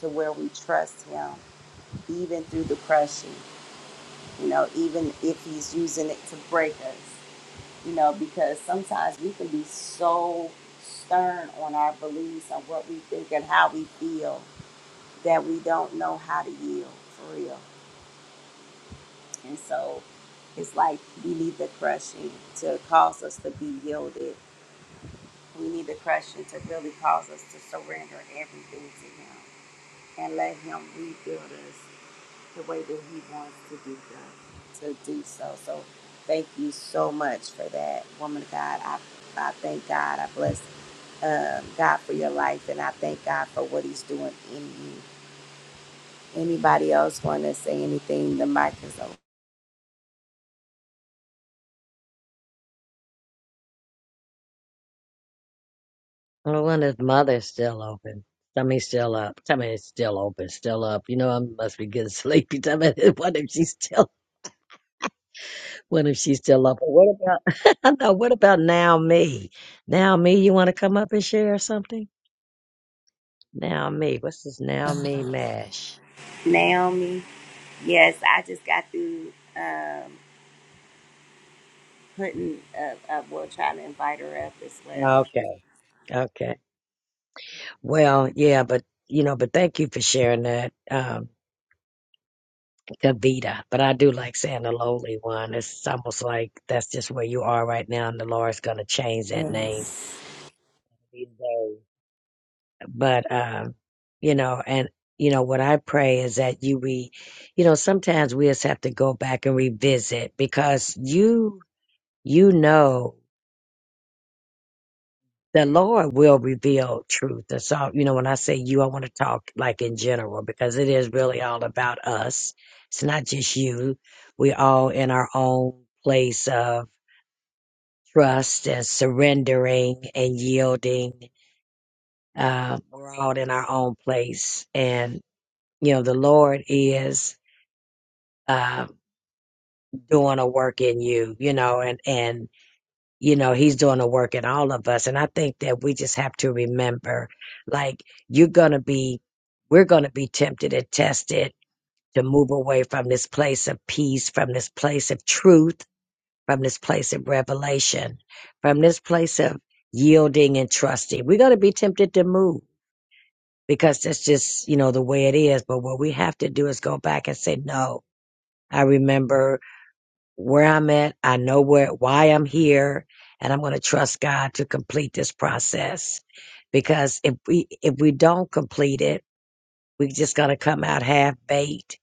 Speaker 1: to where we trust Him, even through the crushing. You know, even if He's using it to break us. you know, because sometimes we can be so stern on our beliefs and what we think and how we feel that we don't know how to yield for real. And so it's like we need the crushing to cause us to be yielded. We need the crushing to really cause us to surrender everything to Him and let Him rebuild us the way that He wants to do that, to do so. So thank you so much for that, woman of God. I, I thank God. I bless um, God for your life, and I thank God for what He's doing in you. Anybody else want to say anything? The mic is open.
Speaker 6: I wonder if mother's still open. Tummy's still up. Tummy is still open, still up. You know I must be getting sleepy. Tummy, what if she's still? What if she's still up? What about? I know. What about now me? Now me, you want to come up and share something? Now me. What's this? Now me mash.
Speaker 1: Naomi, yes, I just got through um, putting up, up, well, trying to invite her up as well.
Speaker 6: Okay. Okay. Well, yeah, but you know, but thank you for sharing that, um, Kavita. But I do like saying the lowly one. It's almost like that's just where you are right now, and the Lord's going to change that name.
Speaker 1: Yes.
Speaker 6: these days. But um, you know, and you know what I pray is that you re, you know, sometimes we just have to go back and revisit because you you know the Lord will reveal truth. And so, you know, when I say you, I want to talk like in general because it is really all about us. It's not just you. We all in our own place of trust and surrendering and yielding. Uh, we're all in our own place. And, you know, the Lord is, uh, doing a work in you, you know, and, and you know he's doing the work in all of us and i think that we just have to remember like you're going to be we're going to be tempted and tested to move away from this place of peace from this place of truth from this place of revelation from this place of yielding and trusting we're going to be tempted to move because that's just you know the way it is but what we have to do is go back and say no i remember where I'm at. I know where, why I'm here. And I'm going to trust God to complete this process because if we, if we don't complete it, we're just going to come out half baked.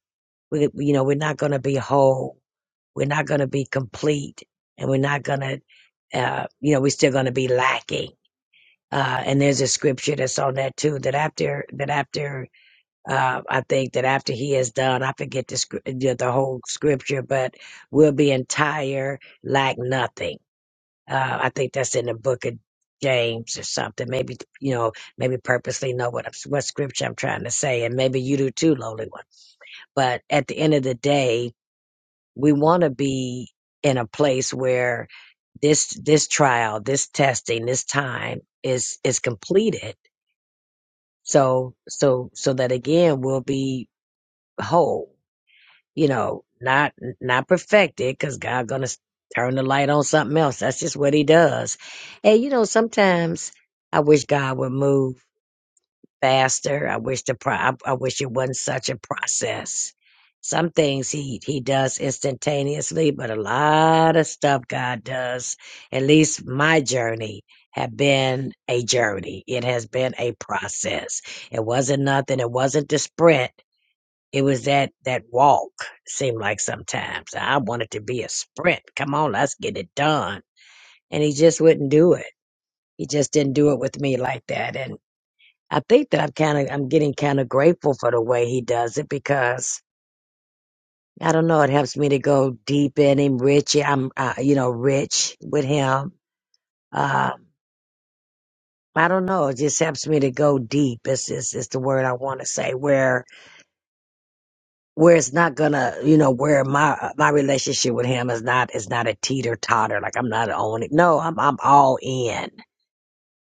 Speaker 6: We, you know, we're not going to be whole. We're not going to be complete and we're not going to, uh, you know, we're still going to be lacking. Uh, and there's a scripture that's on that too, that after, that after uh, I think that after he has done, I forget the scr- the the whole scripture, but we'll be entire, lack nothing. Uh, I think that's in the book of James or something. Maybe you know, maybe purposely know what I'm, what scripture I'm trying to say, and maybe you do too, lowly one. But at the end of the day, we want to be in a place where this this trial, this testing, this time is is completed. So so so that again, we'll be whole you know, not not perfected because God gonna s- turn the light on something else. That's just what He does. And you know, sometimes I wish God would move faster. I wish the pro- I, I wish it wasn't such a process. Some things He He does instantaneously, but a lot of stuff God does. At least my journey have been a journey. It has been a process. It wasn't nothing. It wasn't the sprint it was that that walk seemed like sometimes I wanted to be a sprint. Come on, let's get it done. And he just wouldn't do it. He just didn't do it with me like that. And I think that I'm kind of I'm getting kind of grateful for the way he does it because I don't know. It helps me to go deep in him, rich. yeah, I'm uh, you know rich with him. Um, I don't know. It just helps me to go deep. It's, it's, it's the word I want to say where where it's not gonna, you know, where my my relationship with him is not is not a teeter totter. Like I'm not on it. No, I'm I'm all in.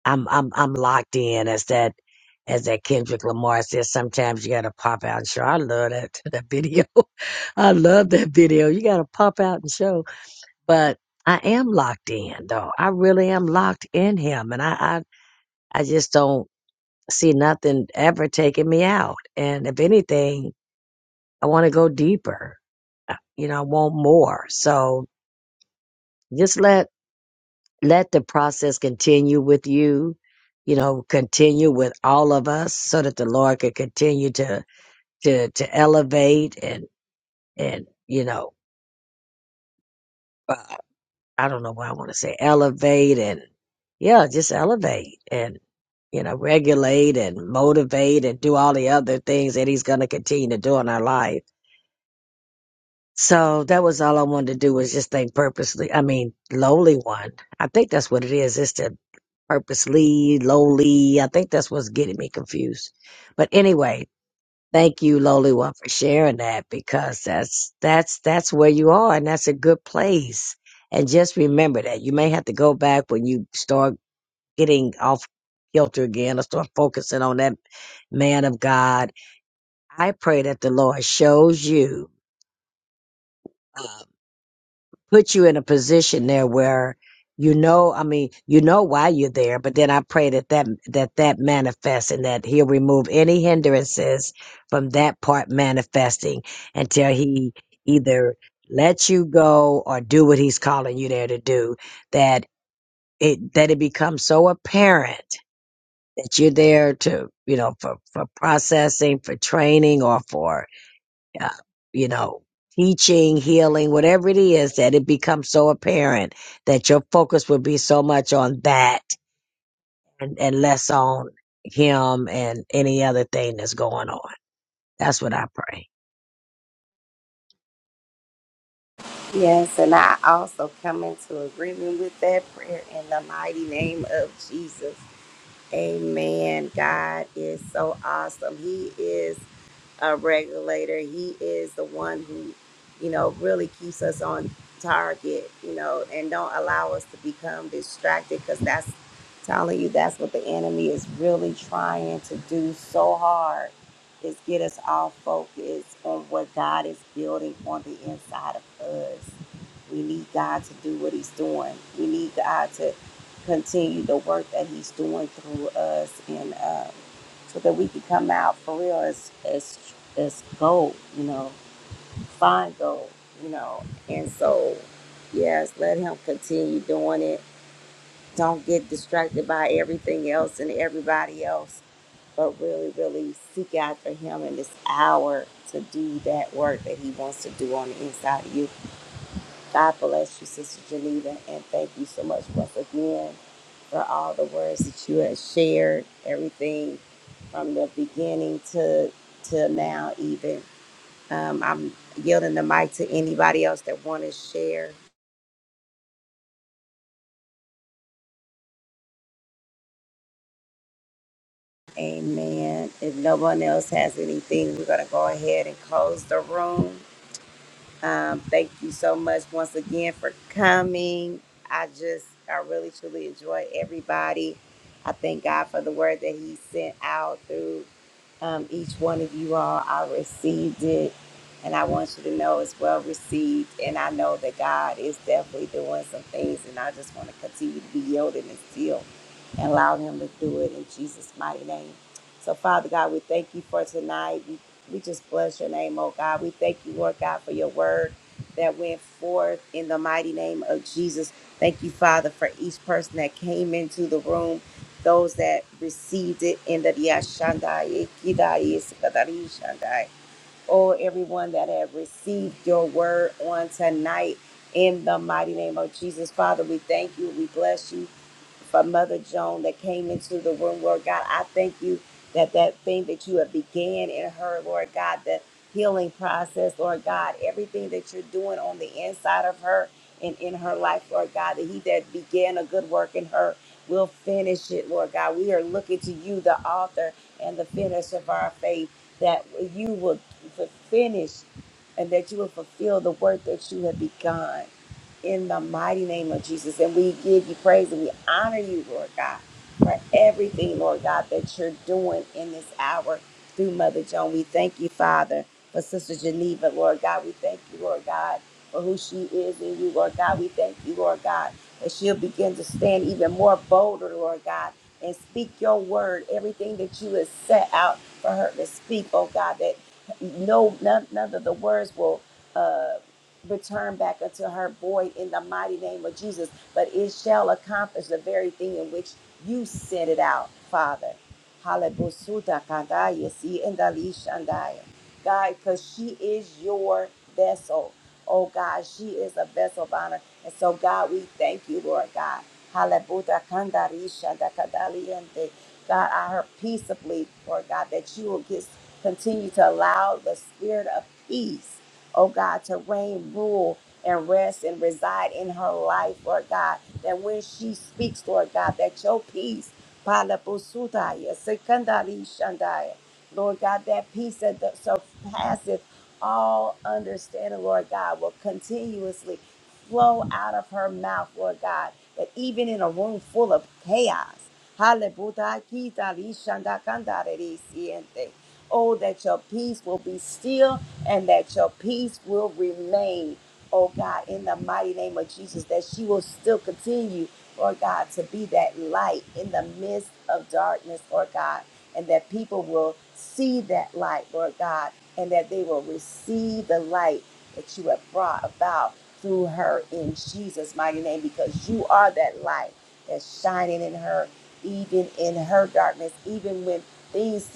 Speaker 6: I'm I'm I'm locked in. As that as that Kendrick Lamar says, sometimes you gotta pop out and show. I love that that video. I love that video. You gotta pop out and show. But I am locked in though. I really am locked in him, and I I, I just don't see nothing ever taking me out. And if anything I want to go deeper. Uh, You know, I want more. So just let let the process continue with you. You know, continue with all of us, so that the Lord could continue to to to elevate and and you know, uh, I don't know what I want to say, elevate and yeah, just elevate and you know, regulate and motivate and do all the other things that He's going to continue to do in our life So that was all I wanted to do was just think purposely. I mean, lowly one. I think that's what it is. It's the purposely, lowly. I think that's what's getting me confused. But anyway, thank you, lowly one, for sharing that because that's, that's, that's where you are and that's a good place. And just remember that you may have to go back when you start getting off kilter again or start focusing on that man of God. I pray that the Lord shows you. uh, put you in a position there where you know i mean you know why you're there but then i pray that that that that manifests and that he'll remove any hindrances from that part manifesting until he either lets you go or do what he's calling you there to do that it that it becomes so apparent that you're there to you know for for processing for training or for uh, you know, teaching, healing, whatever it is, that it becomes so apparent that your focus would be so much on that and, and less on him and any other thing that's going on. That's what I pray.
Speaker 1: Yes, and I also come into agreement with that prayer in the mighty name of Jesus. Amen. God is so awesome. He is. uh, regulator. He is the one who, you know, really keeps us on target, you know, and don't allow us to become distracted because that's telling you that's what the enemy is really trying to do so hard is get us all focused on what God is building on the inside of us. We need God to do what he's doing. We need God to continue the work that he's doing through us. And, uh, so that we could come out for real as as as gold, you know, fine gold, you know. And so, yes, let him continue doing it. Don't get distracted by everything else and everybody else, but really, really seek after him in this hour to do that work that he wants to do on the inside of you. God bless you, Sister Geneva, and thank you so much once again for all the words that you have shared, everything from the beginning to to now even. Um, I'm yielding the mic to anybody else that want to share. Amen. If no one else has anything, we're going to go ahead and close the room. Um, thank you so much once again for coming. I just, I really truly enjoy everybody. I thank God for the word that He sent out through um, each one of you all. I received it, and I want you to know it's well received. And I know that God is definitely doing some things, and I just want to continue to be yielded and still and allow Him to do it in Jesus' mighty name. So, Father God, we thank you for tonight. We, we just bless your name, oh God. We thank you, Lord God, for your word that went forth in the mighty name of Jesus. Thank you, Father, for each person that came into the room those that received it in the Yashandai, Ikidai, Isikadari Shandai. Oh, everyone that have received your word on tonight in the mighty name of Jesus. Father, we thank you. We bless you for Mother Joan that came into the room, Lord God. I thank you that that thing that you have began in her, Lord God, the healing process, Lord God, everything that you're doing on the inside of her and in her life, Lord God, that he that began a good work in her will finish it, Lord God. We are looking to you, the author and the finisher of our faith, that you will finish and that you will fulfill the work that you have begun in the mighty name of Jesus. And we give you praise and we honor you, Lord God, for everything, Lord God, that you're doing in this hour through Mother Joan. We thank you, Father, for Sister Geneva, Lord God. We thank you, Lord God, for who she is in you, Lord God. We thank you, Lord God, that she'll begin to stand even more bolder, Lord God, and speak your word, everything that you have set out for her to speak, oh God, that no none, none of the words will uh, return back unto her void in the mighty name of Jesus, but it shall accomplish the very thing in which you sent it out, Father. Halebusuda kandaya, si endali shandaya. God, because she is your vessel. Oh God, she is a vessel of honor. And so, God, we thank you, Lord God. Halebuda kandari shanda kadaliente. God, I heard peaceably, Lord God, that you will just continue to allow the spirit of peace oh God, to reign, rule, and rest and reside in her life, Lord God. That when she speaks, Lord God, that your peace, Pala Busudaya, Sekandari Shandaya, Lord God, that peace that the- surpasses all understanding, Lord God, will continuously flow out of her mouth, Lord God, that even in a room full of chaos, Hallelujah, Kita Rishanda Kandare Risiente. Oh, that your peace will be still and that your peace will remain, oh God, in the mighty name of Jesus, that she will still continue, Lord God, to be that light in the midst of darkness, Lord God, and that people will see that light, Lord God, and that they will receive the light that you have brought about through her in Jesus' mighty name, because you are that light that's shining in her, even in her darkness, even when things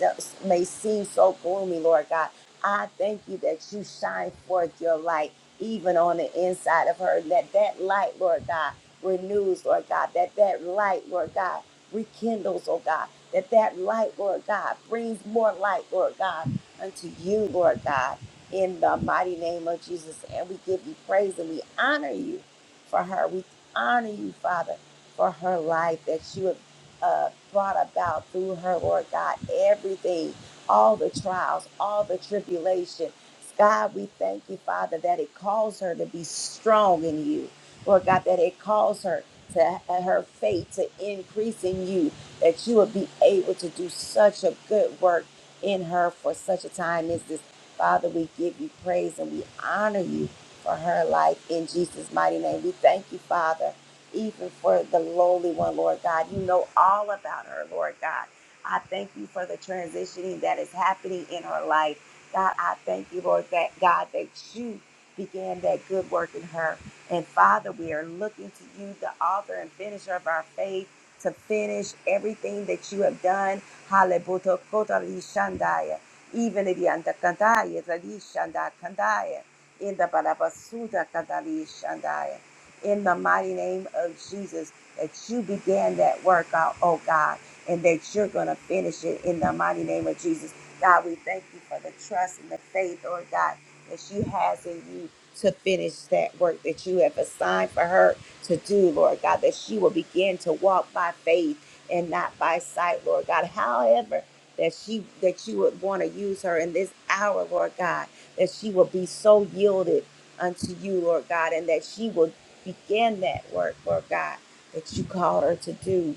Speaker 1: may seem so gloomy, Lord God I thank you that you shine forth your light even on the inside of her. That that light, Lord God, renews, Lord God. That that light, Lord God, rekindles, oh God. That that light, Lord God, brings more light, Lord God, unto you, Lord God, in the mighty name of Jesus. And we give you praise and we honor you for her. We honor you, Father, for her life that you have uh, brought about through her, Lord God. Everything all the trials, all the tribulation. God, we thank you, Father, that it calls her to be strong in you. Lord God, that it calls her to her faith to increase in you, that you would be able to do such a good work in her for such a time as this. Father, we give you praise and we honor you for her life in Jesus' mighty name. We thank you, Father, even for the lowly one, Lord God. You know all about her, Lord God. I thank you for the transitioning that is happening in her life. God, I thank you, Lord, that God, that you began that good work in her. And Father, we are looking to you, the author and finisher of our faith, to finish everything that you have done. Halebuto kotari shandaya. Even if you kandaya, tadi shanda kandaya. In the barabasuda kadali shandaya. In the mighty name of Jesus, that you began that work out, oh God and that you're going to finish it in the mighty name of Jesus. God, we thank you for the trust and the faith, Lord God, that she has in you to finish that work that you have assigned for her to do, Lord God, that she will begin to walk by faith and not by sight, Lord God. However, that she that you would want to use her in this hour, Lord God, that she will be so yielded unto you, Lord God, and that she will begin that work, Lord God, that you called her to do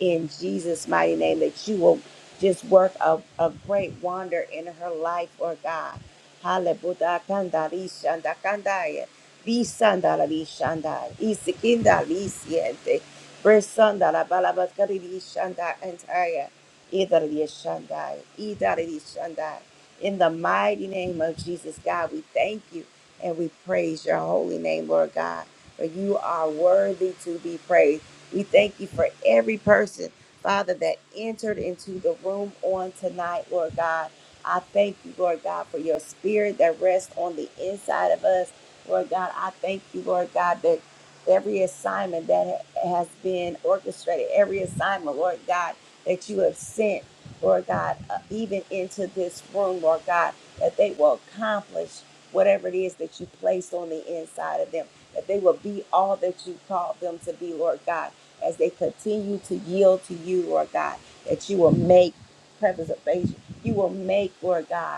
Speaker 1: in Jesus' mighty name that you will just work a, a great wonder in her life, Lord God. Hallelujah. Kandari shanda kandaya. Visandala vishanda. Isikinda lisiente. Bresandala balabakari vishanda antaya. Idari vishanda. Idari vishanda. In the mighty name of Jesus, God, we thank you and we praise your holy name, Lord God. For you are worthy to be praised. We thank you for every person, Father, that entered into the room on tonight, Lord God. I thank you, Lord God, for your spirit that rests on the inside of us. Lord God, I thank you, Lord God, that every assignment that ha- has been orchestrated, every assignment, Lord God, that you have sent, Lord God, uh, even into this room, Lord God, that they will accomplish whatever it is that you placed on the inside of them, that they will be all that you called them to be, Lord God as they continue to yield to you, Lord God, that you will make preservation. You will make, Lord God,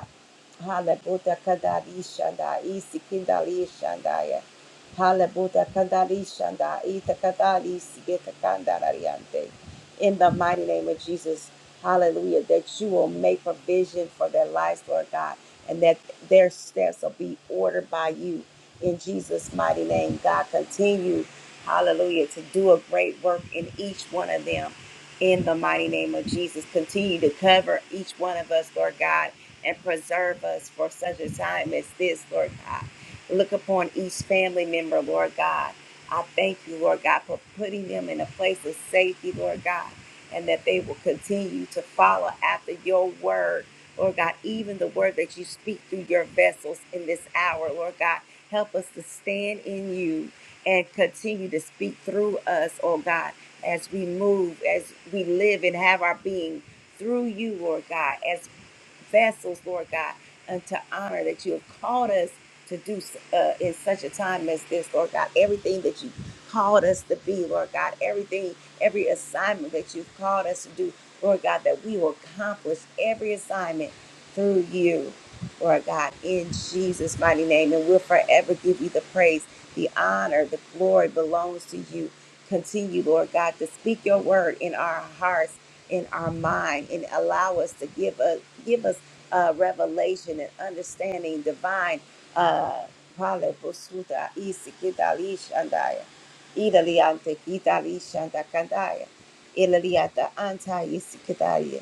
Speaker 1: Halabuda Kadari Shanda, Isi Kindali Shandaya. Halabuda Kadari Shanda, Ita Kadari Sigeta Kandarariante. In the mighty name of Jesus, hallelujah, that you will make provision for their lives, Lord God, and that their steps will be ordered by you. In Jesus' mighty name, God, continue, hallelujah, to do a great work in each one of them. In the mighty name of Jesus, continue to cover each one of us, Lord God and preserve us for such a time as this, Lord God. Look upon each family member, Lord God. I thank you, Lord God, for putting them in a place of safety, Lord God, and that they will continue to follow after your word, Lord God, even the word that you speak through your vessels in this hour, Lord God. Help us to stand in you and continue to speak through us, oh God, as we move, as we live and have our being through you, Lord God, As vessels, Lord God, and to honor that you have called us to do uh, in such a time as this, Lord God. Everything that you called us to be, Lord God, everything, every assignment that you've called us to do, Lord God, that we will accomplish every assignment through you, Lord God, in Jesus' mighty name. And we'll forever give you the praise, the honor, the glory belongs to you. Continue, Lord God, to speak your word in our hearts in our mind and allow us to give us give us uh, revelation and understanding divine. Uh, Pale posuta isi kitali shandaya, idali kitali shanda kandaya, idali anta isi kitalia.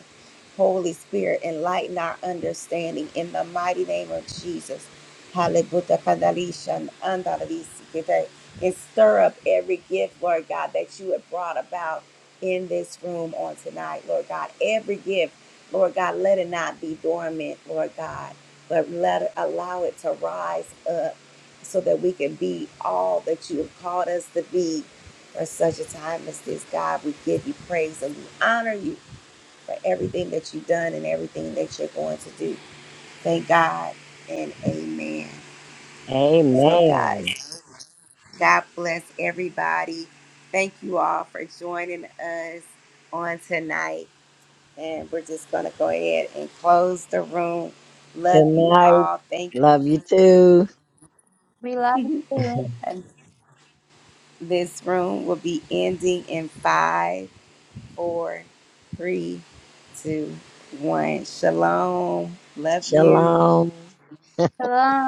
Speaker 1: Holy Spirit, enlighten our understanding in the mighty name of Jesus. Halebuta kandali andalisi kitai. And stir up every gift, Lord God, that you have brought about in this room on tonight, Lord God. Every gift, Lord God, let it not be dormant, Lord God, but let it, allow it to rise up so that we can be all that you have called us to be for such a time as this. God, we give you praise and we honor you for everything that you've done and everything that you're going to do. Thank God and amen. So, guys,
Speaker 6: Amen.
Speaker 1: God bless everybody. Thank you all for joining us on tonight. And we're just going to go ahead and close the room.
Speaker 6: Good
Speaker 1: Love you
Speaker 6: night.
Speaker 1: all. Thank you.
Speaker 6: Love you too.
Speaker 4: We love you.
Speaker 1: And this room will be ending in five, four, three, two, one. Shalom. Love you.
Speaker 6: Shalom.
Speaker 4: Hello.